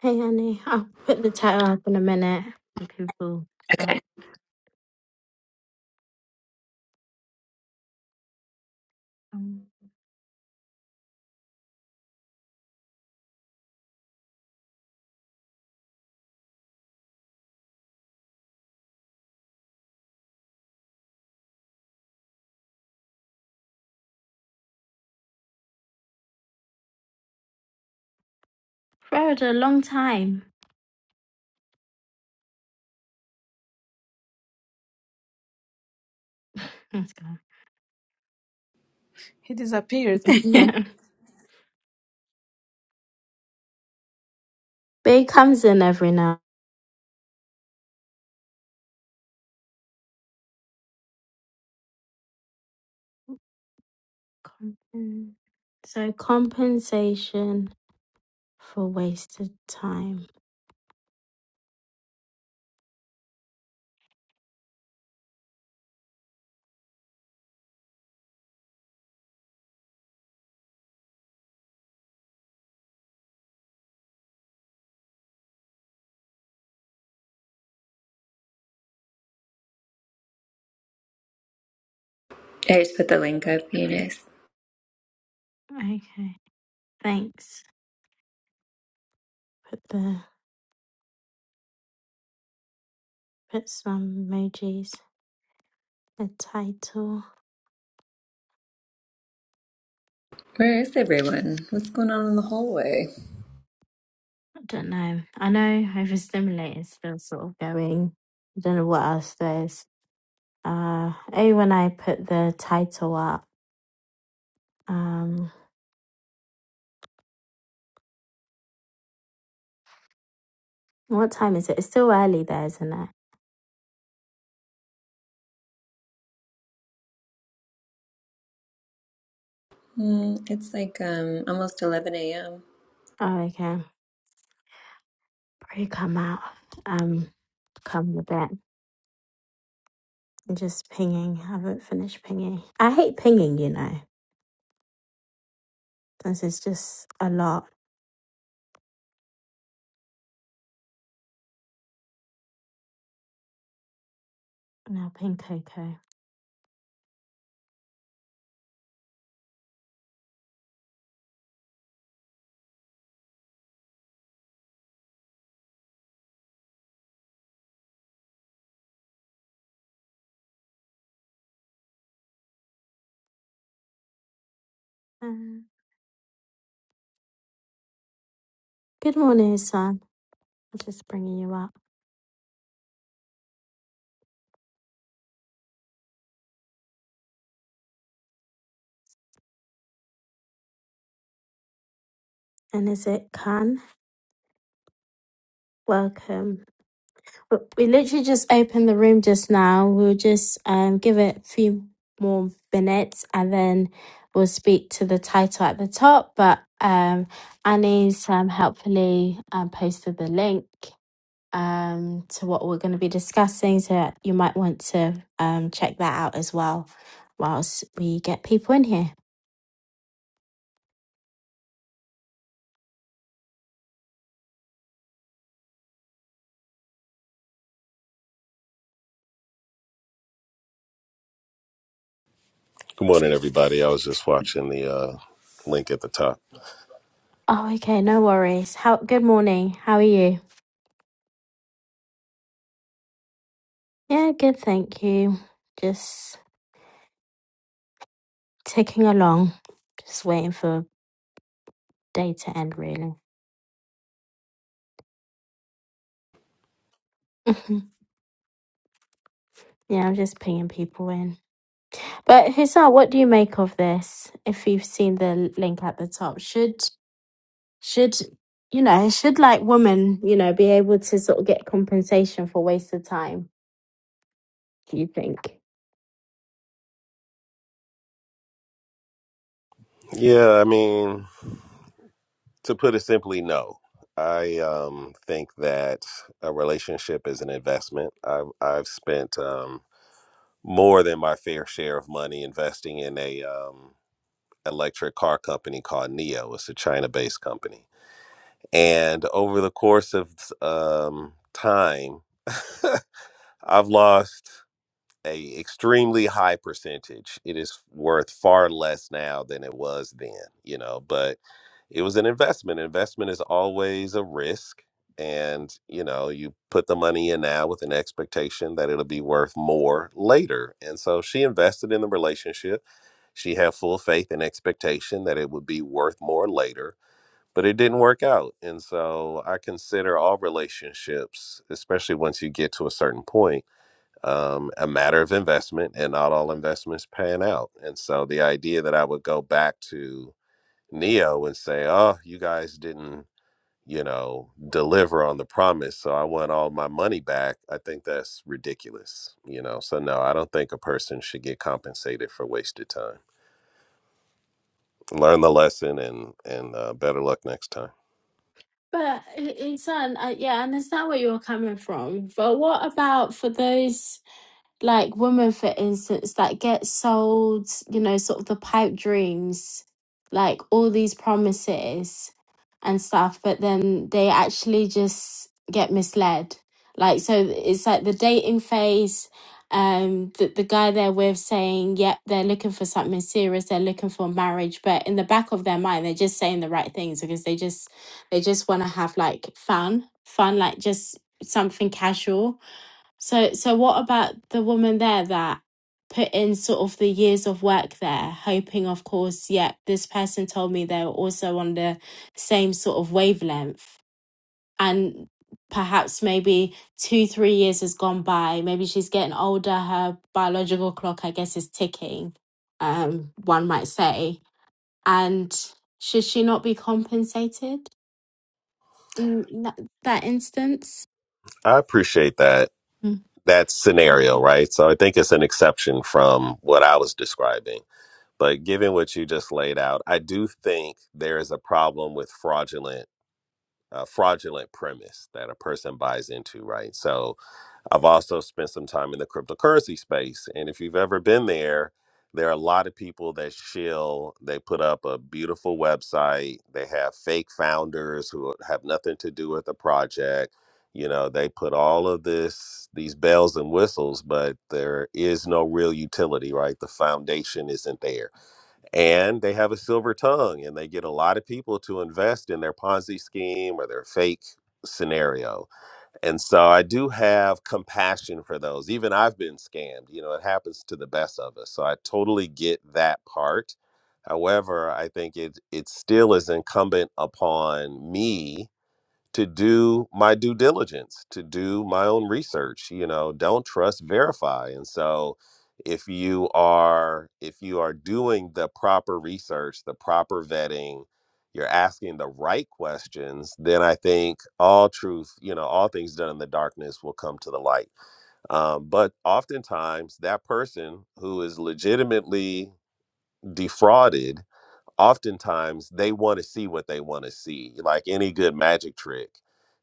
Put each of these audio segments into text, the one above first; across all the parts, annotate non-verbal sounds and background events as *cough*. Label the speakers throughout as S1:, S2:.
S1: Hey, honey, I'll put the title up in a minute.
S2: Okay.
S1: Road, a long time. Let's go. *laughs*
S3: He disappeared. *laughs*
S1: Yeah.
S3: Hi-
S1: But it comes in every now. Compen- So, compensation for wasted time.
S2: I just put the link up, Eunice.
S1: Okay, thanks. Put the put some emojis. The title.
S2: Where is everyone? What's going on in the hallway?
S1: I don't know. I know overstimulate is still sort of going. I don't know what else there is. Uh, oh, when I put the title up. Um. What time is it? It's still early there, isn't it?
S2: Hmm, it's like um almost 11 a.m.
S1: Oh, okay. Probably come out. Um, come in a bit. I'm just pinging. I haven't finished pinging. I hate pinging, you know. This is just a lot. Now ping Coco. Uh, good morning, son. I'm just bringing you up. And is it Khan? Welcome. But we literally just opened the room just now. We'll just um, give it a few more minutes and then we'll speak to the title at the top. But um, Annie's um, helpfully um, posted the link um, to what we're going to be discussing. So you might want to um, check that out as well whilst we get people in here.
S4: Good morning, everybody. I was just watching the uh, link at the top.
S1: Oh, okay. No worries. How? Good morning. How are you? Yeah, good. Thank you. Just ticking along. Just waiting for data end, really. Mhm. yeah, I'm just pinging people in. But Hussar, what do you make of this? If you've seen the link at the top, should should you know should like women you know be able to sort of get compensation for wasted time? Do you think?
S4: Yeah, I mean, to put it simply, no. I um, think that a relationship is an investment. I've, I've spent um, more than my fair share of money investing in a um, electric car company called Neo. It's a China-based company, and over the course of um, time, *laughs* I've lost. a extremely high percentage. It is worth far less now than it was then, you know, but it was an investment. Investment is always a risk and, you know, you put the money in now with an expectation that it'll be worth more later. And so she invested in the relationship. She had full faith and expectation that it would be worth more later, but it didn't work out. And so I consider all relationships, especially once you get to a certain point, um, a matter of investment, and not all investments pan out. And so the idea that I would go back to Neo and say, "Oh, you guys didn't." You know, deliver on the promise. So I want all my money back. I think that's ridiculous. You know, so no, I don't think a person should get compensated for wasted time. Learn the lesson and and uh, better luck next time.
S1: But Hussar, I, yeah, I understand where you're coming from. But what about for those? like women for instance that get sold you know sort of the pipe dreams like all these promises and stuff but then they actually just get misled like so it's like the dating phase um the, the guy they're with saying yep they're looking for something serious they're looking for marriage but in the back of their mind they're just saying the right things because they just they just want to have like fun fun like just something casual so, so what about the woman there that put in sort of the years of work there, hoping, of course, yeah, this person told me they were also on the same sort of wavelength. And perhaps maybe two, three years has gone by. Maybe she's getting older. Her biological clock, I guess, is ticking, um, one might say. And should she not be compensated in that, that instance?
S4: I appreciate that
S1: Mm.
S4: that scenario, right? So I think it's an exception from what I was describing But given what you just laid out, I do think there is a problem with fraudulent uh, fraudulent premise that a person buys into, right? So I've also spent some time in the cryptocurrency space, and if you've ever been there, there are a lot of people that shill. They put up a beautiful website. They have fake founders who have nothing to do with the project. You know, they put all of this, these bells and whistles, but there is no real utility, right? The foundation isn't there and they have a silver tongue and they get a lot of people to invest in their ponzi scheme or their fake scenario and so i do have compassion for those even i've been scammed you know it happens to the best of us so i totally get that part however i think it it still is incumbent upon me to do my due diligence, to do my own research, you know, don't trust, verify. And so if you are if you are doing the proper research, the proper vetting, you're asking the right questions, then I think all truth, you know, all things done in the darkness will come to the light. Um, but oftentimes that person who is legitimately defrauded oftentimes they want to see what they want to see like any good magic trick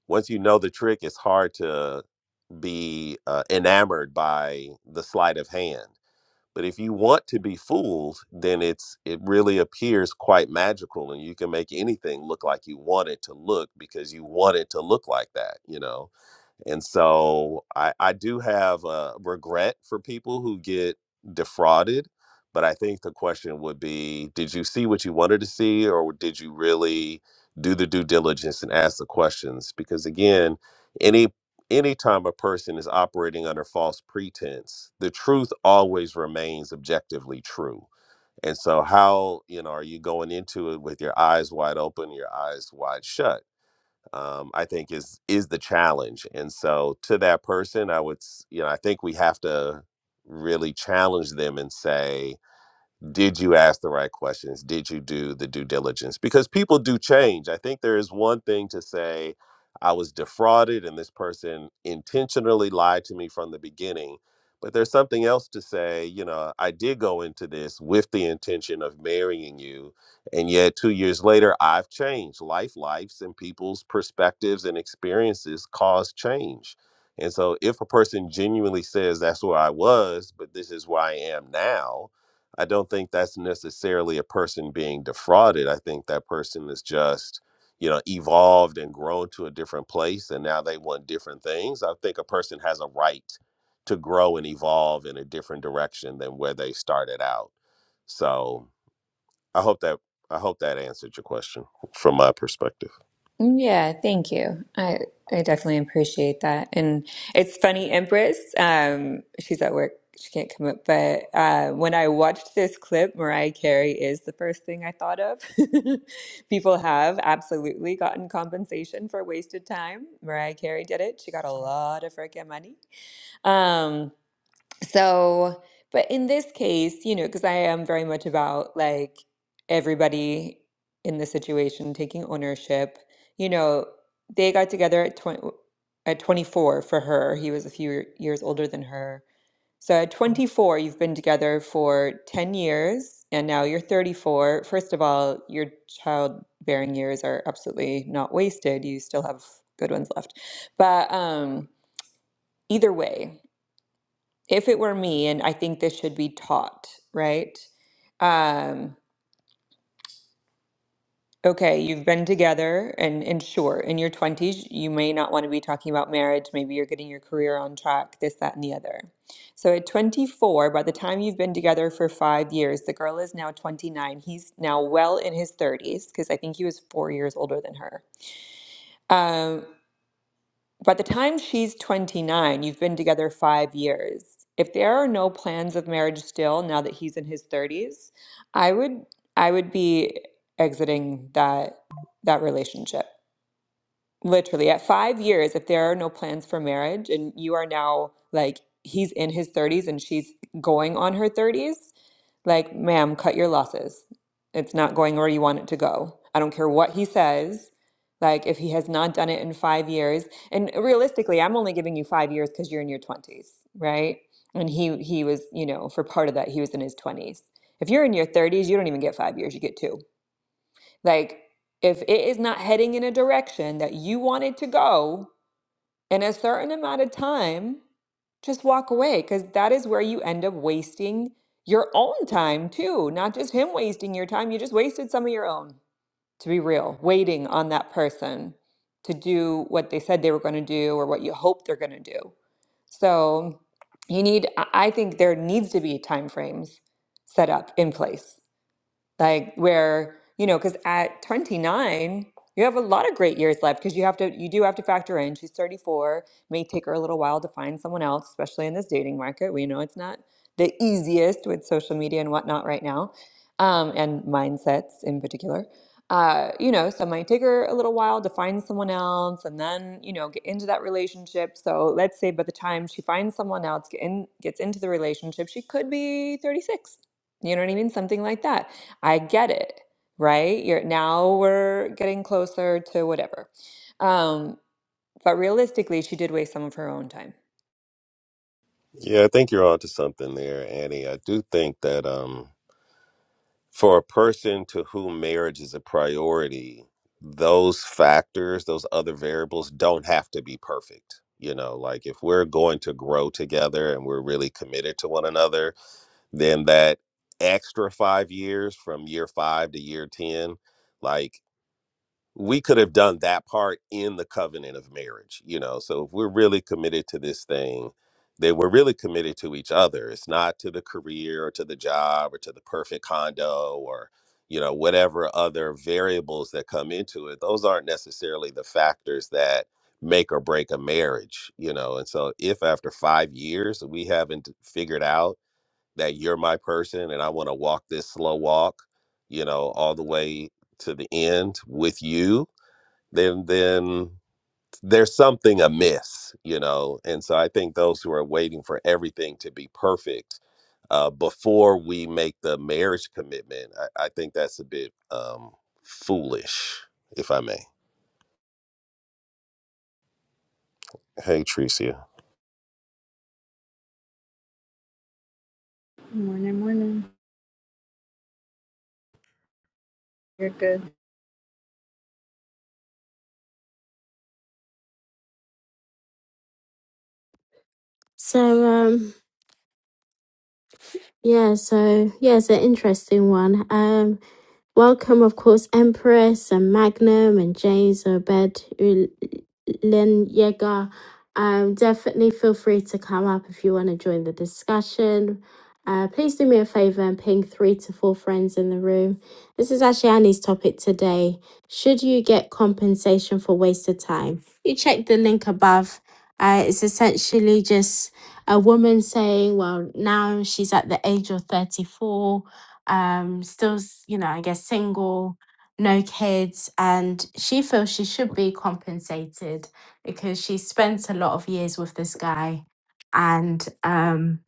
S4: once you know the trick it's hard to be uh, enamored by the sleight of hand but if you want to be fooled then it's it really appears quite magical and you can make anything look like you want it to look because you want it to look like that you know and so I, I do have a regret for people who get defrauded. But I think the question would be Did you see what you wanted to see, or did you really do the due diligence and ask the questions? Because again, any anytime a person is operating under false pretense, the truth always remains objectively true. And so, how you know are you going into it with your eyes wide open, your eyes wide shut? um, I think is is the challenge. And so to that person, I would s- you know I think we have to really challenge them and say did you ask the right questions did you do the due diligence because people do change i think there is one thing to say i was defrauded and this person intentionally lied to me from the beginning but there's something else to say you know i did go into this with the intention of marrying you and yet 2 years later i've changed life lives and people's perspectives and experiences cause change and so if a person genuinely says that's where i was but this is where i am now I don't think that's necessarily a person being defrauded. I think that person is just, you know, evolved and grown to a different place and now they want different things. I think a person has a right to grow and evolve in a different direction than where they started out. So I hope that I hope that answered your question from my perspective.
S2: Yeah, thank you. I I definitely appreciate that. And it's funny, Empress, um, she's at work. She can't come up, but uh, when I watched this clip, Mariah Carey is the first thing I thought of. *laughs* People have absolutely gotten compensation for wasted time. Mariah Carey did it. She got a lot of freaking money. Um, So, but in this case, you know, because I am very much about like everybody in the situation taking ownership, you know, they got together at 20, at 24 for her. He was a few years older than her. So at 24, you've been together for 10 years and now you're 34. First of all, your childbearing years are absolutely not wasted. You still have good ones left. But um, either way, if it were me, and I think this should be taught, right? Um, okay, you've been together, and, and sure, in your 20s, you may not want to be talking about marriage. Maybe you're getting your career on track, this, that, and the other. So at 24, by the time you've been together for five years, the girl is now 29. He's now well in his 30s, because I think he was four years older than her. Um, By the time she's 29, you've been together five years. If there are no plans of marriage still, now that he's in his 30s, I would I would be exiting that that relationship. Literally, at five years, if there are no plans for marriage and you are now like, he's in his 30s and she's going on her 30s, like, ma'am, cut your losses. It's not going where you want it to go. I don't care what he says. Like, if he has not done it in five years, and realistically, I'm only giving you five years because you're in your 20s, right? And he he was, you know, for part of that, he was in his 20s. If you're in your 30s, you don't even get five years, you get two like, if it is not heading in a direction that you want it to go in a certain amount of time, just walk away because that is where you end up wasting your own time too. Not just him wasting your time, you just wasted some of your own, to be real, waiting on that person to do what they said they were going to do or what you hope they're going to do. So, you need, I I think there needs to be time frames set up in place like where you know because at 29 you have a lot of great years left because you have to you do have to factor in she's 34 may take her a little while to find someone else especially in this dating market we know it's not the easiest with social media and whatnot right now um, and mindsets in particular uh, you know so it might take her a little while to find someone else and then you know get into that relationship so let's say by the time she finds someone else get in, gets into the relationship she could be 36 you know what i mean something like that I get it, right? You're now we're getting closer to whatever. Um, but realistically, she did waste some of her own time.
S4: Yeah, I think you're onto something there, Annie. I do think that um for a person to whom marriage is a priority, those factors, those other variables don't have to be perfect. You know, like if we're going to grow together and we're really committed to one another, then that extra five years from year five to year 10, like we could have done that part in the covenant of marriage, you know. So if we're really committed to this thing, then we're really committed to each other. It's not to the career or to the job or to the perfect condo or, you know, whatever other variables that come into it. Those aren't necessarily the factors that make or break a marriage, you know. And so if after five years we haven't figured out that you're my person and I want to walk this slow walk, you know, all the way to the end with you then then there's something amiss, you know. And so I think those who are waiting for everything to be perfect uh, before we make the marriage commitment, I, I think that's a bit um, foolish, if I may. Hey, Tricia.
S5: Morning, morning. You're good.
S1: So, um, Yeah, so yeah, it's an interesting one. Um, Welcome, of course, Empress and Magnum and James, Obed, Ul- Yeager. Um, definitely feel free to come up if you want to join the discussion. Uh, please do me a favor and ping three to four friends in the room. This is actually Annie's topic today. Should you get compensation for wasted time? You check the link above. Uh, it's essentially just a woman saying, well, now she's at the age of 34 um still s- you know i guess single no kids and she feels she should be compensated because she spent a lot of years with this guy and um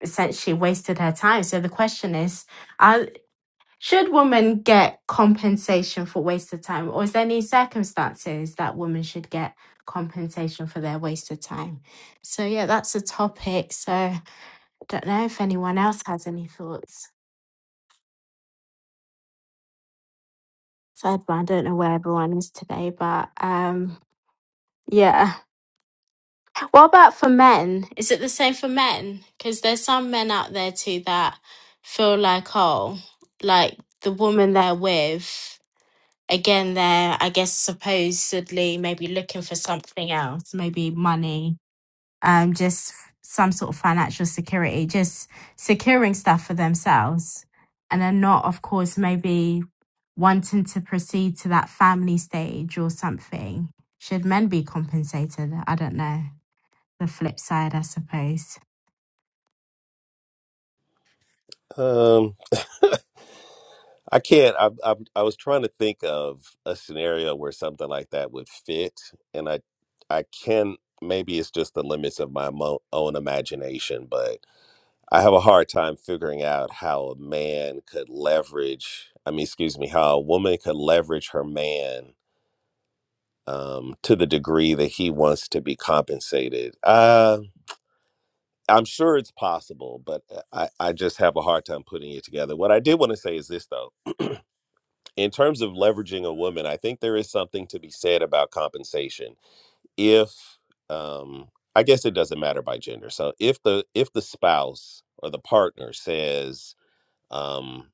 S1: essentially wasted her time so the question is uh, should women get compensation for wasted time or is there any circumstances that women should get compensation for their wasted time so yeah that's a topic so i don't know if anyone else has any thoughts sidebar. I don't know where everyone is today, but um, yeah. What about for men? Is it the same for men? Because there's some men out there too that feel like, oh, like the woman they're with, again, they're, I guess, supposedly maybe looking for something else, maybe money, um, just some sort of financial security, just securing stuff for themselves. And then not, of course, maybe wanting to proceed to that family stage or something. Should men be compensated? I don't know. The flip side, I suppose.
S4: Um, *laughs* I can't. I, I I was trying to think of a scenario where something like that would fit, and I I can. Maybe it's just the limits of my mo- own imagination, but. I have a hard time figuring out how a man could leverage, I mean, excuse me, how a woman could leverage her man um, to the degree that he wants to be compensated. Uh, I'm sure it's possible, but uh, I, I just have a hard time putting it together. What I did want to say is this, though. In terms of leveraging a woman, I think there is something to be said about compensation. If, um, I guess it doesn't matter by gender. So if the if the spouse or the partner says, um,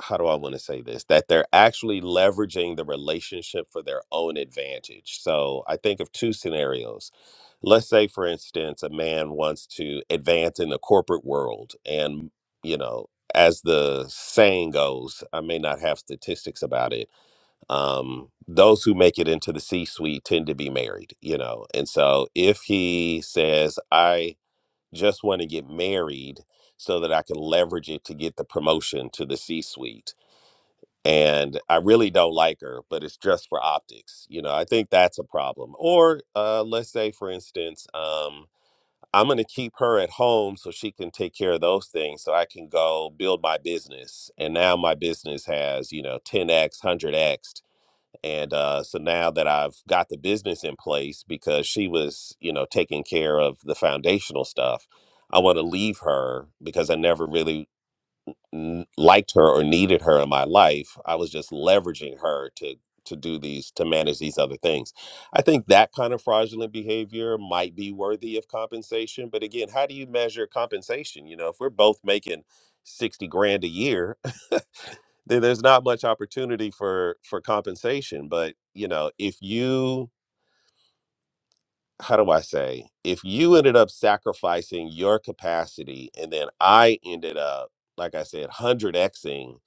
S4: how do I want to say this? That they're actually leveraging the relationship for their own advantage. So I think of two scenarios. Let's say, for instance, a man wants to advance in the corporate world. And, you know, as the saying goes, I may not have statistics about it. Um, those who make it into the C suite tend to be married, you know. And so if he says, I just want to get married so that I can leverage it to get the promotion to the C suite and I really don't like her, but it's just for optics. You know, I think that's a problem. Or uh, let's say, for instance, um, I'm going to keep her at home so she can take care of those things so I can go build my business. And now my business has, you know, 10x, 100x. And uh, so now that I've got the business in place because she was, you know, taking care of the foundational stuff, I want to leave her because I never really n- liked her or needed her in my life i was just leveraging her to to do these to manage these other things i think that kind of fraudulent behavior might be worthy of compensation but again how do you measure compensation you know if we're both making 60 grand a year *laughs* then there's not much opportunity for for compensation but you know if you how do I say, if you ended up sacrificing your capacity and then I ended up, like I said, 100xing,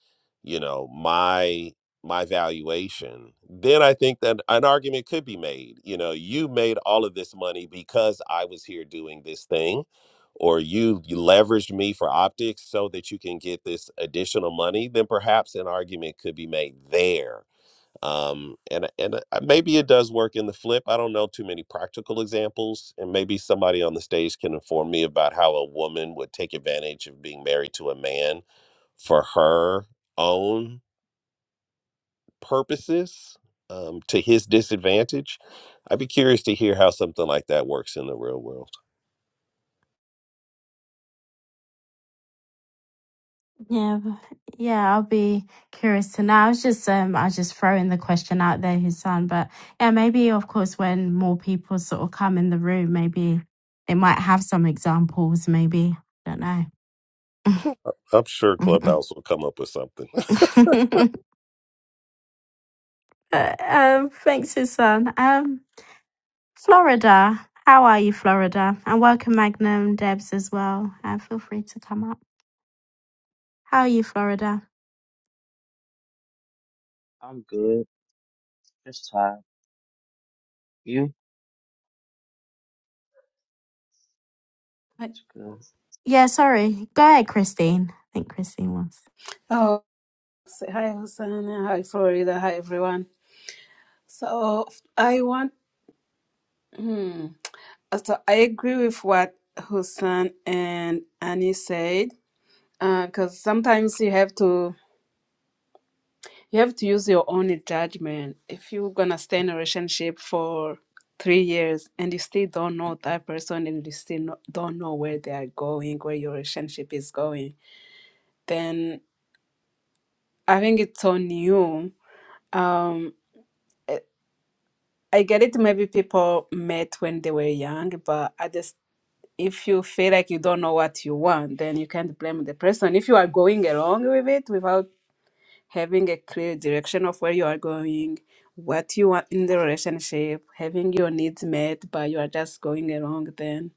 S4: you know, my my valuation, then I think that an argument could be made. You know, you made all of this money because I was here doing this thing or you, you leveraged me for optics so that you can get this additional money, then perhaps an argument could be made there um, and and uh, maybe it does work in the flip. I don't know too many practical examples, and maybe somebody on the stage can inform me about how a woman would take advantage of being married to a man for her own purposes um, to his disadvantage. I'd be curious to hear how something like that works in the real world.
S1: Yeah, b- yeah, I'll be curious to know. I was just, um, I was just throwing the question out there, Hassan. But yeah, maybe, of course, when more people sort of come in the room, maybe they might have some examples. Maybe I don't know.
S4: *laughs* I'm sure
S1: *laughs*
S4: Clubhouse will come up with something.
S1: *laughs* um, thanks, Susan. Um, Florida. How are you, Florida? And welcome, Magnum Debs, as well. Uh, feel free to come up. How are you, Florida?
S6: I'm good. Just tired. You? It's good.
S1: Yeah, sorry. Go ahead, Christine. I think Christine wants.
S3: oh, say hi, Hosanna. Hi, Florida. Hi, everyone. So I want. Hmm, so I agree with what Hussein and Annie said. Because sometimes you have to you have to use your own judgment. If you're gonna stay in a relationship for three years and you still don't know that person and you still no, don't know where they are going, where your relationship is going, then I think it's on you. Um, I get it. Maybe people met when they were young, but I just if you feel like you don't know what you want, then you can't blame the person. If you are going along with it without having a clear direction of where you are going, what you want in the relationship, having your needs met, but you are just going along, then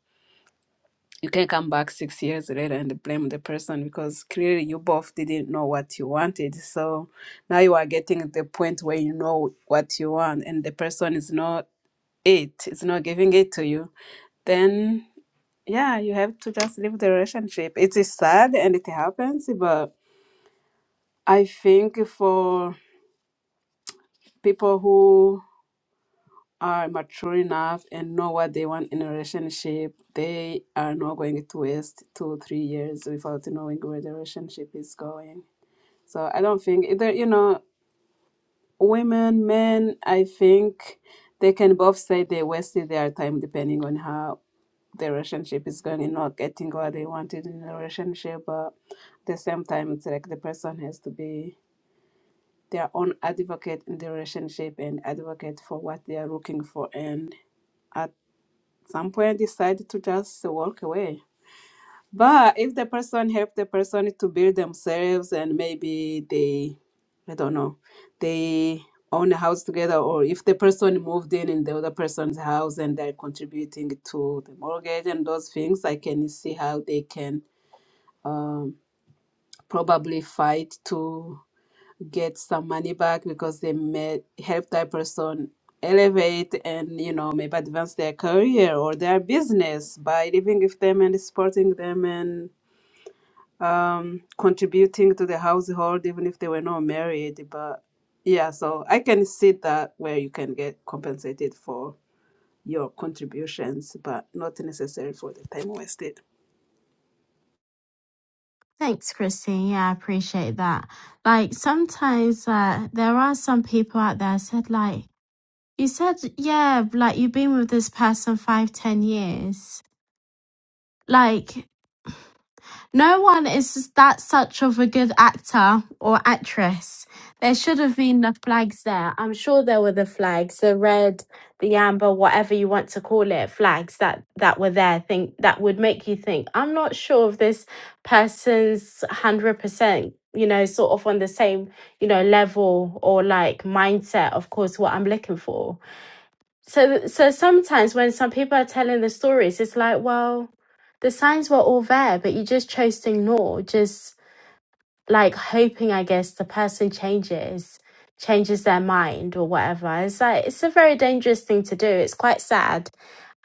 S3: you can come back six years later and blame the person because clearly you both didn't know what you wanted. So now you are getting the point where you know what you want, and the person is not it it's not giving it to you then yeah you have to just leave the relationship it is sad and it happens but i think for people who are mature enough and know what they want in a relationship they are not going to waste two or three years without knowing where the relationship is going so i don't think either you know women men i think they can both say they wasted their time depending on how the relationship is going not getting what they wanted in a relationship but at the same time it's like the person has to be their own advocate in the relationship and advocate for what they are looking for and at some point decide to just walk away but if the person help the person to build themselves and maybe they, I don't know, they own a house together, or if the person moved in in the other person's house and they're contributing to the mortgage and those things, I can see how they can um, probably fight to get some money back because they may help that person elevate and you know maybe advance their career or their business by living with them and supporting them and um, contributing to the household, even if they were not married. But yeah, so I can see that where you can get compensated for your contributions, but not necessarily for the time wasted.
S1: Thanks, Christine. Yeah, I appreciate that. Like sometimes uh, there are some people out there said like you said, yeah, like you've been with this person five, ten years. Like No one is that such of a good actor or actress. There should have been the flags there. I'm sure there were the flags, the red, the amber, whatever you want to call it, flags that that were there. Think that would make you think. I'm not sure if this person's hundred percent, you know, sort of on the same, you know, level or like mindset. Of course, what I'm looking for so so sometimes when some people are telling the stories it's like well the signs were all there but you just chose to ignore just like hoping i guess the person changes changes their mind or whatever it's like it's a very dangerous thing to do it's quite sad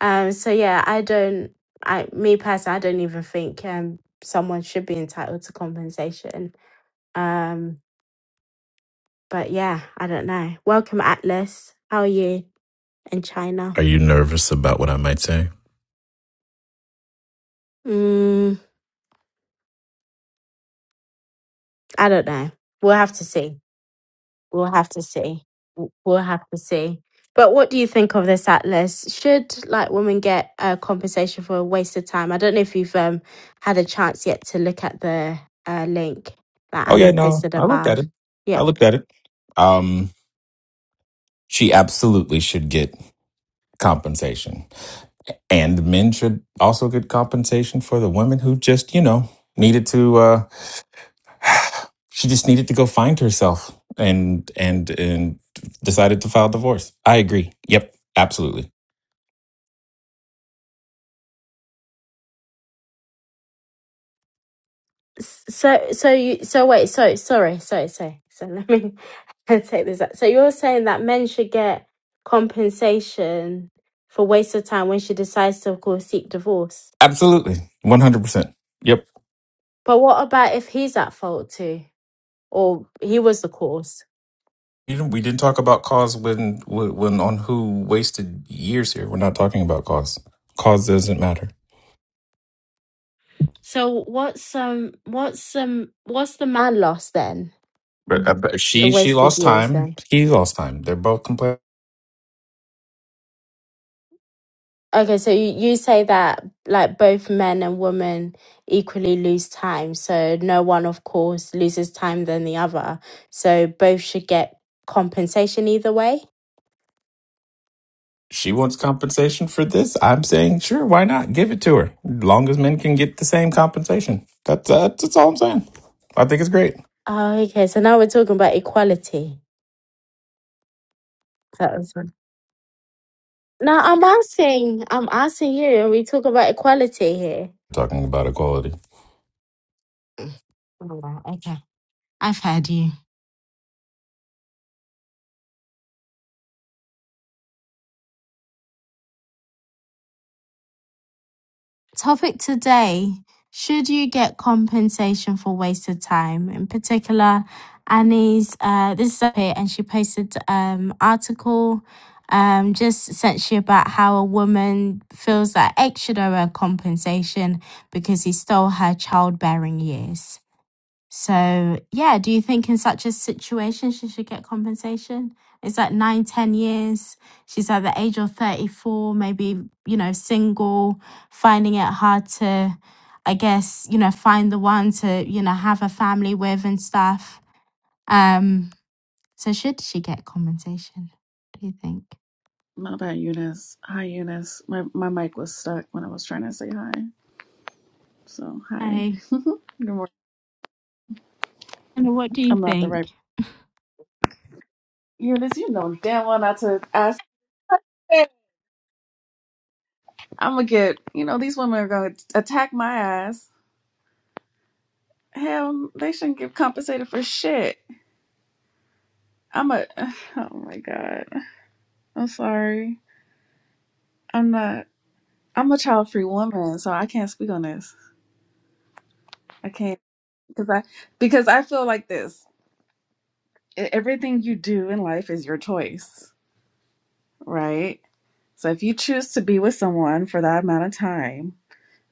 S1: um so yeah i don't i me personally i don't even think um someone should be entitled to compensation um but yeah i don't know welcome atlas how are you in china
S7: Are you nervous about what I might say?
S1: Mm. I don't know. We'll have to see. We'll have to see. W- We'll have to see. But what do you think of this atlas? Should like women get a compensation for a waste of time? I don't know if you've um, had a chance yet to look at the uh, link that
S7: Oh yeah,
S1: Annie
S7: no,
S1: posted
S7: I looked at
S1: above.
S7: it.
S1: Yeah.
S7: I looked at it. Um, she absolutely should get compensation, and the men should also get compensation for the women who just, you know, needed to. Uh, *sighs* she just needed to go find herself, and and and decided to file divorce. I agree. Yep, absolutely,
S1: S- So so you so wait so sorry sorry sorry so let me *laughs* take this out. So you're saying that men should get compensation for waste of time when she decides to, of course, seek divorce.
S7: absolutely, one hundred percent. Yep.
S1: But what about if he's at fault too, or he was the cause?
S7: You know, we didn't talk about cause when when when on who wasted years here. We're not talking about cause. Cause doesn't matter.
S1: So what's um what's um what's the man lost then?
S7: But, uh, but
S1: The
S7: she she
S1: wasted
S7: lost
S1: years
S7: time.
S1: then.
S7: He lost time. They're both complaining.
S1: Okay, so you, you say that like both men and women equally lose time, so no one of course loses time than the other. So both should get compensation either way.
S7: She wants
S1: D-
S7: compensation for this. I'm saying sure, why not? Give it to her. Long as men can get the same compensation. That's that's, that's all I'm saying. I think it's great.
S1: Oh, okay. So now we're talking about equality. That was one. No, I'm asking. I'm asking you. Are we talking about equality here?
S7: Talking about equality.
S1: All right, Okay, I've heard you. Topic today Should you get compensation for wasted time? In particular, Annie's, uh, this is up here, and she posted um article um, just essentially about how a woman feels that X should owe her compensation because he stole her childbearing years. So, yeah, do you think in such a situation she should get compensation? It's like nine, ten years. She's at the age of 34, maybe, you know, single, finding it hard to, I guess, you know, find the one to, you know, have a family with and stuff. Um, so should she get compensation? What do you think?
S8: My bad, Eunice. Hi, Eunice. My my mic was stuck when I was trying to say hi. So hi.
S1: Hey,
S8: Good morning.
S1: and what do you
S8: I'm not the
S1: think?
S8: right Eunice. You know damn well not to ask. I'm gonna get. You know these women are gonna attack my ass. Hell, they shouldn't get compensated for shit. I'm a. *sighs* Oh my god. I'm sorry. I'm not. I'm a child free woman, so I can't speak on this. I can't because I because I feel like this. E- Everything you do in life is your choice, right? So if you choose to be with someone for that amount of time,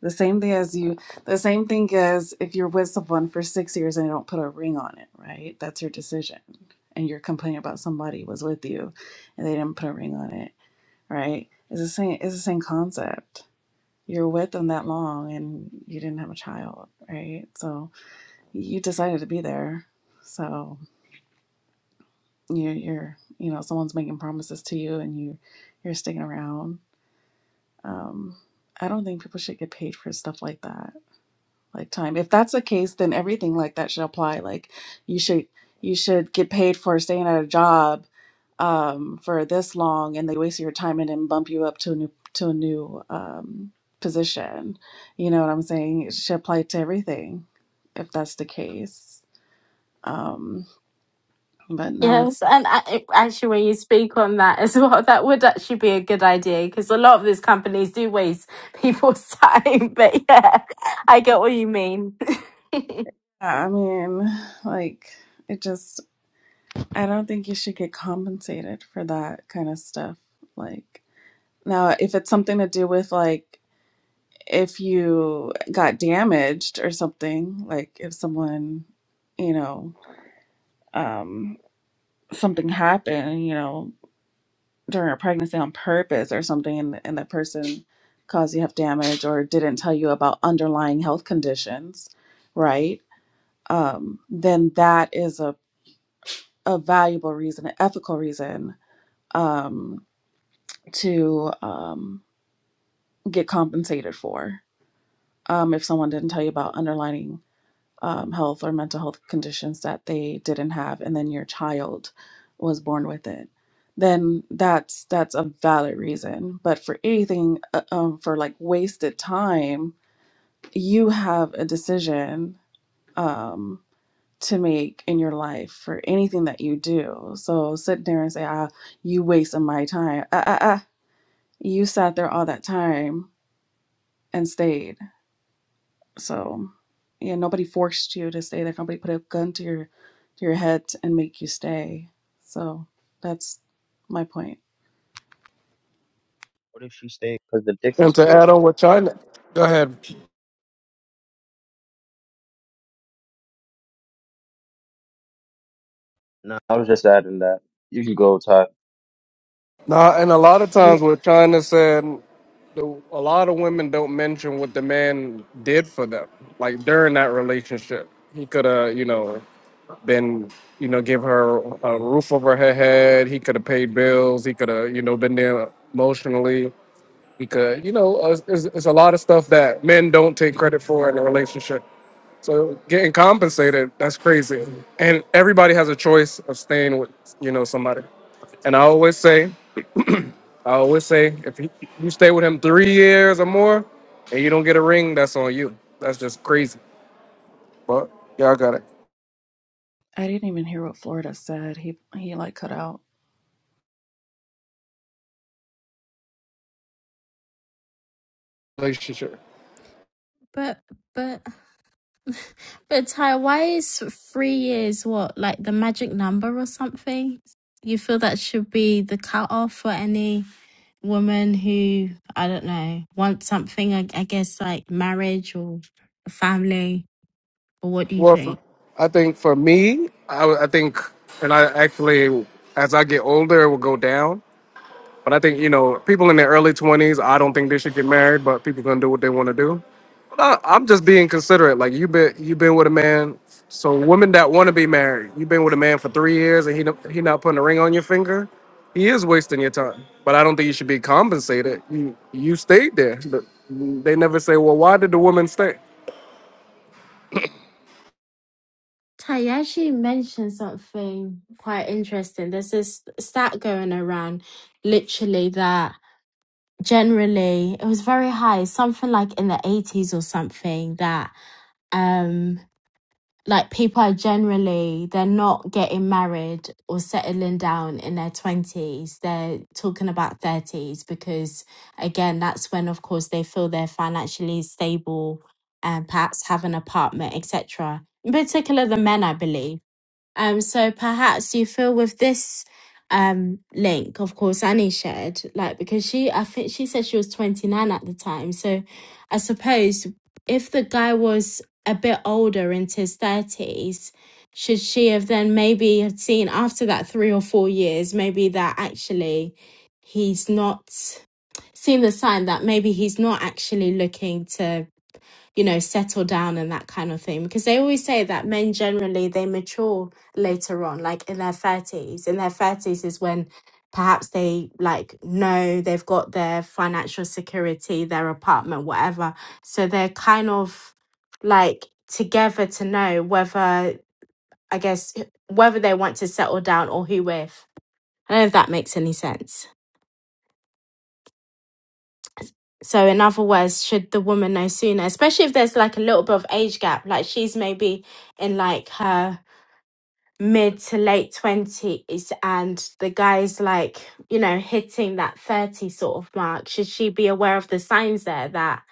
S8: the same thing as you, the same thing as if you're with someone for six years and you don't put a ring on it, right? That's your decision. And you're complaining about somebody was with you and they didn't put a ring on it, right? It's the same, it's the same concept. You're with them that long and you didn't have a child, right? So you decided to be there. So you're, you're, you know, someone's making promises to you and you, you're sticking around Um, I don't think people should get paid for stuff like that, like time. If that's the case, then everything like that should apply. Like you should you should get paid for staying at a job um, for this long, and they waste your time and then bump you up to a new to a new um, position. You know what I'm saying? It should apply to everything if that's the case. Um, but no,
S1: Yes, and I, actually, when you speak on that *laughs* as well, that would actually be a good idea because a lot of these companies do waste people's *laughs* time. But yeah, I get what you mean. *laughs*
S8: I mean, like it just I don't think you should get compensated for that kind of stuff. Like. Now, if it's something to do with like if you got damaged or something, like if someone, you know, um, something happened, you know, during a pregnancy on purpose or something, and, and that person caused you have damage or didn't tell you about underlying health conditions, right? Um, then that is a, a valuable reason, an ethical reason um, to um, get compensated for um, if someone didn't tell you about underlying um, health or mental health conditions that they didn't have and then your child was born with it then that's that's a valid reason but for anything uh, um, for like wasted time you have a decision um, to make in your life for anything that you do so sit there and say ah you wasted my time ah, ah, ah. you sat there all that time and stayed So yeah, nobody forced you to stay there. Nobody put a gun to your to your head and make you stay. So that's my point.
S6: What if she stayed? Because the dick
S9: And
S6: is
S9: to
S6: good.
S9: add on what China, go ahead.
S6: No, I was just adding that. You can go, Ty.
S9: Nah, and a lot of times what China said, the- a lot of women don't mention what the man did for them. Like during that relationship, he could have, you know, been, you know, give her a roof over her head. He could have paid bills. He could have, you know, been there emotionally. He could, you know, uh, it's, it's a lot of stuff that men don't take credit for in a relationship. So getting compensated, that's crazy. And everybody has a choice of staying with, you know, somebody. And I always say, I always say, if you you stay with him three years or more and you don't get a ring, that's on you. That's just crazy. But yeah, I got it.
S8: I didn't even hear what Florida said. He he like cut out.
S9: Relationship.
S1: But but but Ty, why is three years what like the magic number or something? You feel that should be the cutoff for any woman who I don't know wants something. I, I guess like marriage or a family. Or what do you
S9: Well, for,
S1: think?
S9: I think for me, I, I think, and I actually, as I get older, it will go down. But I think, you know, people in their early 20s, I don't think they should get married, but people going to do what they want to do. I, I'm just being considerate. Like you've been you've been with a man. So women that want to be married, you've been with a man for three years, and he no- he not putting a ring on your finger. He is wasting your time. But I don't think you should be compensated. You you stayed there. But they never say, well, why did the woman stay?
S1: Ty, you actually mentioned something quite interesting. There's this stat going around, literally, that generally it was very high, something like in the 80s or something, that um like people are generally they're not getting married or settling down in their 20s they're talking about 30s because again that's when of course they feel they're financially stable and perhaps have an apartment etc in particular the men i believe um, so perhaps you feel with this um link, of course, Annie shared, like because she I think she said she was 29 at the time. So I suppose if the guy was a bit older into his 30s, should she have then maybe had seen after that three or four years, maybe that actually he's not seen the sign that maybe he's not actually looking to you know, settle down and that kind of thing. Because they always say that men generally they mature later on, like in their thirties. In their thirties is when perhaps they like know they've got their financial security, their apartment, whatever. So they're kind of like together to know whether I guess whether they want to settle down or who with. I don't know if that makes any sense. So, in other words, should the woman know sooner, especially if there's like a little bit of age gap, like she's maybe in like her mid to late 20s and the guy's like, you know, hitting that 30 sort of mark, should she be aware of the signs there that?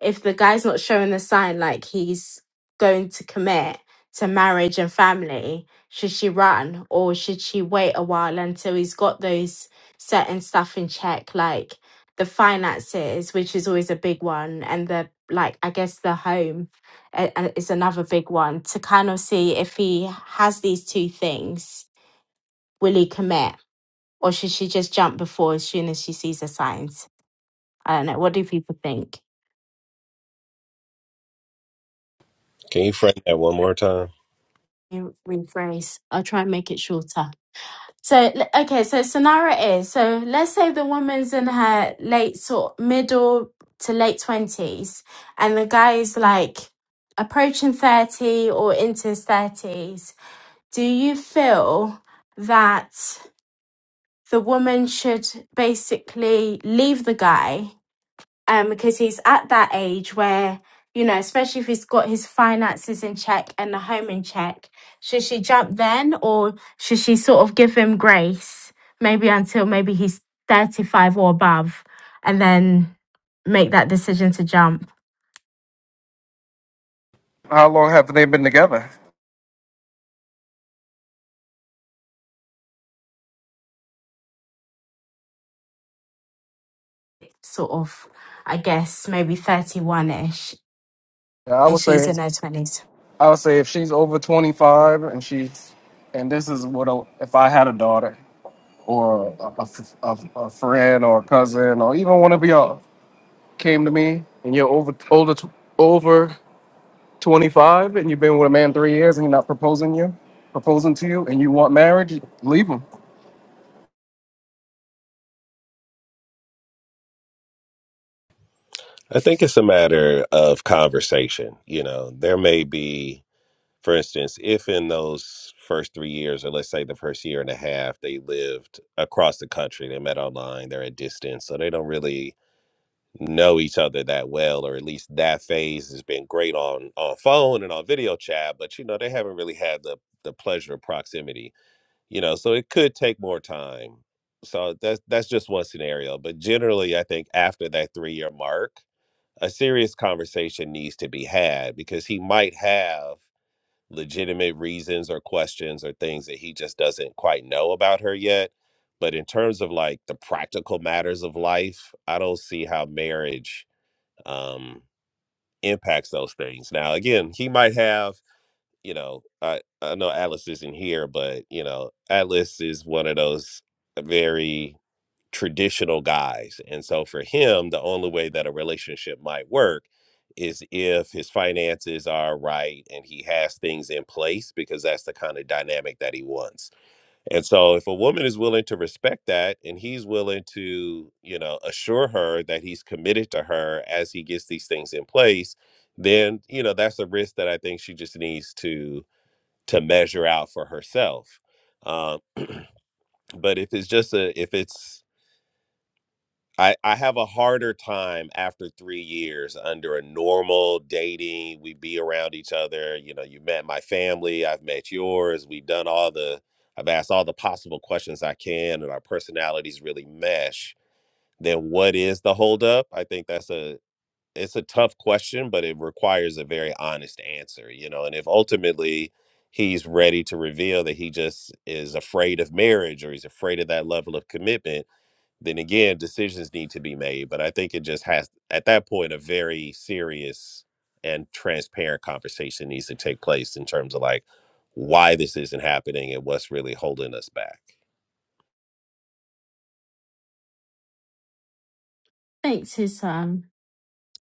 S1: if the guy's not showing the sign like he's going to commit to marriage and family, should she run or should she wait a while until he's got those certain stuff in check, like the finances, which is always a big one, and the like, I guess the home uh, uh, is another big one to kind of see if he has these two things, will he commit or should she just jump before as soon as she sees the signs? I don't know. What do people think?
S4: *laughs* Can you frame that one more time?
S1: me rephrase. I'll try and make it shorter. So, l- okay, so scenario is so let's say the woman's in her late sort middle to late 20s, and the guy is like approaching 30 or into his 30s. Do you feel that the woman should basically leave the guy? um, because he's at that age where, you know, especially if he's got his finances in check and the home in check, should she jump then or should she sort of give him grace, maybe until maybe he's 35 or above, and then make that decision to jump,
S9: How long have they been together?
S1: sort of, I guess, maybe 31 ish,
S9: Yeah, I
S1: and
S9: would
S1: she's
S9: say
S1: in her 20s?
S9: I would say if she's over 25 and she's and this is what a, if I had a daughter or a, a, a- a friend or a cousin or even one of y'all. came to me and you're over older t- over 25 and you've been with a man three years and he's not proposing you proposing to you and you want marriage leave him
S4: I think it's a matter of conversation. You know, there may be, for instance, if in those first three years, or let's say the first year and a half, they lived across the country, they met online, they're at distance, so they don't really know each other that well, or at least that phase has been great on on phone and on video chat, but you know, they haven't really had the the pleasure of proximity. You know, so it could take more time. So that's that's just one scenario. But generally I think after that three year mark, a serious conversation needs to be had because he might have legitimate reasons or questions or things that he just doesn't quite know about her yet. But in terms of like the practical matters of life, I don't see how marriage um, impacts those things. Now, again, he might have, you know, I, I know Atlas isn't here, but, you know, Atlas is one of those very traditional guys. And so for him, the only way that a relationship might work is if his finances are right and he has things in place because that's the kind of dynamic that he wants. And so if a woman is willing to respect that and he's willing to, you know, assure her that he's committed to her as he gets these things in place, then, you know, that's a risk that I think she just needs to to measure out for herself. Um, but if it's just a if it's I, I have a harder time after three years under a normal dating. We be around each other. You know, you met my family, I've met yours. We've done all the, I've asked all the possible questions I can, and our personalities really mesh. Then what is the holdup? I think that's a, it's a tough question, but it requires a very honest answer, you know. And if ultimately he's ready to reveal that he just is afraid of marriage or he's afraid of that level of commitment then again decisions need to be made but i think it just has at that point a very serious and transparent conversation needs to take place in terms of like why this isn't happening and what's really holding us back
S1: Thanks, Susan.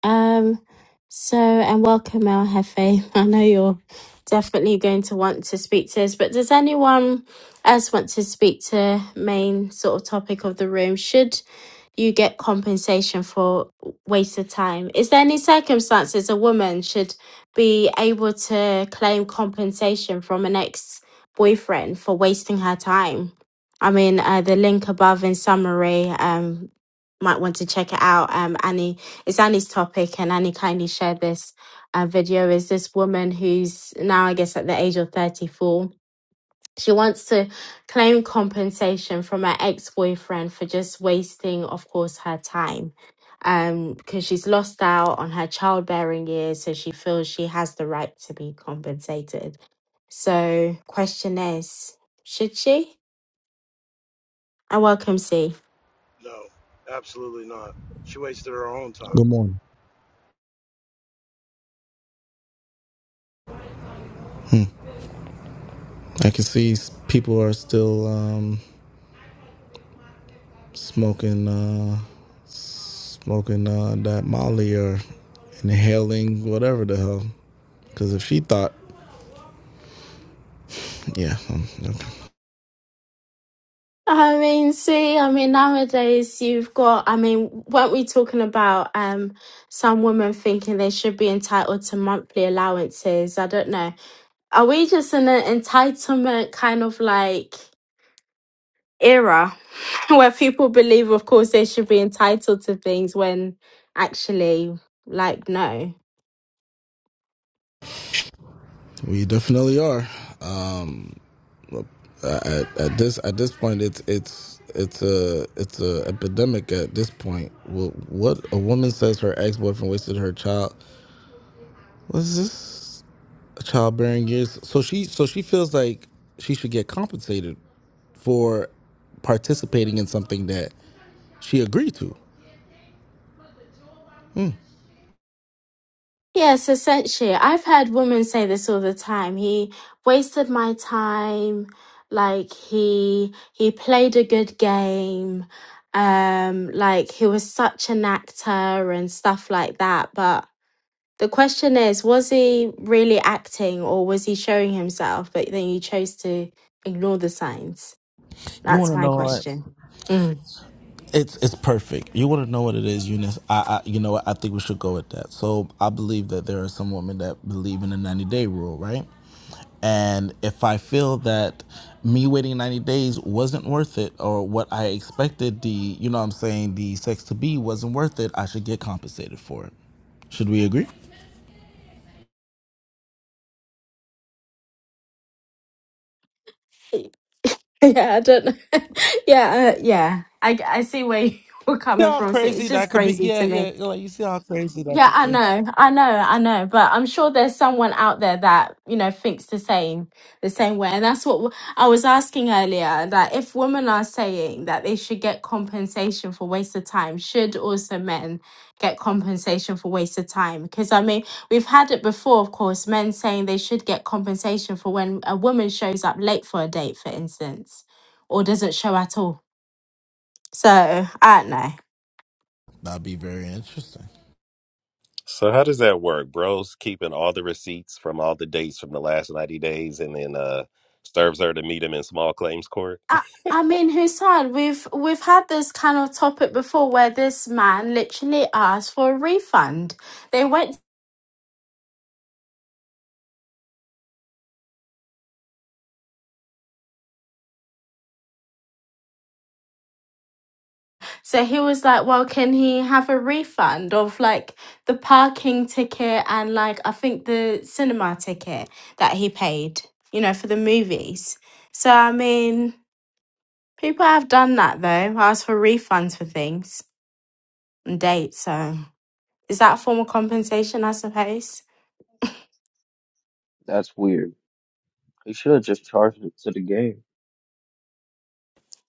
S1: Um, so, and welcome, El Jefe. *laughs* I know you're definitely going to want to speak to us, but does anyone else want to speak to main sort of topic of the room? Should you get compensation for wasted time? Is there any circumstances a woman should be able to claim compensation from an ex boyfriend for wasting her time? I mean, uh, the link above in summary um, might want to check it out. Um, Annie it's Annie's topic, and Annie kindly shared this uh, video. Is this woman who's now, I guess, at the age of 34? She wants to claim compensation from her ex boyfriend for just wasting, of course, her time. Um, because she's lost out on her childbearing years, so she feels she has the right to be compensated. So, question is, should she? I welcome C.
S10: No, absolutely not. She wasted her own time.
S11: Good morning. Hmm. I can see s- people are still um, smoking, uh, smoking uh, that Molly or inhaling whatever the hell. Because if she thought, yeah, um, okay.
S1: I mean, see, I mean, nowadays you've got, I mean, weren't we talking about um some women thinking they should be entitled to monthly allowances? I don't know. Are we just in an entitlement kind of like era *laughs* where people believe, of course, they should be entitled to things when actually, like, no.
S11: we definitely are. Uh, at, at this at this point, it's it's it's a it's a epidemic at this point. Wh- What a woman says her ex boyfriend wasted her child. What is this? Childbearing years. So she so she feels like she should get compensated for participating in something that she agreed to.
S1: Yes, essentially. I've heard women say this all the time. He wasted my time, like he he played a good game, um, like he was such an actor and stuff like that. But the question is, was he really acting or was he showing himself? But then you chose to ignore the signs.
S11: You
S1: That's
S11: want to
S1: my
S11: know what?
S1: question. Mm.
S11: It's it's perfect. You want to know what it is, Eunice? I, I you know what? I think we should go with that. So I believe that there are some women that believe in the ninety day rule, right? And if I feel that me waiting ninety days wasn't worth it, or what I expected the you know what I'm saying the sex to be wasn't worth it, I should get compensated for it. Should we agree? See
S1: *laughs* Yeah, I don't know. *laughs* yeah, uh, yeah. I I see where *laughs* you're coming
S11: how
S1: from. So it's
S11: crazy that
S1: just
S11: could be?
S1: crazy
S11: Yeah,
S1: to me.
S11: yeah. Like you see how crazy that
S1: Yeah,
S11: could
S1: I
S11: be.
S1: know, I know, I know, but I'm sure there's someone out there that you know thinks the same, the same way, and that's what w- I was asking earlier. That if women are saying that they should get compensation for waste of time, should also men get compensation for waste of time? Because I mean, we've had it before, of course, men saying they should get compensation for when a woman shows up late for a date, for instance, or doesn't show at all. So I don't know.
S11: That'd be very interesting.
S4: so how does that work bros keeping all the receipts from all the dates from the last 90 days and then uh serves her to meet him in small claims court
S1: I I mean, Hussein, we've we've had this kind of topic before where this man literally asked for a refund. They went, so he was like, "Well, can he have a refund of like the parking ticket and like I think the cinema ticket that he paid, you know, for the movies?" So I mean, people have done that though, asked for refunds for things and dates. So is that a form of compensation? I suppose. *laughs*
S6: That's weird. You should have just charged it to the game.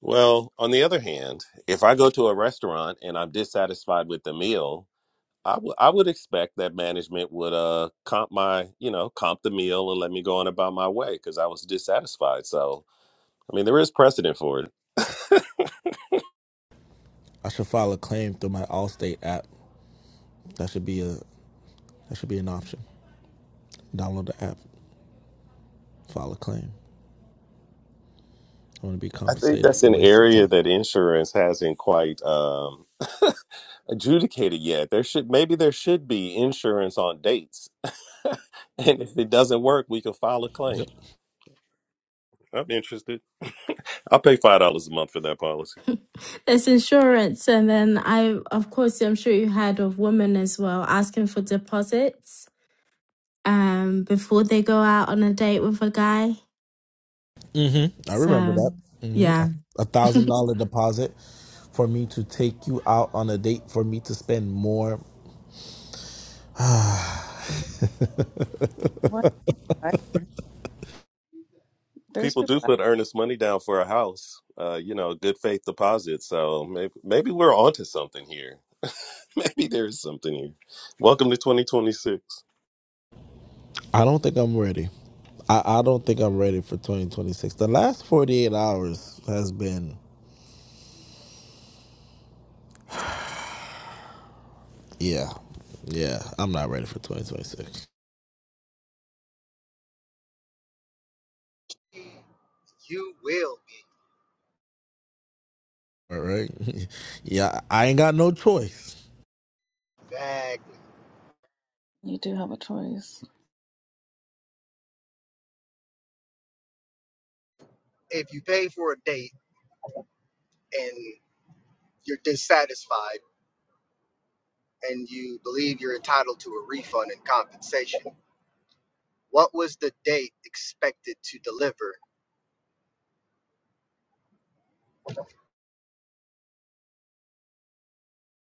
S4: well on the other hand if i go to a restaurant and i'm dissatisfied with the meal I would I would expect that management would uh comp my you know comp the meal and let me go on about my way because I was dissatisfied. So I mean there is precedent for it.
S11: I should file a claim through my Allstate app. That should be a that should be an option. Download the app, file a claim. I want to be
S4: I think
S11: compensated
S4: that's
S11: for
S4: an
S11: wasted
S4: area
S11: time.
S4: that insurance hasn't quite um, *laughs* adjudicated yet. There should maybe there should be insurance on dates, *laughs* and if it doesn't work, we can file a
S11: Yep.
S4: claim. I'm interested. I'll pay five dollars a month for that policy.
S1: *laughs* There's insurance, and then I, of course, I'm sure you heard of women as well asking for deposits um before they go out on a date with a guy.
S11: Mm-hmm. I remember
S1: So,
S11: that. Mm-hmm.
S1: yeah.
S11: A
S1: *laughs*
S11: thousand dollar deposit for me to take you out on a date for me to spend more.
S8: What? what? There's
S4: People do
S8: people.
S4: put earnest money down for a house, uh, you know, good faith deposit. So maybe maybe we're onto something here. *laughs* maybe there's something here. Welcome to 2026.
S11: I don't think I'm ready. I, I don't think I'm ready for 2026. The last 48 hours has been, yeah, yeah. I'm not ready for 2026.
S12: You will be.
S11: All right. *laughs* Yeah, I ain't got no choice.
S12: Exactly.
S8: You do have a choice.
S12: If you pay for a date and you're dissatisfied and you believe you're entitled to a refund and compensation, what was the date expected to deliver?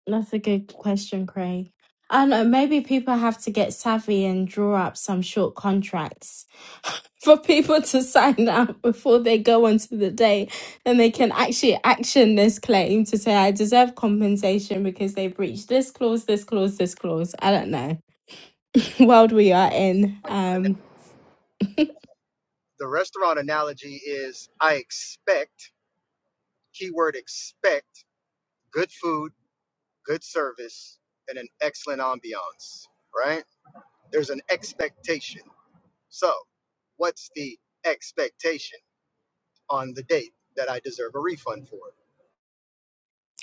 S1: That's a good question, Craig. I don't know, maybe people have to get savvy and draw up some short contracts *laughs* for people to sign *laughs* up before they go onto the day. and they can actually action this claim to say, I deserve compensation because they breached this clause, this clause, this clause. I don't know. *laughs* World we are in.
S12: Like, an ana-
S1: Um, *laughs*
S12: The restaurant analogy is I expect, keyword expect, good food, good service, and an excellent ambiance, right? There's an expectation. So, what's the expectation on the date that I deserve a refund for?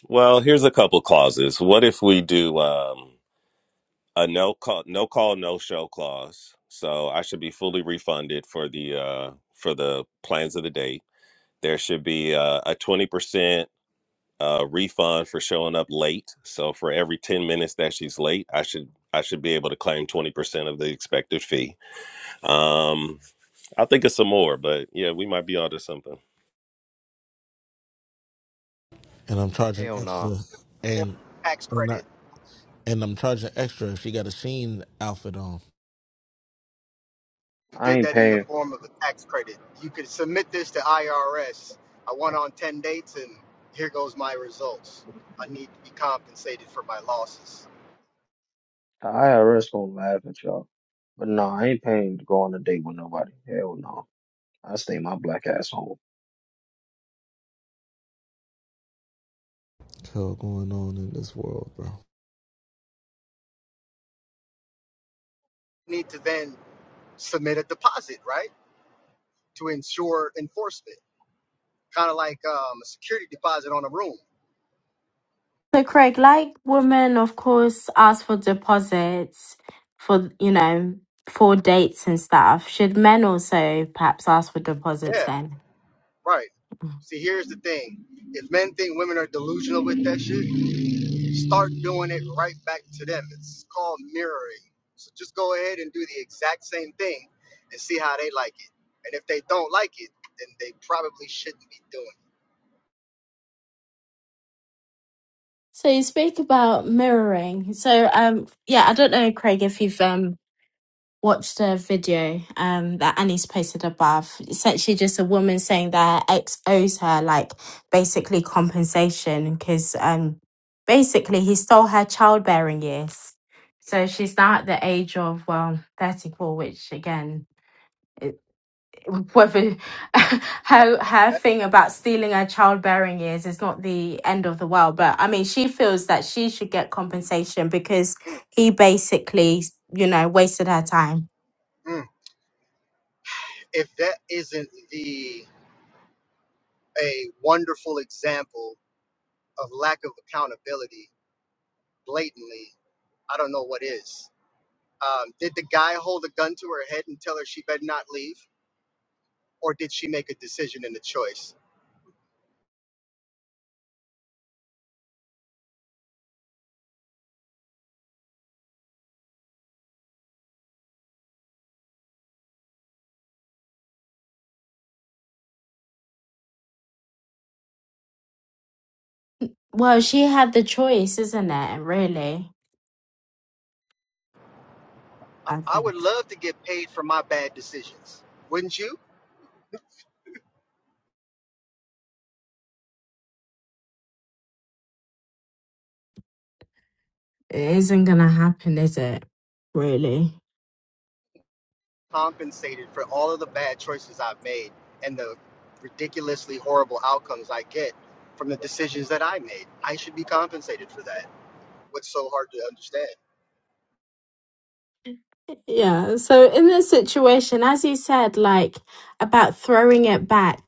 S4: Well, here's a couple clauses. What if we do um, a no call, no call, no show clause? So I should be fully refunded for the uh, for the plans of the date. There should be uh, a 20% uh, refund for showing up late. So for every 10 minutes that she's late, I should I should be able to claim 20% of the expected fee. Um, I think it's some more, but yeah, we might be onto something.
S11: And I'm charging
S6: Hell no.
S11: extra.
S12: form
S11: And
S12: of tax
S11: and I
S12: credit.
S11: and I'm charging extra if she got a Sheen outfit on.
S12: You
S6: I
S12: did
S6: ain't
S12: that in the
S6: paying. For,
S12: form of a tax credit. You could submit this to IRS. I went on 10 dates and here goes my results. I need to be compensated for my losses.
S6: the IRS gonna laugh at y'all. But no, I ain't paying to go on a date with nobody. Hell no. I stay my black ass home.
S11: Hell going on in this world, bro.
S12: I Need to then submit a deposit, right? To ensure enforcement. Kind of like um, a security deposit on a room.
S1: So Craig, like women, of course, ask for deposits for, you know, for dates and stuff. Should men also perhaps ask for deposits
S12: Yeah,
S1: then?
S12: right. See, here's the thing. If men think women are delusional with that shit, start doing it right back to them. It's called mirroring. So just go ahead and do the exact same thing and see how they like it. And if they don't like it, then they probably shouldn't be doing it.
S1: So you speak about mirroring. So um yeah, I don't know, Craig, if you've um watched a video um that Annie's posted above. It's actually just a woman saying that her ex owes her like basically compensation because um basically he stole her childbearing years. So she's now at the age of well 34, which again whether *laughs*
S12: That,
S1: her her
S12: that,
S1: thing about stealing her childbearing years is not the end of the world but i mean she feels that she should get compensation because
S12: mm,
S1: he basically you know wasted her time
S12: mm. If that isn't the a wonderful example of lack of accountability blatantly, I don't know what is. Um, did the guy hold a gun to her head and tell her she better not leave, or did she make a decision and a choice?
S1: well she had the choice isn't it really
S12: I
S1: I
S12: I
S1: think
S12: would love to get paid for my bad decisions. Wouldn't you?
S1: it isn't gonna happen is it really
S12: Compensated for all of the bad choices I've made and the ridiculously horrible outcomes I get from the decisions that I made. I should be compensated for that. What's so hard to understand?
S1: Yeah. So in this situation, as you said, like about throwing it back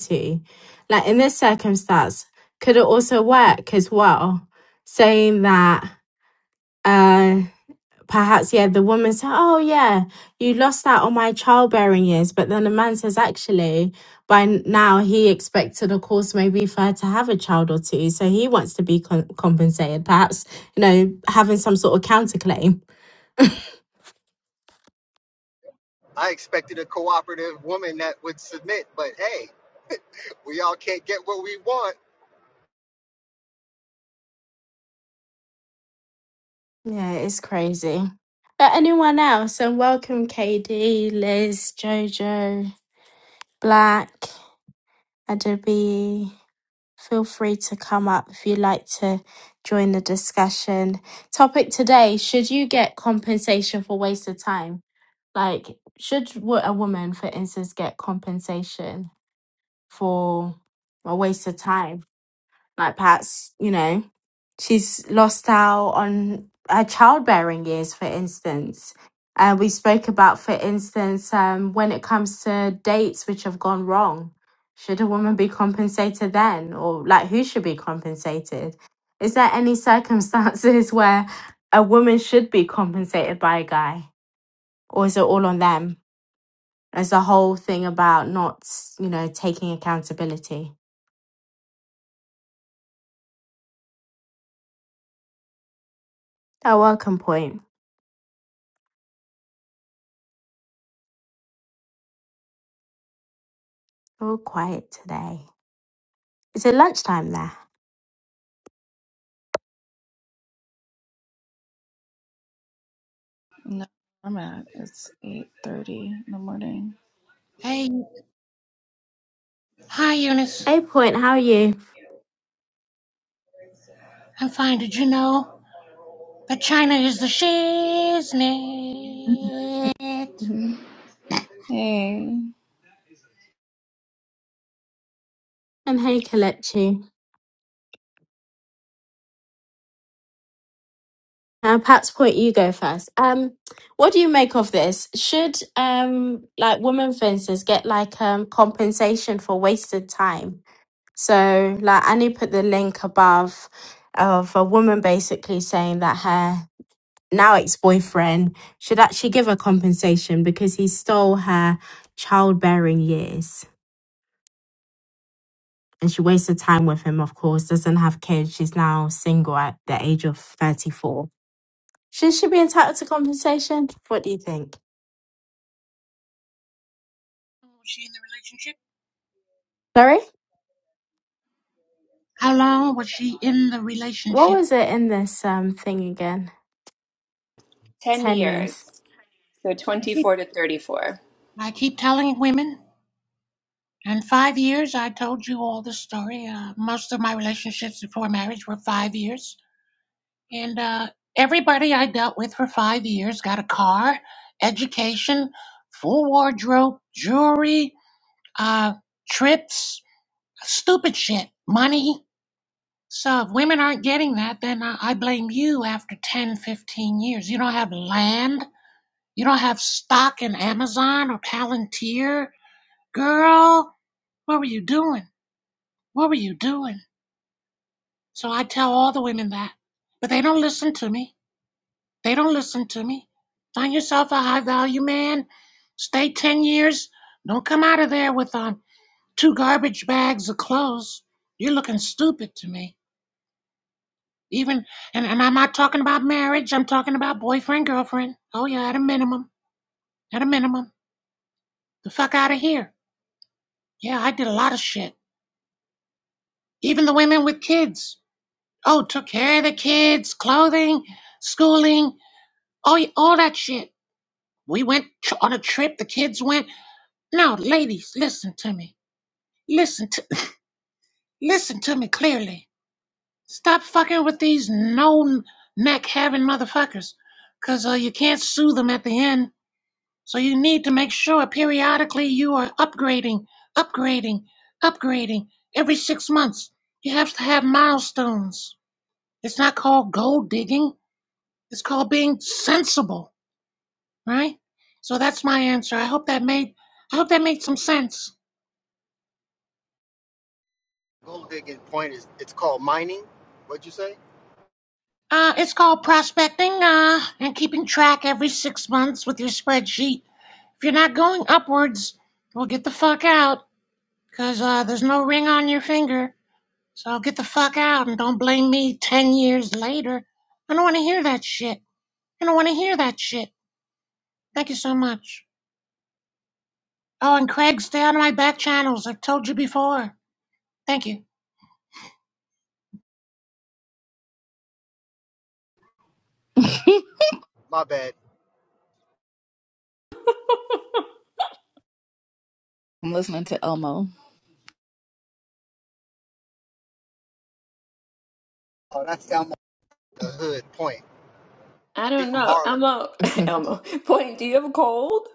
S1: to, like in this circumstance, could it also work as well? Saying that, uh, perhaps, yeah, the woman said, Oh, yeah, you lost out on my childbearing years. But then the man says, Actually, by n- now he expected, of course, maybe for her to have a child or two. So he wants to be con- compensated, perhaps, you know, having some sort of counterclaim
S12: I expected a cooperative woman that would submit, but hey, we all can't get what we want.
S1: Yeah, it's crazy. Uh, anyone else? And welcome, KD, Liz, Jojo, Black, Adobe. Feel free to come up if you'd like to join the discussion. Topic today Should you get compensation for wasted time? Like, should wo- a woman, for instance, get compensation for a waste of time? Like Pat's, you know, she's lost out on her childbearing years, for instance. Uh, we spoke about, for instance, um, when it comes to dates which have gone wrong. Should a woman be compensated then? Or like who should be compensated? Is there any circumstances *laughs* where a woman should be compensated by a guy? Or is it all on them? There's a whole thing about not, you know, taking accountability. A welcome point. All quiet today. Is it lunchtime there?
S8: No, I'm at. It's eight thirty in the morning.
S13: Hey, hi Eunice.
S1: Hey, Point, how are you?
S13: I'm fine. Did you know that China is the shiznit? Was
S8: Mhm. Hey,
S1: And hey, Kalechi. Uh, perhaps Point, you go first. Um, what do you make of this? Should um, like women, for instance, get like um compensation for wasted time? So, like Annie put the link above of a woman basically saying that her now ex-boyfriend should actually give her compensation because he stole her childbearing years. and she wasted time with him, of course, doesn't have kids. She's now single at the age of 34. Should she be entitled to compensation? What do you think?
S13: she in the relationship?
S1: Sorry?
S13: How long was she in the
S1: What
S13: relationship?
S1: was it in this um thing again?
S2: 10
S1: 10 years.
S2: years. So
S13: I keep,
S2: 24 to 34.
S13: I keep telling women. In five years, I told you all the story. Uh, most of my relationships before marriage were five years, and uh, everybody I dealt with for five years got a car, education, full wardrobe, jewelry, uh, trips. Stupid shit. Money. So if women aren't getting that, then I, blame you after 10, 15 years. You don't have land. You don't have stock in Amazon or Palantir. Girl, what were you doing? What were you doing? So I tell all the women that. But they don't listen to me. They don't listen to me. Find yourself a high value man. Stay 10 years. Don't come out of there with um, two garbage bags of clothes. You're looking stupid to me. Even, and, and I'm not talking about marriage. I'm talking about boyfriend, girlfriend. Oh, yeah, at a minimum. At a minimum. The fuck out of here. Yeah, I did a lot of shit. Even the women with kids. Oh, took care of the kids, clothing, schooling, all, all that shit. We went tr- on a trip. The kids went. No, ladies, listen to me. Listen to, listen to me clearly. Stop fucking with these no neck having motherfuckers, 'cause uh, you can't sue them at the end So you need to make sure periodically you are upgrading, upgrading, upgrading every six months. You have to have milestones. It's not called gold digging, it's called being sensible, right? So that's my answer. I hope that made I hope that made some sense.
S12: Gold digging point is it's called mining. What'd you say?
S13: Uh, it's called prospecting uh, and keeping track every six months with your spreadsheet. If you're not going upwards, well, get the fuck out, because uh, there's no ring on your finger. So get the fuck out and don't blame me 10 years later. I don't want to hear that shit. I don't want to hear that shit. Thank you so much. Oh, and Craig, stay out of my back channels. I've told you before. Thank you.
S12: My bad.
S8: I'm with Elmo.
S12: Oh, that's down the hood point.
S2: I
S12: He
S2: don't
S12: from
S2: know.
S12: Harlem.
S2: Elmo, *laughs*
S1: *laughs*
S2: Elmo, point, do you have a cold?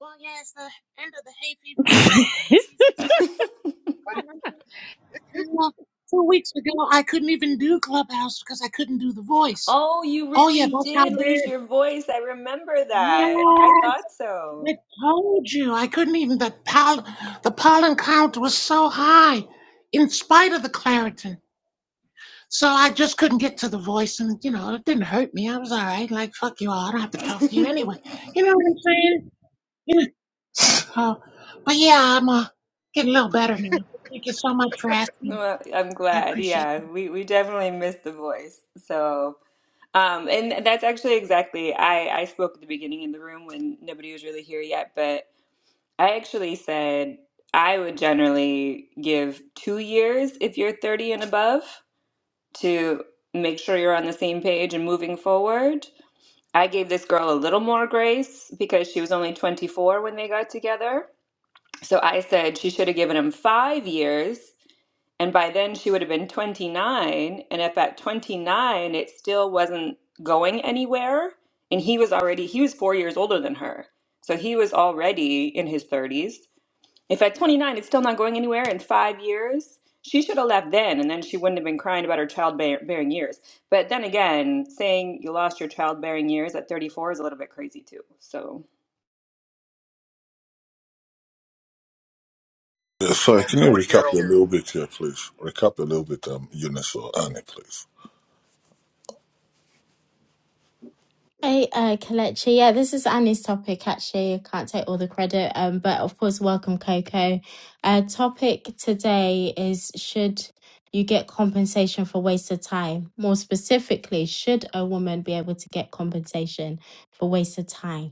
S13: Well, yeah, it's the end of the hay fever sis- season.
S2: *laughs*
S12: Forty
S13: Well, *laughs* Two weeks ago, I couldn't even do Clubhouse because I couldn't do the voice.
S2: Oh, you
S13: Oh, yeah,
S2: really
S13: that's how
S2: did lose
S13: bad.
S2: your voice. I remember that.
S13: Yes,
S2: I thought so.
S13: I told you. I couldn't even. The, pol- the pollen count was so high in spite of the Claritin. So I just couldn't get to the voice, and you know, it didn't hurt me. I was all right. Like, fuck you all. I don't have to
S2: *laughs*
S13: talk to you anyway. You know what I'm saying? You know. *sighs* So, but yeah, I'm uh, getting a little better now. Thank you so much for asking.
S2: Well, I'm
S13: I
S2: glad.
S13: appreciate
S2: Yeah,
S13: it.
S2: we, we definitely missed the voice. So. Um, and that's actually exactly I, I spoke at the beginning in the room when nobody was really here yet, but I actually said I would generally give two years if you're 30 and above to make sure you're on the same page and moving forward. I gave this girl a little more grace because she was only 24 when they got together. So I said she should have given him five years and by then she would have been 29. And if at 29 it still wasn't going anywhere, and he was already, he was four years older than her. So he was already in his 30s. If at 29 it's still not going anywhere in five years, she should have left then, and then she wouldn't have been crying about her childbearing years. But then again, saying you lost your childbearing years at 34 is a little bit crazy too. So
S14: Uh,
S12: years
S14: Sorry,
S12: old,
S14: can you
S12: 40 year old
S14: recap a little bit here, please? Recap a little bit, um, Eunice or Annie, please.
S1: Hey, uh, Kelechi. Yeah, this is Annie's topic, actually. I can't take all the credit, um, but of course, welcome, Coco. Uh, topic today is should you get compensation for wasted time? More specifically, should a woman be able to get compensation for wasted time?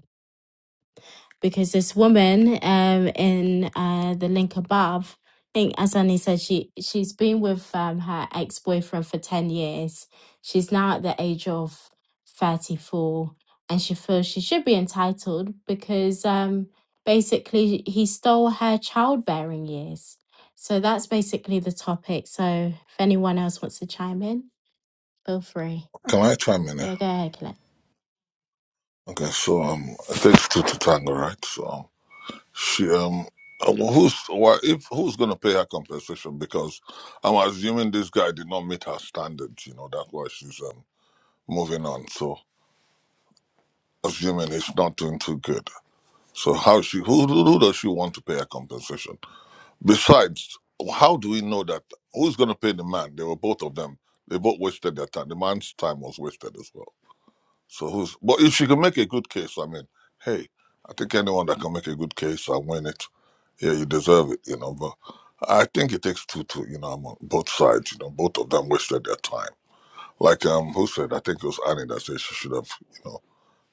S1: because this woman um, in uh, the link above, I think Asani said, she she's been with um, her ex boyfriend for ten years. She's now at the age of thirty four, and she feels she should be entitled because um, basically he stole her childbearing years. So that's basically the topic. So if anyone else wants to chime in, feel free.
S14: Can I chime in here?
S1: Yeah, go ahead, Colette.
S14: Okay, so um, it takes two to tango, right? So um, she um, uh, well, who's why if who's gonna pay her compensation? Because I'm assuming this guy did not meet her standards. You know that's why she's um moving on. So assuming he's not doing too good. So how she who who who does she want to pay her compensation? Besides, how do we know that? Who's going to pay the man? They were both of them. They both wasted their time. The man's time was wasted as well. So who's? But if she can make a good case, I mean, hey, I think anyone that can make a good case and win it, yeah, you deserve it, you know. But I think it takes two to, you know, I'm on both sides. You know, both of them wasted their time. Like um, who said? I think it was Annie that said she should have, you know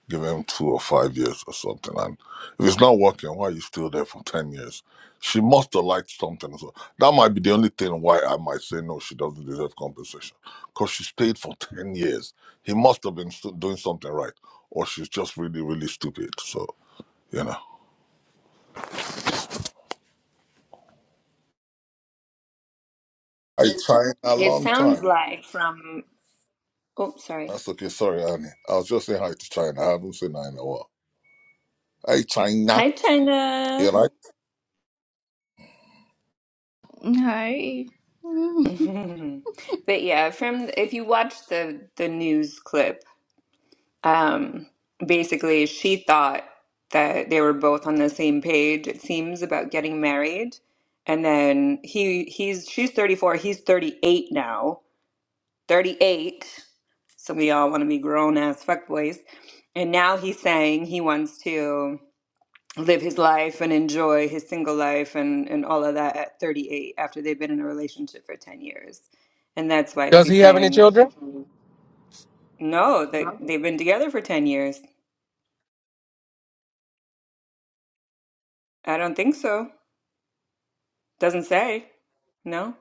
S14: give him two or five years or something. And if it's not working, why are you still there for 10 years? She must have liked something. So that might be the only thing why I might say no, she doesn't deserve compensation. Because she stayed for 10 years. He must have been stu- doing something right. Or she's just really, really stupid. So, you know. I China, a
S2: it
S14: long
S2: sounds
S14: time.
S2: like from, oh, sorry.
S14: That's okay. Sorry, Annie. I was just saying hi to China. I haven't seen her in a while. Hey, China.
S2: Hi,
S14: You
S2: China.
S14: right?
S8: Hi. *laughs* Mhm.
S2: Mhm. *laughs* But yeah, from if you watch the the news clip, um, basically she thought that they were both on the same page, it seems, about getting married. And then he he's she's 34, he's 38 now. 38. So we all want to be grown ass fuckboys. And now he's saying he wants to live his life and enjoy his single life and, and all of that at 38 after they've been in a relationship for 10 years. And that's why
S9: does he
S2: she's
S9: have any
S2: saying,
S9: children
S2: no, that they've been together for 10 years. I don't think so. Doesn't say. No.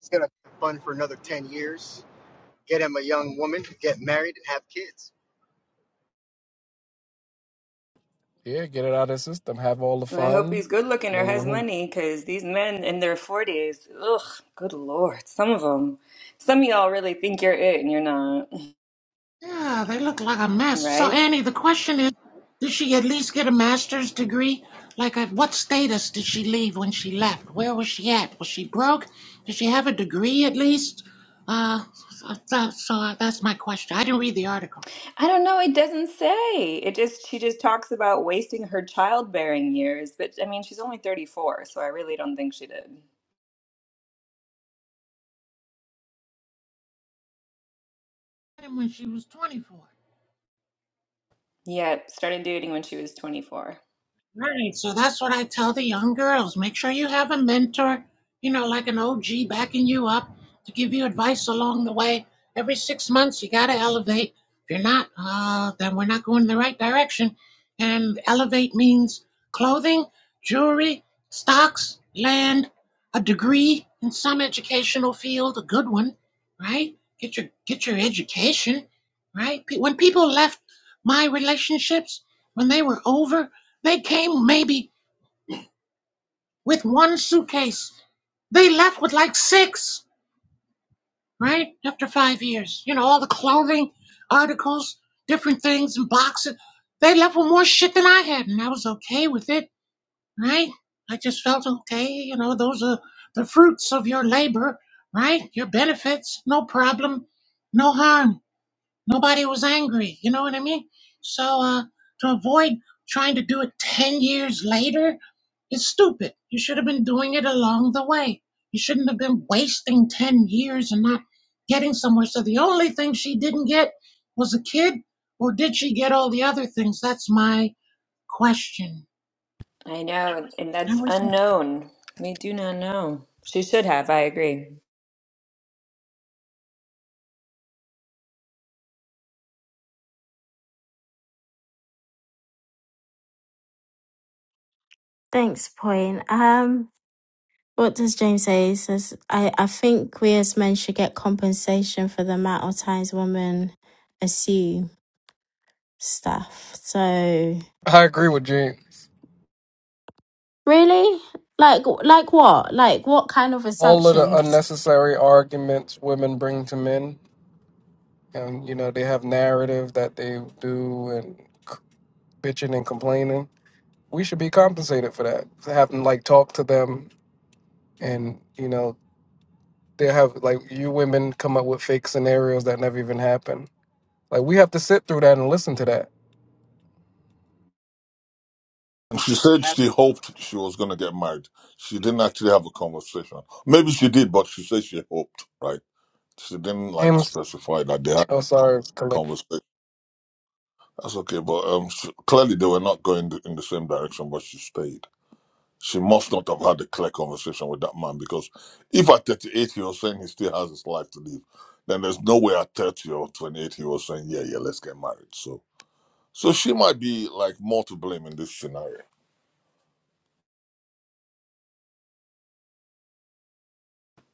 S12: It's gonna be fun for another ten years. Get him a young woman, get married, and have kids.
S9: yeah get it out of the system have all the
S2: I hope he's
S9: fun
S2: good looking or
S9: then
S2: has money because these men in their 40s, ugh, good lord. Some of them, some of y'all really think you're it and you're not,
S13: Yeah, they look like a
S2: *laughs*
S13: mess. So,
S2: right?
S13: Annie, the question is, did she at least get a master's degree? Like, at what status did she leave when she left? Where was she at? Was she broke? Did she have a degree at least? Uh, so, so so uh, that's my question. I didn't read the article.
S2: I don't know. It doesn't say. It just she just talks about wasting her childbearing years, but I mean, she's only 34, so I really don't think she did.
S13: him when she was 24.
S2: Yeah, started dating when she was 24.
S13: Right. So that's what I tell the young girls. Make sure you have a mentor, you know, like an OG backing you up to give you advice along the way. Every six months, you got to elevate. If you're not, uh, then we're not going in the right direction. And elevate means clothing, jewelry, stocks, land, a degree in some educational field, a good one, right? Get your get your education, right? Pe- When people left my relationships, when they were over, they came maybe with one suitcase. They left with like six, right? After five years. You know, all the clothing, articles, different things, and boxes. They left with more shit than I had, and I was okay with it, right? I just felt okay. You know, those are the fruits of your labor, right? Your benefits, no problem, no harm. Nobody was angry. You know what I mean? So uh, to avoid trying to do it 10 years later is stupid. You should have been doing it along the way. You shouldn't have been wasting 10 years and not getting somewhere. So the only thing she didn't get was a kid, or did she get all the other things? That's my question.
S2: I know, and
S13: I
S2: that's
S13: was,
S2: unknown. We do not know. She should have, I agree.
S1: Thanks, Point. Um, What does James say? He says, I, I think we as men should get compensation for the amount of times women assume stuff. So,
S9: i agree with james
S1: really? Like, like what? Like, what kind of
S9: all of the
S1: assumptions?
S9: unnecessary arguments women bring to men and you know they have narrative that they do and c- bitching and complaining we should be compensated for that having like talk to them and you know they have like you women come up with fake scenarios that never even happen. Like we have to sit through that and listen to that.
S14: And she said
S12: Have
S14: she hoped she was going to get married. She didn't actually have a conversation. Maybe she did, but she said she hoped, right? She didn't like
S9: James,
S14: specify that they had a
S9: oh sorry, collect.
S14: conversation. That's okay, but um, she, clearly they were not going th- in the same direction, but she stayed. She must not have had a clear conversation with that man because if at 38 he was saying he still has his life to live, then there's no way at 30 or 28 he was saying, yeah, yeah, let's get married. So, so she might be like more to blame in this scenario.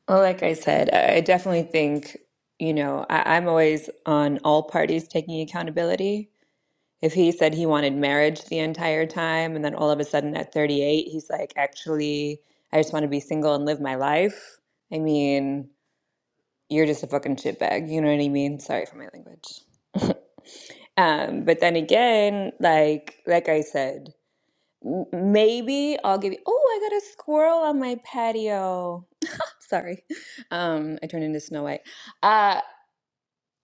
S2: Well, like I said, I I definitely think, you know, I, I'm always on all parties taking accountability. If he said he wanted marriage the entire time, and then all of a sudden at 38, he's like, actually, I just want to be single and live my life. I mean, you're just a fucking shitbag. You know what I mean? Sorry for my language. *laughs* Um, but then again, like like I said, m- maybe I'll give you, oh, I got a squirrel on my patio. *laughs* Sorry. Um, I turned into Snow White. Uh,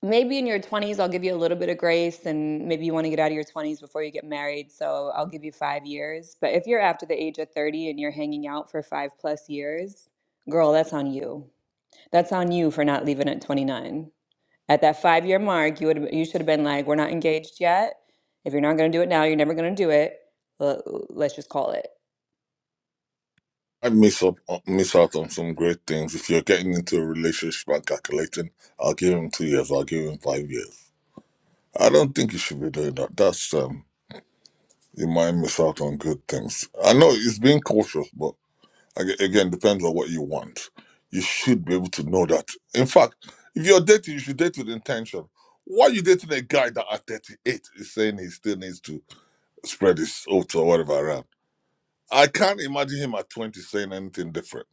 S2: maybe in your 20s i'll give you a little bit of grace and maybe you want to get out of your 20s before you get married so i'll give you five years but if you're after the age of 30 and you're hanging out for five plus years girl that's on you that's on you for not leaving at 29 at that five year mark, you would you should have been like, "We're not engaged yet. If you're not going to do it now, you're never going to do it. L- Let's just call it."
S14: I miss up, miss out on some great things. If you're getting into a relationship and calculating, I'll give him two years, I'll give him five years. I don't think you should be doing that. That's um, you might miss out on good things. I know it's being cautious, but ag- again, depends on what you want. You should be able to know that. In fact, if you're dating, you should date with intention. Why are you dating a guy that at 38 is saying he still needs to spread his oats or whatever around? I can't imagine him at 20 saying anything different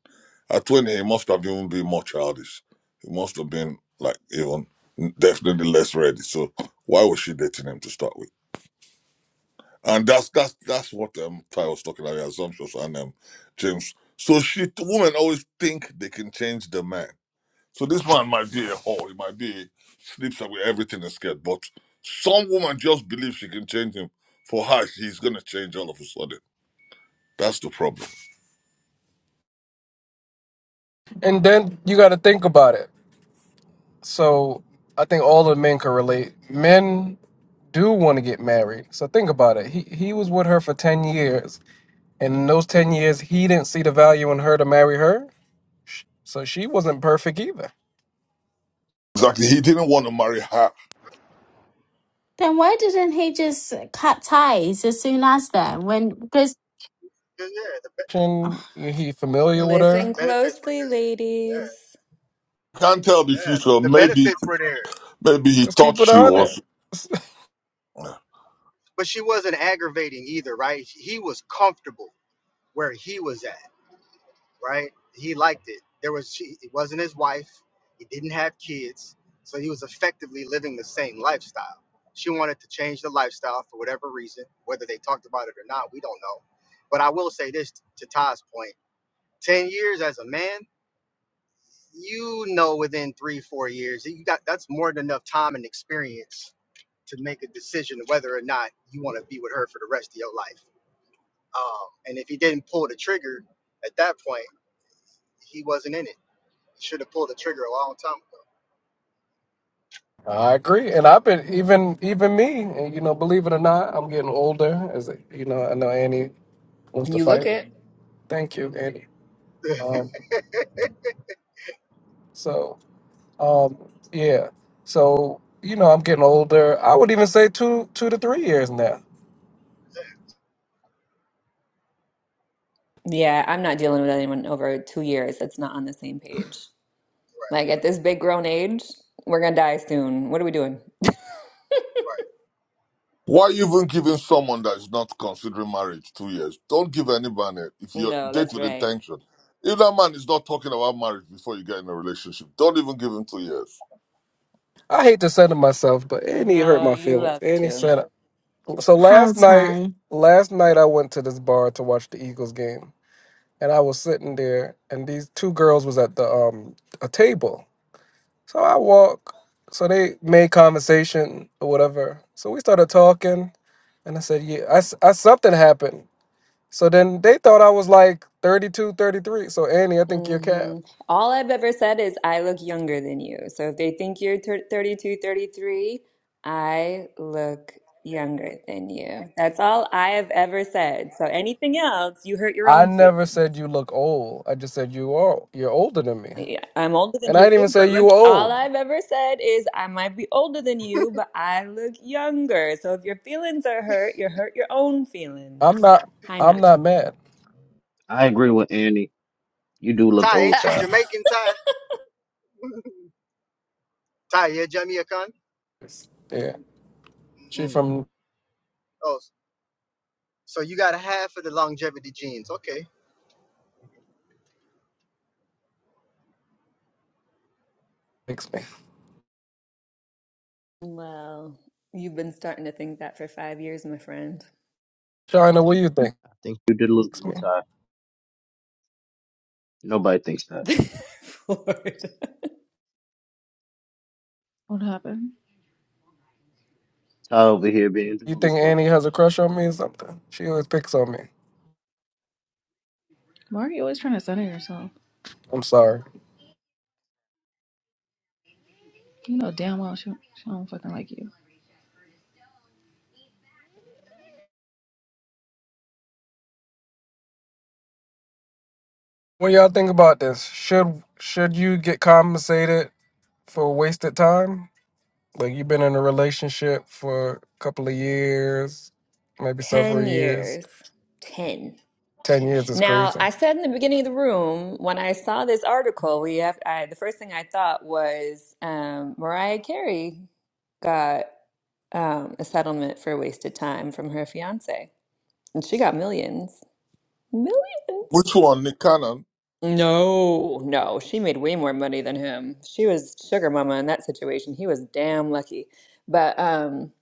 S14: At 20, he must have even been more childish. He must have been like even definitely less ready. So why was she dating him to start with? And that's that's that's what um Ty was talking about, the assumptions and um James. So she women always think they can change the man. So this man might be a whore, he might be sleeps with everything is scared, but some woman just believes she can change him. For her, he's gonna change all of a sudden. That's the problem.
S9: And then you got to think about it. So I think all the men can relate. Men do want to get married. So think about it. He he was with her for ten years, and in those ten years, he didn't see the value in her to marry her. Sh- So she wasn't perfect either.
S14: Exactly. He didn't want to marry her.
S1: Then why didn't he just cut ties as soon as then? When, because,
S12: yeah, the,
S9: And
S1: *sighs*
S9: he familiar with
S12: the
S2: Listen
S9: her.
S12: benefits were
S2: closely,
S12: good. Yeah,
S2: ladies.
S14: Can't tell the
S12: yeah, the,
S14: future.
S12: the
S14: Maybe
S12: benefits were there,
S14: Maybe he
S9: Let's keep
S14: thought
S9: it
S14: she
S9: on it.
S14: was.
S9: *laughs*
S12: but she wasn't aggravating either, right? He was comfortable where he was at, right? He liked it. There was she. It wasn't his wife. He didn't have kids, so he was effectively living the same lifestyle. She wanted to change the lifestyle for whatever reason, whether they talked about it or not, we don't know. But I will say this to Todd's point: ten years as a man you know within three four years you got that's more than enough time and experience to make a decision whether or not you want to be with her for the rest of your life um, and if he didn't pull the trigger at that point he wasn't in it he should have pulled the trigger a long time ago
S9: I agree, and I've been even even me, and you know, believe it or not, I'm getting older. As you know, I know Annie wants to
S2: You look
S9: fight.
S2: it.
S9: Thank you, Annie. Um, so um, yeah, so you know, I'm getting older. I would even say two two to three years now.
S2: Yeah, I'm not dealing with anyone over two years that's not on the same page. Like at this big grown age, we're gonna die soon. What are we doing?
S14: Why even giving someone that is not considering marriage two years? Don't give anybody if you
S2: No,
S14: date
S2: that's
S14: with
S2: right.
S14: intention. If that man is not talking about marriage before you get in a relationship, don't even give him two years.
S9: I hate to say it myself, but Annie hurt
S2: No,
S9: my
S2: you
S9: feelings.
S2: love
S9: Annie
S2: to.
S9: said so
S1: how
S9: last night.
S1: tie?
S9: Last night I went to this bar to watch the Eagles game, and I was sitting there, and these two girls was at the um a table So I walk. So they made conversation or whatever. So we started talking, and I said, "Yeah, I, s- I- something happened." So then they thought I was like 32, 33. So Annie, I think you're cat.
S2: hmm All I've ever said is I look younger than you. So if they think you're thir 32, thirty-three, I look younger than you. That's all I have ever said. So anything else, you hurt your
S9: I
S2: own
S9: never
S2: feelings.
S9: said you look old. I just said you are you're older than me,
S2: Yeah, I'm older than
S9: and I
S2: you,
S9: didn't even
S2: but
S9: say you
S2: look,
S9: were
S2: all
S9: old.
S2: I've ever said is I might be older than you, but I look younger. So if your feelings are hurt, you hurt your own feelings.
S9: I'm not.
S2: Hi,
S9: I'm
S2: Nacho.
S9: not mad.
S6: I agree with Annie. You do
S12: right
S6: look
S12: right ty
S6: old,
S12: ain't
S2: *laughs*
S12: you
S6: Ty.
S12: jamaican ty *laughs* ty you jamaican
S9: Yeah, she
S12: mm.
S9: from
S12: oh so you got a half of the longevity genes okay
S9: picks me.
S2: Well, you've been starting to think that for five years, my friend.
S9: China, what do you think?
S6: I think you did look
S9: Picks me.
S6: old, Ty. Nobody thinks
S2: *laughs*
S6: that.
S2: Florida.
S8: what happened?
S6: Ty over here being
S9: You think
S6: delusional.
S9: Annie has a crush on me or something? She always picks on me.
S8: Why are you always trying to center yourself?
S9: I'm sorry.
S8: You know damn well she, she don't fucking like you.
S9: What y'all think about this? Should should you get compensated for wasted time? Like you've been in a relationship for a couple of years,
S2: *laughs*
S9: maybe several
S2: Ten
S9: years.
S2: years. Ten.
S9: Ten years is
S2: Now,
S9: crazy.
S2: I said in the beginning of the room when I saw this article, we have I, the first thing I thought was um, Mariah Carey got um, a settlement for wasted time from her fiance, and she got millions, millions.
S14: Which one, Nick Cannon?
S2: No, no, she made way more money than him. She was sugar mama in that situation. He was damn lucky. But um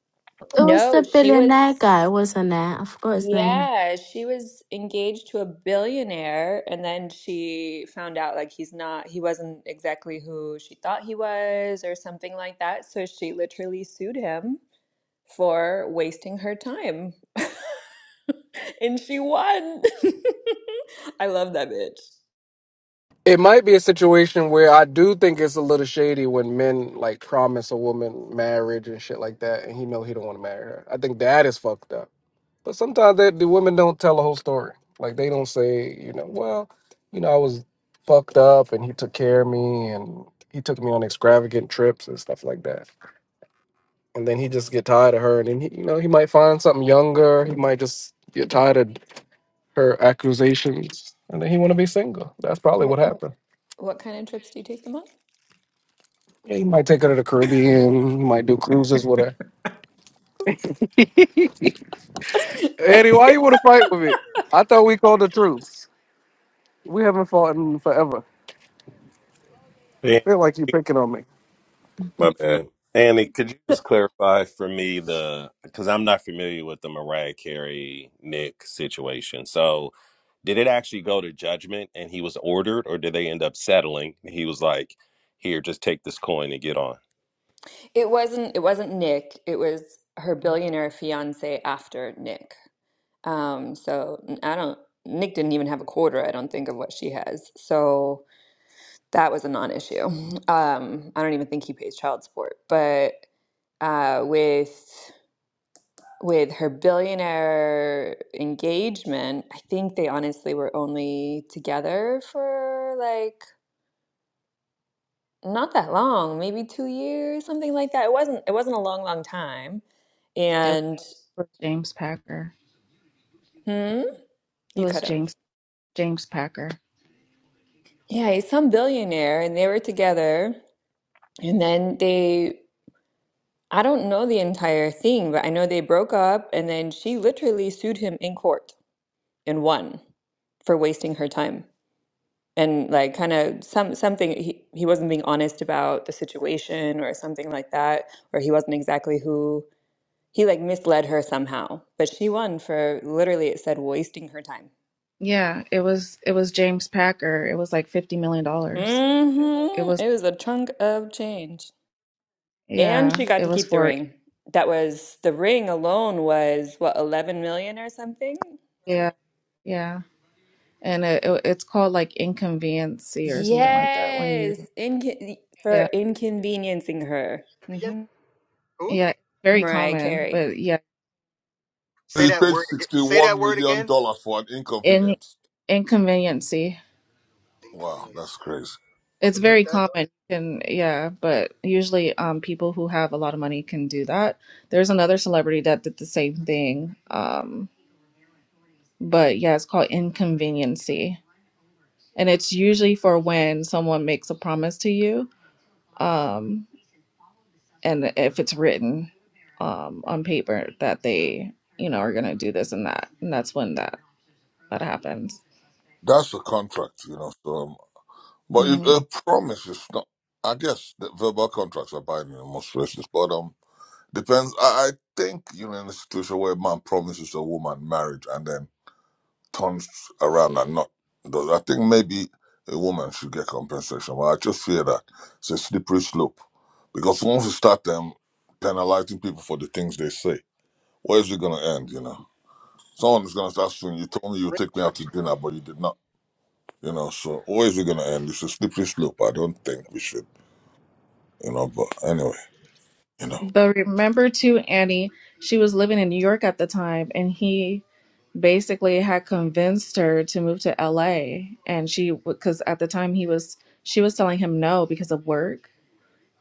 S1: It was the
S2: no, she
S1: billionaire guy,
S2: was
S1: wasn't it? I forgot his name.
S2: yeah, she was engaged to a billionaire and then she found out like he's not he wasn't exactly who she thought he was or something like that. So she literally sued him for wasting her time. *laughs* and she won. *laughs* I love that bitch.
S9: It might be a situation where I do think it's a little shady when men like promise a woman marriage and shit like that, and he know he don't want to marry her. I think that is fucked up. But sometimes that the women don't tell the whole story. Like they don't say, you know, well, you know, I was fucked up and he took care of me and he took me on extravagant trips and stuff like that. And then he just get tired of her and then he, you know, he might find something younger. He might just get tired of her accusations and then he want to be single. That's probably
S2: What,
S9: what happened.
S2: what kind of trips do you take them on?
S9: Yeah, he might take her to the Caribbean. He might do cruises with her.
S2: *laughs*
S9: Eddie, why you want to fight with me? I thought we called the truce. We haven't fought in forever. I
S4: Yeah,
S9: feel like you picking on me.
S4: my bad. Andy, could you just clarify for me the because I'm not familiar with the Mariah Carey Nick situation. So did it actually go to judgment and he was ordered or did they end up settling? And He was like, here, just take this coin and get on.
S2: it wasn't it wasn't Nick. It was her billionaire fiance after Nick. Um, so n- I don't Nick didn't even have a quarter, I don't think, of what she has. So that was a non-issue. Um, I don't even think he pays child support. But uh, with with her billionaire engagement, I think they honestly were only together for like not that long, maybe two years, something like that. It wasn't it wasn't a long, long time.
S8: It
S2: And
S8: was James Packer.
S2: hmm,
S8: It
S2: you
S8: was
S2: cut him.
S8: James James Packer.
S2: Yeah, he's some billionaire, and they were together. And then they I don't know the entire thing, but I know they broke up and then she literally sued him in court and won for wasting her time. And like kind of some something he, he wasn't being honest about the situation or something like that, or he wasn't exactly who he like misled her somehow. But she won for literally it said wasting her time.
S8: Yeah, it was it was James Packer. It was like fifty million dollars. It
S2: Mm-hmm.
S8: was
S2: It was a chunk of change. And
S8: yeah,
S2: she got
S8: it
S2: to
S8: was
S2: keep the
S8: for
S2: ring. That was the ring alone was what, 11 million or something?
S8: yeah yeah, and it, it- it's called like inconveniency or something like that when you
S2: Yes, Incon for
S8: yeah
S2: inconveniencing her.
S12: again
S2: hmm
S12: who
S8: yeah it's very
S2: Mariah
S8: common,
S2: Carey.
S8: but yeah
S12: say
S14: He
S12: that
S14: paid
S12: word ag- say that
S14: sixty-one
S12: word
S14: million
S12: again
S14: dollars for an
S8: in
S14: inconvenience.
S8: inconveniency
S14: Wow,
S12: inconvenience
S14: that's
S12: i
S14: crazy.
S12: want
S8: it's
S12: to look
S8: very
S12: that up
S8: common and yeah, but usually um people who have a lot of money can do that. There's another celebrity that did the same thing um but yeah, it's called inconveniency and it's usually for when someone makes a promise to you um and if it's written um on paper that they you know are going to do this and that and that's when that that happens
S14: That's a contract, you know. So, um, but if
S8: hmm
S14: a promise is not, I guess the verbal contracts are binding in most places. But um, Depends. I, I think you're in a situation where a man promises a woman marriage and then turns around and not does. I think maybe a woman should get compensation, but I just fear that it's a slippery slope because once you start them penalizing people for the things they say, where is it going to end? You know, someone is going to start saying, "You told me you would
S12: Ring
S14: take me out
S12: track.
S14: to dinner, but you did not." You know, so where is it going to end? It's a slippery slope. I don't think we should. You know, but anyway, you know.
S8: but remember too annie she was living in new york at the time and he basically had convinced her to move to la and she because at the time he was she was telling him no because of work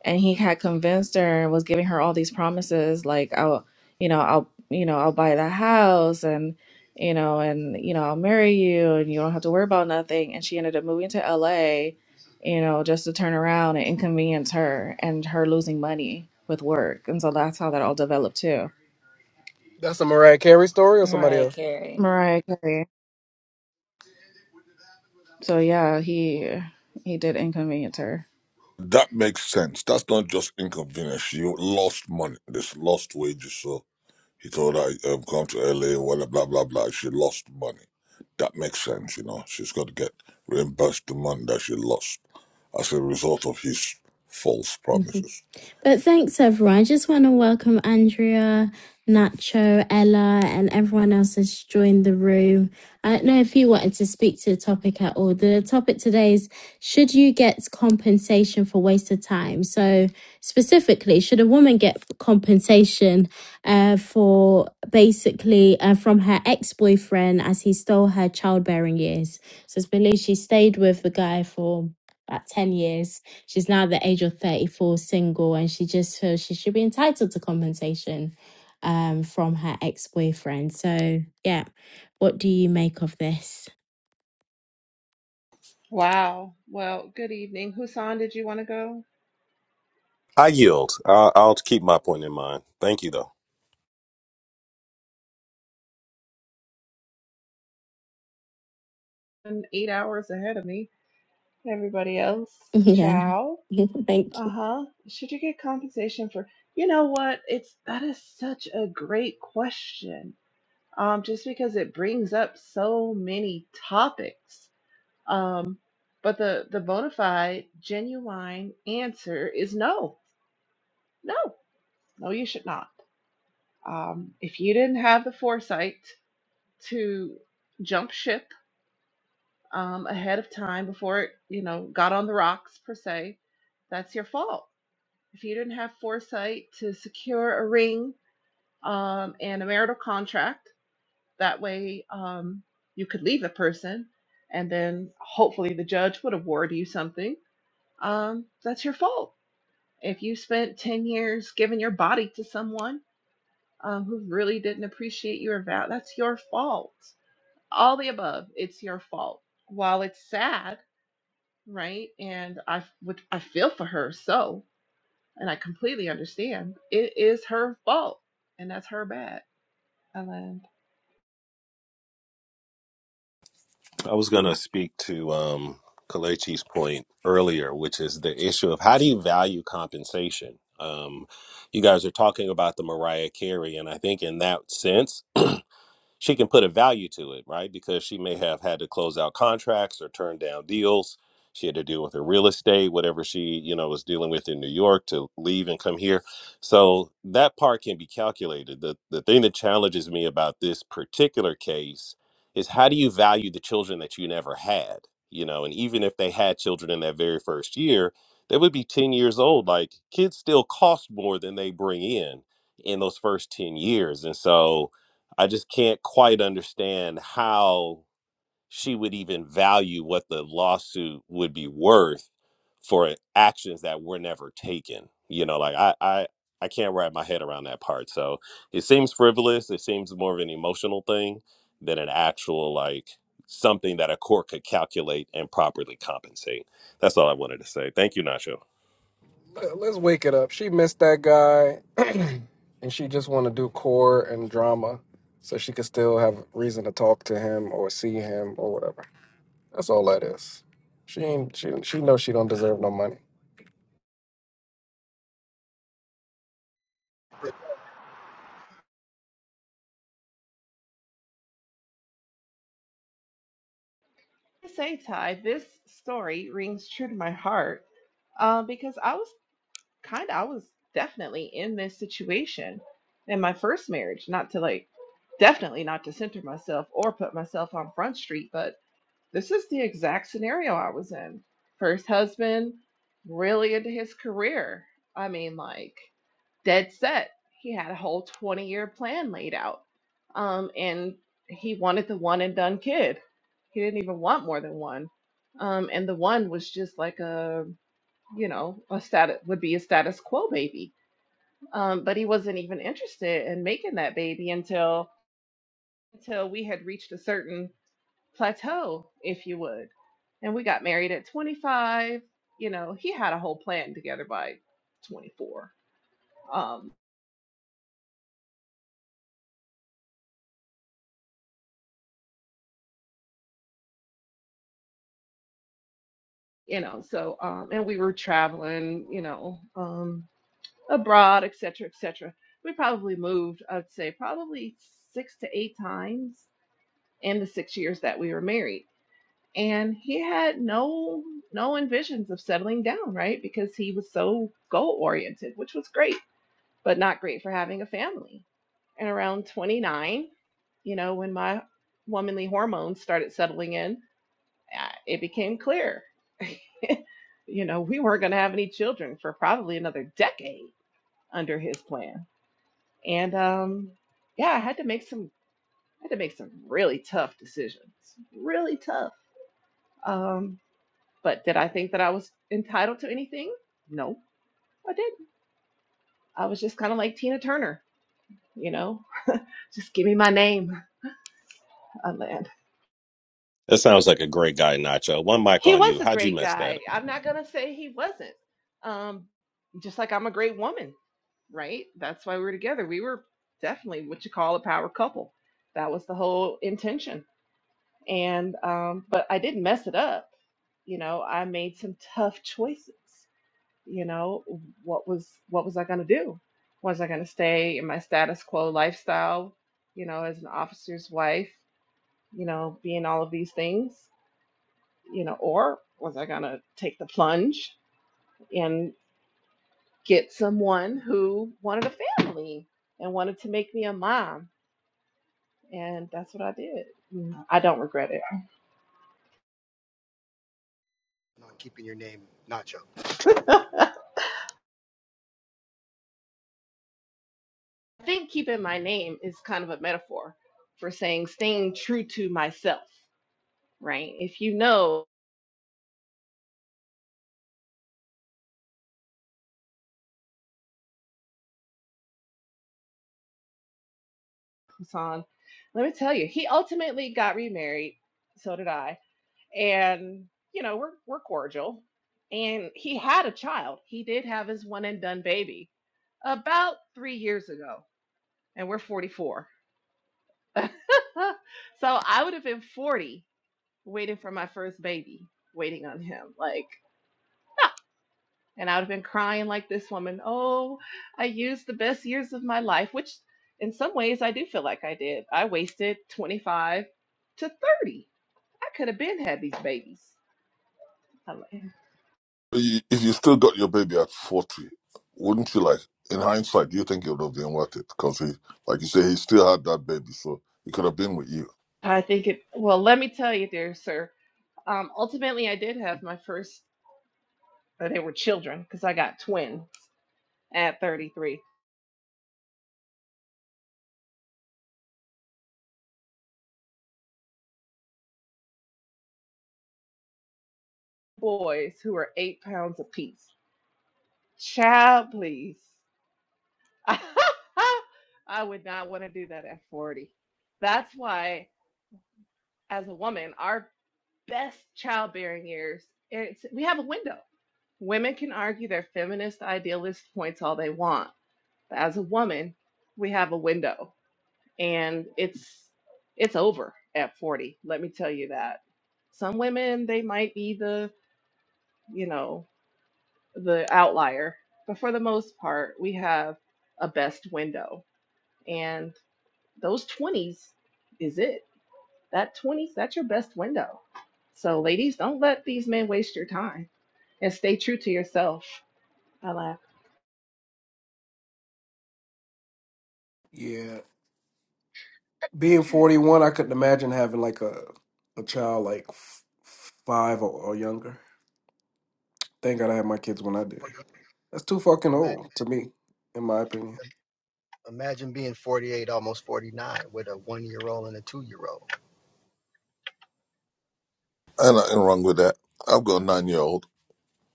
S8: and he had convinced her and was giving her all these promises like i'll you know i'll you know i'll buy the house and you know and you know i'll marry you and you don't have to worry about nothing and she ended up moving to la you know just to turn around and inconvenience her and her losing money with work and so that's how that all developed too
S9: That's a Mariah Carey story or somebody
S2: Mariah
S9: else?
S2: Carey.
S8: mariah carey so yeah he he did inconvenience her
S14: That makes sense. That's not just inconvenience. You lost money. This lost wages. So he told her, um, come to LA, well, blah, blah, blah. She lost money. That makes sense, you know. She's got to get reimbursed the money that she lost as a result of his false
S1: *laughs*
S14: promises.
S1: But thanks, everyone. I just want to welcome Andrea, Nacho, Ella, and everyone else that's joined the room. I don't know if you wanted to speak to the topic at all. The topic today is Should you get compensation for wasted time? So, specifically, should a woman get compensation uh, for basically uh, from her ex boyfriend as he stole her childbearing years? So, it's believed she stayed with the guy for about 10 years She's now at the age of 34, single, and she just feels she should be entitled to compensation um, from her ex boyfriend. So, yeah, what do you make of this? *laughs*
S15: Wow. Well, good evening. Husan, did you want to go?
S4: I yield. I'll, I'll keep my point in mind. Thank you, though.
S15: I'm eight hours ahead of me. Everybody else,
S1: Yeah,
S15: ciao.
S1: *laughs* thank you.
S15: Uh-huh. Should you get compensation for you know what? It's that is such a great question. Um, just because it brings up so many topics. Um, but the the bona fide, genuine answer is no. No, no, you should not. Um, if you didn't have the foresight to jump ship um, ahead of time before it, you know, got on the rocks per se, that's your fault. If you didn't have foresight to secure a ring um, and a marital contract, that way um, you could leave the person, and then hopefully the judge would award you something. Um, that's your fault. If you spent 10 years giving your body to someone um, who really didn't appreciate your vow, that's your fault. All the above, it's your fault. While it's sad, right? And I would I feel for her so, and I completely understand. It is her fault, and that's her bad. Ellen,
S4: I was going to speak to um, Kalechi's point earlier, which is the issue of how do you value compensation? Um, you guys are talking about the Mariah Carey, and I think in that sense, she can put a value to it, right? Because she may have had to close out contracts or turn down deals. She had to deal with her real estate, whatever she, you know, was dealing with in New York to leave and come here. So that part can be calculated. The the thing that challenges me about this particular case is how do you value the children that you never had? You know, and even if they had children in that very first year, they would be 10 years old. Like kids still cost more than they bring in in those first 10 years. And so I just can't quite understand how she would even value what the lawsuit would be worth for actions that were never taken. You know, like I, I, I can't wrap my head around that part. So it seems frivolous. It seems more of an emotional thing than an actual like something that a court could calculate and properly compensate. That's all I wanted to say. Thank you, Nacho.
S9: Let- Let's wake it up. She missed that guy, *clears throat* and she just want to do core and drama, so she could still have reason to talk to him or see him or whatever. That's all that is. She ain't. She she knows she don't deserve no money.
S15: I say Ty, this story rings true to my heart uh, because I was kind of I was definitely in this situation in my first marriage. Not to like, definitely not to center myself or put myself on front street, but This is the exact scenario I was in. First husband, really into his career. I mean, like, dead set. He had a whole 20 year plan laid out. Um, and he wanted the one and done kid. He didn't even want more than one. Um, and the one was just like a, you know, a status would be a status quo baby. Um, but he wasn't even interested in making that baby until until we had reached a certain plateau, if you would. And we got married at 25. You know, he had a whole plan together by 24. Um, you know, so um, and we were traveling, you know, um, abroad, et cetera, et cetera. We probably moved, I'd say, probably six to eight times in the six years that we were married. And he had no no envisions of settling down, right? Because he was so goal oriented, which was great but not great for having a family. And around 29, you know, when my womanly hormones started settling in, uh, it became clear, *laughs* you know, we weren't going to have any children for probably another decade under his plan. And um, yeah, I had to make some, I had to make some really tough decisions, really tough. Um, but did I think that I was entitled to anything? No, I didn't. I was just kind of like Tina Turner, you know, just give me my name. *laughs*
S4: That sounds like a great guy, Nacho. One mic
S15: He
S4: on
S15: was
S4: you.
S15: a
S4: How'd you
S15: great
S4: mess that
S15: guy.
S4: up?
S15: I'm not gonna say he wasn't. Um, just like I'm a great woman, right? That's why we're together. We were definitely what you call a power couple. That was the whole intention. And um, but I didn't mess it up. You know, I made some tough choices. You know, what was what was I gonna do? Was I gonna stay in my status quo lifestyle? You know, as an officer's wife. You know, being all of these things, you know, or was I going to take the plunge and get someone who wanted a family and wanted to make me a mom? And that's what I did. Mm, I don't regret it.
S12: on keeping your name Nacho.
S15: *laughs* I think keeping my name is kind of a metaphor for saying staying true to myself, right? If you know Hassan, let me tell you, he ultimately got remarried. So did I and you know we're we're cordial and he had a child he did have his one and done baby about 3 years ago and we're 44 *laughs* so i would have been 40 waiting for my first baby waiting on him like *laughs* no and i would have been crying like this woman oh i used the best years of my life which in some ways i do feel like i did i wasted 25 to 30 i could have been had these babies
S14: You- If you still got your baby at 40, wouldn't you like, in hindsight, do you think it would have been worth it? Because he, like you say, he still had that baby, so he could have been with you.
S15: I think it, well, let me tell you, dear sir. Um, ultimately, I did have my first, uh, they were children because I got twin at 33 boys who were eight pounds apiece. Child, please. *laughs* I would not want to do that at 40. That's why, as a woman, our best childbearing years, it's, we have a window. Women can argue their feminist idealist points all they want. But as a woman, we have a window and it's it's over at 40 let me tell you that some women they might be the you know the outlier but for the most part we have a best window and those 20s is it that 20s that's your best window so ladies don't let these men waste your time and stay true to yourself I
S9: Yeah, being forty one, I couldn't imagine having like a a child like f- five or, or younger. Thank God I had my kids when I did. That's too fucking old
S12: Imagine,
S9: to me, in my opinion.
S12: imagine being 48, almost 49, with a one year old and a two year old.
S14: And nothing wrong with that. I've got a nine year old.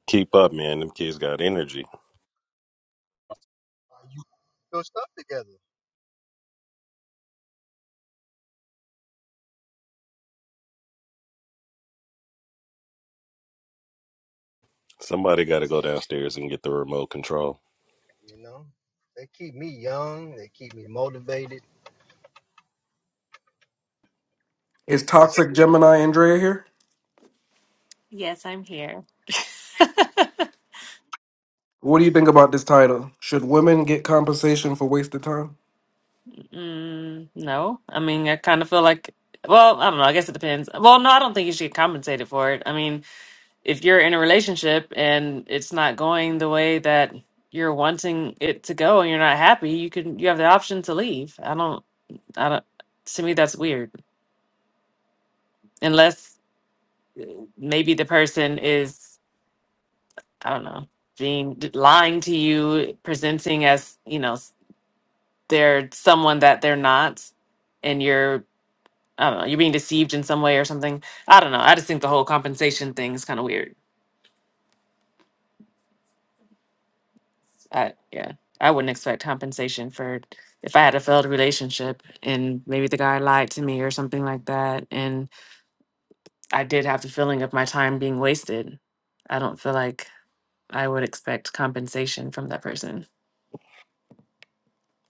S4: Keep up, man. Them kids got energy.
S12: You put your stuff together.
S4: Somebody got to go downstairs and get the remote control.
S12: You know, they keep me young. They keep me motivated.
S9: Is
S12: It's
S9: toxic Gemini Andrea here?
S16: Yes, I'm here.
S9: What do you think about this title? Should women get compensation for wasted time?
S16: Mm, no, I mean, I kind of feel like, well, I don't know. I guess it depends. Well, no, I don't think you should get compensated for it. I mean, if you're in a relationship and it's not going the way that you're wanting it to go and you're not happy, you can, you have the option to leave. I don't, I don't, to me, that's weird. Unless maybe the person is, I don't know, being lying to you, presenting as, you know, s- they're someone that they're not. And you're I don't know, you're being deceived in some way or something. I don't know. I just think the whole compensation thing is kind of weird. I yeah, I wouldn't expect compensation for if I had a failed relationship and maybe the guy lied to me or something like that, and I did have the feeling of my time being wasted. I don't feel like I would expect compensation from that person.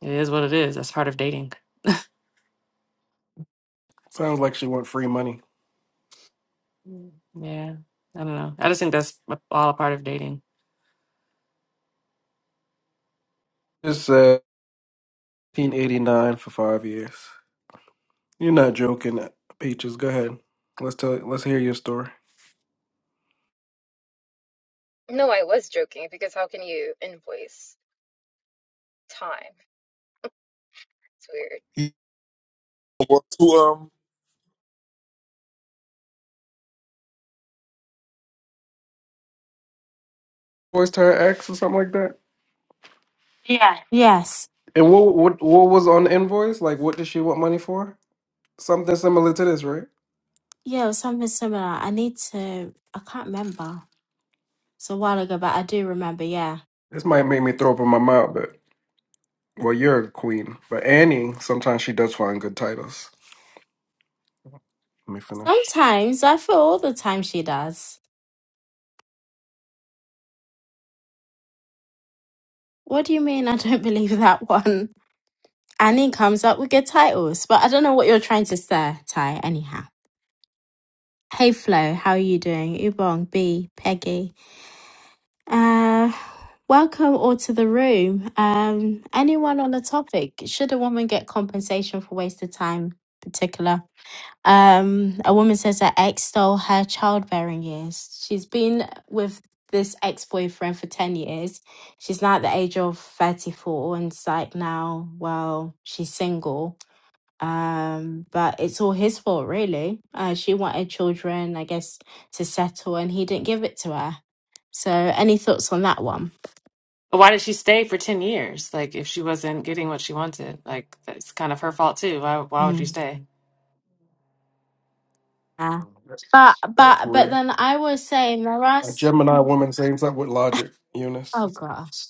S16: It is what it is. That's part of dating.
S9: Sounds like she want free money.
S16: Mm. Yeah, I don't know. I just think that's a- all a part of dating.
S9: This uh, 1989 for five years. You're not joking, Peaches. Go ahead. Let's tell. Let's hear your story.
S17: No, I was joking because how can you invoice time? It's weird.
S9: You
S14: But to, um,
S9: Invoiced her ex or something like that.
S1: Yes,
S9: And what what what was on the invoice? Like, what did she want money for? Something similar to this, right?
S1: yeah, it was something similar. I need to, I can't remember. It's a while ago, but I do remember, yeah.
S9: This might make me throw up in my mouth, but well, you're a queen. But Annie, sometimes she does find good titles. Let me finish.
S1: Sometimes I feel all the time she does. What do you mean I don't *laughs* believe that one? Annie comes up with good titles, but I don't know what you're trying to say, Ty, anyhow. Hey Flo, how are you doing? Ubong, B, Peggy. Uh, welcome all to the room. Um, anyone on the topic? Should a woman get compensation for wasted time? Particular. Um, a woman says her ex stole her childbearing years. She's been with this ex-boyfriend for ten years. She's now at the age of thirty-four, and it's like now, well, she's single um but it's all his fault really uh she wanted children i guess to settle and he didn't give it to her so any thoughts on that one
S16: Why did she stay for 10 years? Like, if she wasn't getting what she wanted, like, that's kind of her fault too. Why, why would you
S1: mm.
S16: stay?
S1: yeah.
S9: That's,
S1: but
S9: that's
S1: but but
S9: rare.
S1: then i was saying there are
S9: A
S1: s-
S9: Gemini woman same up with logic, Eunice.
S1: oh gosh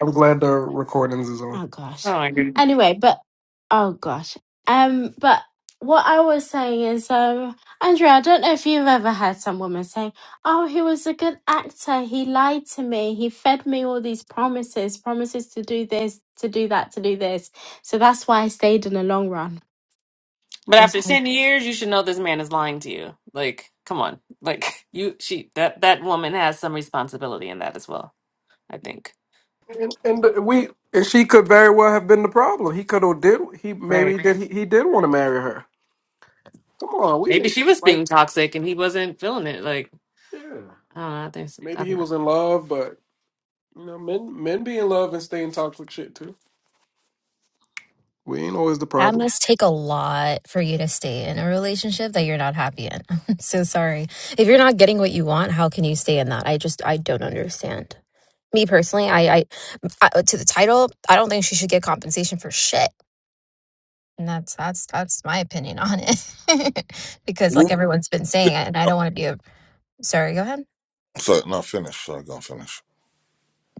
S9: I'm glad the recordings is on.
S1: Oh
S16: Oh
S1: gosh.
S16: my God.
S1: Anyway, but oh gosh. Um, but what I was saying is, um, Andrea, I don't know if you've ever heard some woman saying, "Oh, he was a good actor. He lied to me. He fed me all these promises, promises to do this, to do that, to do this. So that's why I stayed in the long run."
S16: But
S1: I was
S16: after
S1: like,
S16: 10 years, you should know this man is lying to you. Like, come on. Like, *laughs* you, she, that, that woman has some responsibility in that as well, I think.
S9: And, and we and she could very well have been the problem. He could have did he maybe
S16: Right.
S9: did he, he did want to marry her. Come on, we
S16: Maybe
S9: need
S16: she was
S9: like
S16: being toxic and he wasn't feeling it. Like,
S9: yeah.
S16: I don't know. I think, so.
S9: Maybe
S16: I
S9: he
S16: don't know.
S9: was in love, but you know, men men be in love and stay in toxic shit too. We ain't always the
S17: That
S9: problem.
S17: must take a lot for you to stay in a relationship that you're not happy in. *laughs* I'm so sorry. If you're not getting what you want, how can you stay in that? I just I don't understand. Me personally, I I, I uh, to the title, I don't think she should get compensation for shit. And that's that's that's my opinion on it. *laughs* because like everyone's been saying, and I
S14: I'm
S17: don't want to be a sorry, go ahead.
S14: sorry, not finish. Sorry, I'm gonna finish.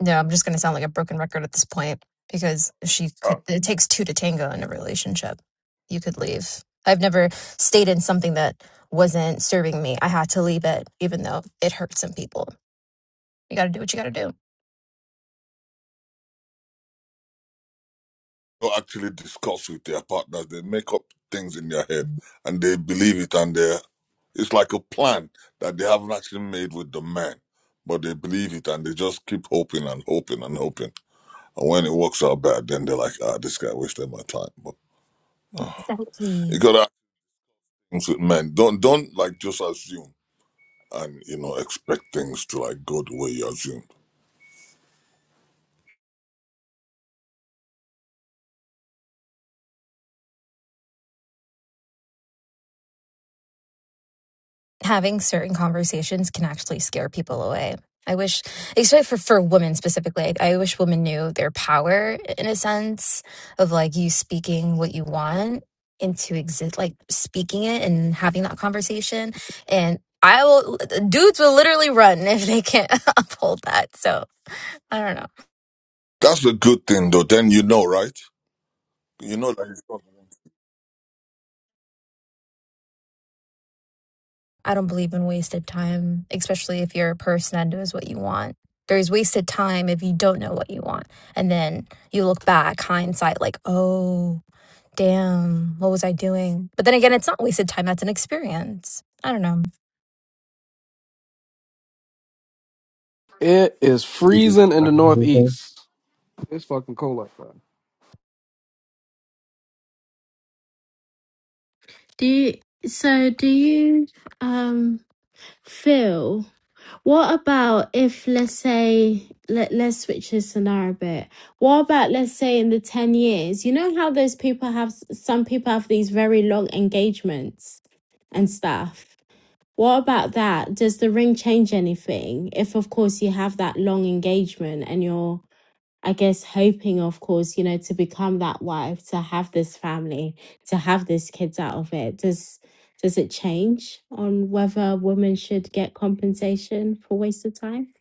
S17: No, I'm just going to sound like a broken record at this point because she could,
S14: Uh,
S17: it takes two to tango in a relationship. You could leave. I've never stayed in something that wasn't serving me. I had to leave it, even though it hurt some people. You got to do what you got to do.
S14: They actually discuss with their partners. They make up things in their head and they believe it, and they it's like a plan that they haven't actually made with the man, but they believe it and they just keep hoping and hoping and hoping. And when it works out bad, then they're like, ah, this guy wasted my time. But you
S17: Exactly.
S14: gotta ask things with men. Don't don't like just assume and you know expect things to like go the way you assume.
S17: having certain conversations can actually scare people away. I wish, especially for, for women specifically, I, I wish women knew their power in a sense of like you speaking what you want into exist, like speaking it and having that conversation. And I will, dudes will literally run *laughs* if they can't *laughs* uphold that. So I don't know.
S14: That's the good thing though. Then you know, right? You know that.
S17: I don't believe in wasted time, especially if you're a person that knows what you want. There's wasted time if you don't know what you want. And then you look back, hindsight, like, oh, damn, what was I doing? But then again, it's not wasted time. That's an experience. I don't know.
S9: It is
S12: Did you
S9: freezing in
S12: learn
S9: the
S12: anything?
S9: northeast. It's fucking cold like that.
S1: do you? So do you um feel? What about if, let's say, let, let's switch this scenario a bit. What about, let's say, in the 10 years, you know how those people have, some people have these very long engagements and stuff. What about that? Does the ring change anything? If, of course, you have that long engagement and you're I guess hoping, of course, you know, to become that wife, to have this family, to have these kids out of it. Does does it change on whether women should get compensation for wasted time?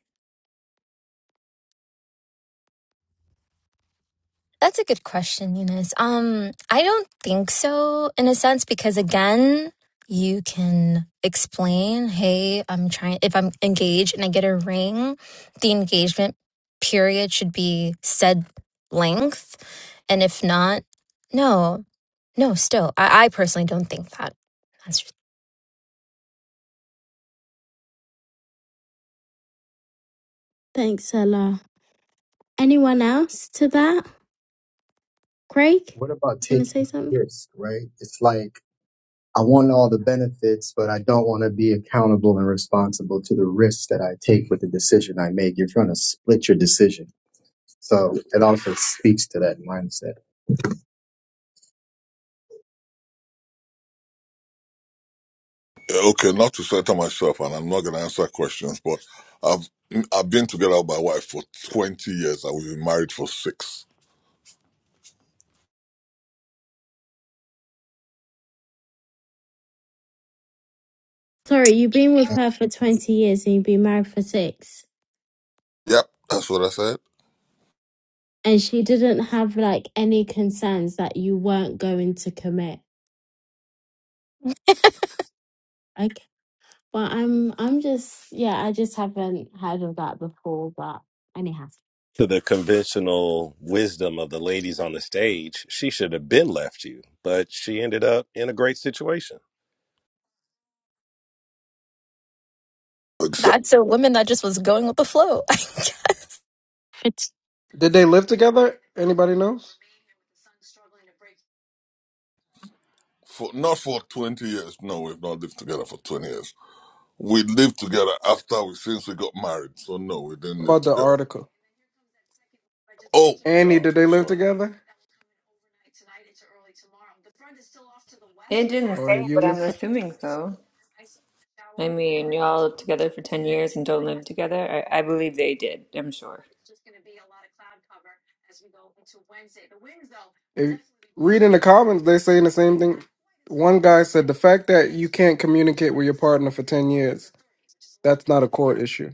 S17: That's a good question, Eunice. Um, I don't think so in a sense because again, you can explain, hey, I'm trying if I'm engaged and I get a ring, the engagement period should be said length. And if not, no, no, still. I, I personally don't think that. That's
S1: Thanks, Ella. Anyone else to that? Craig,
S12: What about
S1: you gonna
S12: taking
S1: say something?
S12: risk, right? It's like I want all the benefits, but I don't want to be accountable and responsible to the risks that I take with the decision I make. You're trying to split your decision. So it also speaks to that mindset.
S14: Uh, Okay, not to center myself, and I'm not going to answer questions, but I've I've been together with my wife for 20 years, and we've been married for six.
S1: Sorry, you've been with her for twenty years and you've been married for six,
S14: Yep, that's what I said.
S1: and she didn't have like any concerns that you weren't going to commit. Okay. Well, I'm I'm just yeah, I just haven't heard of that before, but anyhow.
S4: To the conventional wisdom of the ladies on the stage, she should have been left you, but she ended up in a great situation.
S14: Exactly.
S17: that's a woman that just was going with the flow. *laughs*
S1: It's
S9: Did they live together? Anybody knows?
S14: For, not for 20 years. No, we've not lived together for 20 years. We lived together after we since we got married. So no, we didn't live
S9: about the
S14: together.
S9: article?
S14: Oh, the
S9: Annie, did they
S14: article.
S9: live
S14: Sorry.
S9: together?
S2: It didn't
S9: Or
S2: say, but I'm
S1: uh,
S9: Eunice?
S2: assuming so. I mean, y'all together for 10 years and don't live together. I, I believe they did, I'm sure.
S9: If, read in the comments, they're saying the same thing. One guy said the fact that you can't communicate with your partner for 10 years, that's not a court issue.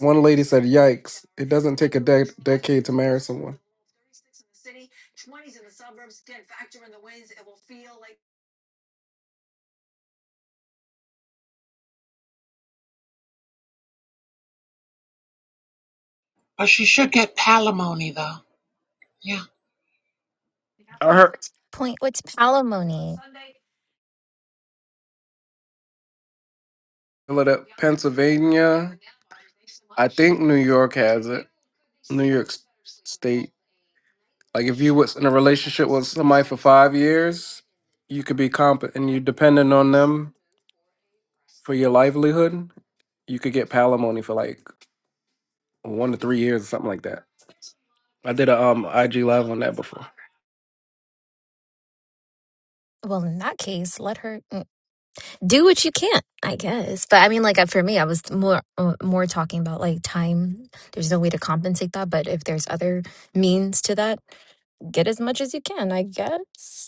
S9: One lady said, yikes, it doesn't take a de- decade to marry someone.
S13: but she should get palimony, though. Yeah.
S9: I heard.
S17: Point what's palimony?
S9: Philadelphia, Pennsylvania. I think New York has it. New York S- State. Like if you was in a relationship with somebody for five years, you could be comp and you dependent on them for your livelihood. You could get palimony for like one to three years or something like that. I did a um IG live on that before.
S17: Well, in that case, let her mm, do what you can, I guess. But I mean, like uh, for me, I was more uh, more talking about like time. There's no way to compensate that, but if there's other means to that, get as much as you can, I guess.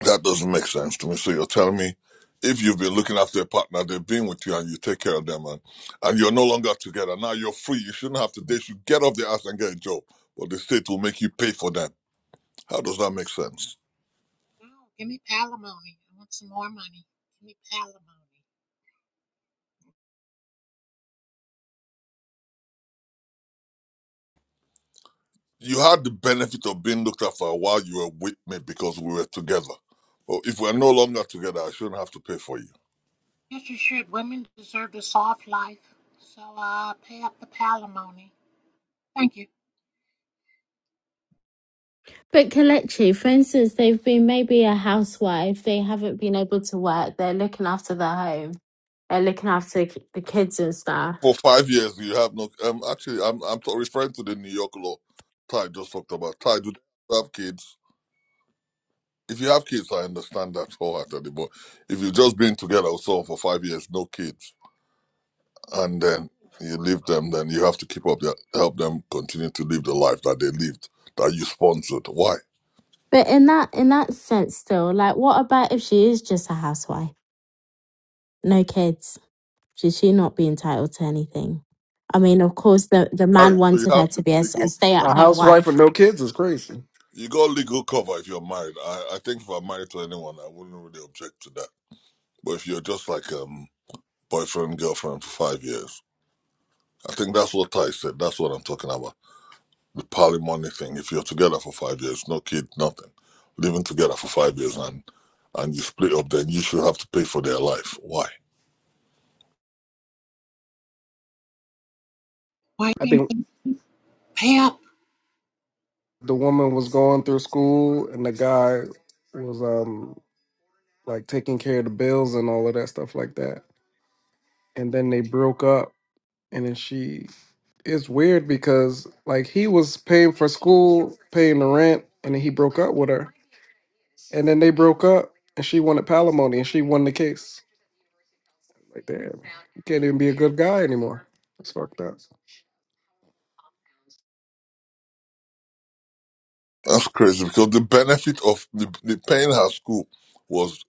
S14: That doesn't make sense to me. So you're telling me if you've been looking after a partner, they've been with you and you take care of them and, and you're no longer together. Now you're free. You shouldn't have to. They should get off their ass and get a job. But the state will make you pay for them. How does that make sense?
S13: No, give me palimony. I want some more money. Give me palimony.
S14: You had the benefit of being looked after while you were with me because we were together. But if we're no longer together, I shouldn't have to pay for you.
S13: Yes, you should. Women deserve a soft life. So uh, pay up the palimony. Thank you.
S1: but Kalechi, for instance, they've been maybe a housewife, they haven't been able to work, they're looking after their home, they're looking after k- the kids and
S14: For
S1: stuff.
S14: five years, you have no. Um, actually, I'm I'm t- referring to the New York law. Ty just talked about. Ty, do they have kids? if you have kids, I understand that wholeheartedly. But if you've just been together or so for five years, no kids, and then you leave them, then you have to keep up their help them continue to live the life that they lived that you sponsored. Why?
S1: But in that in that sense still, like what about if she is just a housewife? No kids. Should she not be entitled to anything? I mean, of course the, the man
S14: Married, so you
S1: wanted her
S14: have the
S1: to be a, s- a
S14: legal.
S1: stay at
S9: A
S1: home
S9: housewife with
S1: wife.
S9: no kids is crazy.
S14: You got legal cover if you're married. I, I think if I'm married to anyone, I wouldn't really object to that. But if you're just like um boyfriend girlfriend for five years, I think that's what Ty said. That's what I'm talking about. Pali money thing. If you're together for five years, no kid, nothing, living together for five years and and you split up, then you should have to pay for their life. Why?
S9: I
S13: Wiping
S9: think
S13: the pay up
S9: the woman was going through school and the guy was um like taking care of the bills and all of that stuff like that. And then they broke up and then she it's weird because like he was paying for school, paying the rent, and then he broke up with her. And then they broke up, and she wanted palimony, and she won the case. Like, damn, you can't even be a good guy anymore. It's fucked up.
S14: That's crazy because the benefit of the, the paying her school was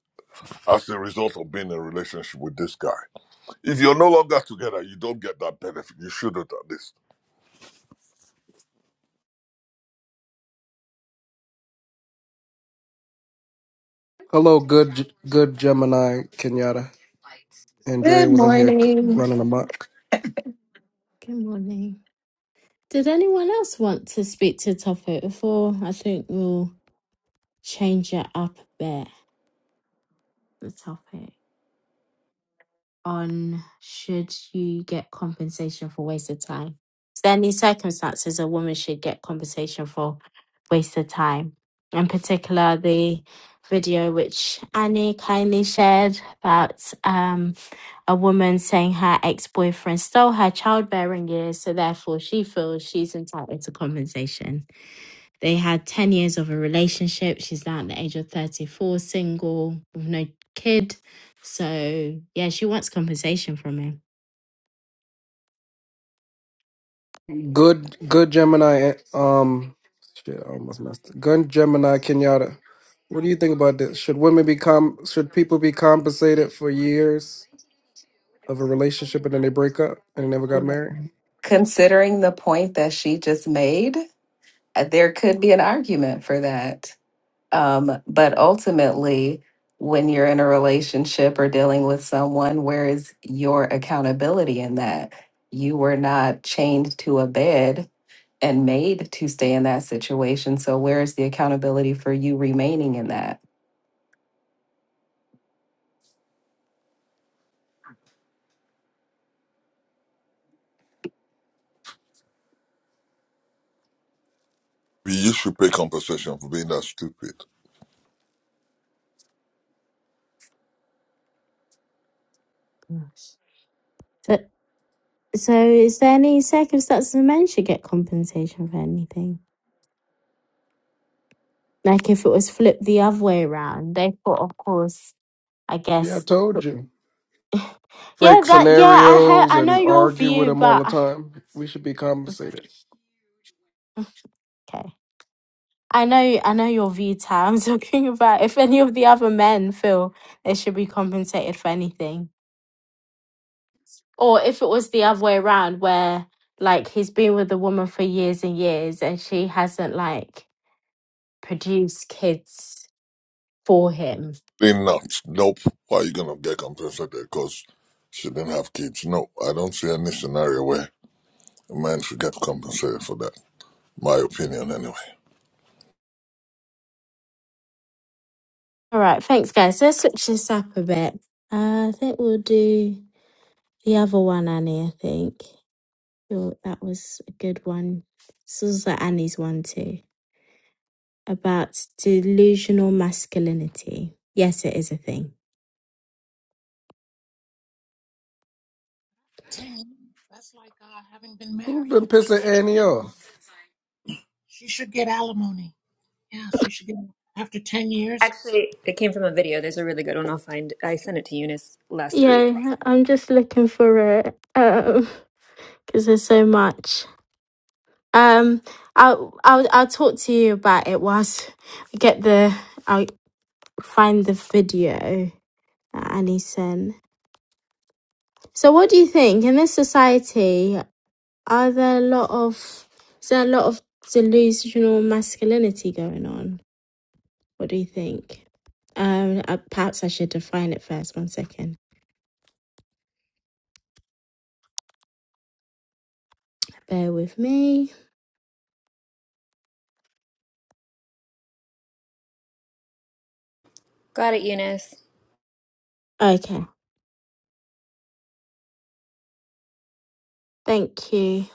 S14: as a result of being in a relationship with this guy. If you're no longer together, you don't get that benefit. You shouldn't at least.
S9: Hello, good, good Gemini Kenyatta. Andrea
S18: Good
S9: was in here c-
S1: Mm.
S18: morning.
S9: running amok.
S1: Good morning. Did anyone else want to speak to the topic before? I think we'll change it up a bit. The topic on should you get compensation for wasted time? Is there any circumstances a woman should get compensation for wasted time? In particular, the video which Annie kindly shared about um, a woman saying her ex boyfriend stole her childbearing years, so therefore she feels she's entitled to compensation They had 10 years of a relationship. She's now at the age of 34, single, with no kid. So, yeah, she wants compensation from him.
S9: Good, good Gemini. eh, Um, shit, I almost messed. It. Good Gemini Kenyatta. What do you think about this? Should women be com? Should people be compensated for years of a relationship and then they break up and they never
S18: You
S9: got
S18: know,
S9: married?
S18: Considering the point that she just made, uh, there could be an argument for that. Um, but ultimately, when you're in a relationship or dealing with someone, where is your accountability in that? You were not chained to a bed and made to stay in that situation. So, where is the accountability for you remaining in that?
S14: You should pay compensation for being that stupid.
S1: Gosh. So, so is there any circumstances where men should get compensation for anything? Like if it was flipped the other way around, they thought, of course, I
S9: Yeah, I
S1: guess. *laughs*
S9: told you.
S1: Yeah,
S9: Fake
S1: that, yeah, I heard,
S9: scenarios
S1: I know
S9: and
S1: your
S9: argue with
S1: view,
S9: them all the
S1: but
S9: time. We should be compensated.
S1: okay. I know, I know your view, Tam. *laughs* I'm talking about if any of the other men feel they should be compensated for anything Or if it was the other way around, where like he's been with the woman for years and years and she hasn't like produced kids for him.
S14: They not. Nope. Why are you gonna get compensated? Because she didn't have kids. No, I don't see any scenario where The man should get compensated for that. My opinion, anyway.
S1: All right, thanks guys. Let's switch this up a bit. Uh, I think we'll do the other one, Annie. I think Your- that was a good one. This was like Annie's one too about delusional masculinity. Yes, it is a thing.
S13: ten years. That's like uh, having been
S9: Who's
S13: married.
S9: been
S13: You should
S9: pissing
S13: get
S9: Annie off?
S13: alimony. She should get alimony. Yeah, she should get after ten years.
S2: Actually, it came from a video. There's a really good one. I'll find I sent it to Eunice last week. I'll
S1: Yeah,
S2: find it.
S1: I'm just looking for it because there's so much. Um, I'll I'll I'll talk to you about it whilst we get the I'll find the video that Annie sent. So, what do you think in this society? Are there a lot of is there a lot of delusional masculinity going on? What do you think? Um, uh, perhaps I should define it first. One second. Bear with me.
S2: Got it, Eunice.
S1: Okay. Thank you.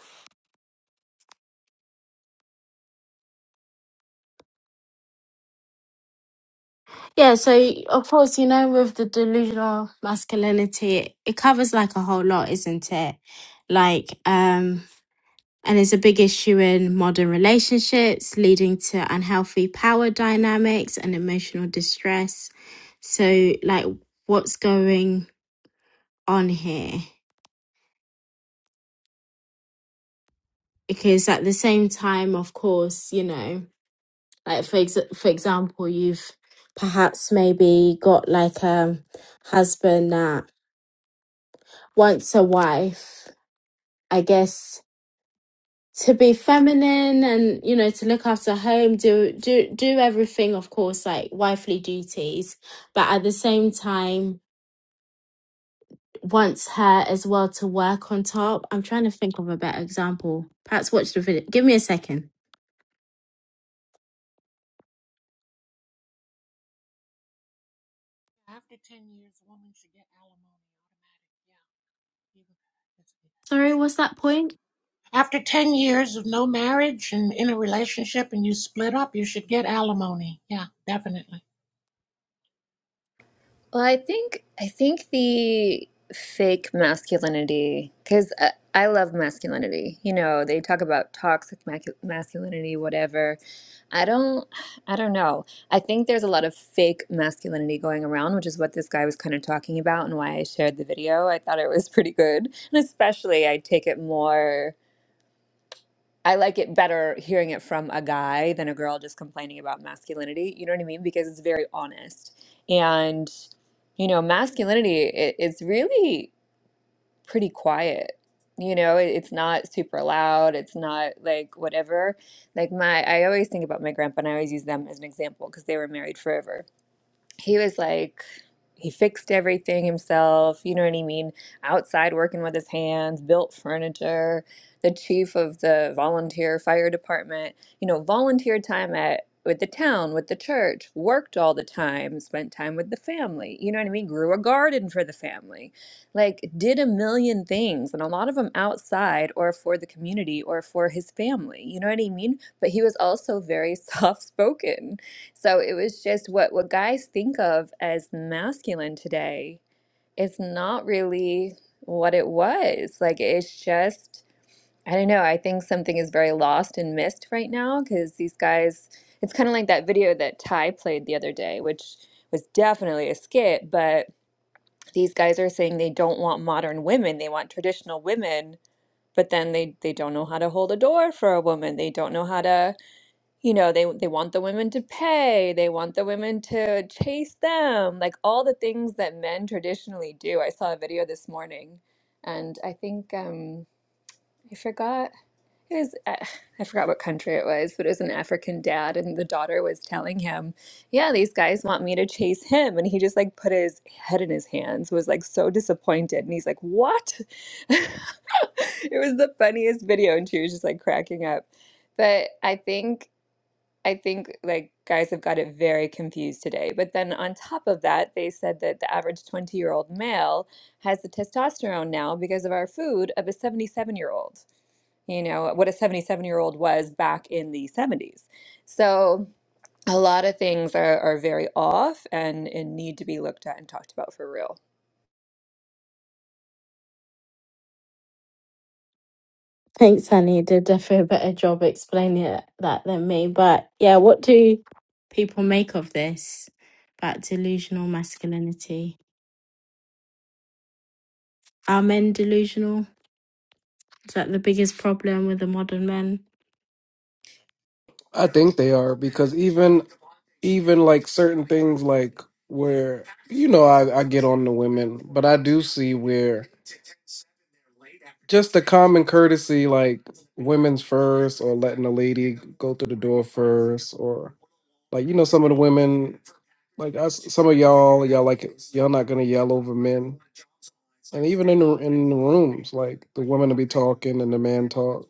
S1: Yeah, so of course, you know, with the delusional masculinity, it covers like a whole lot, isn't it? Like, um, and it's a big issue in modern relationships, leading to unhealthy power dynamics and emotional distress. So, like, what's going on here? Because at the same time, of course, you know, like for ex- for example, you've perhaps maybe got like a husband that wants a wife I guess to be feminine and you know to look after home do do do everything of course like wifely duties but at the same time wants her as well to work on top i'm trying to think of a better example perhaps watch the video give me a second
S13: After ten years, a woman should get alimony automatic. Yeah, even if
S1: sorry
S13: if you.
S1: what's that point
S13: After 10 years of no marriage and in a relationship and you split up, you should get alimony. Yeah, definitely.
S2: Well, I think I think the fake masculinity, because I, I love masculinity. You know, they talk about toxic macu- masculinity, whatever. I don't, I don't know. I think there's a lot of fake masculinity going around, which is what this guy was kind of talking about, and why I shared the video. I thought it was pretty good, and especially I take it more. I like it better hearing it from a guy than a girl just complaining about masculinity. You know what I mean? Because it's very honest. And, you know, masculinity, it, it's really pretty quiet. You know, it, it's not super loud. It's not like whatever. Like my, I always think about my grandpa and I always use them as an example because they were married forever he was like he fixed everything himself you know what i mean outside working with his hands built furniture the chief of the volunteer fire department you know volunteer time at with the town with the church worked all the time spent time with the family you know what i mean grew a garden for the family like did a million things and a lot of them outside or for the community or for his family you know what i mean but he was also very *laughs* soft spoken so it was just what what guys think of as masculine today. It's not really what it was. Like it's just I don't know. I think something is very lost and missed right now because these guys. It's kind of like that video that Ty played the other day, which was definitely a skit. But these guys are saying they don't want modern women; they want traditional women. But then they they don't know how to hold a door for a woman. They don't know how to you know they they want the women to pay they want the women to chase them like all the things that men traditionally do i saw a video this morning and i think um i forgot it was uh, i forgot what country it was but it was an african dad and the daughter was telling him yeah these guys want me to chase him and he just like put his head in his hands was like so disappointed and he's like what *laughs* it was the funniest video and she was just like cracking up but I think I think like guys have got it very confused today. But then on top of that, they said that the average 20 year old male has the testosterone now because of our food of a 77 year old. You know, what a 77 year old was back in the 70s. So a lot of things are, are very off and, and need to be looked at and talked about for real.
S1: thanks honey did definitely a better job explaining it, that than me but yeah what do people make of this about delusional masculinity are men delusional Is that the biggest problem with the modern men?
S9: I think they are because even even like certain things like where you know I, I get on the women, but I do see where just the common courtesy like women's first or letting a lady go through the door first or like you know some of the women like I s some of y'all y'all like y'all not gonna yell over men and even in the in the rooms like the women will be talking and the man talk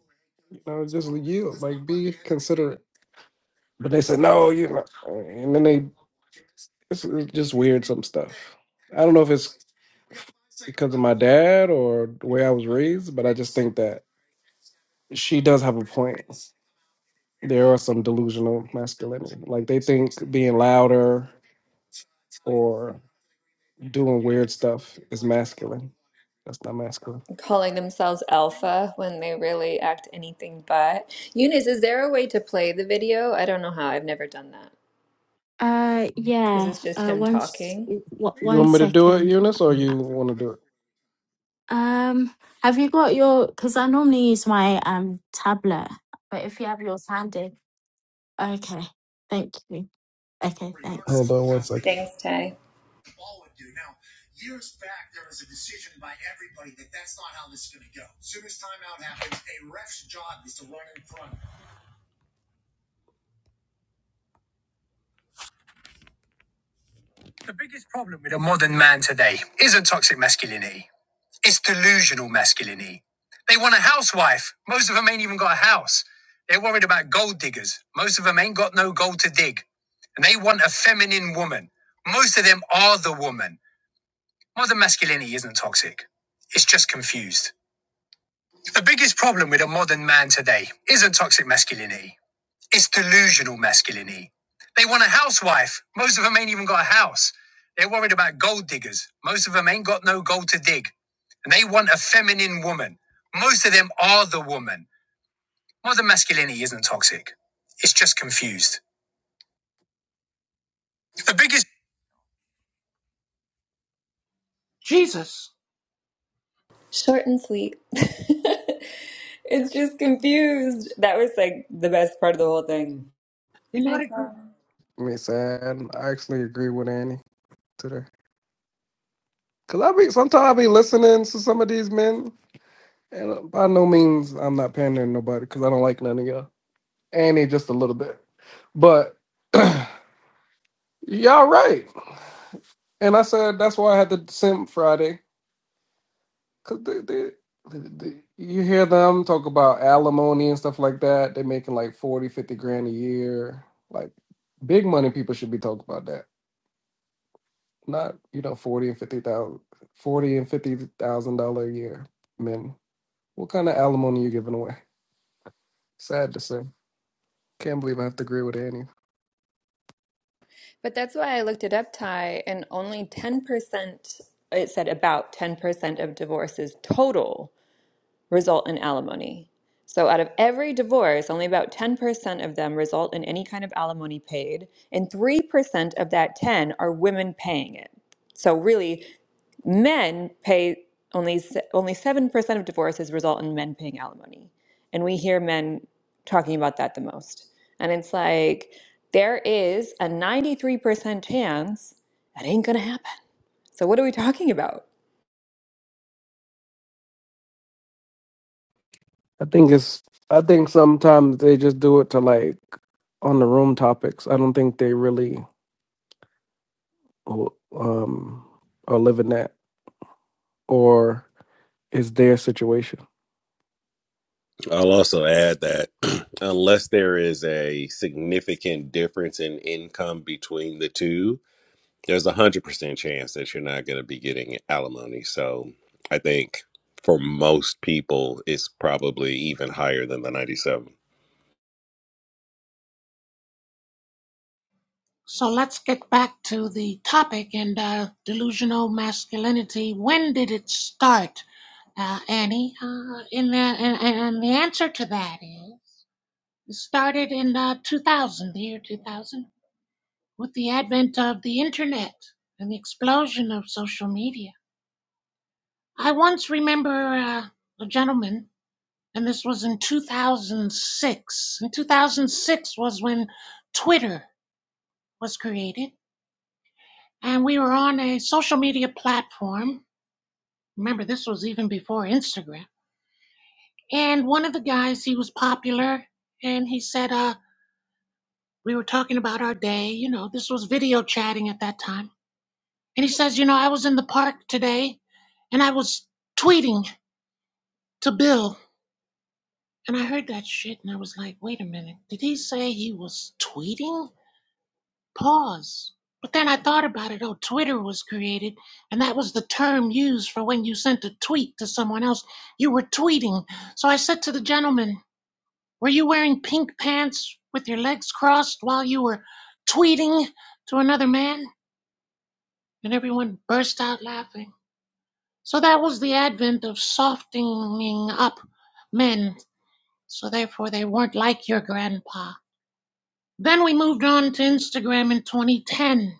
S9: you know just yield like be considerate but they said no you know and then they It's, it's just weird some stuff. I don't know if it's because of my dad or the way I was raised, but I just think that she does have a point. There are some delusional masculinity. Like they think being louder or doing weird stuff is masculine. That's not masculine.
S2: Calling themselves alpha when they really act anything but. Eunice, is there a way to play the video? I don't know how. I've never done that
S1: Uh,
S2: because
S1: yeah.
S2: it's just
S1: Uh,
S2: him
S1: one.
S2: talking.
S1: what?
S9: You
S1: One
S9: want me to do it,
S1: second.
S9: Eunice, or you want to do it?
S1: Um, have you got your? Because I normally use my um tablet, but if you have yours handy, okay. Thank you. Okay, thanks.
S2: Thanks, Ty.
S9: The biggest problem with a modern man today isn't toxic masculinity. It's delusional masculinity. They want a housewife. Most of them ain't even got a house. They're worried about gold diggers. Most of them ain't got no gold to dig. And they want a feminine woman. Most of them are the woman. Modern masculinity isn't toxic. It's just confused. The biggest problem with a modern man today isn't toxic masculinity. It's delusional masculinity. They want a housewife. Most of them ain't even got a house. They're worried about gold diggers. Most of them ain't got no gold to dig. And they want a feminine woman. Most of them are the woman. Modern masculinity isn't toxic. It's just confused. The biggest
S13: Jesus.
S2: Short and sweet. *laughs* it's just confused. That was like the best part of the whole thing.
S13: You know
S2: Hi,
S13: what?
S2: Carl.
S9: Miss Ann, I actually agree with Annie today. Cause I be sometimes I be listening to some of these men, and by no means I'm not pandering to nobody, cause I don't like none of y'all. Annie just a little bit, but *clears throat* Y'all right. And I said that's why I had to send Friday because they, they, they, they- you hear them talk about alimony and stuff like that. They're making like 40, 50 grand a year. Like big money people should be talking about that. Not you know forty and fifty thousand, forty and fifty thousand dollar a year men. What kind of alimony you giving away? Sad to say. Can't believe I have to agree with Annie.
S2: But that's why I looked it up, Ty, and only 10%, it said about 10% of divorces total result in alimony. So out of every divorce, only about 10% of them result in any kind of alimony paid, and 3% of that 10 are women paying it. So really, men pay only se- only 7% of divorces result in men paying alimony and we hear men talking about that the most and it's like there is a 93% chance that ain't gonna happen so what are we talking about
S9: I think it's. I think sometimes they just do it to like on the room topics. I don't think they really who um, are living that, or is their situation.
S4: I'll also add that *clears throat* unless there is a significant difference in income between the two, there's a 100% chance that you're not going to be getting alimony. So I think for most people, it's probably even higher than the 97%.
S13: So let's get back to the topic and uh, delusional masculinity. When did it start, uh, Annie? Uh, and, uh, and, and the answer to that is it started in uh, 2000, the year 2000, with the advent of the internet and the explosion of social media. I once remember uh, a gentleman, and this was in 2006. In 2006 was when Twitter was created and we were on a social media platform. Remember, this was even before Instagram. And one of the guys, he was popular, and he said, uh, we were talking about our day. You know, this was video chatting at that time. And he says, you know, I was in the park today, and I was tweeting to Bill. And I heard that shit, and I was like, wait a minute, did he say he was tweeting? Pause. But then I thought about it. Oh, Twitter was created, and that was the term used for when you sent a tweet to someone else. You were tweeting. So I said to the gentleman, Were you wearing pink pants with your legs crossed while you were tweeting to another man? And everyone burst out laughing. So that was the advent of softening up men. So therefore, they weren't like your grandpa. Then we moved on to Instagram in 2010.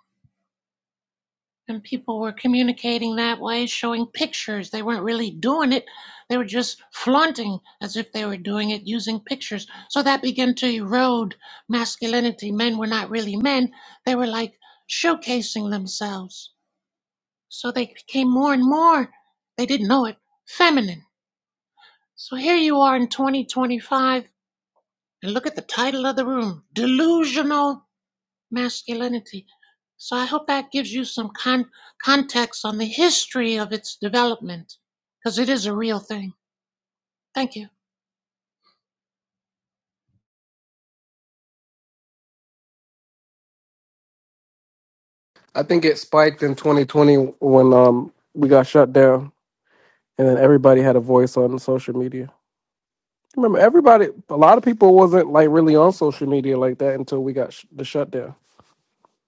S13: and people were communicating that way, showing pictures. They weren't really doing it, they were just flaunting as if they were doing it using pictures. So that began to erode masculinity. Men were not really men, they were like showcasing themselves. So they became more and more, they didn't know it, feminine. So here you are in 2025, and look at the title of the room Delusional masculinity. So I hope that gives you some con- context on the history of its development, because it is a real thing. Thank you.
S9: I think it spiked in 2020 when um, we got shut down, and then everybody had a voice on social media. Remember, everybody, a lot of people wasn't like really on social media like that until we got sh- the shutdown.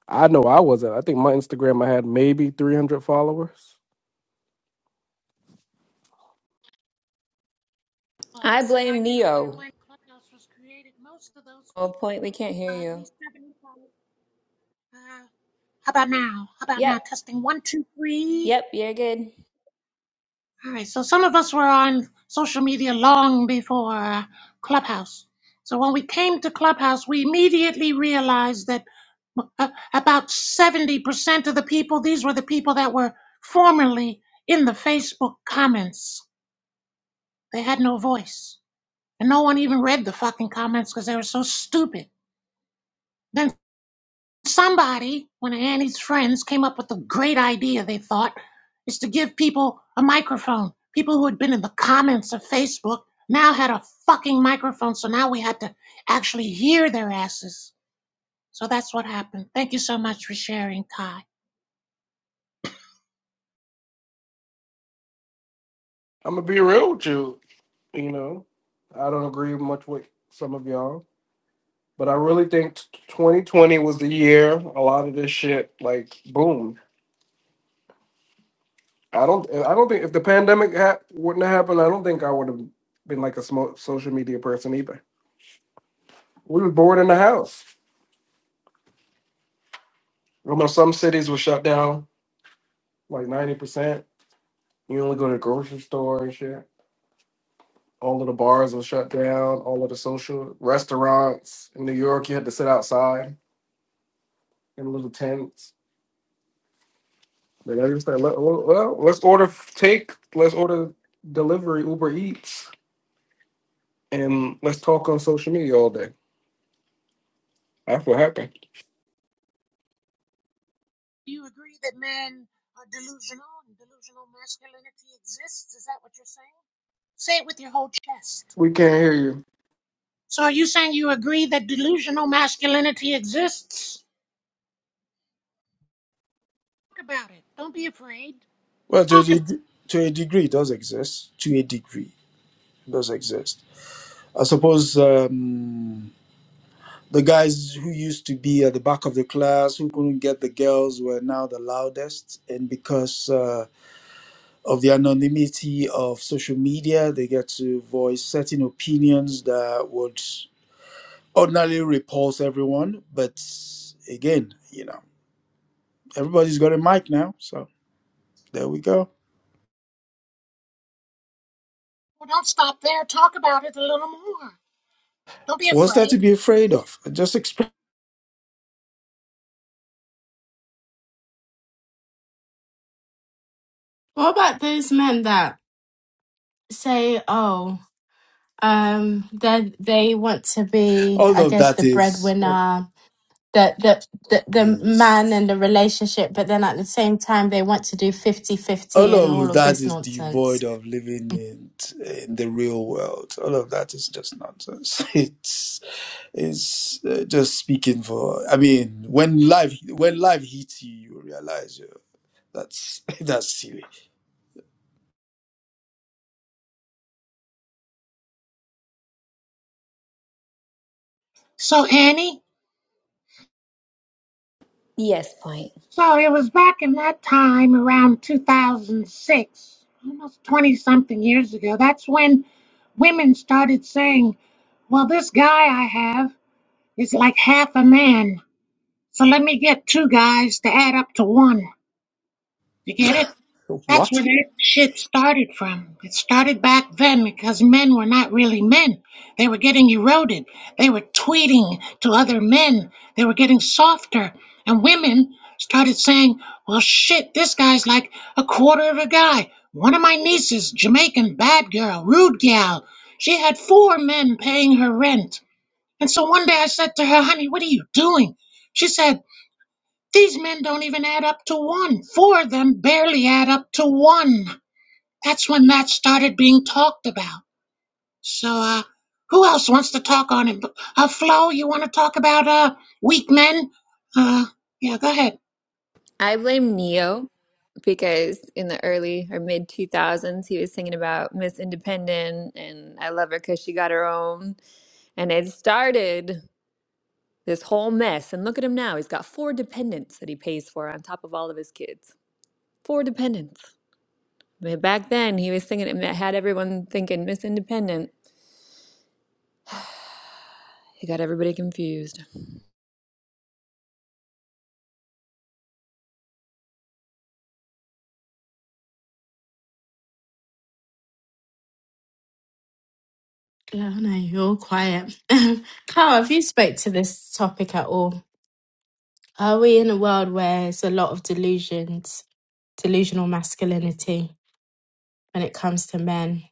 S9: I know I wasn't. I think my Instagram, I had maybe 300 followers.
S2: i
S13: Was and I
S2: blame
S13: knew that
S2: neo
S13: when Clubhouse was created, most of those
S2: oh
S13: people,
S2: point we can't hear
S13: uh, at
S2: you
S13: least seventy-five. Uh, how about now? How about
S2: yep
S13: now? Testing one, two, three.
S2: yep you're good
S13: All right, so some of us were on social media long before uh, Clubhouse. So when we came to Clubhouse, we immediately realized that uh, about 70% of the people, these were the people that were formerly in the Facebook comments. They had no voice. And no one even read the fucking comments because they were so stupid. Then. Somebody, one of Annie's friends, came up with a great idea, they thought, is to give people a microphone. People who had been in the comments of Facebook now had a fucking microphone, so now we had to actually hear their asses. So that's what happened. Thank you so much for sharing, Kai.
S9: I'm gonna be real with you. You know, I don't agree much with some of y'all, but I really think t- 2020 was the year a lot of this shit like boom. I don't. I don't think if the pandemic ha- wouldn't have happened, I don't think I would have been like a smo- social media person either. We were bored in the house. You know, some cities were shut down like ninety percent. You only go to the grocery store and shit. All of the bars were shut down. All of the social restaurants in New York, you had to sit outside in little tents. Then I just said, "Let- well, well, let's order f- take, let's order delivery, Uber Eats, and let's talk on social media all day. That's what happened.
S13: Do you agree that men are delusional and delusional masculinity exists? Is that what you're saying? Say it with your whole chest.
S9: We can't hear you.
S13: So are you saying you agree that delusional masculinity exists? Talk about it. Don't be afraid.
S19: Well, to a,
S13: Talk about it.
S19: deg- to a degree, it does exist. To a degree, it does exist. I suppose um, the guys who used to be at the back of the class, who couldn't get the girls, were now the loudest. And because uh, of the anonymity of social media, they get to voice certain opinions that would ordinarily repulse everyone. But again, you know, everybody's got a mic now. So there we go.
S13: well, don't stop there. Talk about it a little more. Don't be
S19: What's there to
S13: afraid.
S19: be afraid of? Just express.
S1: What about those men that say, "Oh, um, they they want to be,
S19: All
S1: I
S19: of
S1: guess, the
S19: that is. uh,
S1: breadwinner, the the the, the man and
S19: Yes.
S1: the relationship but then at the same time they want to do fifty fifty
S19: All
S1: and all
S19: of
S1: of
S19: that
S1: this
S19: is
S1: nonsense
S19: devoid of living in, in the real world. All of that is just nonsense. *laughs* It's it's uh, just speaking for. I mean, when life when life hits you, you realize you that's *laughs* that's silly.
S13: So Annie,
S2: yes point
S13: so it was back in that time around 2006, almost 20 something years ago. That's when women started saying, "Well, this guy I have is like half a man. So let me get two guys to add up to one." You get it? That's where
S19: What?
S13: that shit started from. It started back then because men were not really men. They were getting eroded. They were tweeting to other men. They were getting softer. And women started saying, well, shit, this guy's like a quarter of a guy. One of my nieces, Jamaican bad girl, rude gal, she had four men paying her rent. And so one day I said to her, honey, what are you doing? She said, these men don't even add up to one. Four of them barely add up to one. That's when that started being talked about. So, uh, who else wants to talk on it? Uh, Flo, you want to talk about, uh, weak men? Uh, yeah, go ahead.
S2: i blame neo because in the early or mid 2000s he was singing about miss independent and i love her because she got her own And it started this whole mess. And look at him now. He's got four dependents that he pays for on top of all of his kids. Four dependents. But Back then, he was thinking it had everyone thinking Miss Independent. He got everybody confused.
S1: yeah no you're all quiet *laughs* carl have you spoke to this topic at all are we in a world where it's a lot of delusions delusional masculinity when it comes to men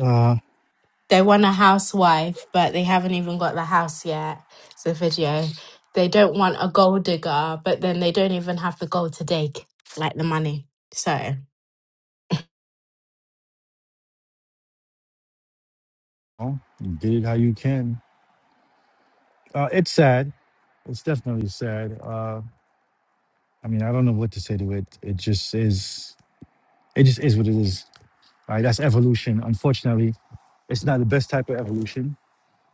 S20: Uh,
S1: They want a housewife, but they haven't even got the house yet. It's a video. They don't want a gold digger, but then they don't even have the gold to dig, like the money. So
S20: well, you did it how you can. Uh, it's sad. It's definitely sad. Uh, I mean, I don't know what to say to it. It just is. It just is what it is. Right? That's evolution. Unfortunately, it's not the best type of evolution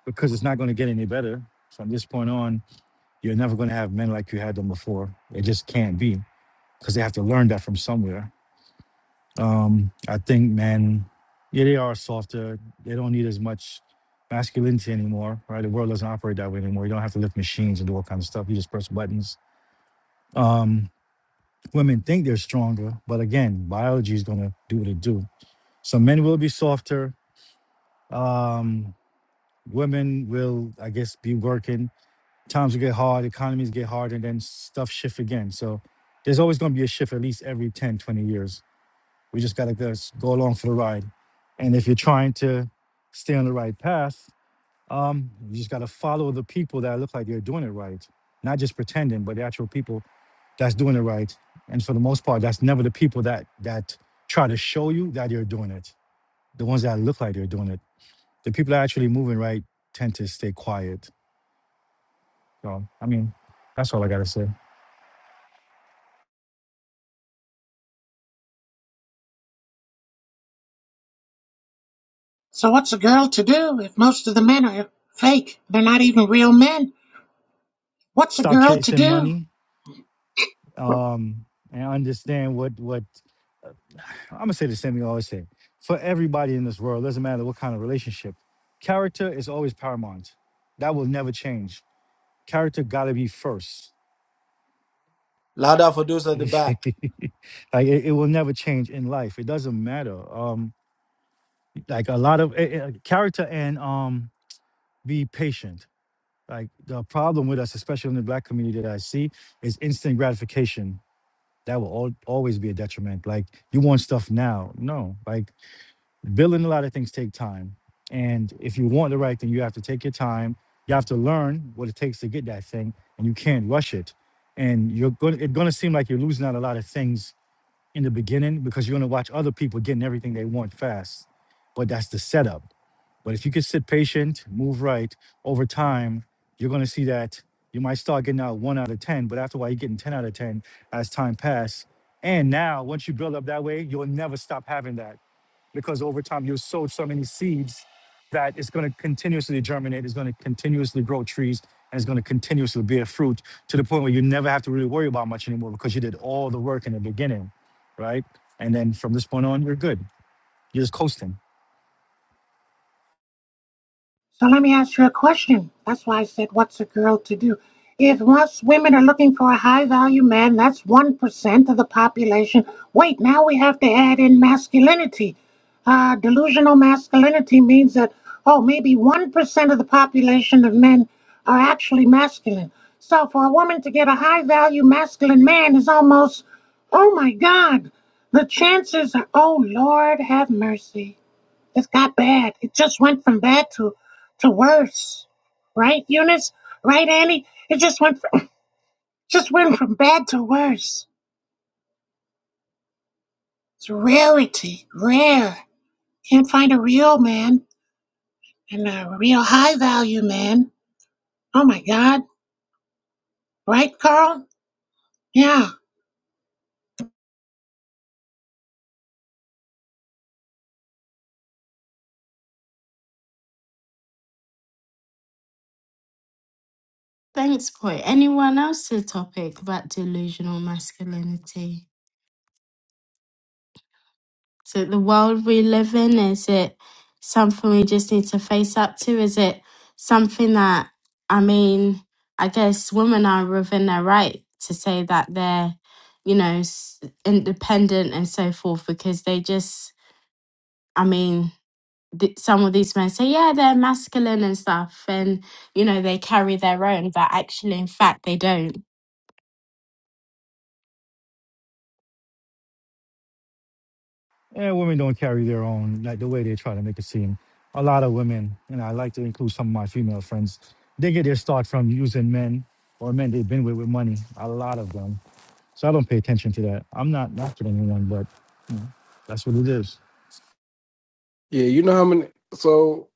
S20: because it's not going to get any better. So From this point on, you're never going to have men like you had them before. It just can't be because they have to learn that from somewhere. Um, I think men, yeah, they are softer. They don't need as much masculinity anymore, right? The world doesn't operate that way anymore. You don't have to lift machines and do all kinds of stuff. You just press buttons. Um, women think they're stronger, but again, biology is gonna do what it do. So men will be softer. Um, women will, I guess, be working. Times will get hard, economies get hard, and then stuff shift again. So there's always gonna be a shift at least every 10, 20 years. We just gotta go, go along for the ride. And if you're trying to stay on the right path, um, you just gotta follow the people that look like they're doing it right, not just pretending, but the actual people that's doing it right. And for the most part, that's never the people that that try to show you that you're doing it. The ones that look like they're doing it. The people that are actually moving right tend to stay quiet. So I mean, that's all I gotta say.
S13: So what's a girl to do if most of the men are fake? They're not even real men. What's a
S20: Stop
S13: girl to
S20: chasing
S13: do?
S20: money um, and understand what what I'm gonna say the same thing I always say for everybody in this world. Doesn't matter what kind of relationship, character is always paramount. That will never change. Character gotta be first.
S19: Louder for those
S20: *laughs*
S19: at the back.
S20: like it, it will never change in life. It doesn't matter. Um, like a lot of eh, eh, like, character and um, be patient. Like the problem with us, especially in the black community that I see, is instant gratification. That will al- always be a detriment. Like you want stuff now. No, like building a lot of things take time and if you want the right thing you have to take your time you have to learn what it takes to get that thing and you can't rush it and you're going to it's going to seem like you're losing out a lot of things in the beginning because you're going to watch other people getting everything they want fast but that's the setup but if you can sit patient move right over time you're going to see that you might start getting out one out of ten but after a while you're getting 10 out of 10 as time passes and now once you build up that way you'll never stop having that because over time you've sowed so many seeds that it's going to continuously germinate, it's going to continuously grow trees, and it's going to continuously bear fruit to the point where you never have to really worry about much anymore because you did all the work in the beginning, right? And then from this point on, you're good. You're just coasting.
S13: So let me ask you a question. That's why I said, what's a girl to do? If most women are looking for a high value man, that's 1% of the population. Wait, now we have to add in masculinity. Uh, delusional masculinity means that, oh, maybe 1% of the population of men are actually masculine. So for a woman to get a high value masculine man is almost, oh my God, the chances are, oh Lord, have mercy. It got bad. It just went from bad to to worse. Right, Eunice? Right, Annie? It just went from, *laughs* just went from bad to worse. It's rarity, rare. Can't find a real man and a real high value man. Oh my God! Right, Carl? Yeah.
S1: thanks, boy. Anyone else to topic about delusional masculinity? Is it the world we live in? Is it something we just need to face up to? Is it something that, I mean, I guess women are within their right to say that they're, you know, s- independent and so forth because they just, I mean, th- some of these men say, yeah, they're masculine and stuff, and, you know, they carry their own, but actually, in fact, they don't.
S20: Yeah, women don't carry their own like the way they try to make it seem. A lot of women, and I like to include some of my female friends, they get their start from using men or men they've been with with money. A lot of them. So I don't pay attention to that. I'm not knocking anyone, but That's what it is.
S9: Yeah, you know how many. So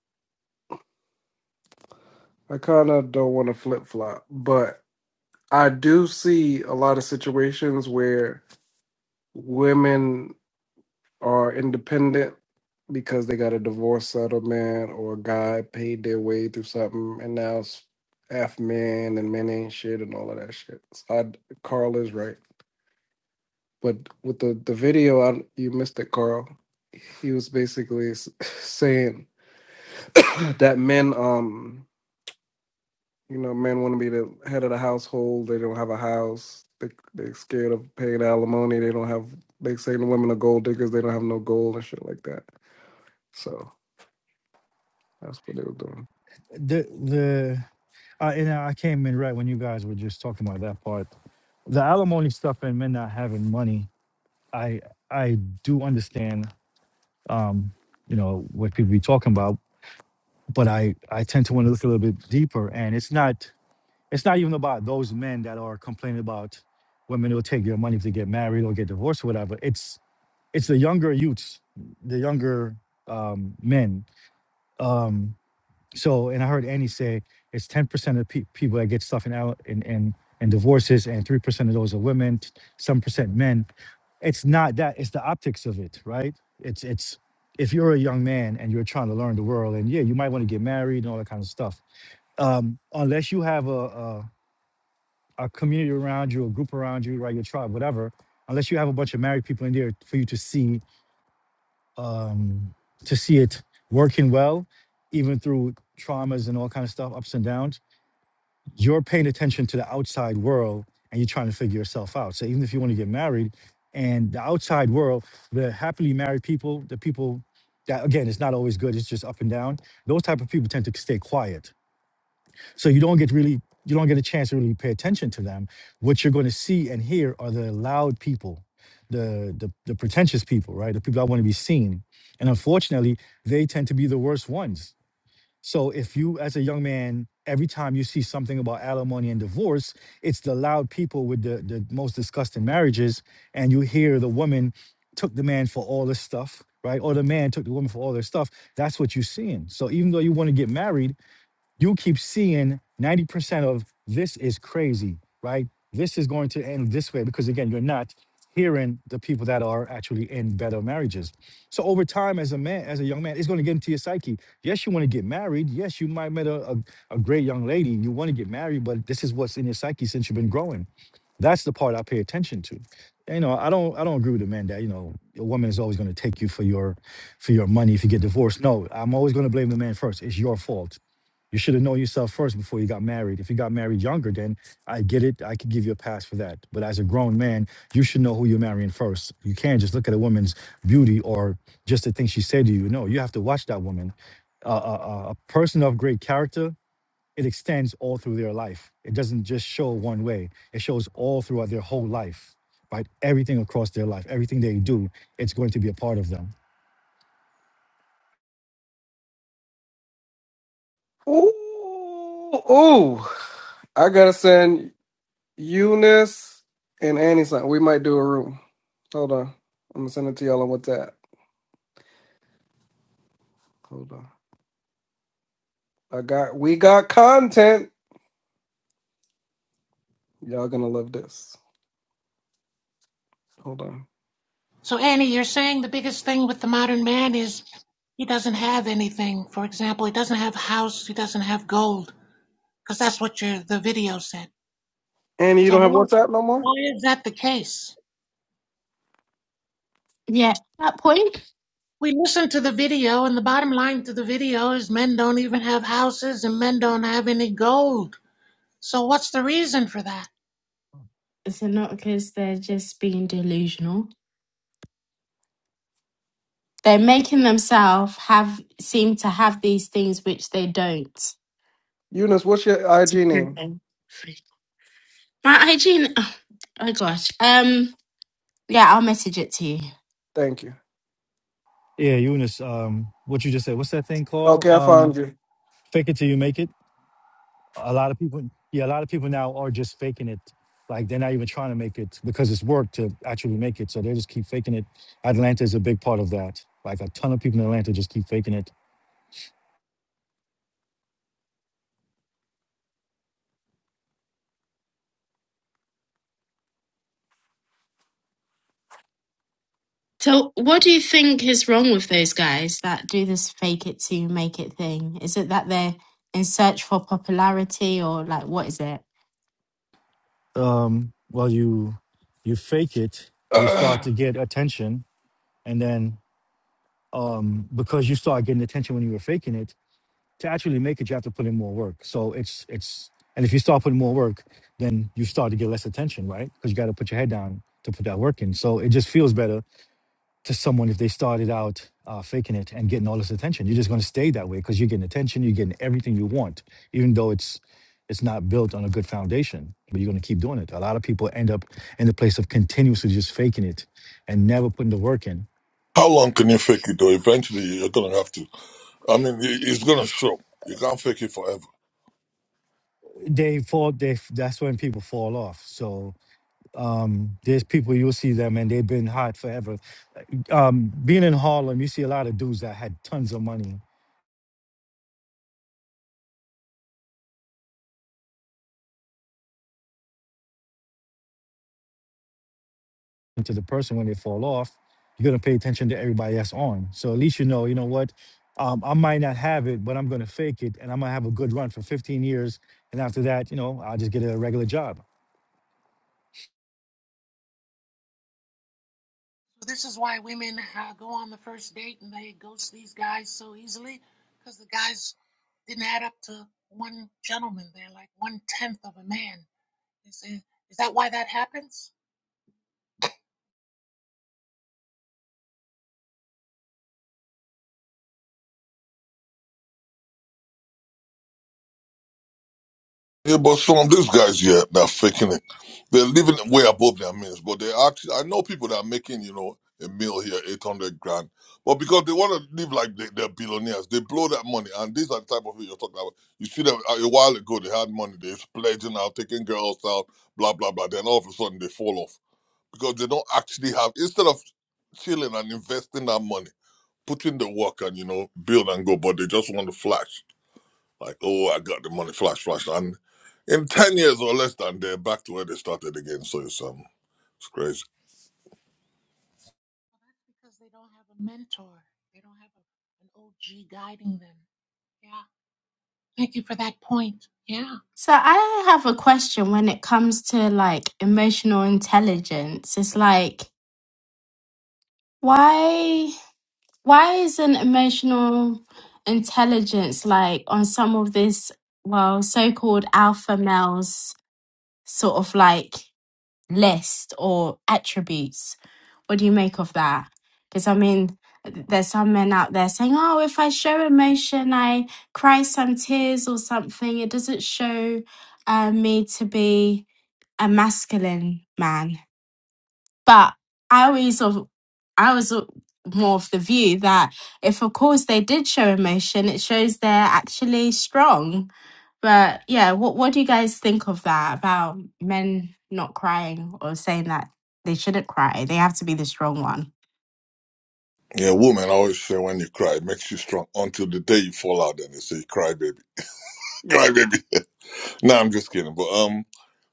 S9: I kind of don't want to flip flop, but I do see a lot of situations where women are independent because they got a divorce settlement or a guy paid their way through something, and now it's F men and men ain't shit and all of that shit. So I, Carl is right, but with the the video, I, you missed it, Carl. He was basically s- *laughs* saying *coughs* that men um You know, men want to be the head of the household. They don't have a house. They they're scared of paying alimony. They don't have. They say the women are gold diggers. They don't have no gold and shit like that. So that's what they were doing.
S20: The the I and I came in right when you guys were just talking about that part. The alimony stuff and men not having money. I I do understand um, you know, what people be talking about, but I I tend to want to look a little bit deeper and it's not it's not even about those men that are complaining about women who take their money if they get married or get divorced or whatever. It's it's the younger youths, the younger um men. Um So, and I heard Annie say it's ten percent of pe- people that get stuff in out in in, in divorces, and three percent of those are women, some percent men. It's not that; it's the optics of it, right? It's it's if you're a young man and you're trying to learn the world, and yeah, you might want to get married and all that kind of stuff. Um, unless you have a, a a community around you, a group around you, right, your tribe, whatever. Unless you have a bunch of married people in there for you to see um, to see it working well, even through traumas and all kind of stuff, ups and downs you're paying attention to the outside world and you're trying to figure yourself out. So even if you want to get married and the outside world, the happily married people, the people that again it's not always good, it's just up and down, those type of people tend to stay quiet. So you don't get really you don't get a chance to really pay attention to them. What you're going to see and hear are the loud people, the the, the pretentious people, right? The people that want to be seen. And unfortunately, they tend to be the worst ones so if you, as a young man, every time you see something about alimony and divorce, it's the loud people with the, the most disgusting marriages, and you hear the woman took the man for all this stuff, right? Or the man took the woman for all their stuff. That's what you're seeing. So even though you want to get married, you keep seeing 90% of this is crazy, right? This is going to end this way because, again, you're not hearing the people that are actually in better marriages. So over time, as a man, as a young man, it's going to get into your psyche. Yes, you want to get married. Yes, you might met a, a, a great young lady. You want to get married, but this is what's in your psyche since you've been growing. That's the part I pay attention to. You know, I don't I don't agree with the man that, you know, a woman is always going to take you for your for your money if you get divorced. No, I'm always going to blame the man first. It's your fault you should have known yourself first before you got married. If you got married younger, then I get it. I could give you a pass for that. But as a grown man, you should know who you're marrying first. You can't just look at a woman's beauty or just the things she said to you. No, you have to watch that woman. Uh, a, a a person of great character it extends all through their life. It doesn't just show one way. It shows all throughout their whole life, right? Everything across their life, everything they do, it's going to be a part of them.
S9: Ooh, ooh! I gotta send Eunice and Annie something. We might do a room. Hold on, I'm gonna send it to y'all on WhatsApp. Hold on, I got. We got content. Y'all gonna love this. Hold on.
S13: So Annie, you're saying the biggest thing with the modern man is he doesn't have anything. For example, he doesn't have a house. He doesn't have gold because that's what your the video said.
S9: Annie, you
S13: So
S9: don't have
S13: why
S9: WhatsApp no more.
S13: why is that the case?
S1: Yeah, that point.
S13: we listen to the video, and the bottom line to the video is men don't even have houses and men don't have any gold. So, what's the reason for that?
S1: Is it not because they're just being delusional? They're making themselves have seem to have these things which they don't.
S9: Eunice, what's your IG name?
S1: Mhm. My hygiene. Oh, oh gosh. Um. Yeah, I'll message it to you.
S9: Thank you.
S20: Yeah, Eunice, um, what you just said, what's that thing called?
S9: Okay, I
S20: Um,
S9: found you.
S20: fake it till you make it. a lot of people yeah a lot of people now are just faking it like they're not even trying to make it because it's work to actually make it so they just keep faking it atlanta is a big part of that like a ton of people in atlanta just keep faking it
S1: So, what do you think is wrong with those guys that do this fake it to make it thing? Is it that they're in search for popularity or like what is it?
S20: um well you you fake it
S9: *clears throat*
S20: you start
S9: oh
S20: to get attention and then um because you start getting attention when you were faking it to actually make it you have to put in more work so it's it's and if you start putting more work then you start to get less attention right because you got to put your head down to put that work in so it just feels better to someone if they started out uh, faking it and getting all this attention. You're just going to stay that way because you're getting attention, you're getting everything you want, even though it's it's not built on a good foundation. But you're going to keep doing it. A lot of people end up in the place of continuously just faking it and never putting the work in.
S14: How long can you fake it? Though eventually you're gonna have to. I mean, it's gonna show. You can't fake it forever.
S20: They fall. They that's when people fall off. So um, there's people you'll see them and they've been hot forever. Um, being in Harlem, you see a lot of dudes that had tons of money to the person when they fall off, you're gonna pay attention to everybody that's on. So at least you know, you know what, um, I might not have it, but I'm gonna fake it, and I'm gonna have a good run for 15 years, and after that, you know, I'll just get a regular job.
S13: This is why women uh, go on the first date and they ghost these guys so easily because the guys didn't add up to one gentleman. They're like one tenth of a man. They say, is that why that happens?
S14: Yeah, but some of these guys here that are faking it, they're living way above their means. But they actually, I know people that are making, you know, a meal here, eight hundred grand, but because they want to live like they, they're billionaires, they blow that money. And these are the type of people you're talking about. You see them uh, a while ago, they had money, they're pledging out, taking girls out, blah blah blah. Then all of a sudden they fall off because they don't actually have instead of chilling and investing that money, putting the work and you know build and go, but they just want to flash like, oh, I got the money, flash, flash, and in ten years or less than they're back to where they started again. So it's um, it's crazy.
S13: Because they don't have a mentor, they don't have a, an OG guiding them. Yeah. Thank you for that point. Yeah.
S1: So, I have a question when it comes to like emotional intelligence. It's like, why? why isn't emotional intelligence like on some of this well so-called alpha males sort of like list or attributes what do you make of that because i mean there's some men out there saying oh if i show emotion i cry some tears or something it doesn't show uh, me to be a masculine man but I always of I was more of the view that if of course they did show emotion, it shows they're actually strong. But yeah, what what do you guys think of that about men not crying or saying that they shouldn't cry? They have to be the strong one.
S14: Yeah, woman, I always say when you cry, it makes you strong until the day you fall out. And they say, cry baby, *laughs* cry baby. *laughs* Nah, I'm just kidding, but um.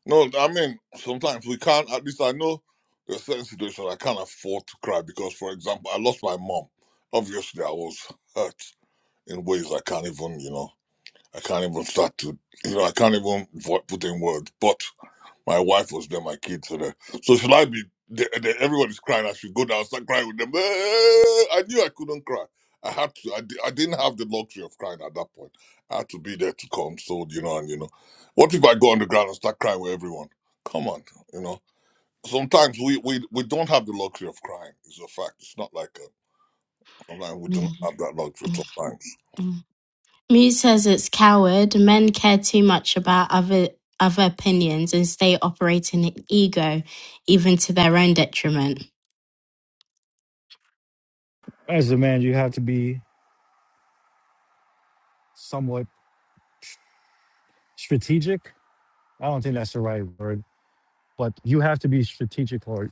S14: No, I mean, sometimes we can't, at least I know there are certain situations I can't afford to cry because, for example, I lost my mom. Obviously, I was hurt in ways I can't even, you know. I can't even start to, you know, I can't even vo- put in words. But my wife was there, my kids were there. So should I be? They, they, everybody's crying. I should go down, start crying with them. Eh, I knew I couldn't cry. I had to. I, di- I didn't have the luxury of crying at that point. I had to be there to console, you know. And you know, what if I go on the ground and start crying with everyone? Come on, you know. Sometimes we we, we don't have the luxury of crying. It's a fact. It's not like a, sometimes we do not have that luxury. Sometimes.
S1: Muse says it's coward. Men care too much about other other opinions and stay operating in ego, even to their own detriment.
S20: As a man, you have to be somewhat strategic. I don't think that's the right word, but you have to be strategic, or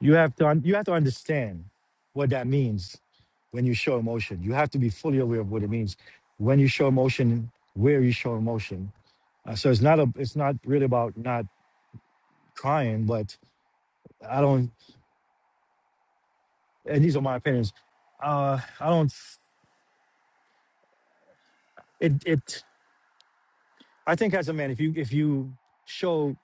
S20: you have to un- you have to understand what that means when you show emotion. You have to be fully aware of what it means when you show emotion, where you show emotion Uh, so it's not a, it's not really about not trying, but I don't. And these are my opinions. Uh, I don't. It it. I think as a man, if you if you show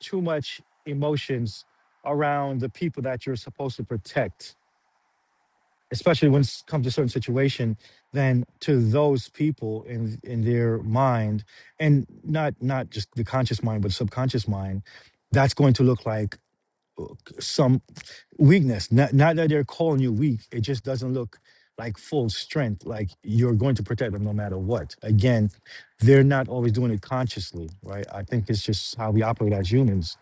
S20: too much emotions around the people that you're supposed to protect, especially when it comes to certain situation, then to those people in in their mind, and not not just the conscious mind, but subconscious mind, that's going to look like some. weakness. Not, not that they're calling you weak. It just doesn't look like full strength. Like you're going to protect them no matter what. Again, they're not always doing it consciously, right? I think it's just how we operate as humans.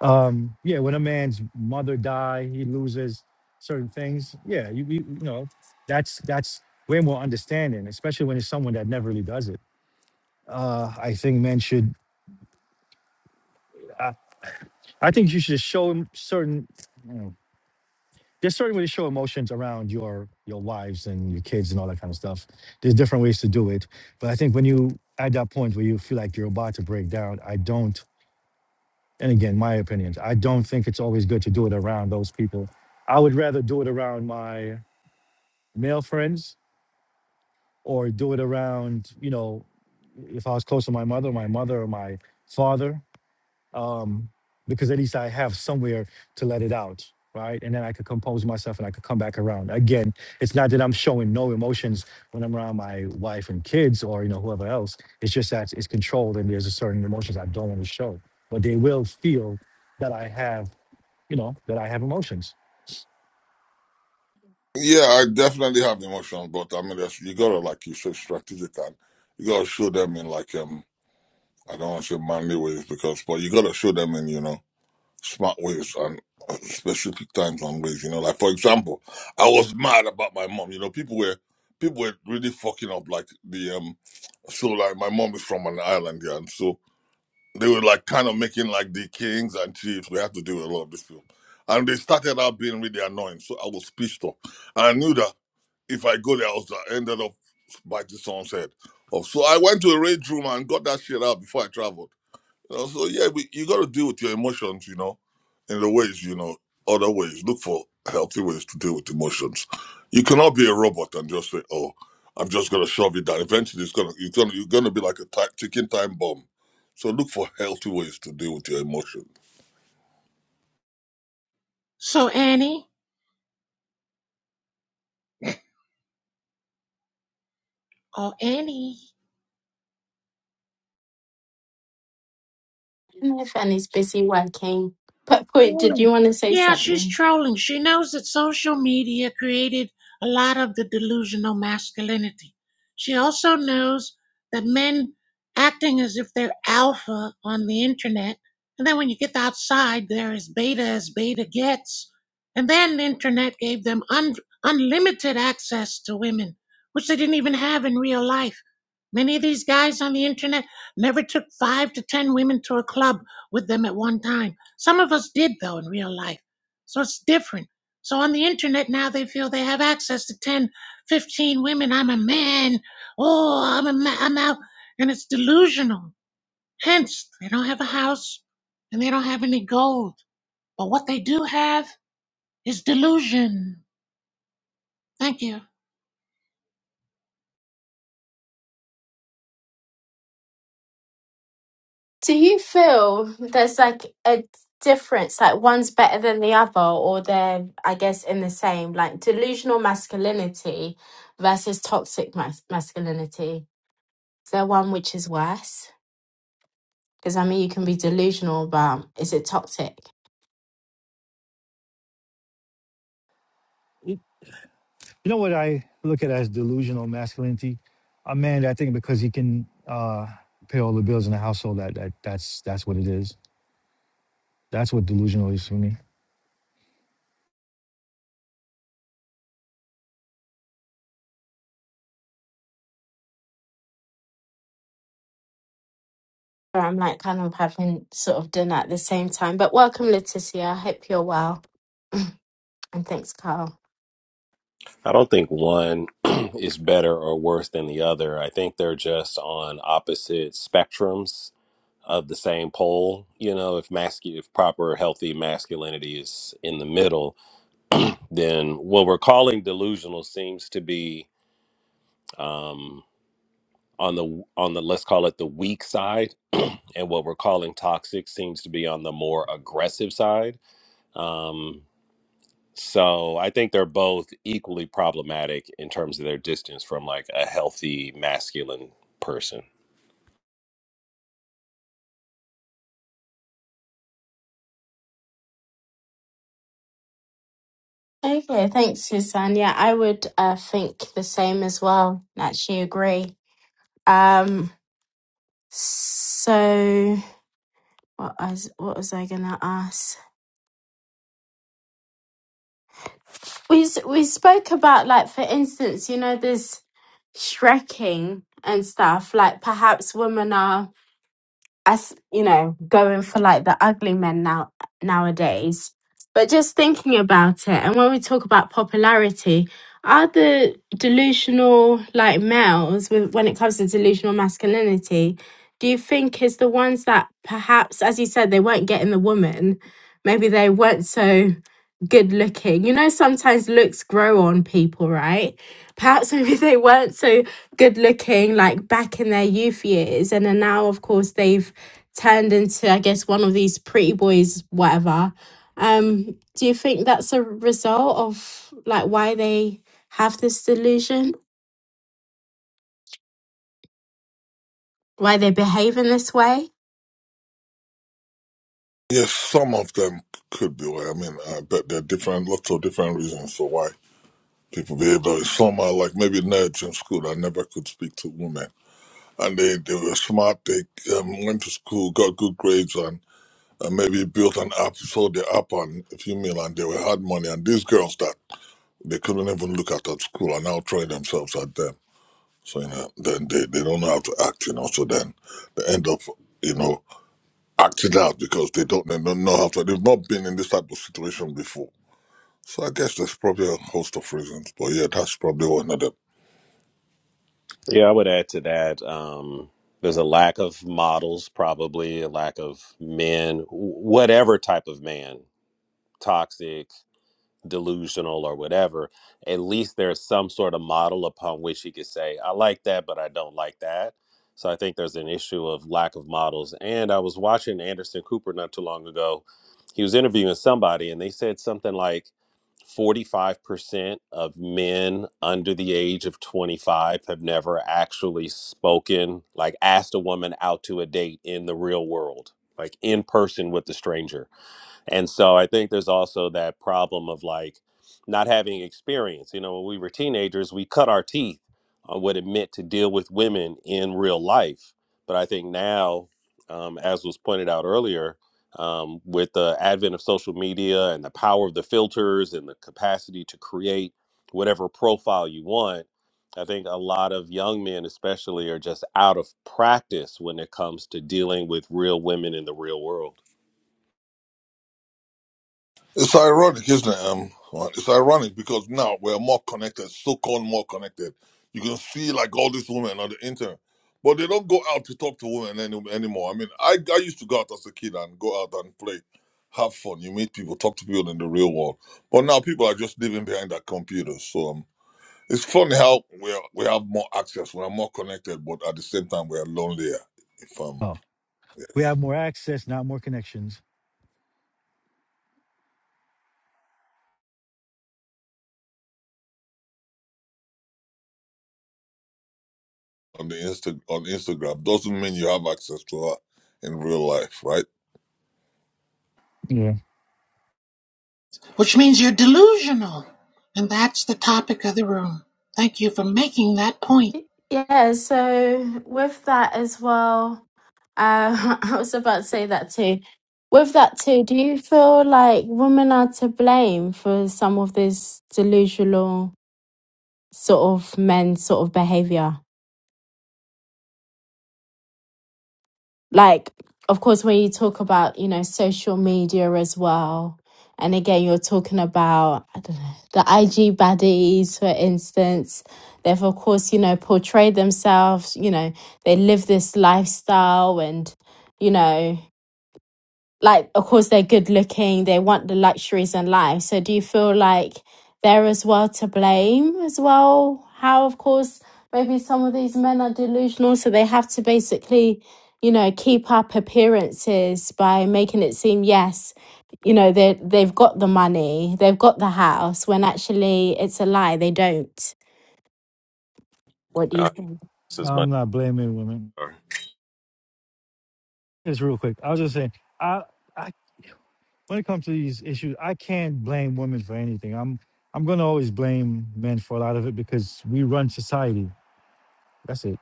S20: Um, yeah, when a man's mother die, he loses certain things. Yeah, you, you, you know, that's that's way more understanding, especially when it's someone that never really does it. Uh, I think men should. I, I think you should show him certain. there's certain ways to show emotions around your your wives and your kids and all that kind of stuff. There's different ways to do it, but I think when you at that point where you feel like you're about to break down, I don't. And again, my opinions. I don't think it's always good to do it around those people. I would rather do it around my male friends or do it around, you know, if I was close to my mother, my mother or my father. um, because at least I have somewhere to let it out, right? And then I could compose myself and I could come back around. Again, it's not that I'm showing no emotions when I'm around my wife and kids or you know whoever else. It's just that it's controlled and there's a certain emotions I don't want to show, but they will feel that I have, you know, that I have emotions.
S14: Yeah, I definitely have the emotions, but I mean, that's, you gotta like you said, strategic, and you gotta show them in like um, I don't want to say manly ways because, but you gotta show them in you know smart ways and uh, specific times and ways. You know, like for example, I was mad about my mom. You know, people were people were really fucking up like the um. So like my mom is from an island, yeah, and so they were like kind of making like the kings and chiefs. We had to do a lot of this film, and they started out being really annoying. So I was pissed off, and I knew that if I go there, also I also ended up by the song said. Oh, so I went to a rage room and got that shit out before I traveled. You know, so yeah, we, you got to deal with your emotions, you know, in the ways, you know, other ways. Look for healthy ways to deal with emotions. You cannot be a robot and just say, "Oh, I'm just gonna shove it down." Eventually, it's gonna you're gonna you're gonna be like a ti- ticking time bomb. So look for healthy ways to deal with your emotions.
S13: So, Annie, oh, Annie.
S1: I don't know if Annie's busy working. But point, did
S13: Trolling.
S1: you want to say
S13: Yeah, she's
S1: something?
S13: trolling. She knows that social media created a lot of the delusional masculinity. She also knows that men acting as if they're alpha on the internet, and then when you get outside, they're as beta as beta gets. And then the internet gave them un- unlimited access to women, which they didn't even have in real life. Many of these guys on the internet never took five to ten women to a club with them at one time some of us did, though, in real life. So it's different. So on the internet now, they feel they have access to 10, 15 women. I'm a man. Oh, I'm, a ma- I'm out. And it's delusional. Hence, they don't have a house and they don't have any gold. But what they do have is delusion. Thank you.
S1: Do you feel there's like a difference, like one's better than the other, or they're, I guess, in the same, like delusional masculinity versus toxic mas- masculinity? Is there one which is worse? Because I mean, you can be delusional, but is it toxic?
S20: You you know what I look at as delusional masculinity? A man, that I think because he can uh, pay all the bills in the household, that, that that's that's what it is. That's what delusional is for me.
S1: Or I'm like kind of having sort of dinner at the same time. But welcome, Leticia. I hope you're well. *laughs* And thanks, Kyle.
S4: I don't think one *clears throat* is better or worse than the other. I think they're just on opposite spectrums of the same pole. You know, if mascu- if proper healthy masculinity is in the middle, then what we're calling delusional seems to be um, on the on the let's call it the weak side, and what we're calling toxic seems to be on the more aggressive side. Um, So I think they're both equally problematic in terms of their distance from like a healthy masculine person.
S1: Okay, thanks, Suzanne. Yeah, I would uh, think the same as well. Actually, agree. Um, so what was what was I gonna ask? we s- we spoke about like for instance you know this shrekking and stuff like perhaps women are as you know going for like the ugly men now nowadays but just thinking about it and when we talk about popularity are the delusional like males with, when it comes to delusional masculinity do you think is the ones that perhaps as you said they weren't getting the woman maybe they weren't so good looking you know sometimes looks grow on people right perhaps *laughs* maybe they weren't so good looking like back in their youth years and then now of course they've turned into, I guess, one of these pretty boys, whatever. Um, do you think that's a result of like why they have this delusion, why they behave in this way?
S14: Yes, some of them could be why. I mean, I bet there are different, lots of different reasons for why people be able to some are like maybe nerds in school i never could speak to women and they, they were smart they um, went to school got good grades and, and maybe built an app sold the app on a few mil and they were hard money and these girls that they couldn't even look at at school are now throwing themselves at them so you know then they, they don't know how to act you know so then they end up you know acting out because they don't they don't know how to they've not been in this type of situation before so i guess there's probably a host of reasons but yeah that's probably one of them
S4: Yeah, I would add to that. Um, there's a lack of models, probably a lack of men, wh- whatever type of man, toxic. delusional or whatever, at least there's some sort of model upon which he could say, I like that, but I don't like that. So I think there's an issue of lack of models. And I was watching Anderson Cooper not too long ago. He was interviewing somebody, and they said something like 45% of men under the age of 25 have never actually spoken, like asked a woman out to a date in the real world, like in person with the stranger and so I think there's also that problem of like not having experience. You know, when we were teenagers, we cut our teeth on what it meant to deal with women in real life. But I think now, um, as was pointed out earlier, um, with the advent of social media and the power of the filters and the capacity to create whatever profile you want, I think a lot of young men, especially, are just out of practice when it comes to dealing with real women in the real world.
S14: It's ironic, isn't it? Um, uh, it's ironic because now we're more connected, so-called more connected. You can see like all these women on the internet, but they don't go out to talk to women any, anymore. I mean, I, I used to go out as a kid and go out and play, have fun. You meet people, talk to people in the real world. But now people are just living behind their computers. So um, it's funny how we are, we have more access, we are more connected, but at the same time we are lonelier. If um,
S20: We
S14: yes.
S20: have more access, not more connections.
S14: on the Insta on Instagram doesn't mean you have access to her in real life, right?
S20: Yeah.
S13: Which means you're delusional. And that's the topic of the room. Thank you for making that point.
S1: Yeah, so with that as well, uh, *laughs* I was about to say that too. With that too, do you feel like women are to blame for some of this delusional sort of men sort of behavior? like of course when you talk about you know social media as well and again you're talking about i don't know the ig baddies for instance they've of course you know portrayed themselves you know they live this lifestyle and you know like of course they're good looking they want the luxuries in life so do you feel like they're as well to blame as well how of course maybe some of these men are delusional so they have to basically you know keep up appearances by making it seem yes you know they they've got the money they've got the house when actually it's a lie they don't what do you
S4: Not
S1: think
S4: as much.
S20: I'm not blaming women. Just real quick, I was just saying, I, I when it comes to these issues, I can't blame women for anything. I'm I'm gonna always blame men for a lot of it because we run society. That's it.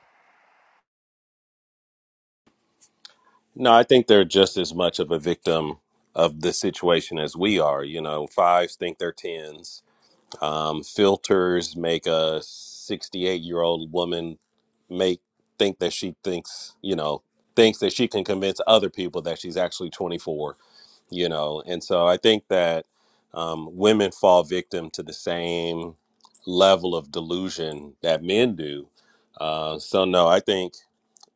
S4: No, I think they're just as much of a victim of the situation as we are. You know, fives think they're tens. Um, filters make a 68 year old woman make think that she thinks, you know, thinks that she can convince other people that she's actually 24, you know. And so I think that um, women fall victim to the same level of delusion that men do. Uh, so, no, I think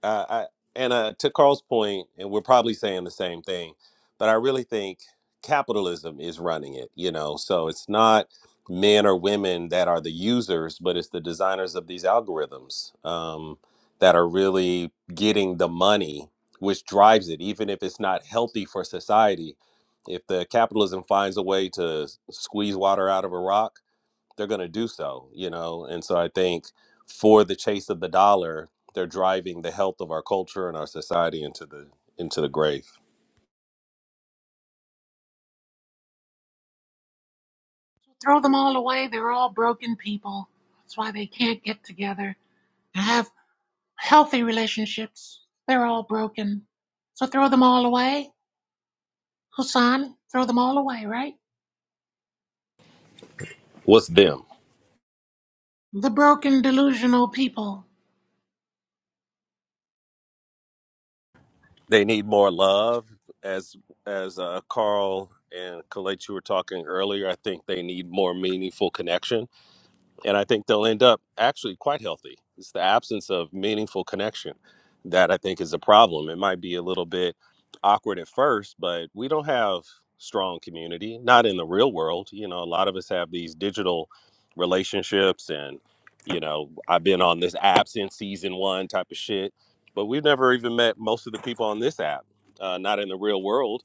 S4: I, I and uh, to Carl's point, and we're probably saying the same thing, but I really think capitalism is running it. You know, so it's not men or women that are the users, but it's the designers of these algorithms um, that are really getting the money, which drives it, even if it's not healthy for society. If the capitalism finds a way to s- squeeze water out of a rock they're going to do so, you know? And so I think for the chase of the dollar, they're driving the health of our culture and our society into the into the grave.
S13: Throw them all away. They're all broken people. That's why they can't get together and Have Healthy relationships, they're all broken. So throw them all away. Hassan, throw them all away, right?
S4: What's them?
S13: The broken, delusional people.
S4: They need more love as as uh, Carl and Kalechi were talking earlier. I think they need more meaningful connection and I think they'll end up actually quite healthy. It's the absence of meaningful connection that I think is a problem. It might be a little bit awkward at first, but we don't have strong community, not in the real world. You know, a lot of us have these digital relationships and, you know, I've been on this app since season one type of shit, but we've never even met most of the people on this app, uh, not in the real world.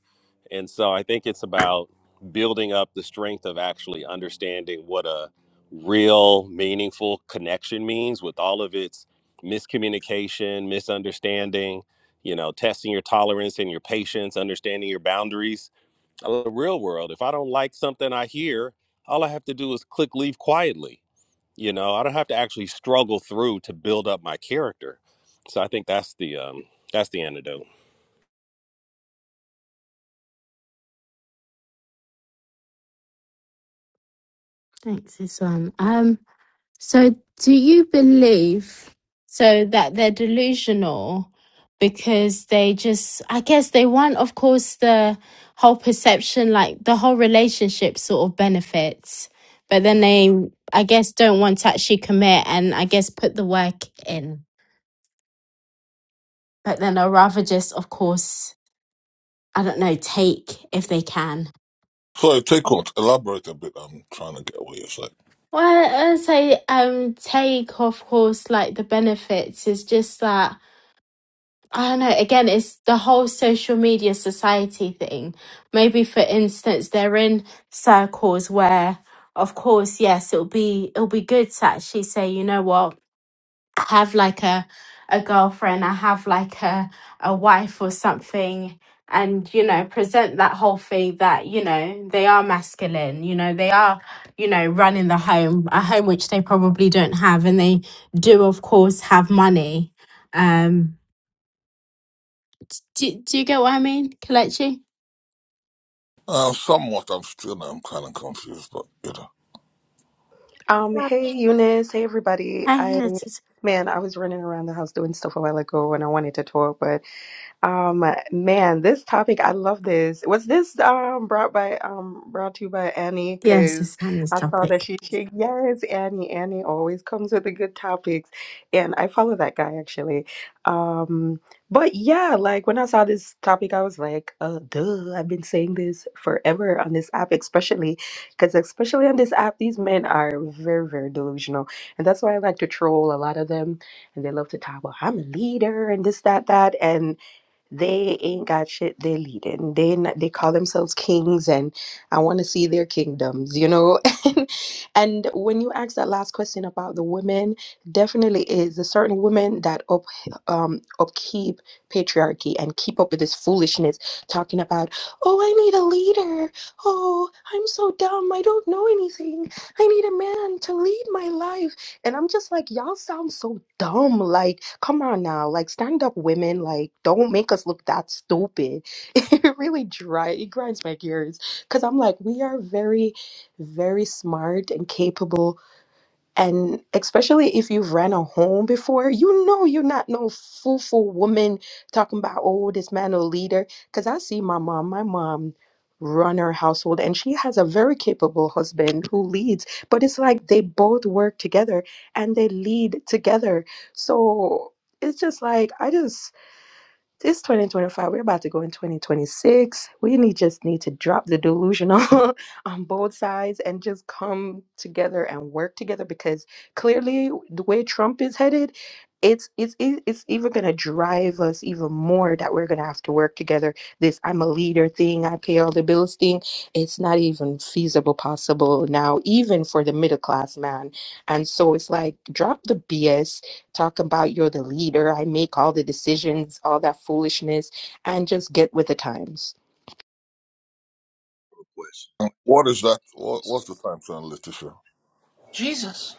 S4: And so I think it's about building up the strength of actually understanding what a real meaningful connection means with all of its miscommunication, misunderstanding, you know, testing your tolerance and your patience, understanding your boundaries. I love the real world. If I don't like something I hear, all I have to do is click leave quietly. You know, I don't have to actually struggle through to build up my character. So I think that's the um that's the antidote.
S1: thanks this Um. So, do you believe so that they're delusional because they just, I guess they want, of course, the whole perception, like the whole relationship sort of benefits, but then they, I guess, don't want to actually commit and I guess put the work in. But then I'd rather just, of course, I don't know, take if they can.
S14: So take what elaborate a bit. I'm trying to get what you're saying.
S1: Well, I would say um take of course like the benefits is just that I don't know. Again, it's the whole social media society thing. Maybe, for instance, they're in circles where, of course, yes, it'll be it'll be good to actually say, you know what, I have like a a girlfriend, I have like a a wife or something, and you know, present that whole thing that you know they are masculine, you know, they are, you know, running the home, a home which they probably don't have, and they do, of course, have money. Um do, do you get what I mean, Kalechi?
S14: Uh, somewhat, I'm still I'm kind of confused, but you know,
S21: Um, hey Eunice, hey everybody.
S1: Hey,
S21: I
S1: it's, it's,
S21: man, I was running around the house doing stuff a while ago and I wanted to talk, but um, man, this topic, I love this. Was this um brought by um brought to you by Annie?
S1: yes, it's
S21: Because
S1: Annie's
S21: I saw that
S1: topic.
S21: she, she yes, Annie. Annie always comes with the good topics, and I follow that guy actually. Um, but yeah, like when I saw this topic, I was like, uh, duh, I've been saying this forever on this app, especially because especially on this app, these men are very, very delusional, and that's why I like to troll a lot of them, and they love to talk about I'm a leader and this, that, that, and they ain't got shit they're leading. They not, they call themselves kings and I want to see their kingdoms, you know? *laughs* and when you ask that last question about the women, definitely is a certain women that up um upkeep patriarchy and keep up with this foolishness talking about, "Oh, I need a leader. Oh, I'm so dumb. I don't know anything. I need a man to lead my life." And I'm just like, y'all sound so dumb. Like, come on now. Like, stand up women. Like, don't make us look that stupid. *laughs* It really dry. It grinds my gears. Because I'm like, we are very, very smart and capable and especially if you've ran a home before, you know you're not no fool woman talking about, oh, this man a leader. Because I see my mom, my mom run her household and she has a very capable husband who leads. But it's like they both work together and they lead together. So it's just like, I just this 2025, we're about to go in 2026. We need just need to drop the delusional *laughs* on both sides and just come together and work together because clearly the way Trump is headed, it's it's it- it's even gonna drive us even more that we're gonna have to work together. This I'm a leader thing, I pay all the bills thing. It's not even feasible possible now, even for the middle class man. And so it's like drop the BS talk about you're the leader, I make all the decisions, all that foolishness, and just get with the times.
S14: And what is that? What, what's the time sign, Letitia?
S13: Jesus.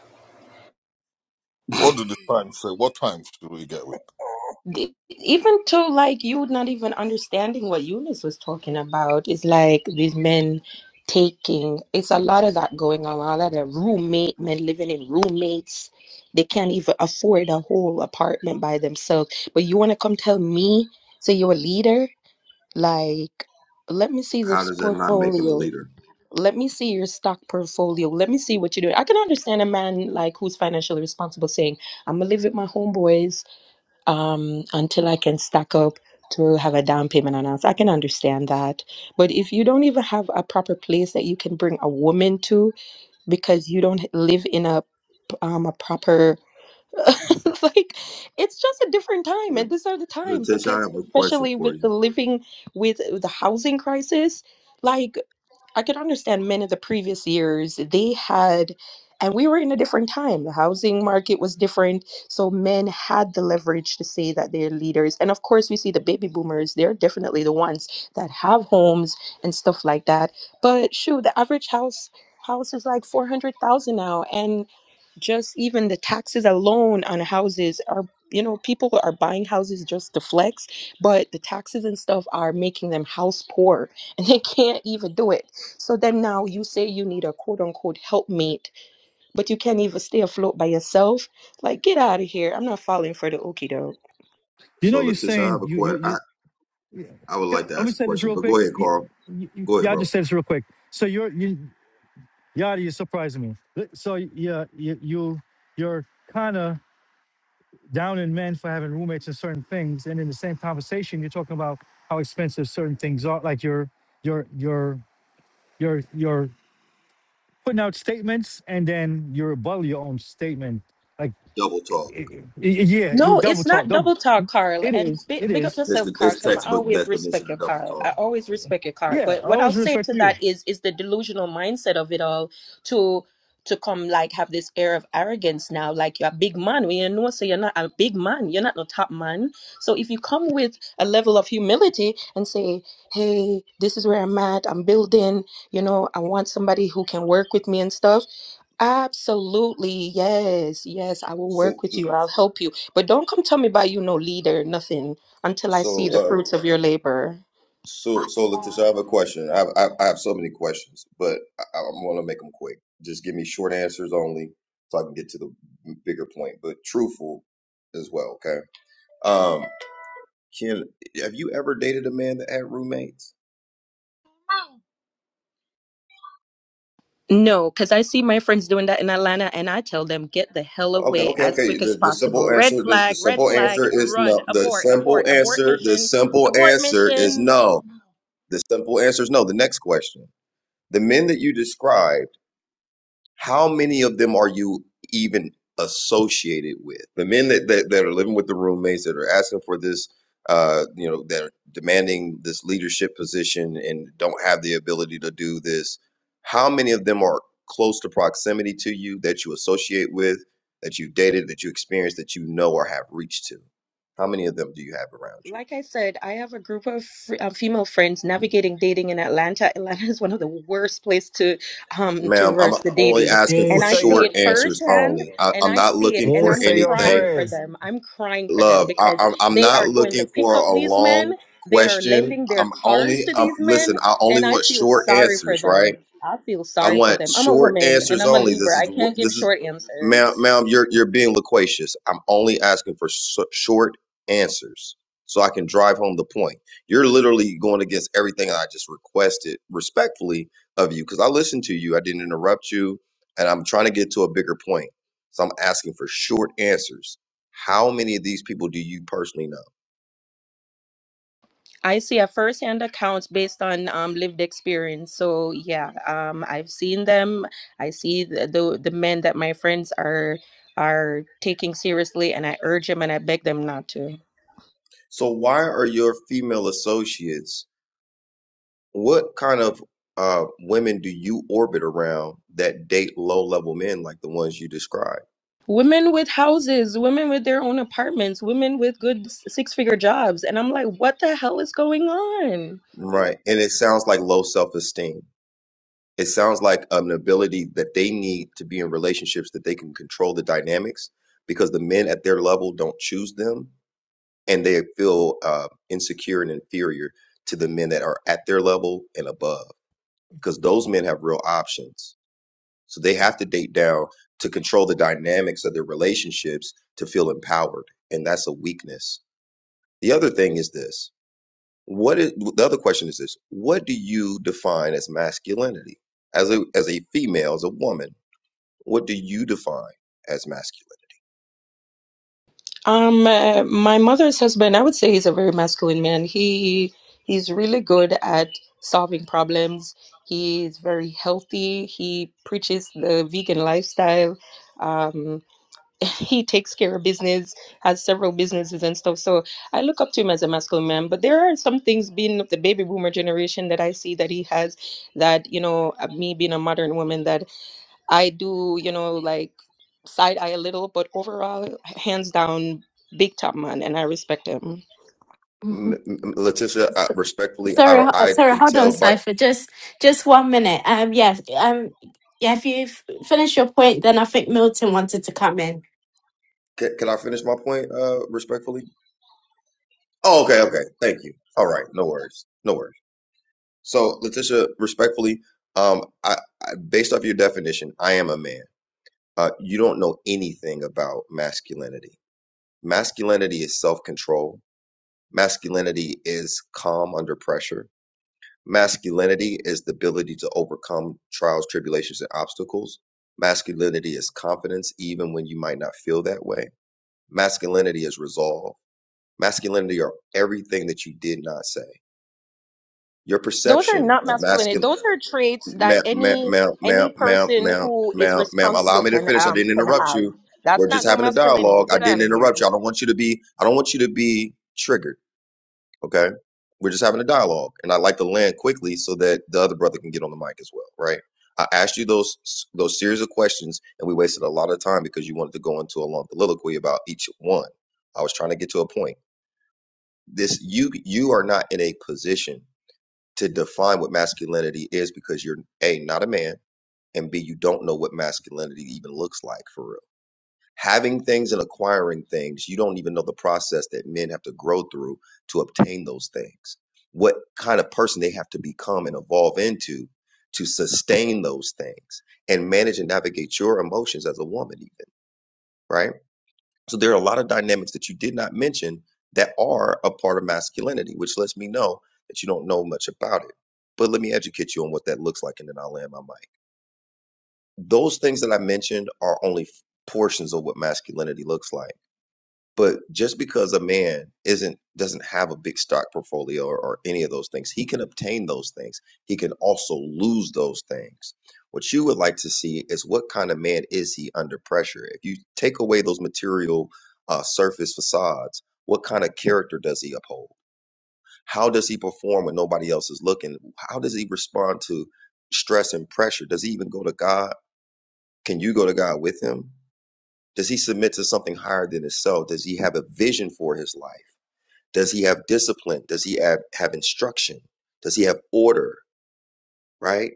S14: What did the time say? What times do we get with?
S21: E- Even to like you not even understanding what Eunice was talking about, it's like these men taking it's a lot of that going on, a lot of roommate men living in roommates. They can't even afford a whole apartment by themselves. But you wanna come tell me, So you're a leader? Like, let me see
S22: How
S21: this
S22: does that not make him a
S21: portfolio.
S22: leader?
S21: let me see your stock portfolio. Let me see what you're doing. I can understand a man like who's financially responsible saying, I'm gonna live with my homeboys um until I can stack up to have a down payment on house. I can understand that. But if you don't even have a proper place that you can bring a woman to because you don't live in a p- um a proper *laughs* like it's just a different time
S22: La-
S21: and these are the times
S22: Letitia, I
S21: because
S22: have a question
S21: especially
S22: for
S21: with
S22: you.
S21: the living with the housing crisis like I could understand men in the previous years, they had, and we were in a different time. The housing market was different. So men had the leverage to say that they're leaders. And of course, we see the baby boomers, they're definitely the ones that have homes and stuff like that. But shoot, the average house house is like 400,000 now. And just even the taxes alone on houses are you know people are buying houses just to flex but the taxes and stuff are making them house poor *laughs* and they can't even do it so then now you say you need a quote unquote helpmate, but you can't even stay afloat by yourself. Like, get out of here. I'm not falling for the okie doke.
S20: You know,
S22: So,
S20: you're
S22: Letitia, I have
S20: saying
S22: a
S20: you you
S22: question. I,
S20: you. you-
S22: I would like to
S20: Let me
S22: ask a
S20: say this
S22: question,
S20: real
S22: but
S20: quick.
S22: go ahead,
S20: You,
S22: Carl.
S20: you, you-
S22: Go ahead,
S20: y'all
S22: bro.
S20: just said this real quick. So you're you, Yada, you're surprising me. So yeah, you, you you're kind of down in men for having roommates and certain things. And in the same conversation, you're talking about how expensive certain things are. Like you're you're you're you're you're putting out statements and then you're rebuttal your own statement. Like
S22: Double
S20: i-
S22: talk.
S20: i- i- yeah, you
S21: No, it's
S20: double talk.
S21: not
S20: Double.
S21: double talk, Carl.
S20: It
S21: And
S20: is.
S21: big,
S20: It
S21: big up
S20: is.
S22: It's
S21: yourself,
S22: the
S21: Carl,
S22: it's
S21: because I
S22: textbook
S21: always
S22: definition
S21: respect your
S22: of double
S21: Carl.
S22: talk.
S21: I always respect your Carl.
S20: Yeah,
S21: But
S20: I
S21: what I'll
S20: always
S21: say
S20: respect
S21: to
S20: you.
S21: that is is the delusional mindset of it all to to come like have this air of arrogance now, like you're a big man. when you know so you're not a big man, you're not no top man. So if you come with a level of humility and say, Hey, this is where I'm at, I'm building, you know, I want somebody who can work with me and stuff Absolutely. Yes. Yes. I will
S22: So,
S21: work with you. I'll help you. But don't come tell me about you no leader, nothing, until I
S22: so,
S21: see the
S22: uh,
S21: fruits of your labor.
S22: so, so,
S13: Bocce
S22: Letitia, I
S13: boy.
S22: have a question. I have, I, I have so many questions, but I, I'm going to make them quick. Just give me short answers only, so I can get to the bigger point, but truthful as well. Okay. Um, Ken, have you ever dated a man that had roommates?
S21: No, because I see my friends doing that in Atlanta and I tell them, get the hell
S22: Okay,
S21: away
S22: okay,
S21: as
S22: okay.
S21: quick as
S22: The, the simple
S21: possible.
S22: answer,
S21: Red
S22: the, the
S21: flag, red
S22: simple
S21: flag,
S22: answer is
S21: run,
S22: no. The
S21: abort,
S22: simple
S21: abort, abort
S22: answer, the
S21: mission,
S22: simple
S21: abort
S22: answer is
S21: mission.
S22: no. The simple answer is no. The next question. The men that you describe how many of them are you even associated with? The men that, that, that are living with the roommates that are asking for this, uh, you know, that are demanding this leadership position and don't have the ability to do this, how many of them are close to proximity to you that you associate with, that you've dated, that you experienced, that you know or have reached to? How many of them do you have around you?
S21: Like I said, I have a group of fr- uh, female friends navigating dating in Atlanta. Atlanta is one of the worst place to um
S22: Ma'am, I'm
S21: traverse the
S22: only
S21: dating,
S23: You
S22: asking
S23: ain't
S21: and
S22: for
S21: I
S23: say
S21: see
S23: your
S21: it
S22: short answers
S21: firsthand,
S22: only. I,
S21: and
S22: I'm
S21: I
S22: not
S21: see it,
S22: looking
S23: you
S21: and
S23: ain't
S22: for
S21: I'm
S23: say your
S22: anything
S21: crying for
S23: friends.
S21: them. I'm crying for them
S22: Love, I,
S21: because
S22: I'm I'm
S21: they
S22: not
S21: are going to
S22: looking
S21: pick
S22: for
S21: up
S22: a
S21: these men.
S22: long
S21: They are
S22: question.
S21: lending their
S22: I'm
S21: cars
S22: only
S21: to
S22: um
S21: these men,
S22: listen. I only
S21: and I
S22: want
S21: feel
S22: short
S21: sorry for
S22: answers, right?
S21: them. I feel
S22: I
S21: sorry for
S22: want
S21: them. I'm a
S22: short
S21: woman, and
S22: answers
S21: I'm a
S22: only. This
S21: Libra.
S22: is
S21: I
S22: what
S21: can't
S22: this
S21: give
S22: is,
S21: short
S22: ma'am.
S21: answers.
S22: Ma'am, you're you're being loquacious. I'm only asking for so, short answers so I can drive home the point. You're literally going against everything I just requested respectfully of you because I listened to you. I didn't interrupt you, and I'm trying to get to a bigger point. So I'm asking for short answers. How many of these people do you personally know?
S21: I see a first-hand accounts based on um, lived experience. So yeah, um, I've seen them. I see the, the the men that my friends are are taking seriously, and I urge them and I beg them not to.
S22: So why are your female associates? What kind of uh, women do you orbit around that date low level men like the ones you described?
S21: Women with houses, women with their own apartments, women with good s- six-figure jobs, and I'm like, what the hell is going on?
S22: Right. And it sounds like low self esteem. It sounds like an ability that they need to be in relationships that they can control the dynamics because the men at their level don't choose them and they feel uh, insecure and inferior to the men that are at their level and above because those men have real options. So they have to date down to control the dynamics of their relationships to feel empowered. And that's a weakness. The other thing is this. What is, the other question is this. What do you define as masculinity? As a, as a female, as a woman, what do you define as masculine?
S21: Um, uh, my mother's husband, I would say he's a very masculine man. He he's really good at solving problems. He is very healthy. He preaches the vegan lifestyle. Um, *laughs* he takes care of business, has several businesses and stuff. So I look up to him as a masculine man. But there are some things, being of the baby boomer generation, that I see that he has. That you know, uh, me being a modern woman, that I do, you know, like side eye a little, but overall, hands down, big top man, and I respect him.
S1: Mhm.
S22: M- Letitia,
S1: S-
S22: I, respectfully,
S1: Sorry,
S22: I,
S1: ho- uh,
S22: I
S1: sorry.
S22: can
S1: Hold on,
S22: tell by,
S1: Cipher. Just, just one minute. Um, yeah, um, yeah. If you have finished your point, then I think Milton wanted to come in.
S22: can, can I finish my point, uh, respectfully? Oh, okay. Okay. Thank you. All right. No worries. No worries. So, Letitia, respectfully, um, I, I, based off your definition, I am a man. Uh, you don't know anything about masculinity. Masculinity is self control, masculinity is calm under pressure, masculinity is the ability to overcome trials, tribulations, and obstacles. Masculinity is confidence, even when you might not feel that way. Masculinity is resolve. Masculinity are everything that you did not say. Your
S21: Those are
S22: perception
S21: not
S22: of
S21: masculinity.
S22: masculinity.
S21: Those are traits that
S22: Ma'am, ma'am,
S21: any
S22: ma'am, ma'am,
S21: any
S22: ma'am,
S21: person
S22: ma'am,
S21: who is
S22: ma'am, ma'am. Allow
S21: responsible
S22: me to
S21: can
S22: finish. I
S21: um
S22: didn't
S21: can
S22: interrupt
S21: have.
S22: you. We're
S21: That's not
S22: just
S21: no
S22: having a
S21: masculinity.
S22: dialogue. I
S21: Get out
S22: didn't
S21: of here.
S22: interrupt you. I don't want you to be. I don't want you to be triggered. Okay. We're just having a dialogue, and I like to land quickly so that the other brother can get on the mic as well. Right. I asked you those those series of questions, and we wasted a lot of time because you wanted to go into a long soliloquy about each one. I was trying to get to a point. This you you are not in a position to define what masculinity is because you're a not a man and B, you don't know what masculinity even looks like for real. Having things and acquiring things, you don't even know the process that men have to grow through to obtain those things. What kind of person they have to become and evolve into to sustain those things and manage and navigate your emotions as a woman, even, right? So there are a lot of dynamics that you did not mention that are a part of masculinity, which lets me know that you don't know much about it. But let me educate you on what that looks like, and then I'll land my mic those things that I mentioned are only portions of what masculinity looks like. But just because a man isn't doesn't have a big stock portfolio or, or any of those things, he can obtain those things. He can also lose those things. What you would like to see is what kind of man is he under pressure? If you take away those material uh, surface facades, what kind of character does he uphold? How does he perform when nobody else is looking? How does he respond to stress and pressure? Does he even go to God? Can you go to God with him? Does he submit to something higher than himself? Does he have a vision for his life? Does he have discipline? Does he have, have instruction? Does he have order? Right?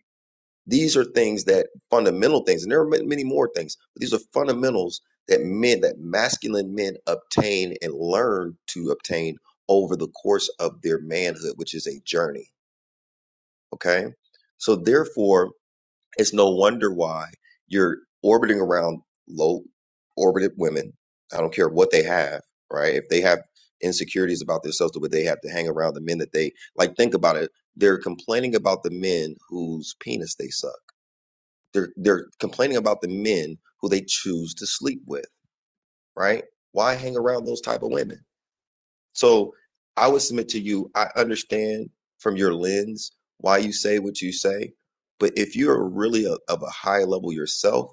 S22: These are things that fundamental things, and there are ma- many more things, but these are fundamentals that men, that masculine men obtain and learn to obtain over the course of their manhood, which is a journey. Okay. So therefore, It's no wonder why you're orbiting around low orbited women. I don't care what they have, right? If they have insecurities about themselves, but they have to hang around the men that they like. Think about it. They're complaining about the men whose penis they suck. They're they're complaining about the men who they choose to sleep with, right? Why hang around those type of women? So I would submit to you, I understand from your lens why you say what you say, but if you're really a, of a high level yourself,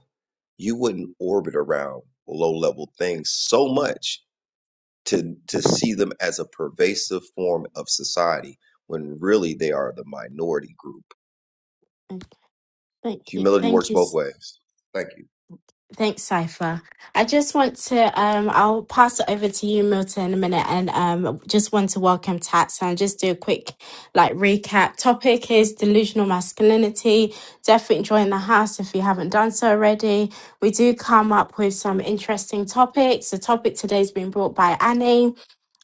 S22: you wouldn't orbit around low level things so much to to see them as a pervasive form of society when really they are the minority group.
S1: Thank you.
S22: Humility
S1: Thank
S22: works
S1: you. s-
S22: both ways. Thank you.
S1: Thanks, Cypher. I just want to, um, I'll pass it over to you, Milton, in a minute, and um, just want to welcome Tats and just do a quick like recap. Topic is delusional masculinity. Definitely join the house if you haven't done so already. We do come up with some interesting topics. The topic today's been brought by Annie.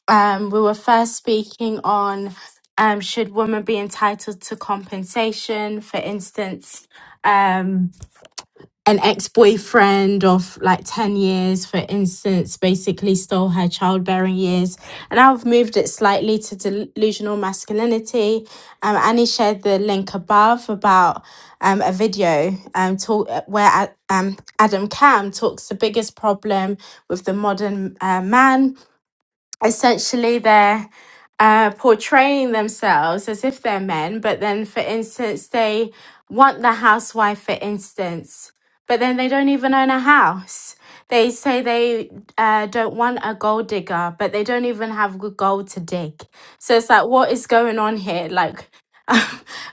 S1: Um, we were first speaking on um, should women be entitled to compensation, for instance. Um, an ex-boyfriend of like 10 years for instance basically stole her childbearing years and i've moved it slightly to delusional masculinity um, annie shared the link above about um, a video um, talk, where A- um, adam cam talks the biggest problem with the modern uh, man essentially they're uh, portraying themselves as if they're men, but then, for instance, they want the housewife, for instance, but then they don't even own a house. They say they uh, don't want a gold digger, but they don't even have good gold to dig. So it's like, what is going on here? Like, *laughs*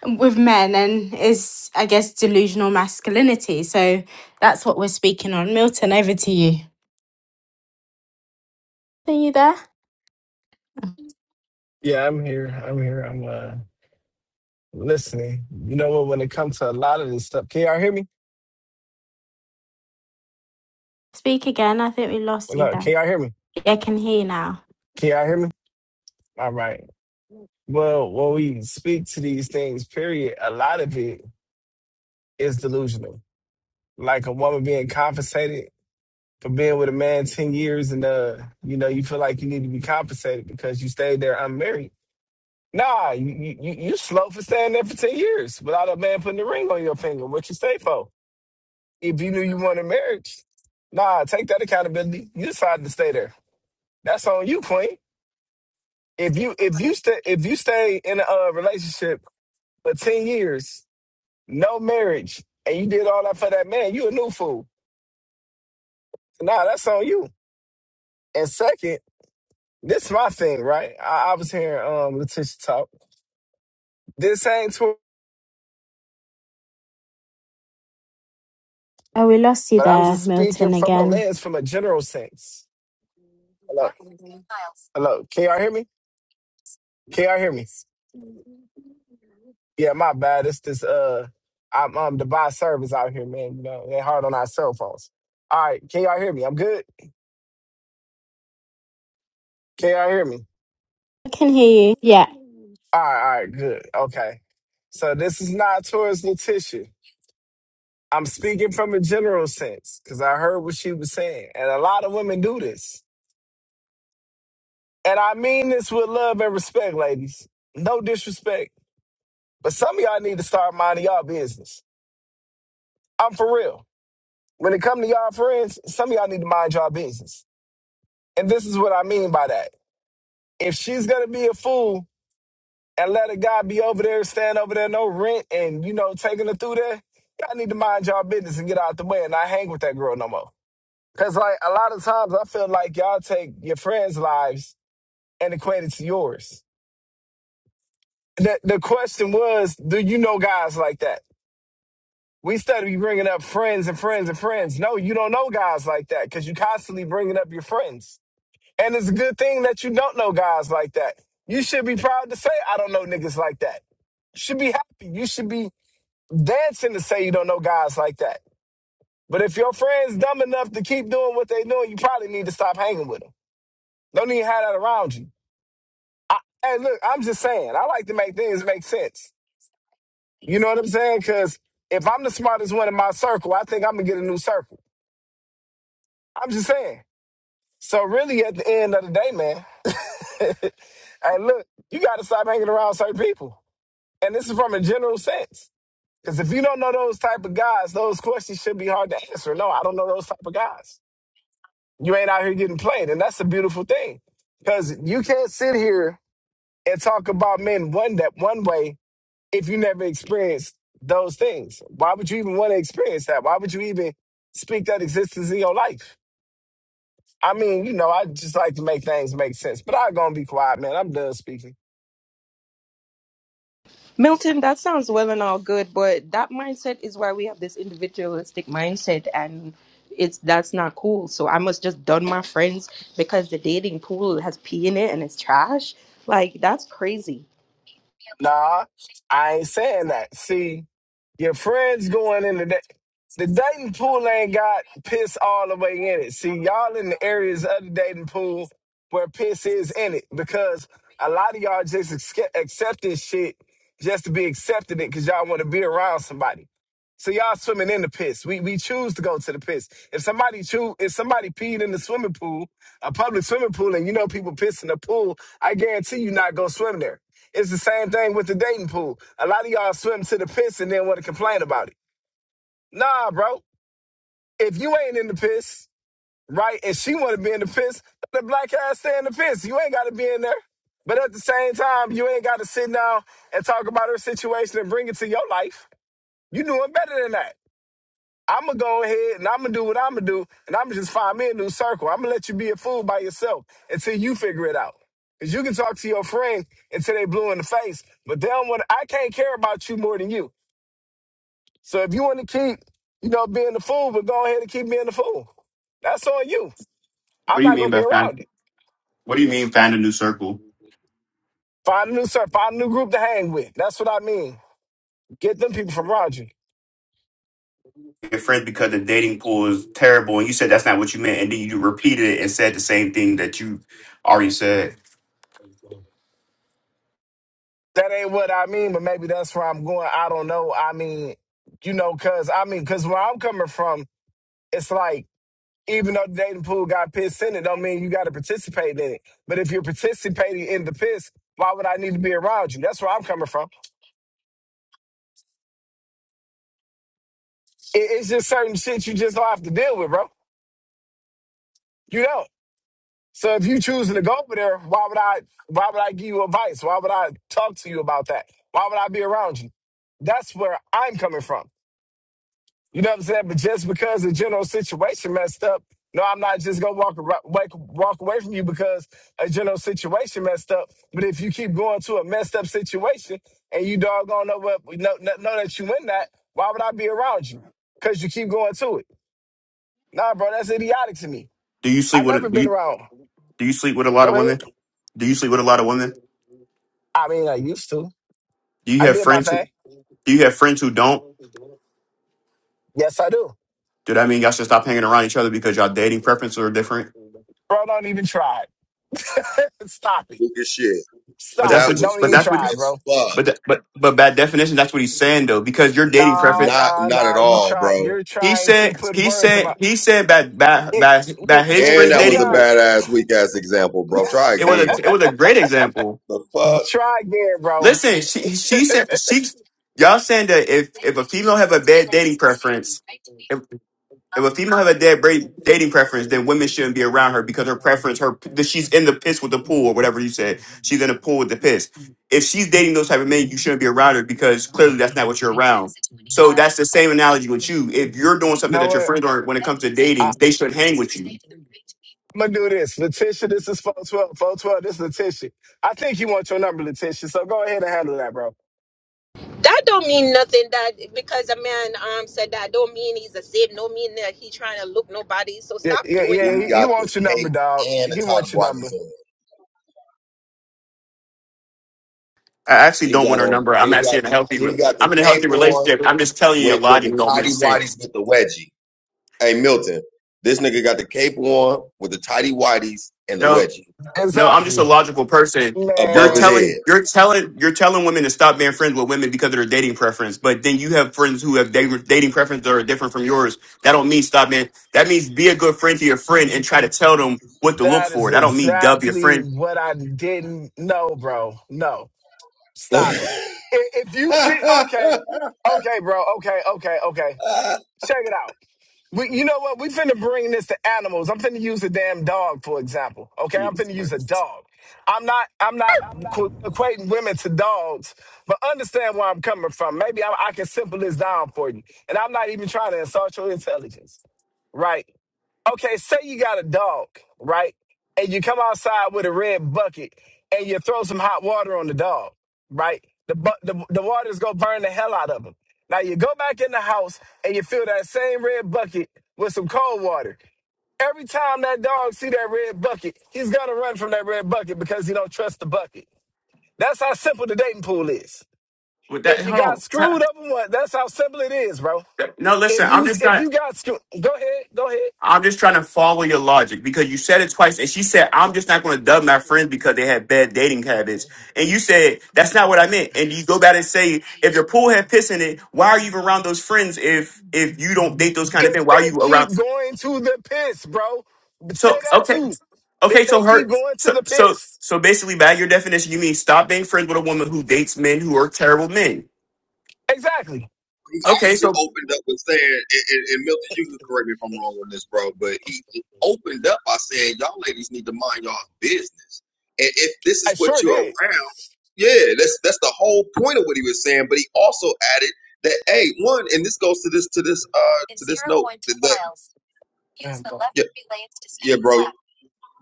S1: with men, and is, I guess, delusional masculinity. So that's what we're speaking on. Milton, over to you. Are you there?
S23: Yeah, I'm here. I'm here. I'm uh listening. You know what? When it comes to a lot of this stuff, can y'all hear me?
S1: Speak again. I think we lost
S23: Well,
S1: you
S23: look,
S1: there.
S23: can y'all hear me?
S1: Yeah, I can hear you now.
S23: Can y'all hear me? All right. Well, when we speak to these things, period, a lot of it is delusional. Like a woman being compensated for being with a man ten years, and uh, you know, you feel like you need to be compensated because you stayed there unmarried. Nah, you you you you slow for staying there for ten years without a man putting a ring on your finger. What you stay for? If you knew you wanted marriage, nah, take that accountability. You decided to stay there. That's on you, Queen. If you if you stay if you stay in a uh, relationship for ten years, no marriage, and you did all that for that man, you a new fool. Nah, that's on you. And second, this my thing, right? I, I was hearing um Letitia talk. This ain't tw-
S1: Oh, we lost you
S23: but I'm
S1: there,
S23: just speaking
S1: Milton,
S23: from a
S1: again.
S23: lens, from a general sense. Hello. Hello. Can y'all hear me? Can y'all hear me? Yeah, my bad. It's this uh I'm um the buy service out here, man. You know, they hard on our cell phones. All right, can y'all hear me? I'm good. Can y'all hear me?
S1: I can hear you. Yeah.
S23: All right, all right, good. Okay. So this is not towards Letitia. I'm speaking from a general sense, because I heard what she was saying. And a lot of women do this. And I mean this with love and respect, ladies. No disrespect. But some of y'all need to start minding y'all business. I'm for real. When it come to y'all friends, some of y'all need to mind y'all business. And this is what I mean by that. if she's gonna be a fool and let a guy be over there, stand over there, no rent, and you know, taking her through there, y'all need to mind y'all business and get out the way and not hang with that girl no more. Cause like a lot of times I feel like y'all take your friends' lives and equate it to yours. The the question was, do you know guys like that? We study be bringing up friends and friends and friends. No, you don't know guys like that because you constantly bringing up your friends. And it's a good thing that you don't know guys like that. You should be proud to say, I don't know niggas like that. You should be happy. You should be dancing to say you don't know guys like that. But if your friend's dumb enough to keep doing what they doing, you probably need to stop hanging with them. Don't even have that around you. I, hey, look, I'm just saying, I like to make things make sense. You know what I'm saying? Because if I'm the smartest one in my circle, I think I'm going to get a new circle. I'm just saying. So really, at the end of the day, man, *laughs* hey, look, you got to stop hanging around certain people, and this is from a general sense. Because if you don't know those type of guys, those questions should be hard to answer. No, I don't know those type of guys. You ain't out here getting played, and that's a beautiful thing. Because you can't sit here and talk about men one that one way if you never experienced those things. Why would you even want to experience that? Why would you even speak that existence in your life? I mean, you know, I just like to make things make sense, but I'm going to be quiet, man. I'm done speaking.
S21: Milton, that sounds well and all good, but that mindset is why we have this individualistic mindset and it's that's not cool. So I must just done my friends because the dating pool has pee in it and it's trash. Like that's crazy.
S23: Nah, I ain't saying that. See, your friends going in the day. The dating pool ain't got piss all the way in it. See, y'all in the areas of the dating pool where piss is in it because a lot of y'all just accept, accept this shit just to be accepting it because y'all want to be around somebody. So y'all swimming in the piss. We we choose to go to the piss. If somebody choose, if somebody peed in the swimming pool, a public swimming pool, and you know people piss in the pool, I guarantee you not go swim there. It's the same thing with the dating pool. A lot of y'all swim to the piss and then want to complain about it. Nah, bro. If you ain't in the piss, right, and she want to be in the piss, let the black ass stay in the piss. You ain't got to be in there. But at the same time, you ain't got to sit down and talk about her situation and bring it to your life. You doing better than that. I'm gonna go ahead and I'm gonna do what I'm gonna do, and I'm gonna just find me a new circle. I'm gonna let you be a fool by yourself until you figure it out. Cause you can talk to your friend until they blue in the face, but they don't want. I can't care about you more than you. So if you want to keep, you know, being the fool, but go ahead and keep being the fool. That's on you.
S24: What
S23: I'm
S24: do you
S23: not gonna
S24: mean
S23: be
S24: by find?
S23: around you.
S24: What do you mean find a new circle?
S23: Find a new circle. Find a new group to hang with. That's what I mean. Get them people from Roger.
S24: Your friends because the dating pool is terrible, and you said that's not what you meant, and then you repeated it and said the same thing that you already said.
S23: That ain't what I mean, but maybe that's where I'm going. I don't know. I mean, you know, cause I mean, cause where I'm coming from it's like even though the dating pool got piss in it, don't mean you got to participate in it. But if you're participating in the piss, why would I need to be around you? That's where I'm coming from. It, it's just certain shit you just don't have to deal with, bro. You don't. So if you choosing to go over there, why would I? Why would I give you advice? Why would I talk to you about that? Why would I be around you? That's where I'm coming from. You know what I'm saying? But just because the general situation messed up, no, I'm not just gonna walk ar- walk walk away from you because a general situation messed up. But if you keep going to a messed up situation and you doggone know what know, know know that you in that, why would I be around you? Because you keep going to it. Nah, bro, that's idiotic to me.
S24: Do you
S23: I
S24: sleep with a,
S23: never
S24: do
S23: been
S24: you
S23: around.
S24: do you sleep with a lot
S23: Go
S24: of
S23: ahead.
S24: women? Do you sleep with a lot of women?
S23: I mean, I used to.
S24: Do
S23: I
S24: you have
S23: did my
S24: friends?
S23: thing.
S24: Do you have friends who don't?
S23: Yes, I do.
S24: Do that mean y'all should stop hanging around each other because y'all dating preferences are different?
S23: Bro, don't even try it. *laughs* Stop it.
S22: Look at shit.
S24: But
S23: Stop
S24: that's
S22: That
S23: it.
S24: what. You,
S22: was
S23: Don't
S24: but
S23: even
S22: weak
S24: that's what. You,
S23: try it, bro.
S22: as fuck.
S24: but that, but but by definition, that's what he's saying though, because your dating
S23: Nah,
S24: preference.
S22: Not
S23: nah,
S22: not
S23: nah.
S22: at
S23: You
S22: all,
S23: try.
S22: bro.
S23: You're
S24: He
S23: trying to
S24: said.
S23: put
S24: He
S23: words in my.
S24: said. He said by by
S23: It,
S24: by by
S23: we,
S24: his
S23: we,
S22: And
S24: friends
S22: that
S23: we
S22: was
S24: dating
S22: a
S23: got.
S24: pool.
S22: badass weak ass example, bro. Try
S24: It was
S22: again.
S24: a it was a
S23: *laughs*
S24: great example.
S22: The fuck?
S23: try again, bro.
S24: Listen, she she said she y'all saying that if if a female have a bad dating preference, if, if a female have a bad bra- dating preference, then women shouldn't be around her because her preference her that she's in the piss with the pool or whatever you said. She's in the pool with the piss. If she's dating those type of men, you shouldn't be around her because clearly that's not what you're around. So that's the same analogy with you. If you're doing
S23: You
S24: something
S23: know
S24: that your
S23: what?
S24: friends aren't when it comes to
S23: I,
S24: dating, they should not hang with you
S23: I'm gonna do this, Letitia. This is four twelve. Four twelve. This is Letitia. I think he wants your number, Letitia. So go ahead and handle that, bro.
S21: That don't mean nothing. That because a man um said that don't mean he's a sin. Don't mean that he trying to look nobody. So
S23: Yeah,
S21: stop
S23: yeah,
S21: doing
S23: yeah.
S22: He
S23: He,
S21: that.
S23: he
S22: got the
S23: wants your number,
S22: cape
S23: dog.
S22: and the
S23: He
S22: tidy
S23: wants your number.
S22: whities on.
S24: I actually
S22: He
S24: don't
S22: got
S24: want her
S22: on
S24: number. I'm
S22: he
S24: actually
S22: got
S24: in a
S22: the
S24: healthy.
S22: he
S24: re-
S22: got the
S24: I'm in a healthy
S22: cape on
S24: relationship. I'm just telling you a
S22: with, with
S24: lot
S22: the
S24: you don't make
S22: tidy
S24: sense.
S22: whities with the wedgie. Hey Milton, this nigga got the cape on with the tidy whities and the
S24: No,
S22: wedgie
S24: no, I'm just a
S23: Exactly,
S24: logical person. You're
S22: above
S23: man.
S24: telling,
S22: his
S24: you're telling, you're telling women to stop being friends with women because of their dating preference. But then you have friends who have dating, dating preferences that are different from yours. That don't mean stop being. That means be a good friend to your friend and try to tell them what to look
S23: That is
S24: for. That don't mean dub your
S23: exactly
S24: friend.
S23: what I didn't know, bro. No.
S22: head.
S23: Stop it. If, if you see, okay, okay, bro, okay, okay, okay.
S22: *laughs*
S23: Check it out. We, you know what? We finna bring this to animals. I'm finna use a damn dog for example. Okay, I'm
S24: Jesus
S23: finna use a
S24: Christ.
S23: dog. I'm not, I'm not qu- equating women to dogs, but understand where I'm coming from. Maybe I, I can simple this down for you, and I'm not even trying to insult your intelligence, right? Okay, say you got a dog, right? And you come outside with a red bucket and you throw some hot water on the dog, right? The bu- the, the water's gonna burn the hell out of him. Now you go back in the house and you fill that same red bucket with some cold water. Every time that dog see that red bucket, he's gonna run from that red bucket because he don't trust the bucket. That's how simple the dating pool is.
S24: With that,
S23: If you got
S24: hold on.
S23: screwed up in one, that's how simple it is, bro.
S24: No, listen.
S23: If you
S24: I'm just
S23: if
S24: not.
S23: you got screwed, go ahead, go ahead.
S24: I'm just trying to follow your logic because you said it twice, and she said, "I'm just not going to dub my friends because they have bad dating habits." And you said that's not what I meant. And you go back and say, "If your pool had piss in it, why are you even around those friends? If if you don't date those kind of things,
S23: if
S24: why are
S23: they
S24: you around?"
S23: keep going to the piss, bro. Say
S24: So
S23: that
S24: okay,
S23: too.
S24: okay,
S23: If
S24: so
S23: they keep
S24: her,
S23: going to
S24: so
S23: the
S24: so
S23: piss.
S24: so basically, by your definition, you mean stop being friends with a woman who dates men who are terrible men.
S23: Exactly.
S22: he
S24: Okay,
S22: actually
S24: so
S22: opened up with saying, and, and, and Milton, you can correct me if I'm wrong on this, bro, but he he opened up by saying, y'all ladies need to mind y'all business. And if this
S23: I
S22: is what
S23: sure
S22: you're
S23: did.
S22: around, yeah, that's that's the whole point of what he was saying. But he also added that, hey, one, and this goes to this to this uh to this note that, that
S23: Use the left
S22: yeah,
S23: three lanes to stay
S22: yeah, bro,
S23: to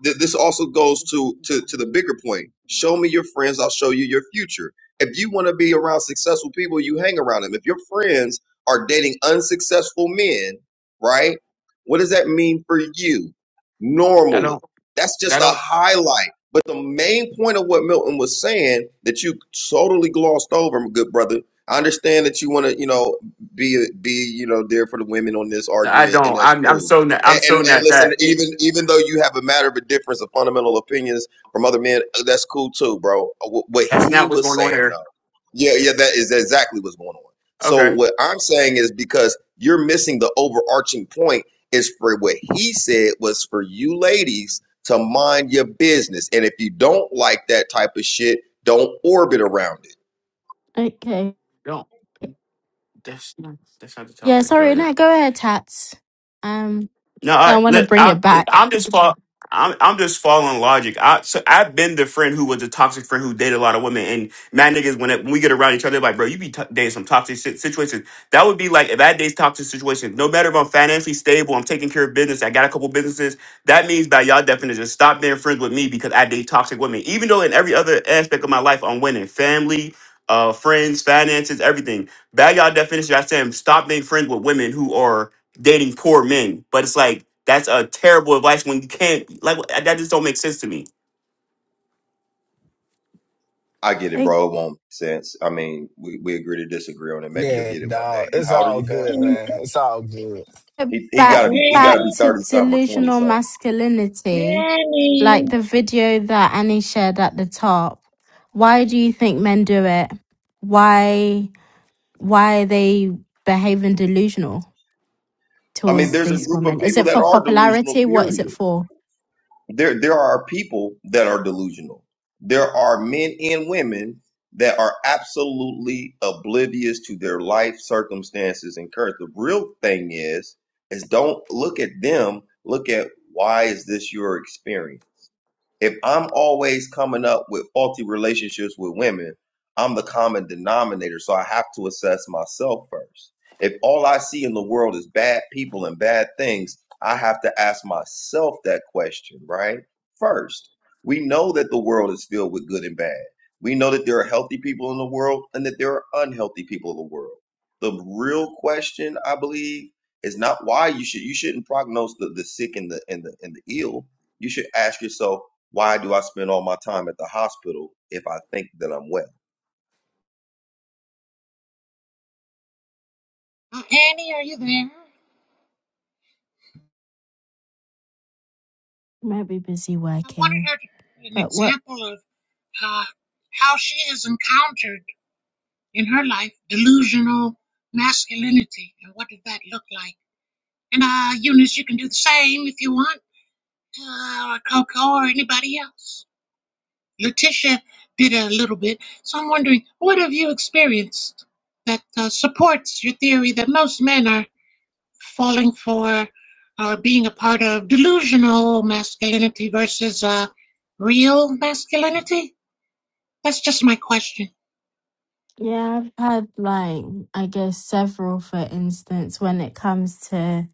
S22: th- this also goes to, to to the bigger point. Show me your friends, I'll show you your future. If you want to be around successful people, you hang around them. If your friends are dating unsuccessful men, right? What does that mean for you
S24: I
S22: normally?
S24: don't,
S22: That's just
S24: I
S22: a
S24: don't,
S22: highlight. But the main point of what Milton was saying that you totally glossed over, good brother. I understand that you want to, you know, be be, you know, there for the women on this
S24: I
S22: argument, and
S24: don't.
S22: that's
S24: I'm I'm
S22: cool.
S24: so not, I'm
S22: And,
S24: so
S22: and and
S24: not
S22: listen,
S24: that.
S22: even even though you have a matter of a difference of fundamental opinions from other men, uh, that's cool too, bro. Uh, Wh-
S24: That's
S22: What he
S24: not what's
S22: was
S24: going on
S22: saying,
S24: here.
S22: though, yeah, yeah, that is exactly what's going on. So
S24: Okay,
S22: what I'm saying is because you're missing the overarching point is for what he said was for you ladies to mind your business, and if you don't like that type of shit, don't orbit around it.
S1: Okay.
S24: don't. That's not that's not the
S1: Yeah,
S24: topic. Go
S1: sorry.
S24: ahead.
S1: No, go ahead, Tats. Um,
S24: No,
S1: I
S24: I,
S1: want to
S24: look,
S1: bring
S24: I,
S1: it
S24: I'm
S1: back.
S24: just fol- I'm I'm just following logic. I so I've been the friend who was a toxic friend who dated a lot of women, and mad niggas when, it, when we get around each other, like bro, you be t- dating some toxic si- situations. That would be like if I date toxic situations. No matter if I'm financially stable, I'm taking care of business. I got a couple businesses. That means by y'all definition, stop being friends with me because I date toxic women. Even though in every other aspect of my life, I'm winning, family, uh, friends, finances, everything. By y'all definition, I say stop being friends with women who are dating poor men. But it's like that's a terrible advice when you can't like that just don't make sense to me.
S22: I get it,
S1: Like,
S22: bro. It won't make sense. I mean, we, we agree to disagree on it.
S23: the
S22: Maybe you'll
S23: left.
S22: get
S23: Yeah,
S22: it one day.
S23: dog. It's
S22: How old are
S23: all
S22: you, fam?
S23: good,
S13: Annie,
S23: man. It's all good.
S22: He he
S13: is
S1: Back,
S22: gotta be he gotta
S13: Annie,
S1: back
S22: be
S1: to
S22: thirty something or twenty
S1: delusional
S22: something.
S1: masculinity. Like
S13: Annie.
S1: the video that Annie shared at the top. Why do you think men do it? Why why are they behaving delusional
S22: I mean,
S1: towards
S22: there's a
S1: this
S22: group
S1: woman?
S22: of
S1: Is
S22: people
S1: it
S22: that
S1: for
S22: are delusional.
S1: popularity? What is it
S22: Period.
S1: for?
S22: There there are people that are delusional. There are men and women that are absolutely oblivious to their life circumstances and current. The real thing is is don't look at them. Look at why is this your experience? if I'm always coming up with faulty relationships with women, I'm the common denominator. So I have to assess myself first. If all I see in the world is bad people and bad things, I have to ask myself that question, right? First, we know that the world is filled with good and bad. We know that there are healthy people in the world and that there are unhealthy people in the world. The real question, I believe, is not why you should you shouldn't prognose the, the sick and the and the and the ill. You should ask yourself, why do I spend all my time at the hospital if I think that I'm well?
S13: Uh, Annie, are you there?
S1: Maybe busy
S13: I wanted
S1: working.
S13: her to give an
S1: But what
S13: example of uh, how she has encountered in her life delusional masculinity and what did that look like. And uh, Eunice, you can do the same if you want. uh, or Coco or anybody else. Letitia did a little bit, so I'm wondering what have you experienced that uh, supports your theory that most men are falling for or being a part of delusional masculinity versus uh, real masculinity? That's just my question.
S1: Yeah, I've had like I guess several for instance when it comes to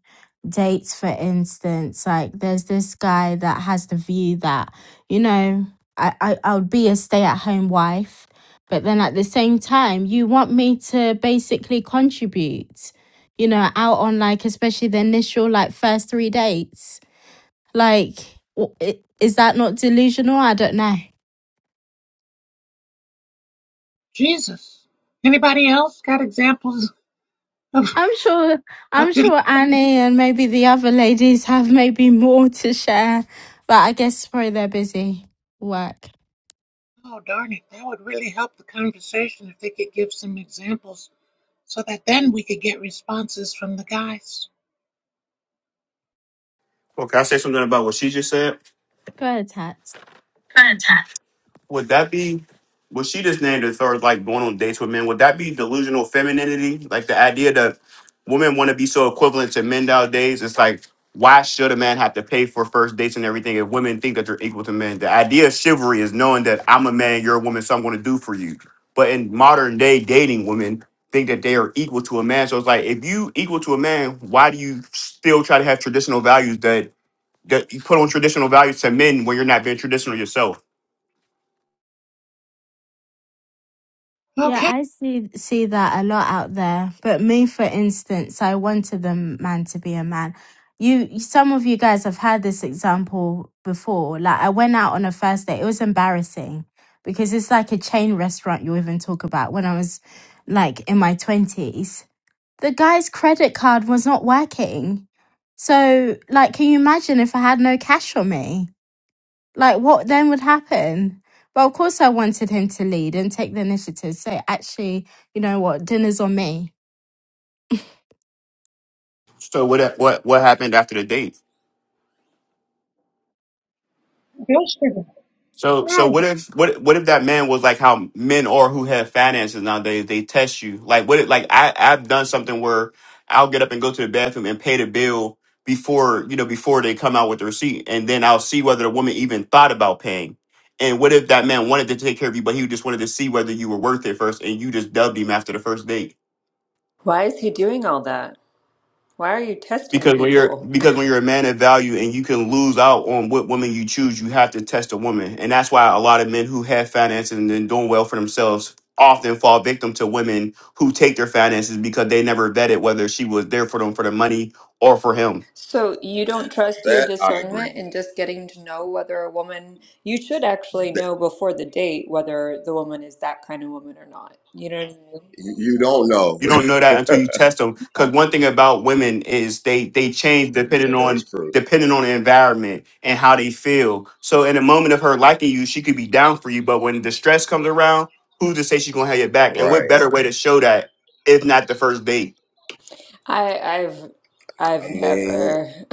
S1: dates for instance like there's this guy that has the view that you know I I, I would be a stay at home wife but then at the same time you want me to basically contribute you know out on like especially the initial like first three dates like w- i- is that not delusional I don't know
S13: Jesus. Anybody else got examples of,
S1: I'm sure
S13: of
S1: I'm
S13: del-
S1: sure Annie and maybe the other ladies have maybe more to share, but I guess probably they're busy work.
S13: Oh, darn it. That would really help the conversation if they could give some examples. so that then we could get responses from the guys.
S24: Well, can I say something about what she just said?
S1: Go ahead, Tats.
S24: would that be what she just named as far as like going on dates with men? Would that be delusional femininity? Like the idea that women want to be so equivalent to men nowadays? It's like why should a man have to pay for first dates and everything if women think that they're equal to men? The idea of chivalry is knowing that I'm a man, you're a woman, so I'm going to do for you. But in modern day dating, women think that they are equal to a man. So it's like if you equal to a man, why do you still try to have traditional values that that you put on traditional values to men when you're not being traditional yourself?
S1: Yeah,
S13: Okay,
S1: I see see that a lot out there. But me, for instance, I wanted the man to be a man. You, some of you guys have had this example before. Like I went out on a first date. It was embarrassing because it's like a chain restaurant you even talk about when I was like in my twenties the guy's credit card was not working. So, like, can you imagine if I had no cash on me? Like, what then would happen? Well, of course, I wanted him to lead and take the initiative. So, actually, you know what? Dinner's on me.
S24: So what if- what what happened after the date?
S13: delusion.
S24: So so what
S13: Right.
S24: if what what if that man was like how men are who have finances nowadays? They test you like what if, like I I've done something where I'll get up and go to the bathroom and pay the bill before you know before they come out with the receipt, and then I'll see whether the woman even thought about paying. And what if that man wanted to take care of you, but he just wanted to see whether you were worth it first, and you just dubbed him after the first date?
S2: Why is he doing all that? Why are you testing
S24: Because when you're
S2: people? *laughs*
S24: because when you're a man of value and you can lose out on what woman you choose, you have to test a woman. And that's why a lot of men who have finances and then doing well for themselves often fall victim to women who take their finances because they never vetted whether she was there for them for the money or for him.
S2: So you don't trust your
S22: That I agree
S2: discernment in
S22: with.
S2: just getting to know whether a woman, you should actually
S22: That,
S2: know before the date whether the woman is that kind of woman or not. You know what I mean?
S22: you don't know.
S24: You don't know that until you test them. Because one thing about women is they they change
S22: *laughs*
S24: depending
S22: that is
S24: on
S22: true.
S24: depending on the environment and how they feel. So in a moment of her liking you, she could be down for you. But when the stress comes around, who's to say she's gonna have your back? And what
S22: Right.
S24: better way to show that if not the first date?
S2: I I've I've
S22: I mean,
S2: never *laughs*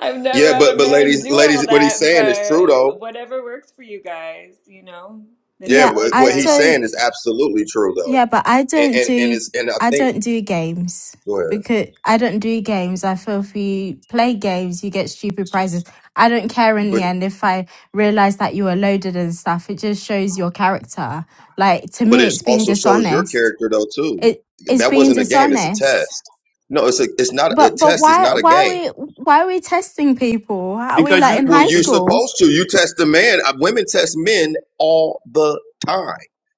S2: I've
S22: yeah,
S2: never had a
S22: but but
S2: man
S22: ladies,
S2: do
S22: ladies,
S2: all
S22: what he's
S2: that,
S22: saying is true
S2: but
S22: though.
S2: whatever works for you guys, you know. If
S22: Yeah,
S2: you
S1: Yeah,
S22: what,
S2: like it,
S1: I
S22: what
S2: I
S22: he's
S2: love
S1: don't.
S22: saying
S2: it.
S22: is absolutely true though,
S1: Yeah, but I
S22: and
S1: don't
S22: and, and
S1: do
S22: it's and I
S1: I
S22: think
S1: don't do games
S22: go ahead,
S1: because I don't do games. I feel if you play games, you get stupid prizes. I don't care in the
S22: but
S1: end if I realize that you were loaded and stuff. It just shows your character. Like to
S22: but
S1: me,
S22: it
S1: it's being
S22: also shows your
S1: dishonest.
S22: character though too.
S1: It it's
S22: That
S1: being
S22: wasn't a game; it's a
S1: dishonest.
S22: test. No, it's a it's not a
S1: But but
S22: test. It's
S1: why
S22: not a
S1: why are
S22: game.
S1: we why are we testing people? Are we
S24: Because
S1: like in
S24: you,
S22: Well,
S1: high
S22: you're
S24: because,
S1: school?
S22: supposed to. You test a man. Uh, Women test men all the time.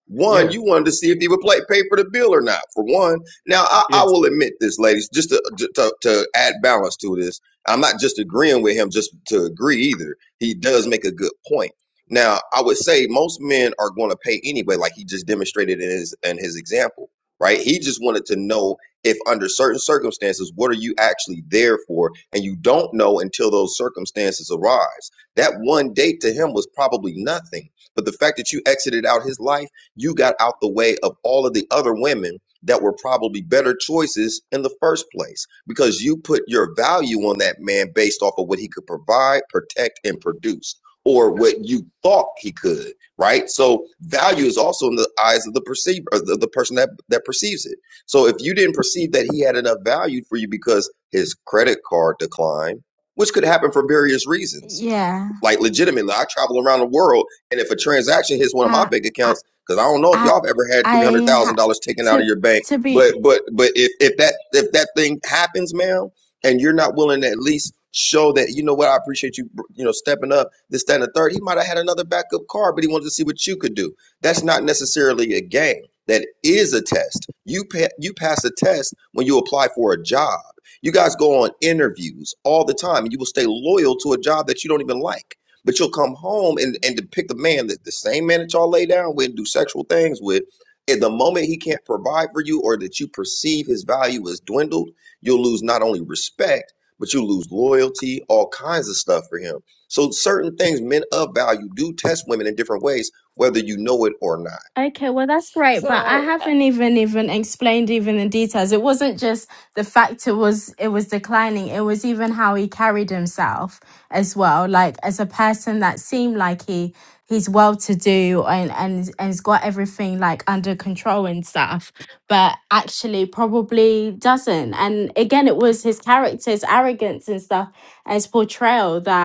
S22: One,
S24: yeah,
S22: you wanted to see if he would play, pay for the bill or not. For one, now I, I
S24: yeah,
S22: will admit this, ladies, just to, to to add balance to this. I'm not just agreeing with him just to agree either. He does make a good point. Now, I would say most men are going to pay anyway, like he just demonstrated in his in his example, right? He just wanted to know if under certain circumstances, what are you actually there for and you don't know until those circumstances arise. That one date to him was probably nothing. But the fact that you exited out his life, you got out the way of all of the other women that were probably better choices in the first place because you put your value on that man based off of what he could provide, protect, and produce, or what you thought he could, right? So value is also in the eyes of the perceiver, the, the person that that perceives it. So if you didn't perceive that he had enough value for you because his credit card declined, which could happen for various reasons.
S1: Yeah,
S22: Like legitimately, I travel around the world, and if a transaction hits one of my
S1: I
S22: bank
S1: I
S22: accounts, because I don't know if
S1: I
S22: y'all have ever had three
S1: I
S22: hundred thousand
S1: ha-
S22: dollars taken out of
S1: to
S22: your bank,
S1: to be
S22: but but but if if that if that thing happens, ma'am, and you're not willing to at least show that you know what I appreciate you you know stepping up this that and the third, he might have had another backup card, but he wanted to see what you could do. That's not necessarily a game. That is a test. You pa- you pass a test when you apply for a job you guys go on interviews all the time, and you will stay loyal to a job that you don't even like. But you'll come home and, and depict the man that the same man that y'all lay down with, and do sexual things with. At the moment he can't provide for you, or that you perceive his value as dwindled, you'll lose not only respect, but you lose loyalty, all kinds of stuff for him. So certain things men of value do test women in different ways, whether you know it or not.
S1: Okay, well that's great, but I
S2: So, uh,
S1: haven't even even explained even the details. It wasn't just the fact it was it was declining. It was even how he carried himself as well, like as a person that seemed like he he's well to do and and and's got everything like under control and stuff, but actually probably doesn't. And again, it was his character's arrogance and stuff, and his portrayal that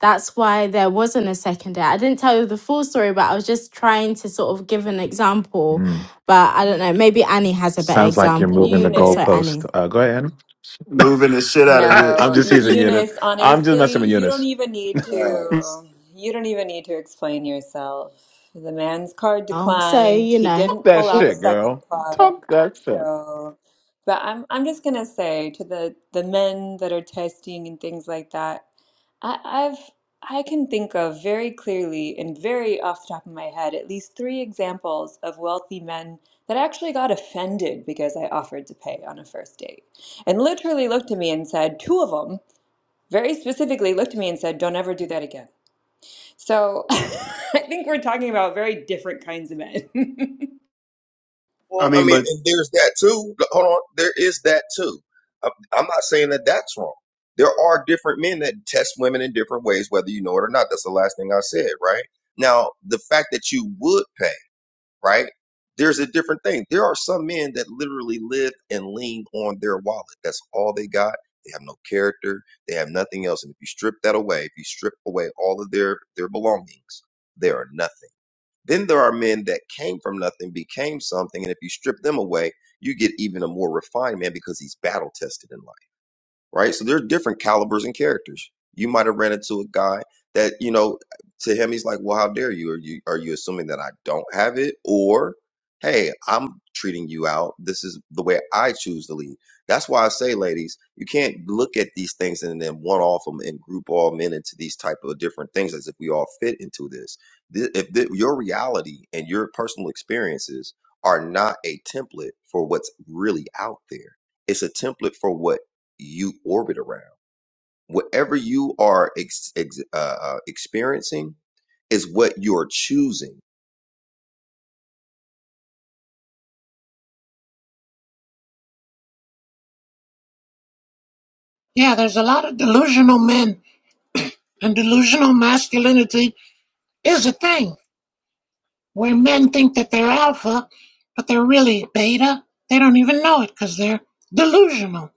S1: that's why there wasn't a second date. I didn't tell you the full story, but I was just trying to sort of give an example.
S25: Mm.
S1: But I don't know, maybe Annie has a better
S25: Sounds like
S2: E-
S25: you're
S1: example.
S25: moving the
S1: *laughs* But sorry,
S2: Eunice.
S1: Annie.
S25: goalpost. Uh, go ahead.
S24: moving the shit out of
S25: *laughs* I'm
S2: No,
S25: just
S2: E-
S25: teasing
S24: it.
S25: Eunice.
S2: Eunice,
S25: I'm just
S2: honestly,
S25: messing with
S2: you don't
S25: Eunice.
S2: even need
S22: Facts.
S2: to you don't even need to explain yourself. The man's card
S1: Oh, So,
S2: declined.
S1: you
S2: He
S1: know.
S25: Talk
S2: didn't
S25: that
S2: pull out a
S25: shit,
S2: second
S25: girl.
S2: card.
S25: Talk that shit.
S2: So, but I'm I'm just gonna say to the the men that are testing and things like that, I, I've I can think of very clearly and very off the top of my head at least three examples of wealthy men that actually got offended because I offered to pay on a first date and literally looked at me and said, two of them very specifically looked at me and said, don't ever do that again. So *laughs* I think we're talking about very different kinds of men.
S24: *laughs* I
S22: Well, I
S24: mean,
S22: mean,
S24: but
S22: and there's that too. Hold on, there is that too. i I'm not saying that that's wrong. There are different men that test women in different ways, whether you know it or not. That's the last thing I said, right? Now, the fact that you would pay, right? There's a different thing. There are some men that literally live and lean on their wallet. That's all they got. They have no character. They have nothing else. And if you strip that away, if you strip away all of their their belongings, they are nothing. Then there are men that came from nothing, became something, and if you strip them away, you get even a more refined man because he's battle tested in life right? So there are different calibers and characters. You might have ran into a guy that, you know, to him he's like, "Well, how dare you? Are you are you assuming that I don't have it?" Or, "Hey, I'm treating you out. This is the way I choose to lead." That's why I say, ladies, you can't look at these things and then one off them and group all men into these type of different things as if we all fit into this. Th- If th- your reality and your personal experiences are not a template for what's really out there, it's a template for what you orbit around. Whatever you are ex ex uh, uh, experiencing is what you're choosing.
S13: Yeah, there's a lot of delusional men, and delusional masculinity is a thing where men think that they're alpha, but they're really beta. They don't even know it because they're delusional.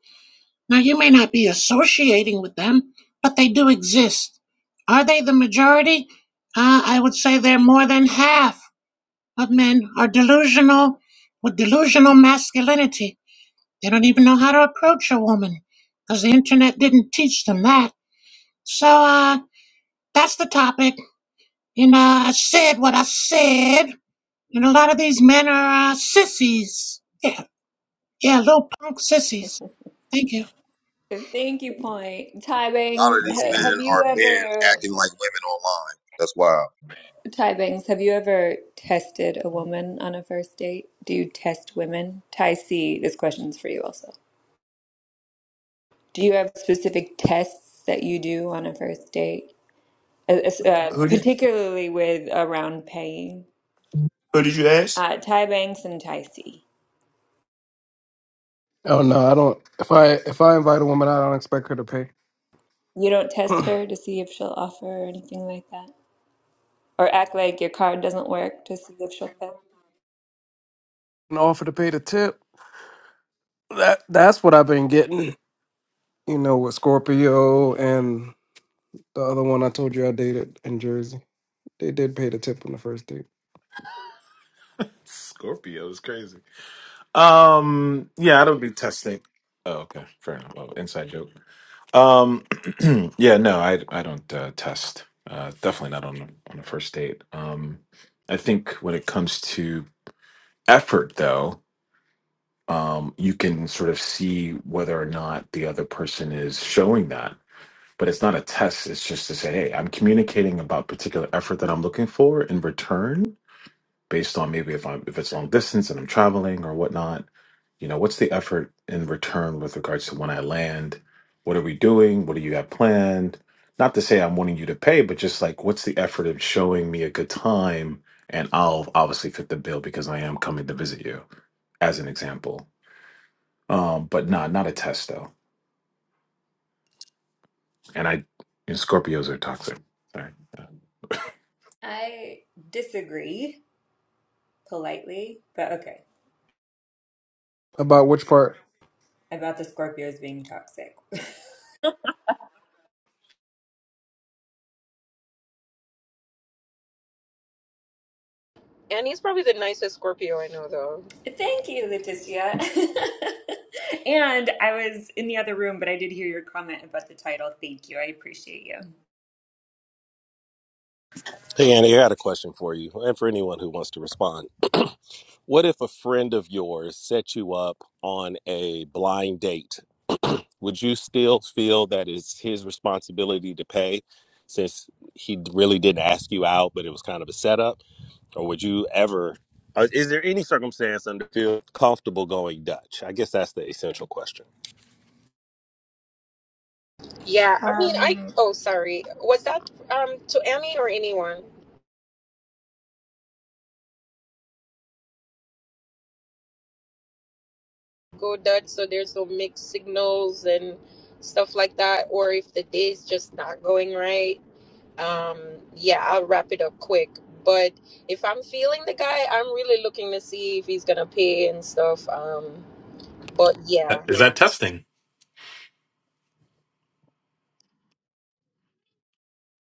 S13: Now, you may not be associating with them, but they do exist. Are they the majority? Uh, I would say they're more than half of men are delusional with delusional masculinity They don't even know how to approach a woman because the internet didn't teach them that. So, uh, that's the topic. And uh, I said what I said. And a lot of these men are uh, sissies. Yeah, yeah, little punk sissies. Thank you.
S2: *laughs* Thank you, point. Ty
S22: A lot
S2: Bangs,
S22: of
S26: That's
S22: these
S2: ha-
S22: men
S26: true.
S2: have you
S22: are
S2: *laughs*
S22: men
S2: ever,
S22: acting like women online. That's why
S2: Ty Bangs, have you ever tested a woman on a first date? Do you test women? Ty C, this question's for you also. Do you have specific tests that you do on a first date? Uh, uh,
S24: who did
S2: particularly with around paying.
S24: who did you ask?
S2: Uh, Ty Banks and Ty C.
S9: no, I don't. If I if I invite a woman out, I don't expect her to pay.
S2: You don't
S9: *clears throat*
S2: test
S9: An
S2: her to see if she'll offer or anything like that? Or act like your card doesn't work to see if she'll pay?
S9: offer to pay the tip. That that's what I've been getting. You know, with Scorpio and the other one I told you I dated in Jersey, they did pay the tip on the first date.
S25: Scorpio is crazy. Um, yeah, I don't do testing. Oh, okay, fair enough. Oh, inside joke. Um, *clears throat* yeah, no, I I don't uh, test. Uh, definitely not on on a first date. Um, I think when it comes to effort, though, um, you can sort of see whether or not the other person is showing that but it's not a test. It's just to say, hey, I'm communicating about particular effort that I'm looking for in return, based on maybe if I'm if it's long distance and I'm traveling or whatnot. You know, what's the effort in return with regards to when I land? What are we doing? What do you have planned? Not to say I'm wanting you to pay, but just like what's the effort of showing me a good time, and I'll obviously fit the bill because I am coming to visit you, as an example. Um, but nah, not a test though. And I, you know, Scorpios are toxic. Sorry.
S2: I disagree politely, but okay,
S9: About which part?
S2: about the Scorpios being toxic. *laughs*
S21: And he's probably the nicest Scorpio I know, though.
S2: Thank you, Leticia. *laughs* and I was in the other room, but I did hear your comment about the title. Thank you. I appreciate you.
S4: Hey Annie, I got a question for you and for anyone who wants to respond. What if a friend of yours set you up on a blind date would you still feel that it's his responsibility to pay since he really didn't ask you out, but it was kind of a setup? Or would you ever, uh, is there any circumstance under feel comfortable going Dutch? I guess that's the essential question.
S21: Yeah, I mean, I
S2: Um,
S21: oh sorry, was that um to Annie or anyone? go Dutch, so there's no mixed signals and stuff like that. Or if the day's just not going right, um, yeah, I'll wrap it up quick. But if I'm feeling the guy, I'm really looking to see if he's gonna pay and stuff. Um, but yeah,
S25: That- Is that testing?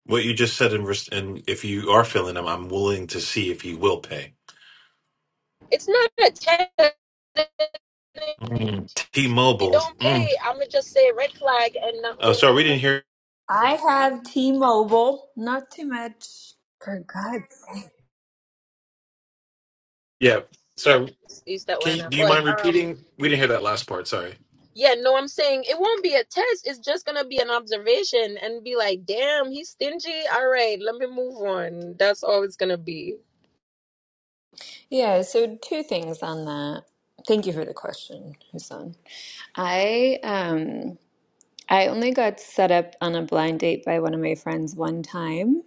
S25: What you just said, in, res- and if you are filling them, I'm willing to see if you will pay.
S21: it's not a ten. If
S25: Mm.
S21: he
S25: T-Mobile.
S21: don't
S25: Mm.
S21: pay, I'm gonna just say red flag and not
S25: Oh,
S21: move
S25: sorry, we
S21: on.
S25: didn't hear.
S2: I have T-Mobile. Not too much. For God's
S25: Yeah, sorry.
S21: It's East
S25: Can you,
S21: Atlanta,
S25: do you
S21: but
S25: mind
S21: um.
S25: repeating? We didn't hear that loud.
S21: Yeah, no, I'm saying it won't be a test. It's just gonna be an observation and be like, damn, he's stingy. All right, let me move on. That's all it's gonna be.
S2: Yeah, so two things on that. Thank you for the question, Hassan. I um I only got set up on a blind date by one of my friends one time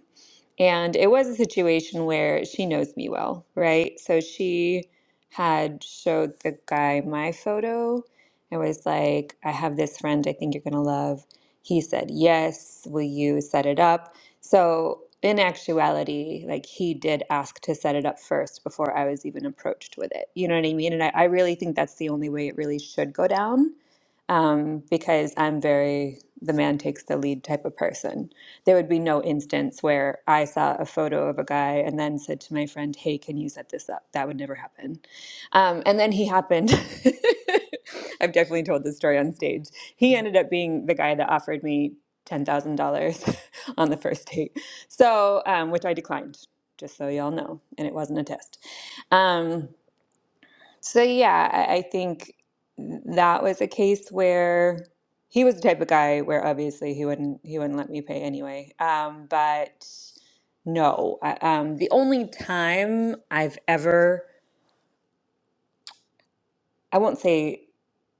S2: and it was a situation where she knows me well, right? So she had showed the guy my photo and was like, I have this friend I think you're going to love. He said, Yes, will you set it up? So, in actuality, like he did ask to set it up first before I was even approached with it. You know what I mean? And I, I really think that's the only way it really should go down um, because I'm very the man takes the lead type of person there would be no instance where I saw a photo of a guy and then said to my friend, "Hey, can you set this up?" That would never happen. Um, and then he happened. *laughs* I've definitely told this story on stage. He ended up being the guy that offered me ten thousand dollars *laughs* on the first date, so um, which I declined. Just so y'all know, and it wasn't a test. Um, so yeah, I, I think that was a case where he was the type of guy where obviously he wouldn't he wouldn't let me pay anyway. Um, but no, I, um, the only time I've ever I won't say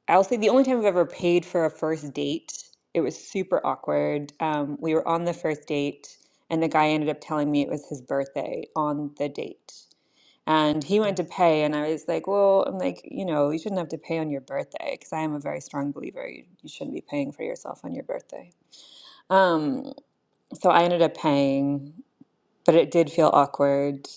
S2: I'll say the only time I've ever paid for a first date. It was super awkward. Um, we were on the first date, and the guy ended up telling me it was his birthday on the date. And he went to pay, and I was like, Well, I'm like, you know, you shouldn't have to pay on your birthday because I am a very strong believer. You, you shouldn't be paying for yourself on your birthday. Um, so I ended up paying but it did feel awkward.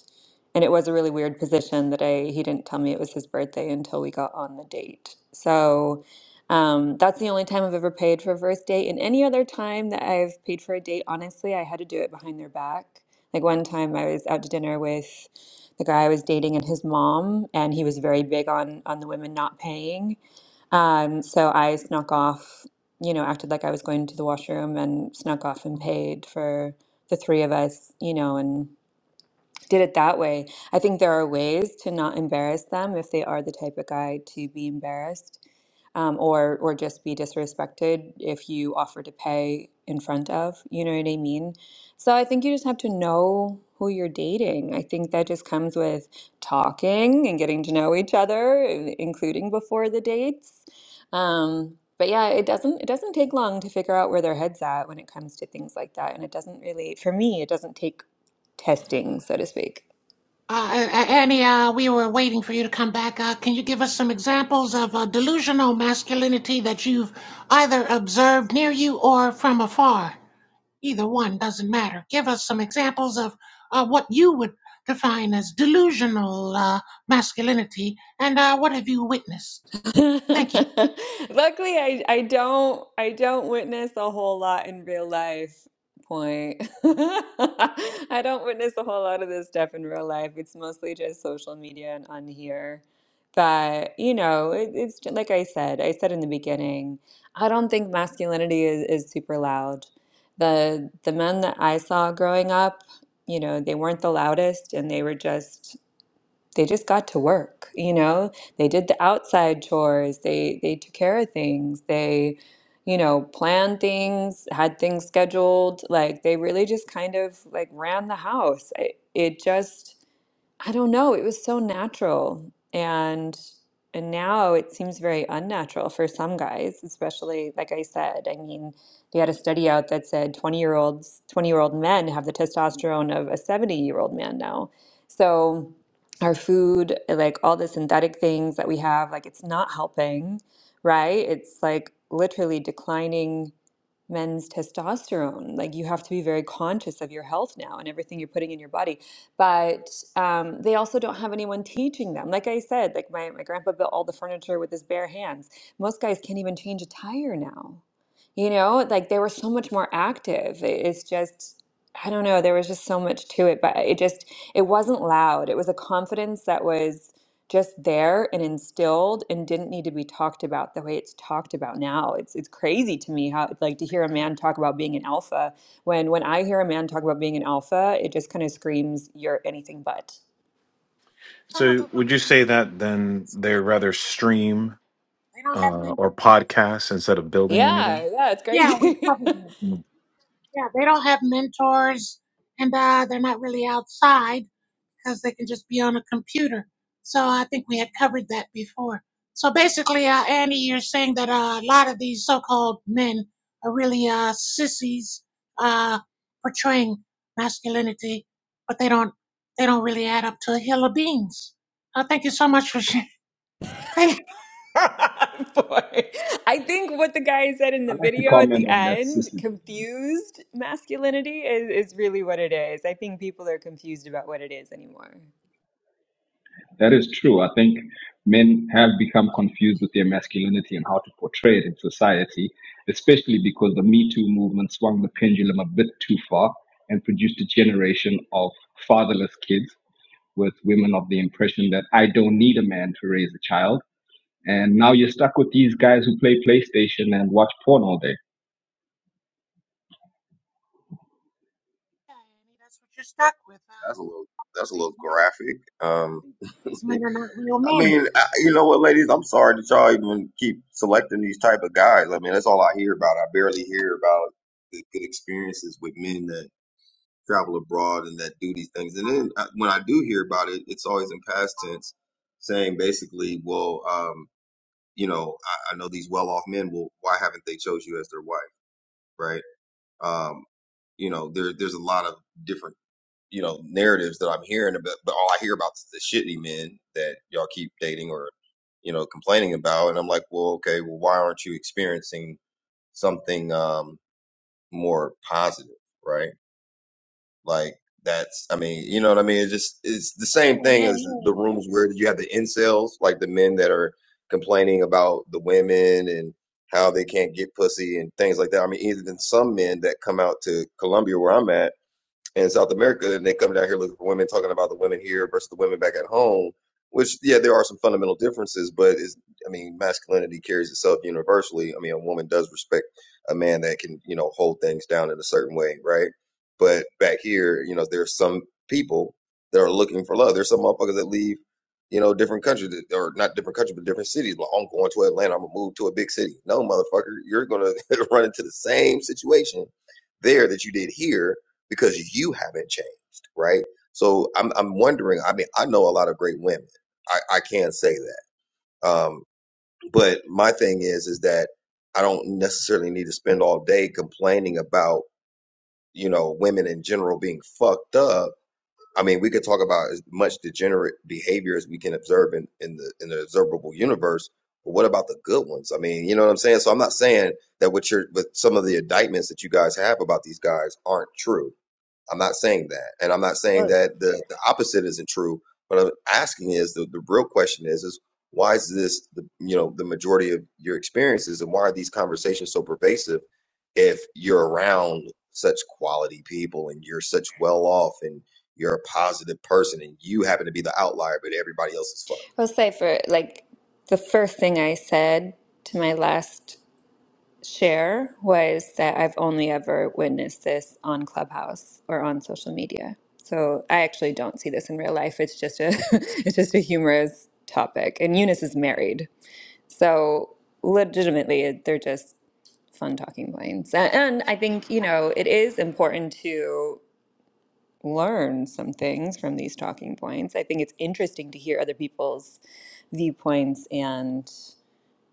S2: And it was a really weird position that I he didn't tell me it was his birthday until we got on the date. So um, that's the only time I've ever paid for a first date. And any other time that I've paid for a date, honestly, I had to do it behind their back. Like one time I was out to dinner with the guy I was dating and his mom, and he was very big on on the women not paying. Um, so I snuck off, you know, acted like I was going to the washroom and snuck off and paid for the three of us, you know, and did it that way. I think there are ways to not embarrass them if they are the type of guy to be embarrassed um, or or just be disrespected if you offer to pay in front of. You know what I mean? So I think you just have to know who you're dating. I think that just comes with talking and getting to know each other, in- including before the dates. Um, but yeah, it doesn't it doesn't take long to figure out where their head's at when it comes to things like that, and it doesn't really, for me, it doesn't take testing, so to speak.
S13: Uh, A- Annie, uh, we were waiting for you to come back. Uh, can you give us some examples of uh, delusional masculinity that you've either observed near you or from afar? Either one doesn't matter. Give us some examples of uh, what you would define as delusional uh, masculinity, and uh, what have you witnessed?
S2: *laughs* Luckily,
S13: Thank you.
S2: I I don't I don't witness a whole lot in real life. Point. *laughs* I don't witness a whole lot of this stuff in real life. It's mostly just social media and on here. But you know, it, it's ju- like I said. I said in the beginning. I don't think masculinity is, is super loud. The the men that I saw growing up, you know, they weren't the loudest, and they were just they just got to work you know they did the outside chores they they took care of things they you know planned things had things scheduled like they really just kind of like ran the house it, it just I don't know. It was so natural. And and now it seems very unnatural for some guys, especially like I said. I mean, they had a study out that said 20-year-olds, 20-year-old men have the testosterone of a 70-year-old man now. So our food, like all the synthetic things that we have, like it's not helping, right? It's like literally declining men's testosterone. Like you have to be very conscious of your health now and everything you're putting in your body. But um, they also don't have anyone teaching them. Like I said, like my, my grandpa built all the furniture with his bare hands. Most guys can't even change a tire now. You know, like they were so much more active. It- It's just, I don't know, there was just so much to it, but it just, it wasn't loud. It was a confidence that was just there and instilled and didn't need to be talked about the way it's talked about now. It's it's crazy to me how like to hear a man talk about being an alpha when when I hear a man talk about being an alpha, it just kind of screams you're anything but.
S13: Some of
S25: So
S13: us
S25: would you
S13: believe
S25: say
S13: in
S25: that then
S13: so
S25: they
S13: they don't
S25: rather
S13: have men-
S25: stream
S13: they don't have
S25: uh, or
S13: mentors.
S25: podcast instead of building anything?
S2: Yeah, yeah, it's
S13: Yeah, we've
S2: crazy. *laughs*
S13: covered that.
S25: Mm.
S13: Yeah, they don't have mentors, and uh, they're not really outside. because they can just be on a computer. So I think we had covered that before. So basically, uh, Annie, you're saying that uh, a lot of these so-called men are really uh, sissies uh, portraying masculinity, but they don't they don't really add up to a hill of beans. Uh, thank you so much for sharing. *laughs* Thank you.
S2: *laughs* Boy, I think what the guy said in
S26: i
S2: the
S26: like to
S2: video at the
S26: comment on that,
S2: end,
S26: Sissy.
S2: confused masculinity is, is really what it is. I think people are confused about what it is anymore.
S26: That is true. I think men have become confused with their masculinity and how to portray it in society, especially because the Me Too movement swung the pendulum a bit too far and produced a generation of fatherless kids with women of the impression that I don't need a man to raise a child. And now you're stuck with these guys who play PlayStation and watch porn all day.
S13: Yeah, Annie, that's what you're stuck with. Uh,
S22: that's a little that's a
S13: these
S22: little
S13: men,
S22: graphic. Um,
S13: these men are not real
S22: I
S13: men.
S22: mean, I, you know what, ladies? I'm sorry that y'all even keep selecting these type of guys. I mean, that's all I hear about. I barely hear about the good experiences with men that travel abroad and that do these things. And then uh, when I do hear about it, it's always in past tense, saying basically, well, um, you know, I, I know these well-off men. Well, why haven't they chose you as their wife, right? Um, you know, there there's a lot of different you know narratives that I'm hearing about, but all I hear about is the shitty men that y'all keep dating or you know complaining about, and I'm like, well, okay, well, why aren't you experiencing something um, more positive, right? Like that's, I mean, you know what I mean? It's just, it's the
S13: Yeah,
S22: same thing
S13: yeah,
S22: as
S13: yeah.
S22: the rooms where you have the incels, like the men that are complaining about the women and how they can't get pussy and things like that. I mean, even some men that come out to Columbia where I'm at in South America, and they come down here looking for women, talking about the women here versus the women back at home. Which, yeah, there are some fundamental differences, but is I mean, masculinity carries itself universally. I mean, a woman does respect a man that can, you know, hold things down in a certain way, right? But back here, you know, there's some people that are looking for love. There's some motherfuckers that leave, you know, different countries that- or not different countries, but different cities. Well, I'm going to Atlanta. I'm gonna move to a big city. No, motherfucker, you're gonna *laughs* run into the same situation there that you did here because you haven't changed, right? So I'm I'm wondering. I mean, I know a lot of great women. I I can say that. Um, but my thing is is that I don't necessarily need to spend all day complaining about you know women in general being fucked up. I mean, we could talk about as much degenerate behavior as we can observe in, in the in the observable universe. But what about the good ones? I mean, you know what I'm saying. So I'm not saying that what you're, but some of the indictments that you guys have about these guys aren't true I'm not saying that, and I'm not saying that the, the opposite isn't true. What I'm asking is the, the real question is is why is this the you know the majority of your experiences, and why are these conversations so pervasive if you're around such quality people and you're such well off and you're a positive person and you happen to be the outlier, but everybody else is fucked.
S2: I'll say for like the first thing I said to my last share was that I've only ever witnessed this on Clubhouse or on social media. So I actually don't see this in real life. It's just a *laughs* it's just a humorous topic. And Eunice is married. So legitimately they're just fun talking points. A- And
S13: They,
S2: I think, you know, it is important to learn some things from these talking points. I think it's interesting to hear other people's viewpoints and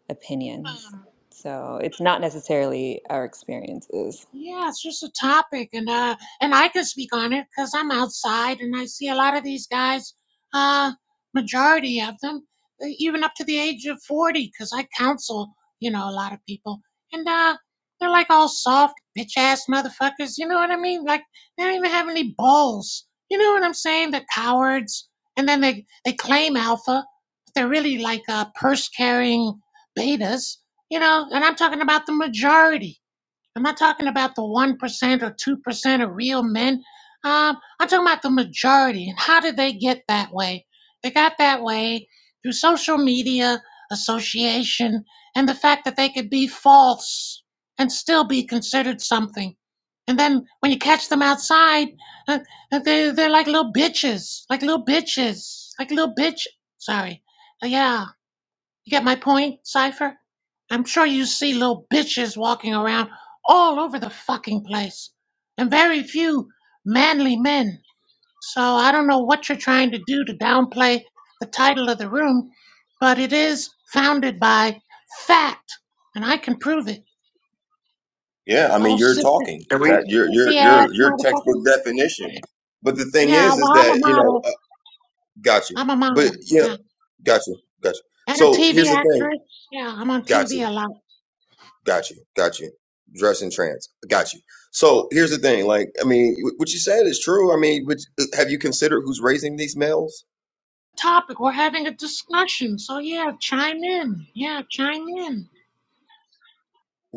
S2: opinions.
S13: uh,
S2: So it's not necessarily our experiences.
S13: Yeah, it's just a topic, and uh, and I can speak on it because I'm outside and I see a lot of these guys. Uh, majority of them, uh, even up to the age of forty, because I counsel, you know, a lot of people, and uh, they're like all soft bitch ass motherfuckers. You know what I mean? Like they don't even have any balls. You know what I'm saying? They're cowards, and then they they claim alpha, but they're really like uh, purse carrying betas. You know, and I'm talking about the majority I'm not talking about the 1% or 2% of real men. Um, I'm talking about the majority. And how did they get that way? They got that way through social media, association, and the fact that they could be false and still be considered something. And then when you catch them outside, uh, uh, they, they're like little bitches, like little bitches, like little bitch. Sorry. Uh, yeah. You get my point, Cypher? I'm sure you see little bitches walking around all over the fucking place, and very few manly men. So I don't know what you're trying to do to downplay the title of the room, but it is founded by fact, and I can prove it.
S22: Yeah, I
S13: Oh,
S22: mean you're
S13: sissy,
S22: talking
S24: Are
S13: oh,
S24: we?
S22: that you're
S13: sissy
S22: you're you're
S13: ass
S22: your textbook
S13: motherfuckers.
S22: definition. But the thing
S13: Yeah,
S22: is,
S13: well,
S22: is
S13: I'm a
S22: that you know,
S13: model.
S22: uh, got you.
S13: I'm a
S22: But
S13: model.
S22: yeah.
S13: Yeah.
S22: Got you. Got you.
S13: And a
S22: So
S13: TV
S22: here's the thing.
S13: actress. Yeah, I'm on
S22: Got
S13: TV a
S22: you.
S13: lot.
S22: Got you. Got you. Dress in trans. Got you. So here's the thing. Like, I mean, wh- what you said is true. I mean, which, have you considered who's raising these males?
S13: topic. We're having a discussion. So yeah, chime in. Yeah, chime in.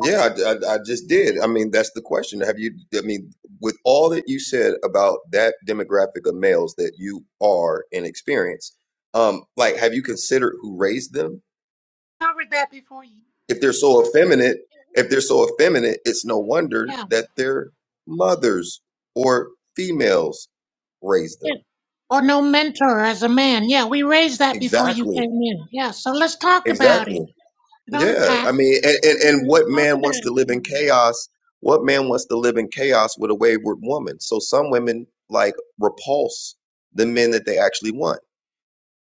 S13: I
S22: I, I, I just did. I mean, that's the question. Have you, I mean, with all that you said about that demographic of males that you are and experience, um, like, have you considered who raised them?
S13: covered that before you.
S22: If they're so effeminate, if they're so effeminate, it's no wonder
S13: Yeah,
S22: that their mothers or females raised them.
S13: yeah. Or no mentor as a man. Yeah, we raised that before you
S22: Exactly.
S13: came in. Yeah, so let's talk about it.
S22: Exactly.
S13: Don't
S22: Yeah.
S13: attack.
S22: I mean, and, and, and
S13: Let's
S22: what
S13: talk
S22: man wants
S13: about
S22: to
S13: it.
S22: live
S13: You
S22: in chaos? What man wants to live in chaos with a wayward woman? So some women like repulse the men that they actually want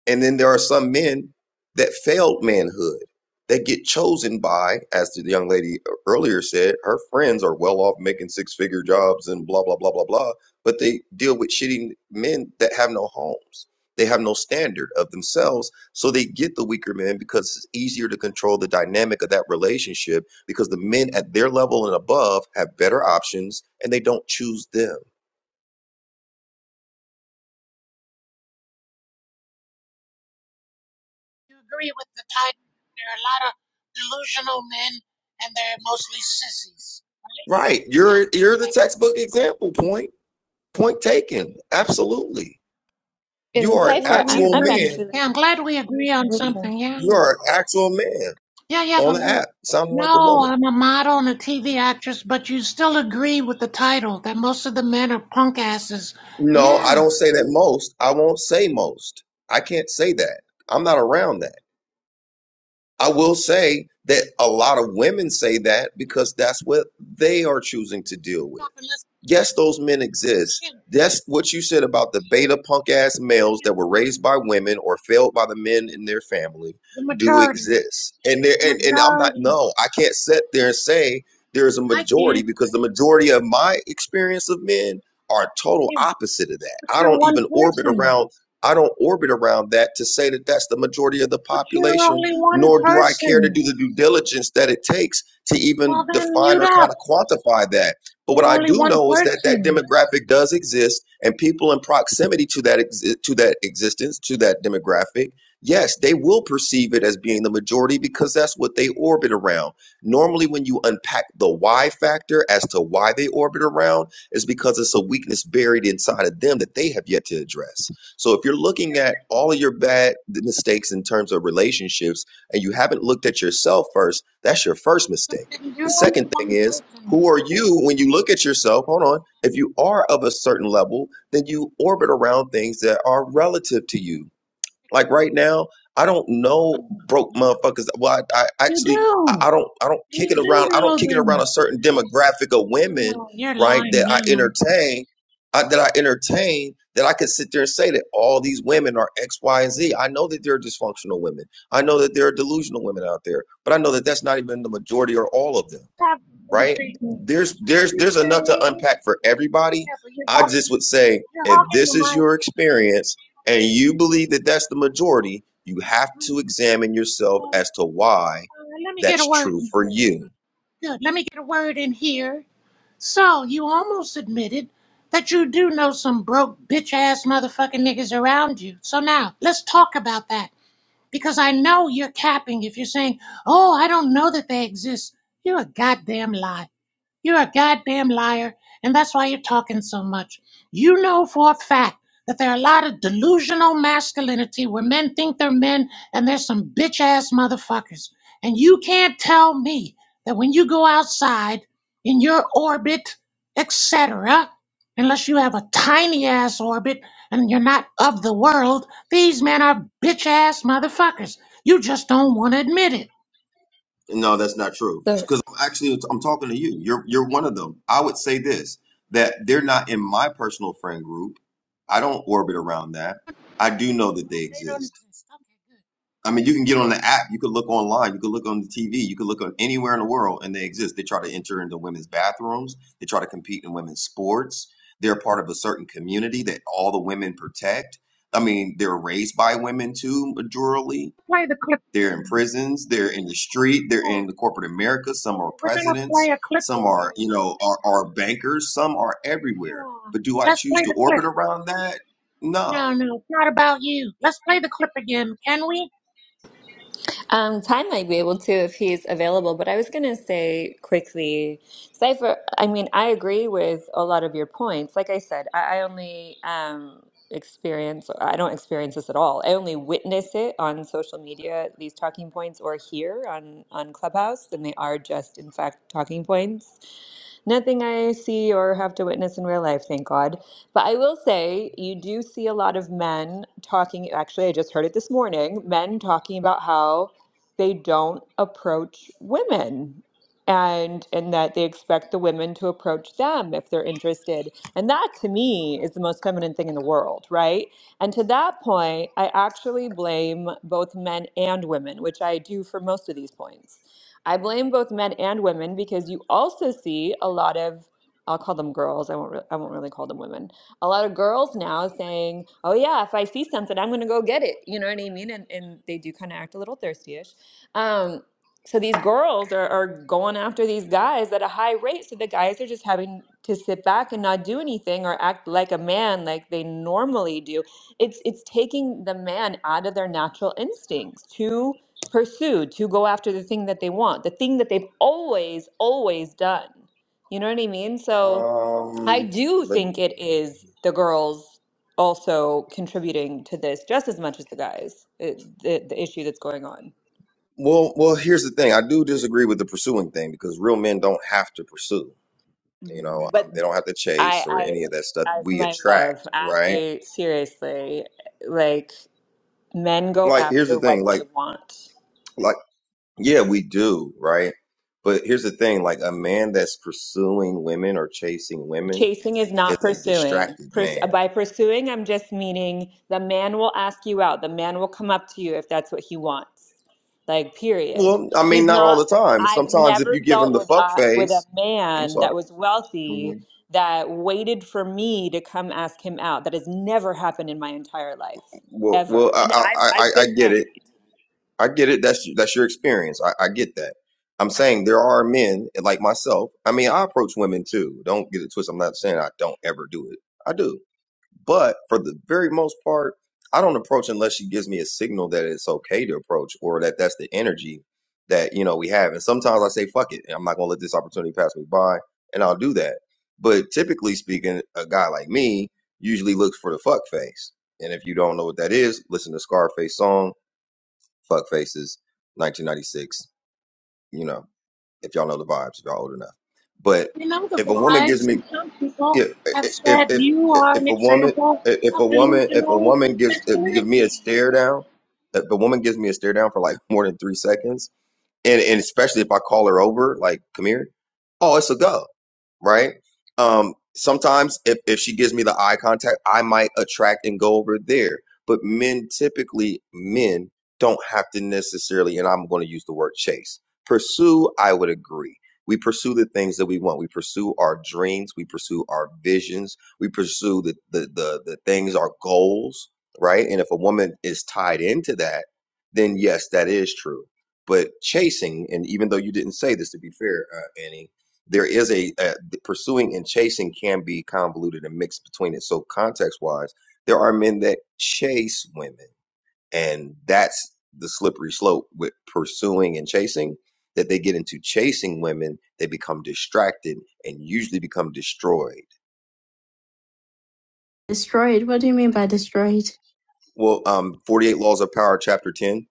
S22: And then there are some men that failed manhood that get chosen by, as the young lady earlier said, her friends are well off making six figure jobs and blah, blah, blah, blah, blah. But they deal with shitty men that have no homes. They have no standard of themselves. So they get the weaker men because it's easier to control the dynamic of that relationship because the men at their level and above have better options and they don't choose them.
S13: agree with the title. There are a lot of delusional men, and they're mostly sissies, right?
S22: Right. You're you're
S13: Yeah.
S22: the
S13: I-
S22: textbook example point. Point taken. Absolutely. You
S2: In
S13: I'm
S22: are an
S2: Cypher,
S13: glad we
S2: I'm
S22: actual
S2: I'm
S22: man.
S13: agree.
S2: actually
S13: Yeah, I'm glad we agree on
S2: okay.
S13: something. Yeah.
S22: You are an actual man
S13: Yeah, yeah,
S22: on
S13: but
S22: the
S13: we're
S22: app, sounding like a
S13: no,
S22: woman.
S13: I'm a model and a TV actress, but you still agree with the title that most of the men are punk asses.
S22: No, I
S13: Yeah.
S22: don't say that most. I won't say most. I can't say that. I'm not around that. I will say that a lot of women say that because that's what they are choosing to deal with.
S13: Stop and listen.
S22: Yes, those men exist.
S13: Yeah, so,
S22: That's what you said about the beta punk ass males
S13: yeah,
S22: that were raised by women or failed by the men in their family
S13: The
S22: do
S13: majority.
S22: exist. And there and, and I'm not
S13: Majority.
S22: no, I can't sit there and say there's a
S13: I
S22: majority
S13: can.
S22: because the majority of my experience of men are total
S13: Yeah,
S22: opposite of that.
S13: but
S22: I
S13: you're
S22: don't
S13: one
S22: even orbit
S13: person.
S22: around I don't orbit around that to say that that's the majority of the
S13: But you're
S22: population,
S13: only one
S22: nor do I care to
S13: person.
S22: do the due diligence that it takes to even
S13: Well, then
S22: define
S13: mute
S22: or kind
S13: up.
S22: of quantify that but what
S13: You're
S22: I
S13: only
S22: do
S13: one
S22: know is that that
S13: person.
S22: demographic does exist, and people in proximity to that exi- to that existence, to that demographic, yes, they will perceive it as being the majority because that's what they orbit around. Normally, when you unpack the why factor as to why they orbit around, is because it's a weakness buried inside of them that they have yet to address. So, if you're looking at all of your bad mistakes in terms of relationships, and you haven't looked at yourself first, that's your first mistake. The
S13: You're only
S22: second thing
S13: one
S22: is
S13: person.
S22: who are you when you look at yourself? Hold on. If you are of a certain level, then you orbit around things that are relative to you. Like right now, I don't know
S13: Oh,
S22: broke motherfuckers. Well, I, I
S13: You
S22: actually I,
S13: do.
S22: I don't I don't kick
S13: You
S22: it
S13: do
S22: around. I
S13: know
S22: don't kick it around a
S13: them.
S22: certain demographic of women,
S13: Oh, you're
S22: right?
S13: lying
S22: That I
S13: now.
S22: entertain, I, that I entertain. That I could sit there and say that all these women are X, Y, and Z. I know that there are dysfunctional women. I know that there are delusional women out there, but I know that that's not even the majority or all of them
S13: Stop
S22: right?
S13: bullshitting me.
S22: There's there's
S13: You're
S22: there's enough to
S13: saying,
S22: unpack for everybody.
S13: yeah, but you're
S22: I
S13: hogging,
S22: just would say
S13: you're
S22: if
S13: hogging the
S22: this is your
S13: mic.
S22: experience and you believe that that's the majority, you have to examine yourself
S13: Uh, uh,
S22: as to why
S13: let me get a
S22: that's
S13: word
S22: true
S13: in
S22: for
S13: here.
S22: you.
S13: Good. Let me get a word in here. So you almost admitted that you do know some broke bitch ass motherfucking niggas around you. So now let's talk about that because I know you're capping if you're saying, "Oh, I don't know that they exist." You're a goddamn lie. You're a goddamn liar, and that's why you're talking so much. You know for a fact that there are a lot of delusional masculinity where men think they're men and there's some bitch ass motherfuckers. And you can't tell me that when you go outside in your orbit, etc., unless you have a tiny ass orbit and you're not of the world, these men are bitch ass motherfuckers. You just don't want to admit it.
S22: No, that's not true. Because actually I'm talking to you. You're you're one of them. I would say this that they're not in my personal friend group. I don't orbit around that. I do know that they
S13: They don't
S22: exist.
S13: exist.
S22: I mean, you can get on the app, you could look online, you could look on the TV, you could look on anywhere in the world, and they exist. They try to enter into women's bathrooms, they try to compete in women's sports. They're part of a certain community that all the women protect. I mean, they're raised by women too, majorly.
S13: Play the clip.
S22: They're in prisons, they're in the street, they're in the corporate America. Some are
S13: We're gonna play
S22: presidents,
S13: a clip
S22: some
S13: for
S22: are, you
S13: you.
S22: know, are, are bankers, some are everywhere.
S13: Yeah.
S22: But do I
S13: Let's
S22: choose
S13: play
S22: to
S13: the clip.
S22: orbit around that? No.
S13: No, no, it's not about you. Let's play the clip again, can we?
S2: Um, Ty might be able to if he's available, but I was going to say quickly, Cypher, I mean, I agree with a lot of your points. Like I said, I, I only um, experience, I don't experience this at all. I only witness it on social media, these talking points, or here on, on Clubhouse, and they are just, in fact, talking points. Nothing I see or have to witness in real life, thank God. But I will say, you do see a lot of men talking. Actually, I just heard it this morning men talking about how they don't approach women and and that they expect the women to approach them if they're interested and that to me is the most feminine thing in the world right and to that point i actually blame both men and women which i do for most of these points i blame both men and women because you also see a lot of i'll call them girls i won't re- i won't really call them women a lot of girls now saying, "Oh yeah, if I see something, I'm gonna go get it." You know what I mean? And and they do kind of act a little thirsty um, so these girls are, are going after these guys at a high rate. So the guys are just having to sit back and not do anything or act like a man like they normally do. It's it's taking the man out of their natural instincts to pursue, to go after the thing that they want, the thing that they've always, always done. You know what I mean? So I
S22: Um,
S2: do think it is the girls also contributing to this just as much as the guys, it, the, the issue that's going on.
S22: Well, well, here's the thing. I do disagree with the pursuing thing because real men don't have to pursue. You know,
S2: But
S22: um, they don't have to chase
S2: I,
S22: or
S2: I,
S22: any of that stuff.
S2: I,
S22: We
S2: my love,
S22: attract, right?
S2: I seriously, like, men go
S22: Like, here's the
S2: after
S22: thing.
S2: what they
S22: Like,
S2: want.
S22: like, yeah, we do, right? But here's the thing. Like, a man that's pursuing women or chasing women
S2: Chasing is
S22: is
S2: not
S22: a
S2: pursuing.
S22: distracted
S2: Purs-
S22: man.
S2: by pursuing, I'm just meaning the man will ask you out. The man will come up to you if that's what he wants. Like, period.
S22: Well, I mean,
S2: He's
S22: not all
S2: not.
S22: the time.
S2: I've
S22: Sometimes if
S2: never
S22: you give him
S2: dealt
S22: the
S2: with
S22: fuck
S2: a, with a
S22: face, I'm
S2: man
S22: sorry.
S2: that was wealthy
S22: Mhm.
S2: that waited for me to come ask him out. That has never happened in my entire life,
S22: Well, well,
S2: ever. And
S22: I,
S2: I've
S22: I, I
S2: I've
S22: I
S2: been
S22: get it
S2: married.
S22: I get it. That's that's your experience. I, I get that. I'm saying there are men like myself. I mean, I approach women too. Don't get it twisted. I'm not saying I don't ever do it. I do. But for the very most part, I don't approach unless she gives me a signal that it's okay to approach or that that's the energy that, you know, we have. And sometimes I say, fuck it. and I'm not going to let this opportunity pass me by. And I'll do that. But typically speaking, a guy like me usually looks for the fuck face. And if you don't know what that is, listen to Scarface song Fuck Faces, 1996. You know, if y'all know the vibes, if y'all old enough. But
S13: You know the
S22: if a woman gives
S13: vibes, and
S22: me,
S13: some people
S22: if
S13: have
S22: if
S13: said
S22: if,
S13: you are
S22: if
S13: an
S22: a woman,
S13: example
S22: if a
S13: of
S22: woman, if a
S13: delusional
S22: woman gives if, give me a
S13: masculinity.
S22: stare down, if a woman gives me a stare down for like more than three seconds, and and especially if I call her over, like, come here. Oh, it's a go, right? Um, sometimes if if she gives me the eye contact, I might attract and go over there. But men typically, men don't have to necessarily, and I'm going to use the word chase. Pursue, I would agree. We pursue the things that we want. We pursue our dreams. We pursue our visions. We pursue the the the, the things, our goals, right? And if a woman is tied into that, then yes, that is true but chasing, and even though you didn't say this, to be fair, uh, Annie, there is a, uh the pursuing and chasing can be convoluted and mixed between it. So context wise, there are men that chase women, and that's the slippery slope with pursuing and chasing. That they get into chasing women, they become distracted and usually become destroyed.
S1: Destroyed? What do you mean by destroyed?
S22: Well, um, 48 Laws of Power, Chapter 10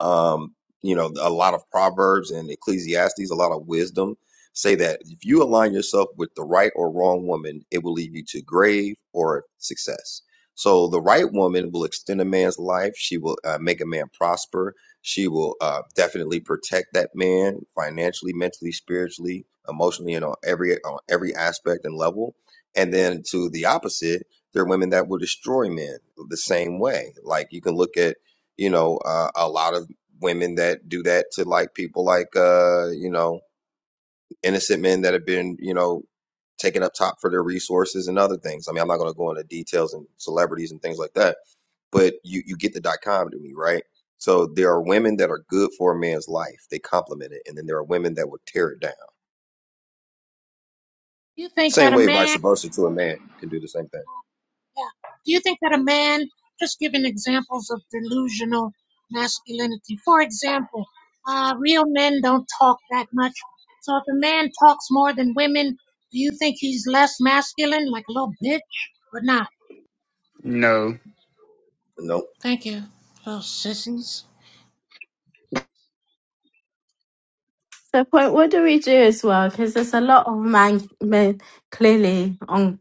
S22: um, you know a lot of proverbs and ecclesiastes a lot of wisdom say that if you align yourself with the right or wrong woman it will lead you to grave or success so the right woman will extend a man's life she will uh, make a man prosper she will uh, definitely protect that man financially mentally spiritually emotionally and on every on every aspect and level and then to the opposite there are women that will destroy men the same way like you can look at you know, uh, a lot of women that do that to like people like uh you know innocent men that have been you know taken up top for their resources and other things i mean i'm not going to go into details and celebrities and things like that but you you get the dichotomy right so there are women that are good for a man's life they complement it and then there are women that would tear it down
S13: You think that
S22: same
S13: a
S22: way vice
S13: man
S22: versa to a man can do the same thing
S13: Yeah. Do you think that a man, just giving examples of delusional masculinity, for example, uh, real men don't talk that much. So if a man talks more than women, do you think he's less masculine, like a little bitch, or not?
S24: no.
S22: no
S13: Thank you, little sissies.
S1: So, point, what do we do as well? Because there's a lot of man, men clearly on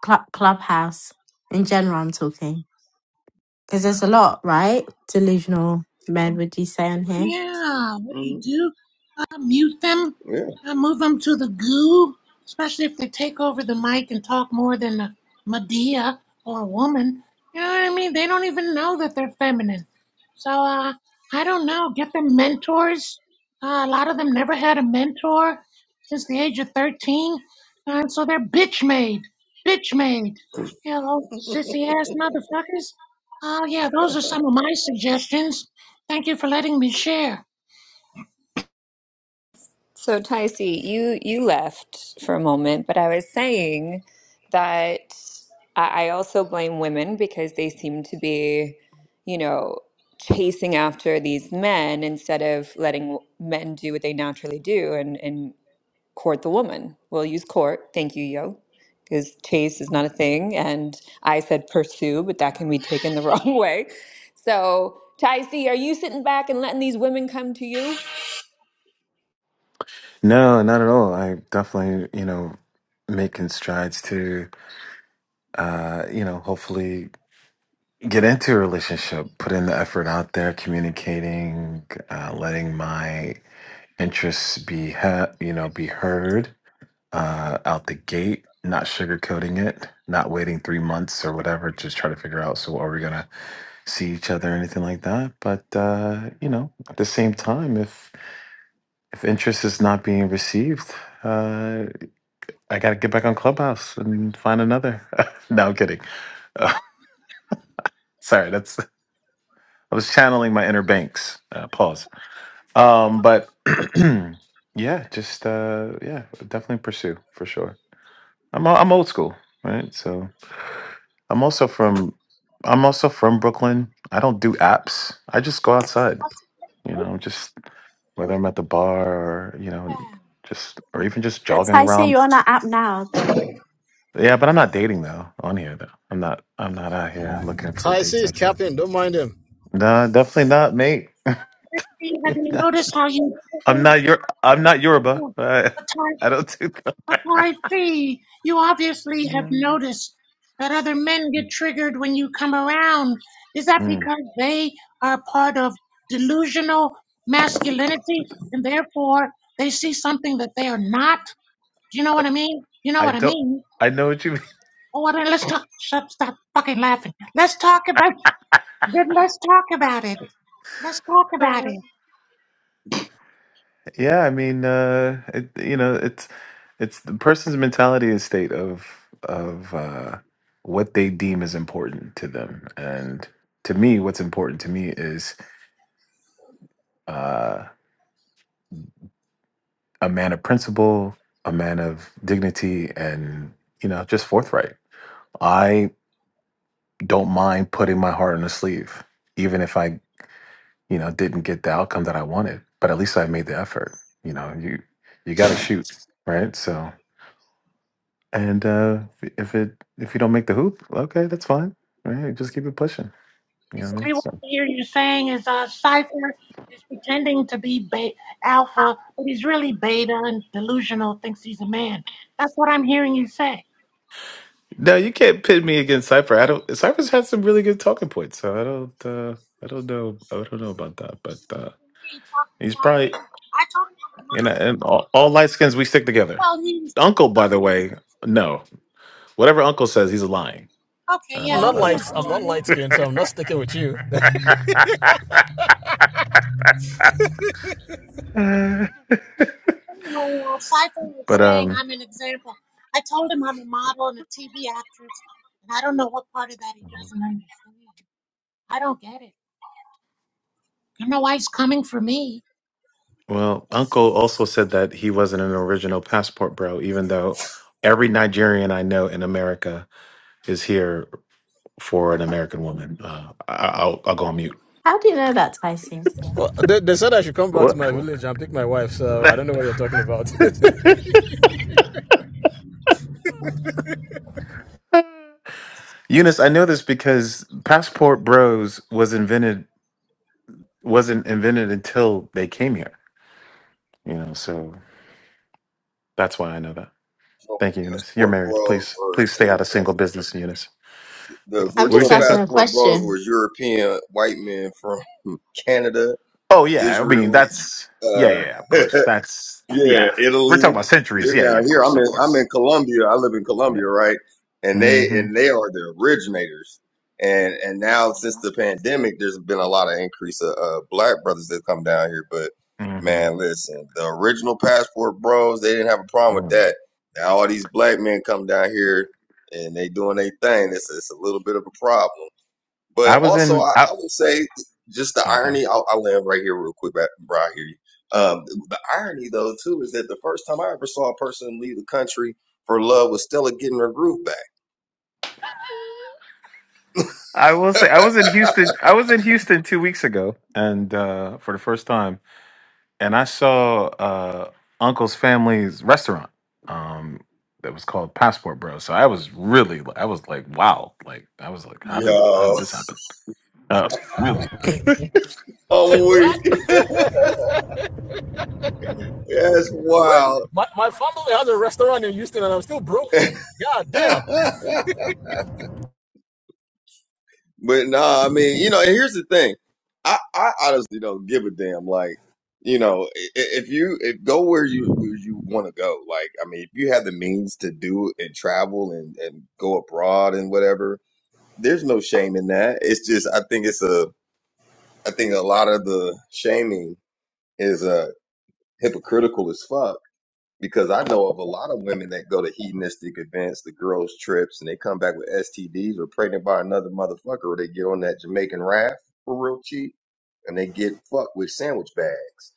S1: club, Clubhouse in general. I'm talking because there's a lot, right? Delusional men, would you say on here?
S13: Yeah, what do you
S22: Mhm.
S13: do? mute them.
S22: yeah
S13: I move them to the goo, especially if they take over the mic and talk more than a Medea or a woman. You know what I mean? They don't even know that they're feminine. So uh, I don't know. Get them mentors. Uh, a lot of them never had a mentor since the age of 13. And so they're bitch made. Bitch made. You know, sissy ass motherfuckers. Oh, yeah, those are some of my suggestions. Thank you for letting me share.
S2: So, Taisi, you you left for a moment, but I was saying that I I also blame women because they seem to be, you know, chasing after these men instead of letting w- men do what they naturally do and and court the woman. We'll use court. Thank you, yo. Because chase is not a thing, and I said pursue, but that can be taken the *laughs* wrong way. So, Taisi, are you sitting back and letting these women come to you?
S25: No, not at all. I definitely, you know, making strides to, uh, you know, hopefully. get into a relationship, put in the effort out there, communicating, uh, letting my interests be, he- you know, be heard uh, out the gate, not sugarcoating it, not waiting three months or whatever to try to figure out. So, are we gonna see each other or anything like that? But uh, you know, at the same time, if if interest is not being received. Uh, I gotta get back on Clubhouse and find another. *laughs* no, I'm kidding. *laughs* sorry, that's I was channeling my inner banks. Uh, pause. Um, but *clears throat* yeah, just uh, yeah, definitely pursue for sure. I'm o- I'm old school, right? So I'm also from I'm also from Brooklyn. I don't do apps. I just go outside. You know, just whether I'm at the bar or you know,
S13: Yeah.
S25: just or even just
S1: But
S25: jogging
S1: Taisy,
S25: around.
S1: you're on our app now, though.
S25: Yeah, but I'm not dating though on here though. I'm not. I'm not out here looking for
S27: Ty C
S25: dates
S27: is
S25: and stuff.
S27: captain. Don't mind him.
S25: No, definitely not, mate.
S13: Fee,
S25: *laughs*
S13: Have you noticed how you
S25: I'm not your. I'm not Yoruba. *laughs* I,
S13: Patai
S25: I don't do that. *laughs*
S13: Patai Fee? You obviously have
S25: Mm.
S13: noticed that other men get triggered when you come around. Is that because they are part of delusional masculinity and therefore they see something that they are not? Do you know what I mean? You know
S25: I
S13: what I
S25: don't.
S13: mean?
S25: I know what you mean.
S13: Oh, well, then let's talk. Stop, stop fucking laughing. Let's talk about. Then let's talk about it. Let's talk about
S25: *laughs*
S13: it.
S25: yeah, I mean, uh, it, you know, it's it's the person's mentality is state of of uh, what they deem is important to them, and to me, what's important to me is uh, a man of principle, a man of dignity, and you know, just forthright. I don't mind putting my heart on the sleeve, even if I you know, didn't get the outcome that I wanted, but at least I made the effort. You know, you you got to shoot, right? So, and uh, if it if you don't make the hoop, okay, that's fine. Right, just keep it pushing. You know what I mean?
S13: basically what
S25: So,
S13: I hear you saying is uh, Cypher is pretending to be be- alpha, but he's really beta and delusional, thinks he's a man. That's what I'm hearing you say.
S25: no, you can't pit me against Cypher. I don't. Cypher's had some really good talking points, so I don't. Uh, I don't know. I don't know about that, but uh,
S13: He talks
S25: he's
S13: about
S25: probably
S13: me. I told him I'm a
S25: you know. And all, all light skins, we stick together.
S13: Well, he's,
S25: Uncle, by the way, no, whatever Uncle says, he's lying.
S13: okay,
S27: I'm
S13: yeah,
S25: Um,
S27: not
S25: but
S27: light.
S13: Uncle's
S27: I'm not
S13: lying.
S27: light skinned, so I'm not sticking with you.
S25: *laughs*
S13: Anyway, uh, Cypher was
S25: but
S13: saying
S25: um.
S13: I'm an example. I told him I'm a model and a TV actress, and I don't know what part of that he doesn't understand. I don't get it. You know why he's coming for me.
S25: Well, Uncle also said that he wasn't an original passport bro, even though every Nigerian I know in America is here for an American woman. Uh, I, I'll, I'll go on mute.
S1: How do you know that, Taisy?
S27: Well, they, they said I should come back to
S25: What?
S27: my village and pick my wife. So I
S25: *laughs*
S27: don't know what you're talking about.
S25: Eunice, I know this because passport bros was invented wasn't invented until they came here. You know, so that's why I know that.
S22: so
S25: Thank you, Eunice. You're
S22: passport
S25: married.
S22: bros
S25: Please,
S22: were
S25: please stay out of single business, Eunice.
S22: the
S25: What
S1: I'm
S25: were you
S1: just
S22: original
S25: saying,
S1: asking
S25: sir?
S1: a
S22: passport bros were
S1: question.
S22: european white men from *laughs* Canada
S25: Oh yeah, I mean
S22: Israel,
S25: that's yeah, yeah,
S22: uh,
S25: yeah, of
S22: *laughs*
S25: course. That's
S22: yeah,
S25: yeah. We're
S22: Italy.
S25: talking about centuries.
S22: They're
S25: Yeah, yeah,
S22: down
S25: of
S22: here.
S25: course,
S22: I'm
S25: of
S22: in I'm in
S25: course.
S22: Colombia. I live in
S25: Yeah.
S22: Colombia, right? And
S25: hmm
S22: they
S25: hmm
S22: and they are the originators. And and now since the pandemic, there's been a lot of increase of uh, black brothers that come down here. But man, listen, the original passport bros, they didn't have a problem with
S25: Mm.
S22: that. Now all these black men come down here and they doing their thing. It's it's a little bit of a problem. But
S25: I was
S22: also,
S25: in.
S22: I, I
S25: I,
S22: would say just the
S25: okay.
S22: irony. I'll, I'll land right here real quick, back- bro. I hear you. Um, the irony, though, too, is that the first time I ever saw a person leave the country for love was Stella getting her groove back.
S25: I will say I was in Houston. I was in Houston two weeks ago, and uh, for the first time, and I saw uh, Uncle's family's restaurant um, that was called Passport Bro. So I was really, I was like, wow, like I was
S22: *laughs*
S25: like, how did how
S22: Yo,
S25: did this happen? Uh, *laughs*
S22: I'm
S27: *laughs*
S22: weak. *laughs* That's
S27: Wait,
S22: wild.
S27: my, my family has a restaurant in Houston, and I'm still broke. God damn.
S22: *laughs* But no, nah, I mean, you know, and here's the thing. I, I honestly don't give a damn. Like, you know, i- if you if go where you where you want to go, like, I mean, if you have the means to do it and travel and and go abroad and whatever, there's no shame in that. It's just I think it's a I think a lot of the shaming is uh hypocritical as fuck because I know of a lot of women that go to hedonistic events, the girls' trips, and they come back with STDs or pregnant by another motherfucker, or they get on that Jamaican raft for real cheap, and they get fucked with sandwich bags.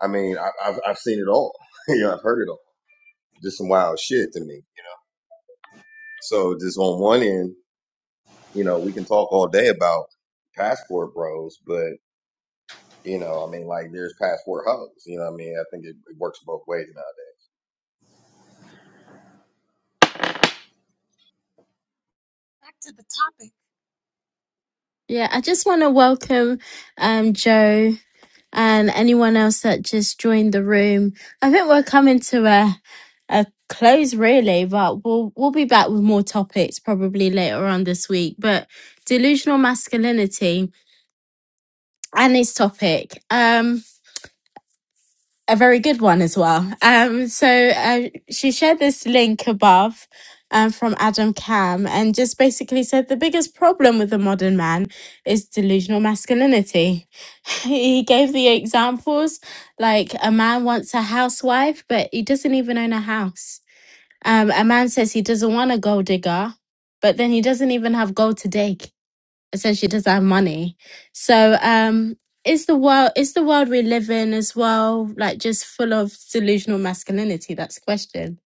S22: I mean, I, I've I've seen it all. *laughs* you know, I've heard it all. Just some wild shit to me. So just on one end, you know, we can talk all day about passport bros, but you know, I mean, like there's passport hoes. You know, what I mean, I think it, it works both ways nowadays.
S13: Back to the topic.
S1: Yeah, I just want to welcome um Joe. and anyone else that just joined the room. I think we're coming to a a close really, but we'll we'll be back with more topics probably later on this week. But delusional masculinity and this topic. Um a very good one as well. Um, so uh, she shared this link above um, from Adam Cam and just basically said the biggest problem with the modern man is delusional masculinity. *laughs* he gave the examples like a man wants a housewife, but he doesn't even own a house. Um, a man says he doesn't want a gold digger, but then he doesn't even have gold to dig essentially does have money. So um is the world is the world we live in as well like just full of delusional masculinity? That's the question.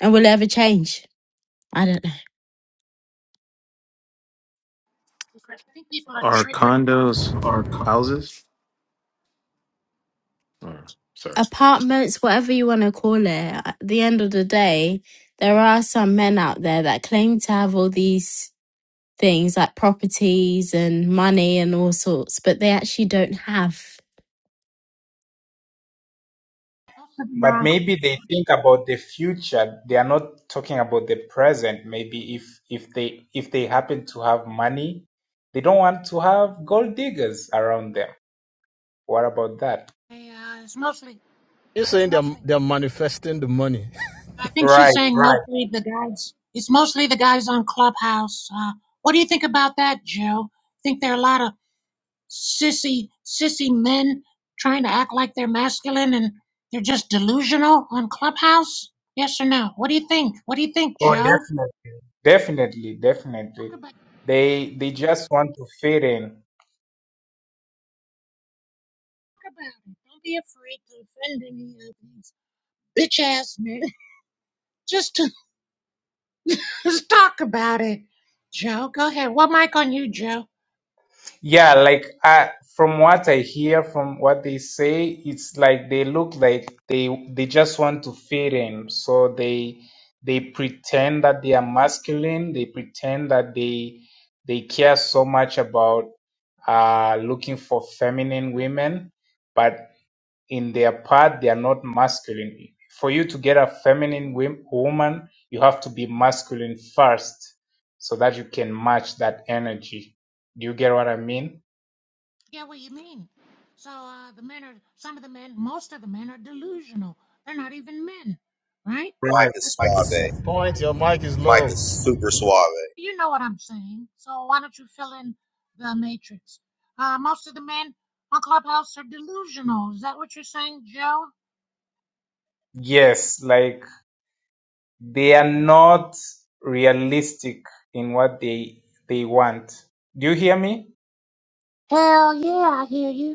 S1: And will it ever change? I don't know.
S13: I think people are
S25: Are
S13: triggered
S25: condos houses? Or, sorry.
S1: Apartments, whatever you want to call it, at the end of the day, there are some men out there that claim to have all these things like properties and money and all sorts, but they actually don't have.
S13: Most of them
S28: But
S13: are.
S28: maybe they think about the future. They are not talking about the present. Maybe if if they if they happen to have money, they don't want to have gold diggers around them. What about that?
S13: They, uh, it's mostly.
S27: You're saying they're they're manifesting the money.
S13: I think she's
S28: Right,
S13: saying
S28: right.
S13: mostly the guys. It's mostly the guys on Clubhouse. Uh, what do you think about that, Joe? Think there are a lot of sissy, sissy men trying to act like they're masculine and they're just delusional on Clubhouse? Yes or no? What do you think? What do you think,
S28: Oh,
S13: Joe?
S28: definitely. Definitely,
S13: Talk
S28: definitely.
S13: about, talk
S28: They they just want to fit in.
S13: about it. Don't be afraid to offend any of these bitch ass men. *laughs* Just, *laughs* just talk about it, Joe. Go ahead. What mic on you, Joe?
S28: Yeah, like I, from what I hear, from what they say, it's like they look like they they just want to fit in. So they they pretend that they are masculine. They pretend that they they care so much about uh, looking for feminine women, but in their part, they are not masculine. For you to get a feminine wom- woman, you have to be masculine first, so that you can match that energy. Do you get what I mean?
S13: Yeah, what you mean? So uh, the men are some of the men, most of the men are delusional. They're not even men, right?
S22: Mike
S28: Right.
S22: is
S13: That's what you
S22: suave.
S27: Point. Your mic is
S22: Mike
S27: low.
S22: is super suave.
S13: you know what I'm saying. So why don't you fill in the matrix? Uh, most of the men on Clubhouse are delusional. Is that what you're saying, Joe?
S28: Yes, like they are not realistic in what they they want. Do you hear me?
S13: Hell yeah, I hear you.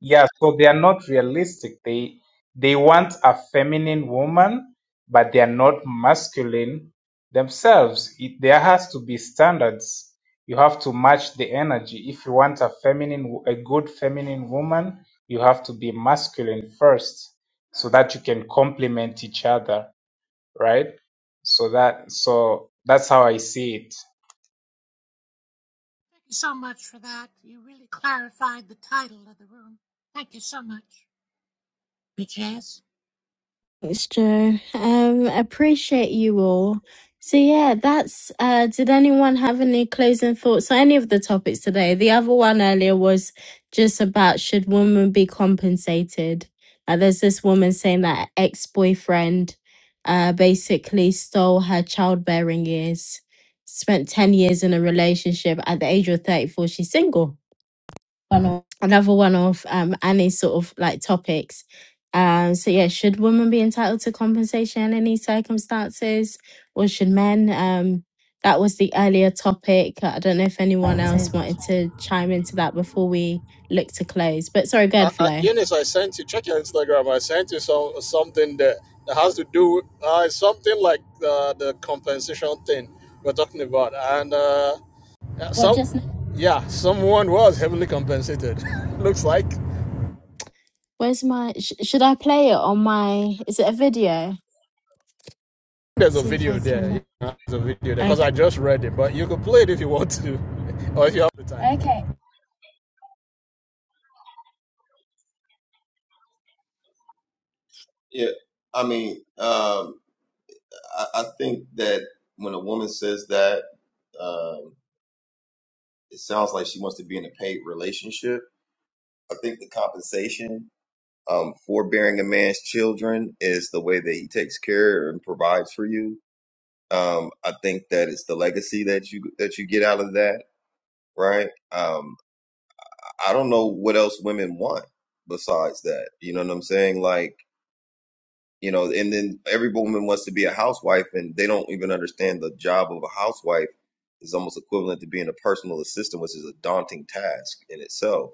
S28: Yeah, so they are not realistic. They they want a feminine woman, but they are not masculine themselves. It, there has to be standards. You have to match the energy. If you want a feminine, wo- a good feminine woman, you have to be masculine first, so that you can complement each other. right? So that so that's how I see it.
S13: Thank you so much for that. You really clarified the title of the room. Thank you so much, bitch ass.
S1: Thanks, Joe. Um, appreciate you all. So yeah, that's. Uh, did anyone have any closing thoughts on any of the topics today? The other one earlier was just about should women be compensated? Uh, there's this woman saying that ex boyfriend, uh, basically stole her childbearing years. Spent ten years in a relationship. At the age of thirty four, she's single
S27: I know
S1: another one of um Annie's sort of like topics. Um, so yeah, should women be entitled to compensation in any circumstances, or should men? Um, that was the earlier topic. I don't know if anyone else wanted to chime into that before we look to close. But sorry, go ahead,
S27: I, I,
S1: Flo.
S27: Eunice, I sent you check your Instagram. I sent you some something that, that has to do uh, something like uh, the compensation thing we're talking about, and uh, yeah, Well, some just yeah, someone was heavily compensated. *laughs* Looks like
S1: Where's my? Sh- should I play it on my? Is it a video?
S27: there's a
S1: See if
S27: video
S1: I
S27: there.
S1: can.
S27: Yeah, There's a video there
S1: I
S27: because I just read it, but you could play it if you want to, *laughs* or if you have the time. Okay.
S22: Yeah, I mean, um, I, I think that when a woman says that, um, it sounds like she wants to be in a paid relationship. I think the compensation um, for bearing a man's children is the way that he takes care and provides for you. Um, I think that it's the legacy that you that you get out of that, right? Um, I don't know what else women want besides that. You know what I'm saying? Like you know and then every woman wants to be a housewife and they don't even understand the job of a housewife is almost equivalent to being a personal assistant which is a daunting task in itself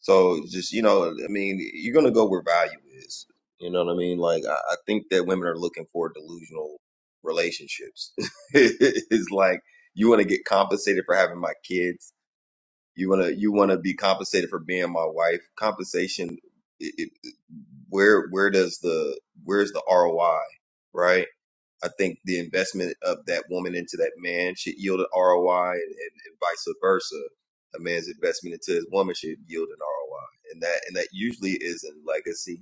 S22: so just you know i mean you're going to go where value is you know what i mean like i, I think that women are looking for delusional relationships *laughs* it's like you want to get compensated for having my kids you wanna you wanna be compensated for being my wife. Compensation, it, it, where where does the where's the ROI, right? I think the investment of that woman into that man should yield an ROI, and, and, and vice versa. A man's investment into his woman should yield an ROI, and that and that usually is in legacy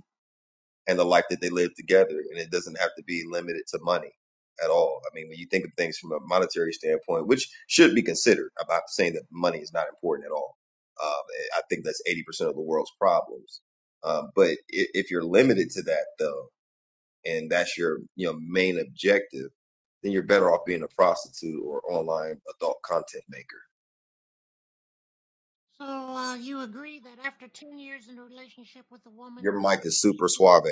S22: and the life that they live together. And it doesn't have to be limited to money at all. I mean, when you think of things from a monetary standpoint, which should be considered, I'm not saying that money is not important at all. Um, I think that's 80% of the world's problems. Um, but i- if you're limited to that though, and that's your you know main objective, then you're better off being a prostitute or online adult content maker.
S13: So uh, you agree that after ten years in a relationship with a woman,
S22: Your mic is
S13: she
S22: super
S13: should get.
S22: suave.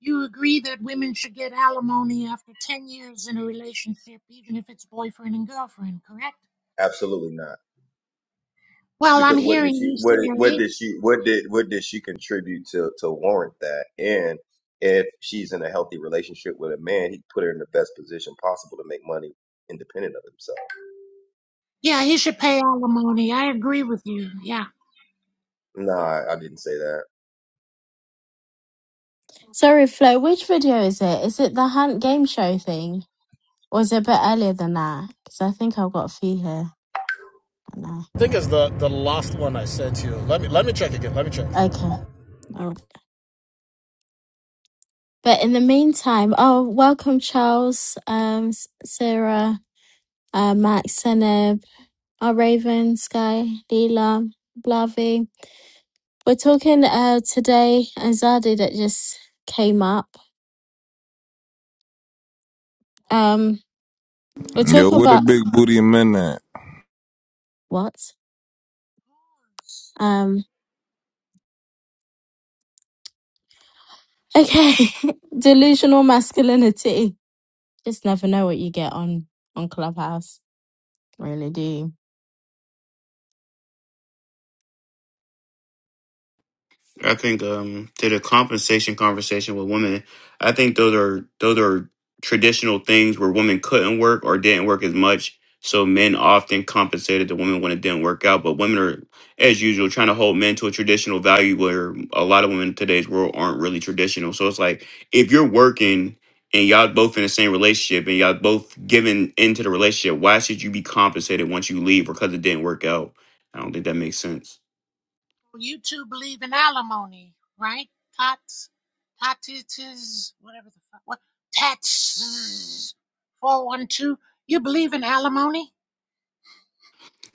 S13: You agree that women should get alimony after 10 years in a relationship, even if it's boyfriend and girlfriend, correct?
S22: Absolutely not.
S13: Well, I'm
S22: because what did
S13: hearing
S22: she
S13: you
S22: what what
S13: say,
S22: did she what did what did she contribute to to warrant that and if she's in a healthy relationship with a man he put her in the best position possible to make money independent of himself
S13: yeah, he should pay alimony. I agree with you. Yeah.
S22: no I, I didn't say that
S1: sorry, Flo. Which video is it? Is it the Hunt game show thing, or is it a bit earlier than that? Because I think I've got a few here. I don't know.
S27: I think it's the the last one I sent you. Let me let me check again. Let me check.
S1: Okay. All right. But in the meantime, oh, welcome, Charles, um, S- Sarah, uh, Max, Seneb, our Raven, Sky, Leela, Blavi. We're talking uh, today, and Zadi that just came up. Um, we're
S29: Yo,
S1: talking
S29: what a
S1: about
S29: big booty man! at?
S1: what? Um, okay, *laughs* delusional masculinity. Just never know what you get on on Clubhouse, really do.
S24: I think um to the compensation conversation with women, I think those are those are traditional things where women couldn't work or didn't work as much. So men often compensated the women when it didn't work out. But women are, as usual, trying to hold men to a traditional value where a lot of women in today's world aren't really traditional. So it's like if you're working and y'all both in the same relationship and y'all both giving into the relationship, why should you be compensated once you leave because it didn't work out? I don't think that makes sense.
S13: You two believe in alimony, right? Tots, totitas, whatever the fuck. What? Tats, 412. You believe in alimony?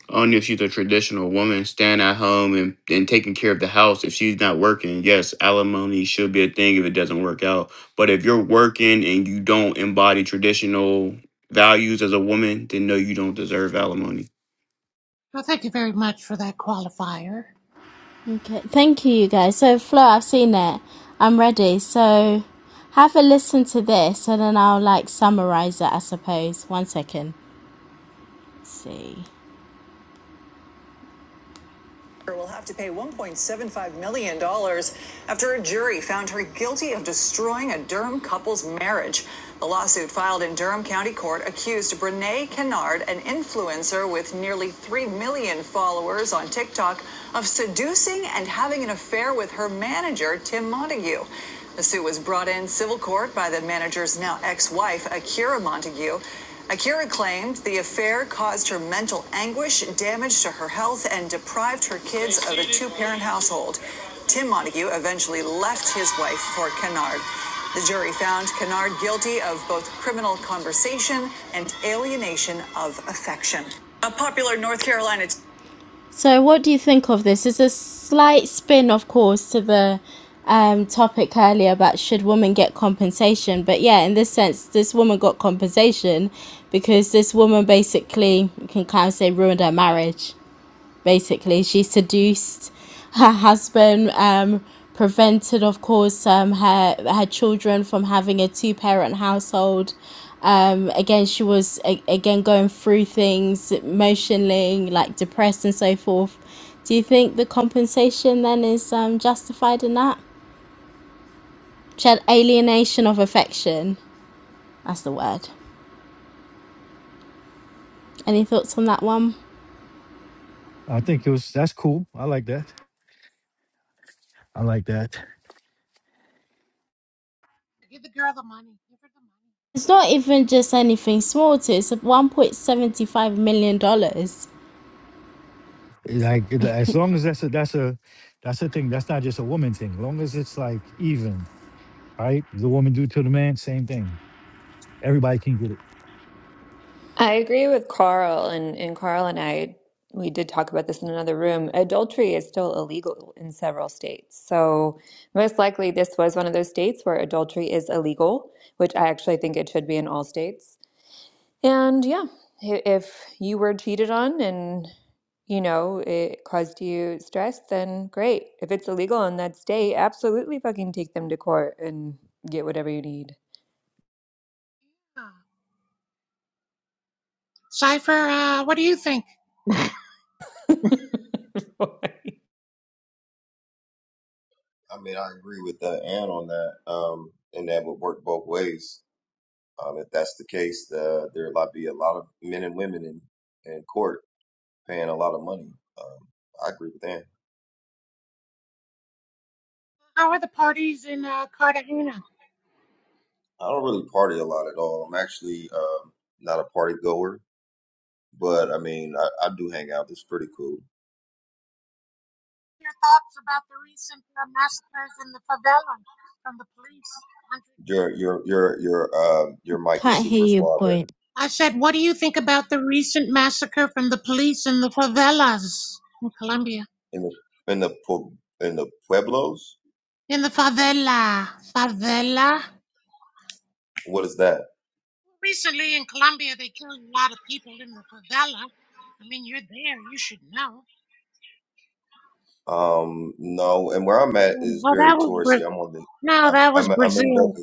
S24: Only if she's a traditional woman, staying at home and, and taking care of the house. If she's not working, yes, alimony should be a thing if it doesn't work out. But if you're working and you don't embody traditional values as a woman, then no, you don't deserve alimony.
S13: Well, thank you very much for that qualifier.
S1: Okay, thank you, you guys. So, Flo, I've seen it. I'm ready. So, have a listen to this, and then I'll like summarize it, I suppose. One second. Let's see. will have to pay $1.75 million dollars after a jury found her guilty of destroying a Durham couple's marriage. The lawsuit filed in Durham County Court accused Brene Kennard, an influencer with nearly 3 million followers on TikTok, of seducing and having an affair with her manager, Tim Montague. The suit was brought in civil court by the manager's now ex wife, Akira Montague. Akira claimed the affair caused her mental anguish, damage to her health, and deprived her kids of a two parent household. Tim Montague eventually left his wife for Kennard. The jury found Kennard guilty of both criminal conversation and alienation of affection. A popular North Carolina so, what do you think of this? It's a slight spin, of course, to the um, topic earlier about should women get compensation. But yeah, in this sense, this woman got compensation because this woman basically, you can kind of say, ruined her marriage basically. She seduced her husband, um, prevented, of course, um, her her children from having a two parent household. Um, again, she was a- again going through things emotionally, like depressed and so forth. Do you think the compensation then is um, justified in that? She had alienation of affection. That's the word. Any thoughts on that one?
S20: I think it was that's cool. I like that. I like that.
S13: Give the girl the money. Give her the money.
S1: It's not even just anything small, too. It's $1.75 million. dollars.
S20: Like it- as long as that's a that's a that's a thing. That's not just a woman thing. long as it's like even, right? The woman do to the man, same thing. Everybody can get it.
S2: I agree with Carl, and, and Carl and I, we did talk about this in another room. Adultery is still illegal in several states. So, most likely, this was one of those states where adultery is illegal, which I actually think it should be in all states. And yeah, i- if you were cheated on and, you know, it caused you stress, then great. If it's illegal in that state, absolutely fucking take them to court and get whatever you need. *laughs* *laughs*
S13: Ah. Cypher, uh, what do you think? *laughs*
S22: i mean i agree with that and on that um and that would work both ways um if that's the case uh, there will be a lot of men and women in in court paying a lot of money um i agree with that
S13: How are the parties in uh, Cartagena?
S22: i don't really party a lot at all i'm actually um not a party goer but I mean, I, I do hang out. It's pretty cool.
S13: Your thoughts about the recent uh, massacres in the favela from the police?
S22: Your your your your uh your mic is
S1: Can't
S22: super
S1: hear your
S22: suave
S1: point.
S13: I said, what do you think about the recent massacre from the police in the favelas in Colombia?
S22: in the in the pu- in the pueblos.
S13: In the favela, favela.
S22: What is that?
S13: Recently in Colombia, they killed a lot of people in the favela. I mean, you're there, you should know.
S22: Um, no, and where I'm at
S13: Um,
S22: is
S13: Oh, that
S22: very
S13: was
S22: touristy. I'm
S13: Bra-
S22: on the
S13: no,
S22: I'm
S13: that was
S22: I'm, I'm in
S13: Brazil.
S22: Boca.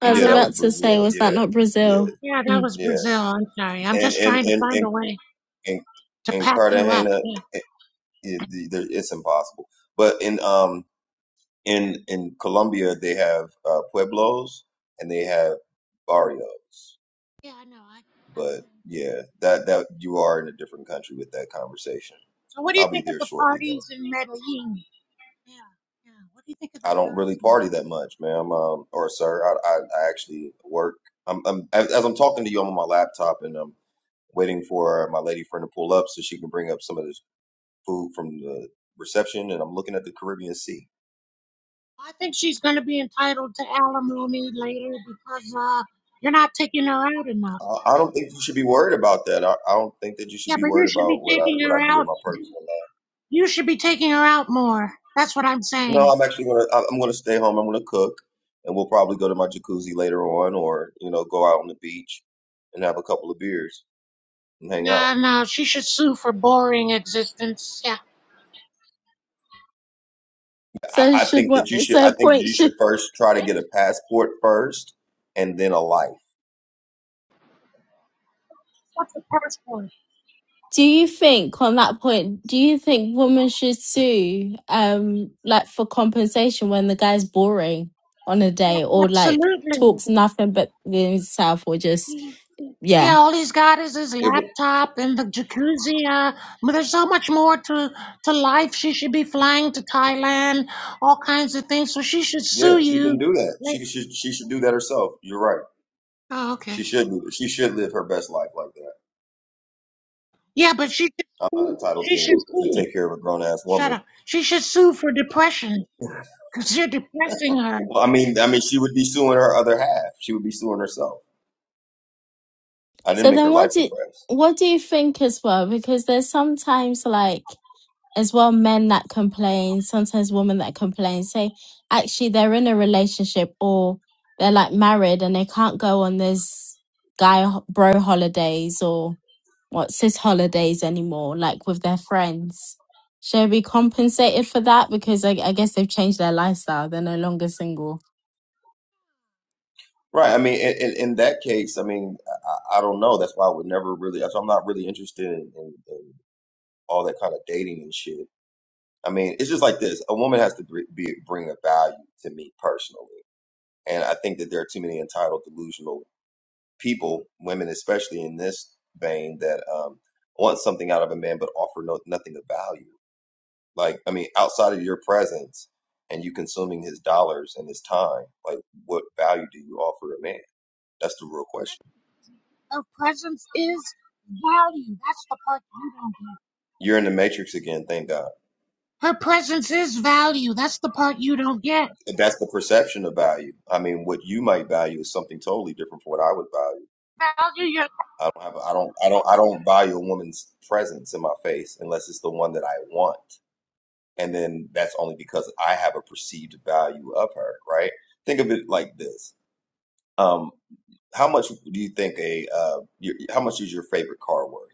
S1: I
S13: Yeah,
S1: was
S22: Yeah, that
S13: that was
S22: was
S1: about to say,
S22: Brazil.
S1: was
S22: Yeah,
S1: that not Brazil?
S22: yeah,
S13: yeah, that
S1: Mm.
S13: was
S22: yeah.
S13: Brazil. I'm sorry. I'm
S22: And
S13: just
S22: and
S13: trying to
S22: and
S13: find
S22: and
S13: a way.
S22: and,
S13: to
S22: and
S13: pack you up.
S22: Cartagena,
S13: Yeah.
S22: it, it, there- it's impossible. But in um in in Colombia, they have uh, pueblos and they have barrios
S13: Yeah, I know. I, I
S22: But
S13: can understand.
S22: yeah, that that you are in a different country with that conversation.
S13: So, what do you
S22: I'll be
S13: think of
S22: there
S13: the
S22: shortly though.
S13: parties in Medellin? Yeah, yeah. What do you think of the
S22: I don't really
S13: girls? In...
S22: party that much, ma'am, um, or sir. I, I I actually work. I'm, I'm as as I'm talking to you, I'm on my laptop and I'm waiting for my lady friend to pull up so she can bring up some of this food from the reception. And I'm looking at the Caribbean Sea.
S13: I think she's going to be entitled to alimony later because uh, you're not taking her out enough.
S22: I, I don't think you should be worried about that. I, I don't think that you should
S13: Yeah,
S22: be
S13: but you
S22: worried
S13: should be
S22: about what I
S13: taking
S22: what
S13: her
S22: I do in
S13: out.
S22: my personal life.
S13: You should be taking her out more. That's what I'm
S22: No,
S13: saying.
S22: I'm actually gonna I- I'm gonna stay home. I'm gonna cook, and we'll probably go to my jacuzzi later on, or you know, go out on the beach and have a couple of beers and hang out.
S13: No, no, she should sue for boring existence. Yeah.
S22: I,
S1: So
S22: I
S1: should
S22: think
S1: what?
S22: that you should. I
S1: So
S22: think
S1: point
S22: you should
S1: should.
S22: first try to get a passport first, and then a life.
S13: What's a passport?
S1: Do you think on that point? Do you think women should sue, um, like for compensation when the guy's boring on a day
S13: A-
S1: or like
S13: Absolutely.
S1: talks nothing but himself or just
S13: Yeah,
S1: yeah?
S13: all he's got is his
S22: It would.
S13: laptop and the jacuzzi. Uh, but there's so much more to, to life. She should be flying to Thailand, all kinds of things. So she should
S22: Yeah,
S13: sue
S22: she can
S13: you.
S22: do that.
S13: Like,
S22: She should. She should do that herself. You're right.
S13: oh,
S22: She
S13: okay.
S22: should. do- She should live her best life like that.
S13: Yeah, but she should
S22: I'm not
S13: sue-
S22: entitled
S13: she
S22: to
S13: should
S22: to
S13: sue.
S22: take care of a grown ass
S13: Shut
S22: woman.
S13: up. She should sue for depression because you're depressing her.
S22: Well, I mean, I mean, she would be suing her other half. She would be suing herself. I didn't
S1: So
S22: make
S1: then
S22: her
S1: what
S22: life
S1: do
S22: depressed.
S1: what do you think as well? Because there's sometimes like as well men that complain, sometimes women that complain say actually they're in a relationship or they're like married and they can't go on this guy ho- bro holidays or what cis holidays anymore, like with their friends. Should we be compensated for that? Because I, I guess they've changed their lifestyle. They're no longer single.
S22: Right. I mean, in, in, in that case, I mean, I, I don't know. That's why I would never really. that's I'm not really interested in, in, in all that kind of dating and shit. I mean, it's just like this. A woman has to br- be, bring a value to me personally, and I think that there are too many entitled, delusional people, women especially in this vein, that um, want something out of a man but offer no, nothing of value. Like, I mean, outside of your presence and you consuming his dollars and his time, like, what value do you offer a man? That's the real question.
S13: Her presence is value. That's the part you don't get.
S22: You're in the matrix again, thank God.
S13: Her presence is value. That's the part you don't get.
S22: And that's the perception of value. I mean, what you might value is something totally different from what I would value.
S13: Value your
S22: I don't have, I don't, I don't, I don't value a woman's presence in my face unless it's the one that I want. And then that's only because I have a perceived value of her, right? Think of it like this. Um, how much do you think a, uh, your, how much is your favorite car worth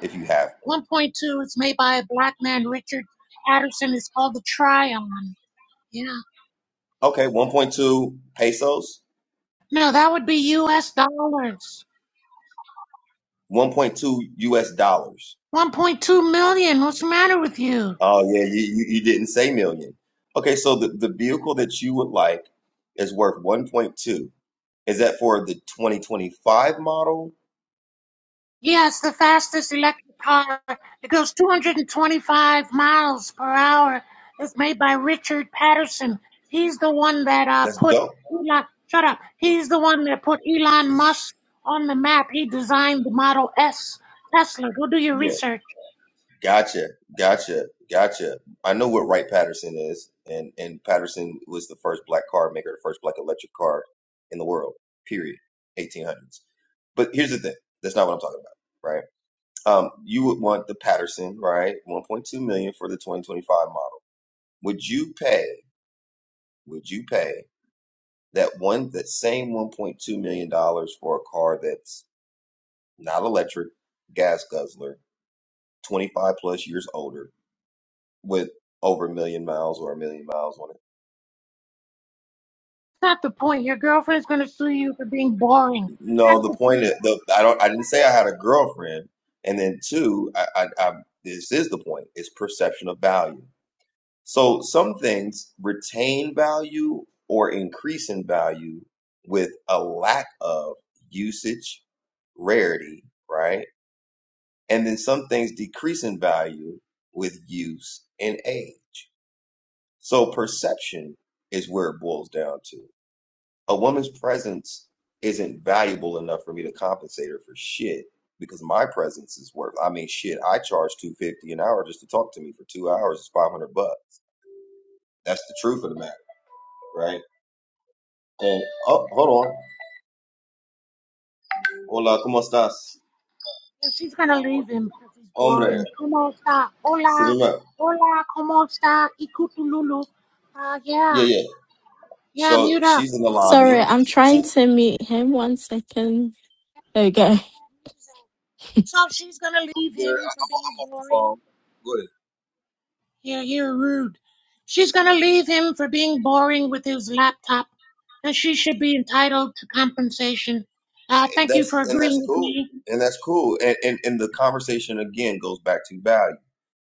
S22: if you have one?
S13: 1.2 is made by a black man, Richard Patterson. It's called the Tryon. Yeah.
S22: Okay, 1.2 pesos,
S13: No, that would be US dollars.
S22: 1.2 US dollars
S13: 1.2 million. What's the matter with you?
S22: Oh yeah, you, you, you didn't say million. Okay, so the, the vehicle that you would like is worth 1.2. Is that for the 2025 model?
S13: Yeah, it's the fastest electric car. It goes 225 miles per hour. It's made by Richard Patterson. He's the one that uh,
S22: That's
S13: put
S22: dope.
S13: Elon. Shut up. He's the one that put Elon Musk on the map. He designed the Model S Tesla. Go do your
S22: Yeah,
S13: research.
S22: gotcha, gotcha, gotcha. I know what Wright Patterson is, and and Patterson was the first black car maker, the first black electric car in the world. Period. 1800s. But here's the thing. That's not what I'm talking about, right? Um, you would want the Patterson, right? 1.2 million for the 2025 model. Would you pay? Would you pay? that one that same 1.2 million dollars for a car that's not electric, gas guzzler, 25 plus years older with over a million miles or a million miles on it.
S13: not the point. Your girlfriend's gonna sue you for being boring.
S22: No,
S13: That's
S22: the
S13: the
S22: point is,
S13: point.
S22: the, I don't I didn't say I had a girlfriend. And then two, I, I, I this is the point, is perception of value. So some things retain value or increase in value with a lack of usage, rarity, right? and then some things decrease in value with use and age. So perception is where it boils down to. A woman's presence isn't valuable enough for me to compensate her for shit because my presence is worth. I mean, shit, I charge two fifty an hour just to talk to me for two hours. It's five hundred bucks. That's the truth of the matter, right? And oh, hold on. Hola, cómo estás,
S13: If she's gonna leave him because he's
S22: hombre?
S13: boring. Como está? Hola,
S22: Cinema.
S13: hola, como está? Ikutululu. Uh, yeah,
S22: Yeah, yeah.
S13: yeah,
S22: So
S13: mute up,
S22: she's in the
S13: stupid
S22: lobby.
S1: Sorry,
S13: ass.
S1: I'm
S22: She,
S1: trying to mute him. One second. There we go. *laughs*
S13: So she's gonna
S22: I'm
S13: leave
S22: good.
S13: him for being
S22: I'm
S13: boring.
S22: fine. Good.
S13: Yeah, you're rude. She's gonna leave him for being boring with his laptop, and she should be entitled to compensation. Uh, thank you for
S22: that's and
S13: agreeing
S22: that's
S13: with
S22: cool
S13: me.
S22: and that's cool and, and and the conversation again goes back to value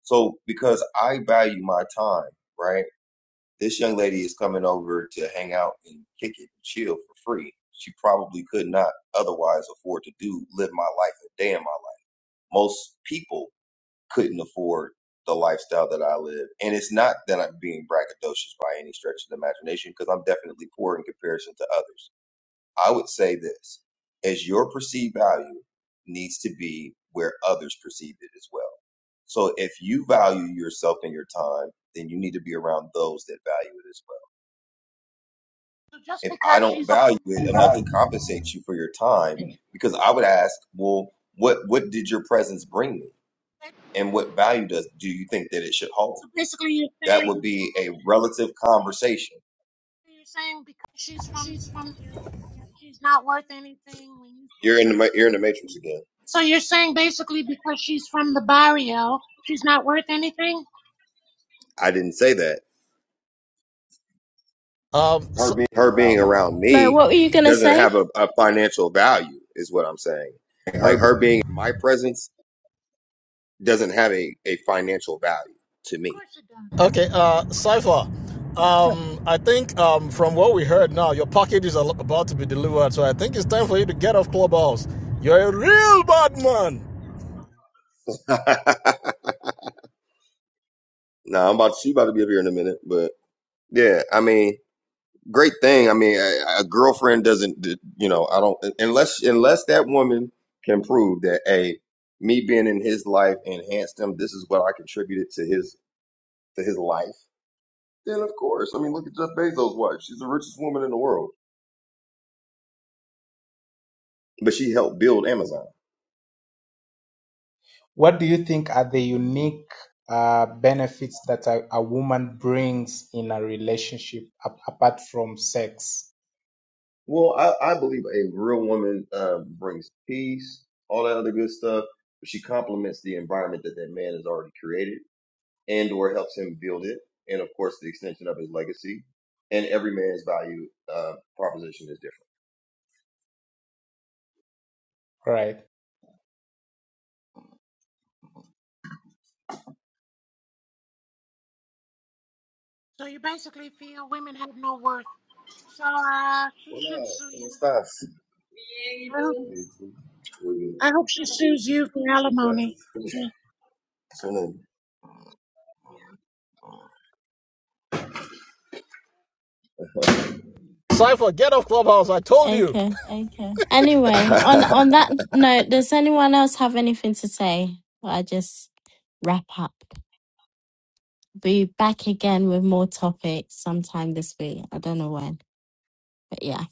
S22: so because i value my time right this young lady is coming over to hang out and kick it and chill for free she probably could not otherwise afford to do live my life a day in my life most people couldn't afford the lifestyle that i live and it's not that i'm being braggadocious by any stretch of the imagination because i'm definitely poor in comparison to others I would say this as your perceived value needs to be where others perceive it as well. So if you value yourself and your time, then you need to be around those that value it as well.
S13: So just
S22: If I
S13: because
S22: don't
S13: she's open.
S22: value it enough to compensate you for your time, because I would ask, well, what what did your presence bring me? And what value does do you think that it should hold?
S13: So basically, you're
S22: That would
S13: saying
S22: be a relative conversation.
S13: you're saying because she's from the
S27: She's from
S13: barrio, she's not worth anything. When you
S22: You're in the ma- you're in the matrix again.
S13: so you're saying basically because she's from the barrio, she's not worth anything. Of
S22: I didn't say that
S27: Um. Her So, being
S22: her being
S27: around
S22: around
S1: Like,
S22: me
S1: what were you gonna
S22: doesn't
S1: say?
S22: have a, a financial value is what i'm saying
S27: Her
S22: like
S27: being
S22: her being in my presence doesn't have a, a financial value to me
S13: course it does.
S27: Okay, uh, Cypher, um, I think um, from what we heard now, your package is al- about to be delivered, so I think it's time for you to get off Clubhouse. You're a real bad man.
S22: *laughs* no i'm about she about to be up here in a minute but yeah i mean great thing i mean a, a girlfriend doesn't d- you know i don't unless unless that woman can prove that a me being in his life enhanced him this is what i contributed to his to his life then of course i mean look at jeff bezos wife she's the richest woman in the world but she helped build Amazon.
S28: What do you think are the unique uh, benefits that a, a woman brings in a relationship a- apart from sex,
S22: Well, I, I believe a real woman um, brings peace, all that other good stuff. But she complements the environment that that man has already created, and or helps him build it, and of course the extension of his legacy. And every man's value uh, proposition is different.
S28: right?
S13: So you basically feel women have no worth. So uh, she should
S22: Hola,
S13: sue
S22: ¿cómo
S13: you.
S22: estás? Bien, ¿y
S13: I hope
S22: tú? Muy bien,
S13: I hope she sues you for alimony.
S22: gracias.
S27: Cypher, get off Clubhouse, I told you.
S1: Okay.
S27: Okay. *laughs*
S1: Anyway,
S22: *laughs*
S1: on
S22: *laughs*
S27: Anyway.
S1: on that note, does anyone else have anything to say? Or I just wrap up. Be back again with more topics sometime this week. I don't know when, but yeah.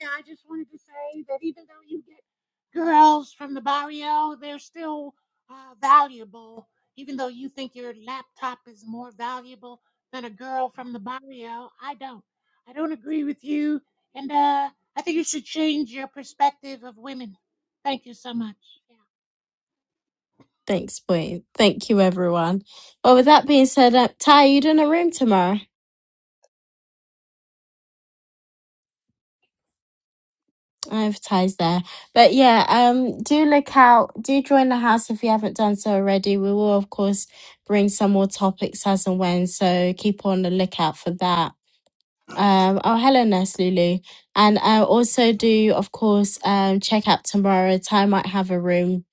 S13: Yeah, I just wanted to say that even though you get girls from the barrio, they're still uh, valuable. Even though you think your laptop is more valuable than a girl from the barrio, I don't. I don't agree with you, and uh, I think you should change your perspective of women. Thank you so much. Yeah,
S1: Thanks, point. Thank you, everyone. Well, with that being said, uh, Ty, you doing a room tomorrow? I have ties there, but yeah. Um, do look out. Do join the house if you haven't done so already. We will, of course, bring some more topics as and when. So keep on the lookout for that Um, oh, hello, Nurse Lulu. And I also do, of course, um, check out tomorrow. Ty might have a room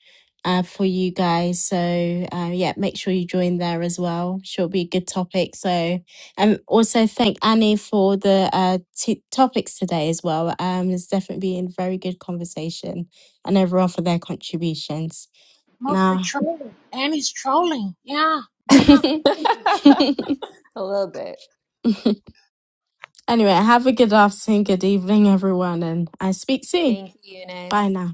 S1: uh, for you guys. So, uh, yeah, make sure you join there as well. Sure, be a good topic. So, um, also thank Annie for the uh, t- topics today as well. Um, it's definitely been very good conversation and everyone for their contributions.
S13: mostly
S1: Nah.
S13: trolling, and he's trolling. Yeah,
S1: *laughs*
S13: yeah.
S1: anyway,
S2: A little bit.
S1: have a good afternoon, good evening, everyone, and I speak soon.
S2: Thank you,
S1: Bye
S2: Eunice.
S1: now.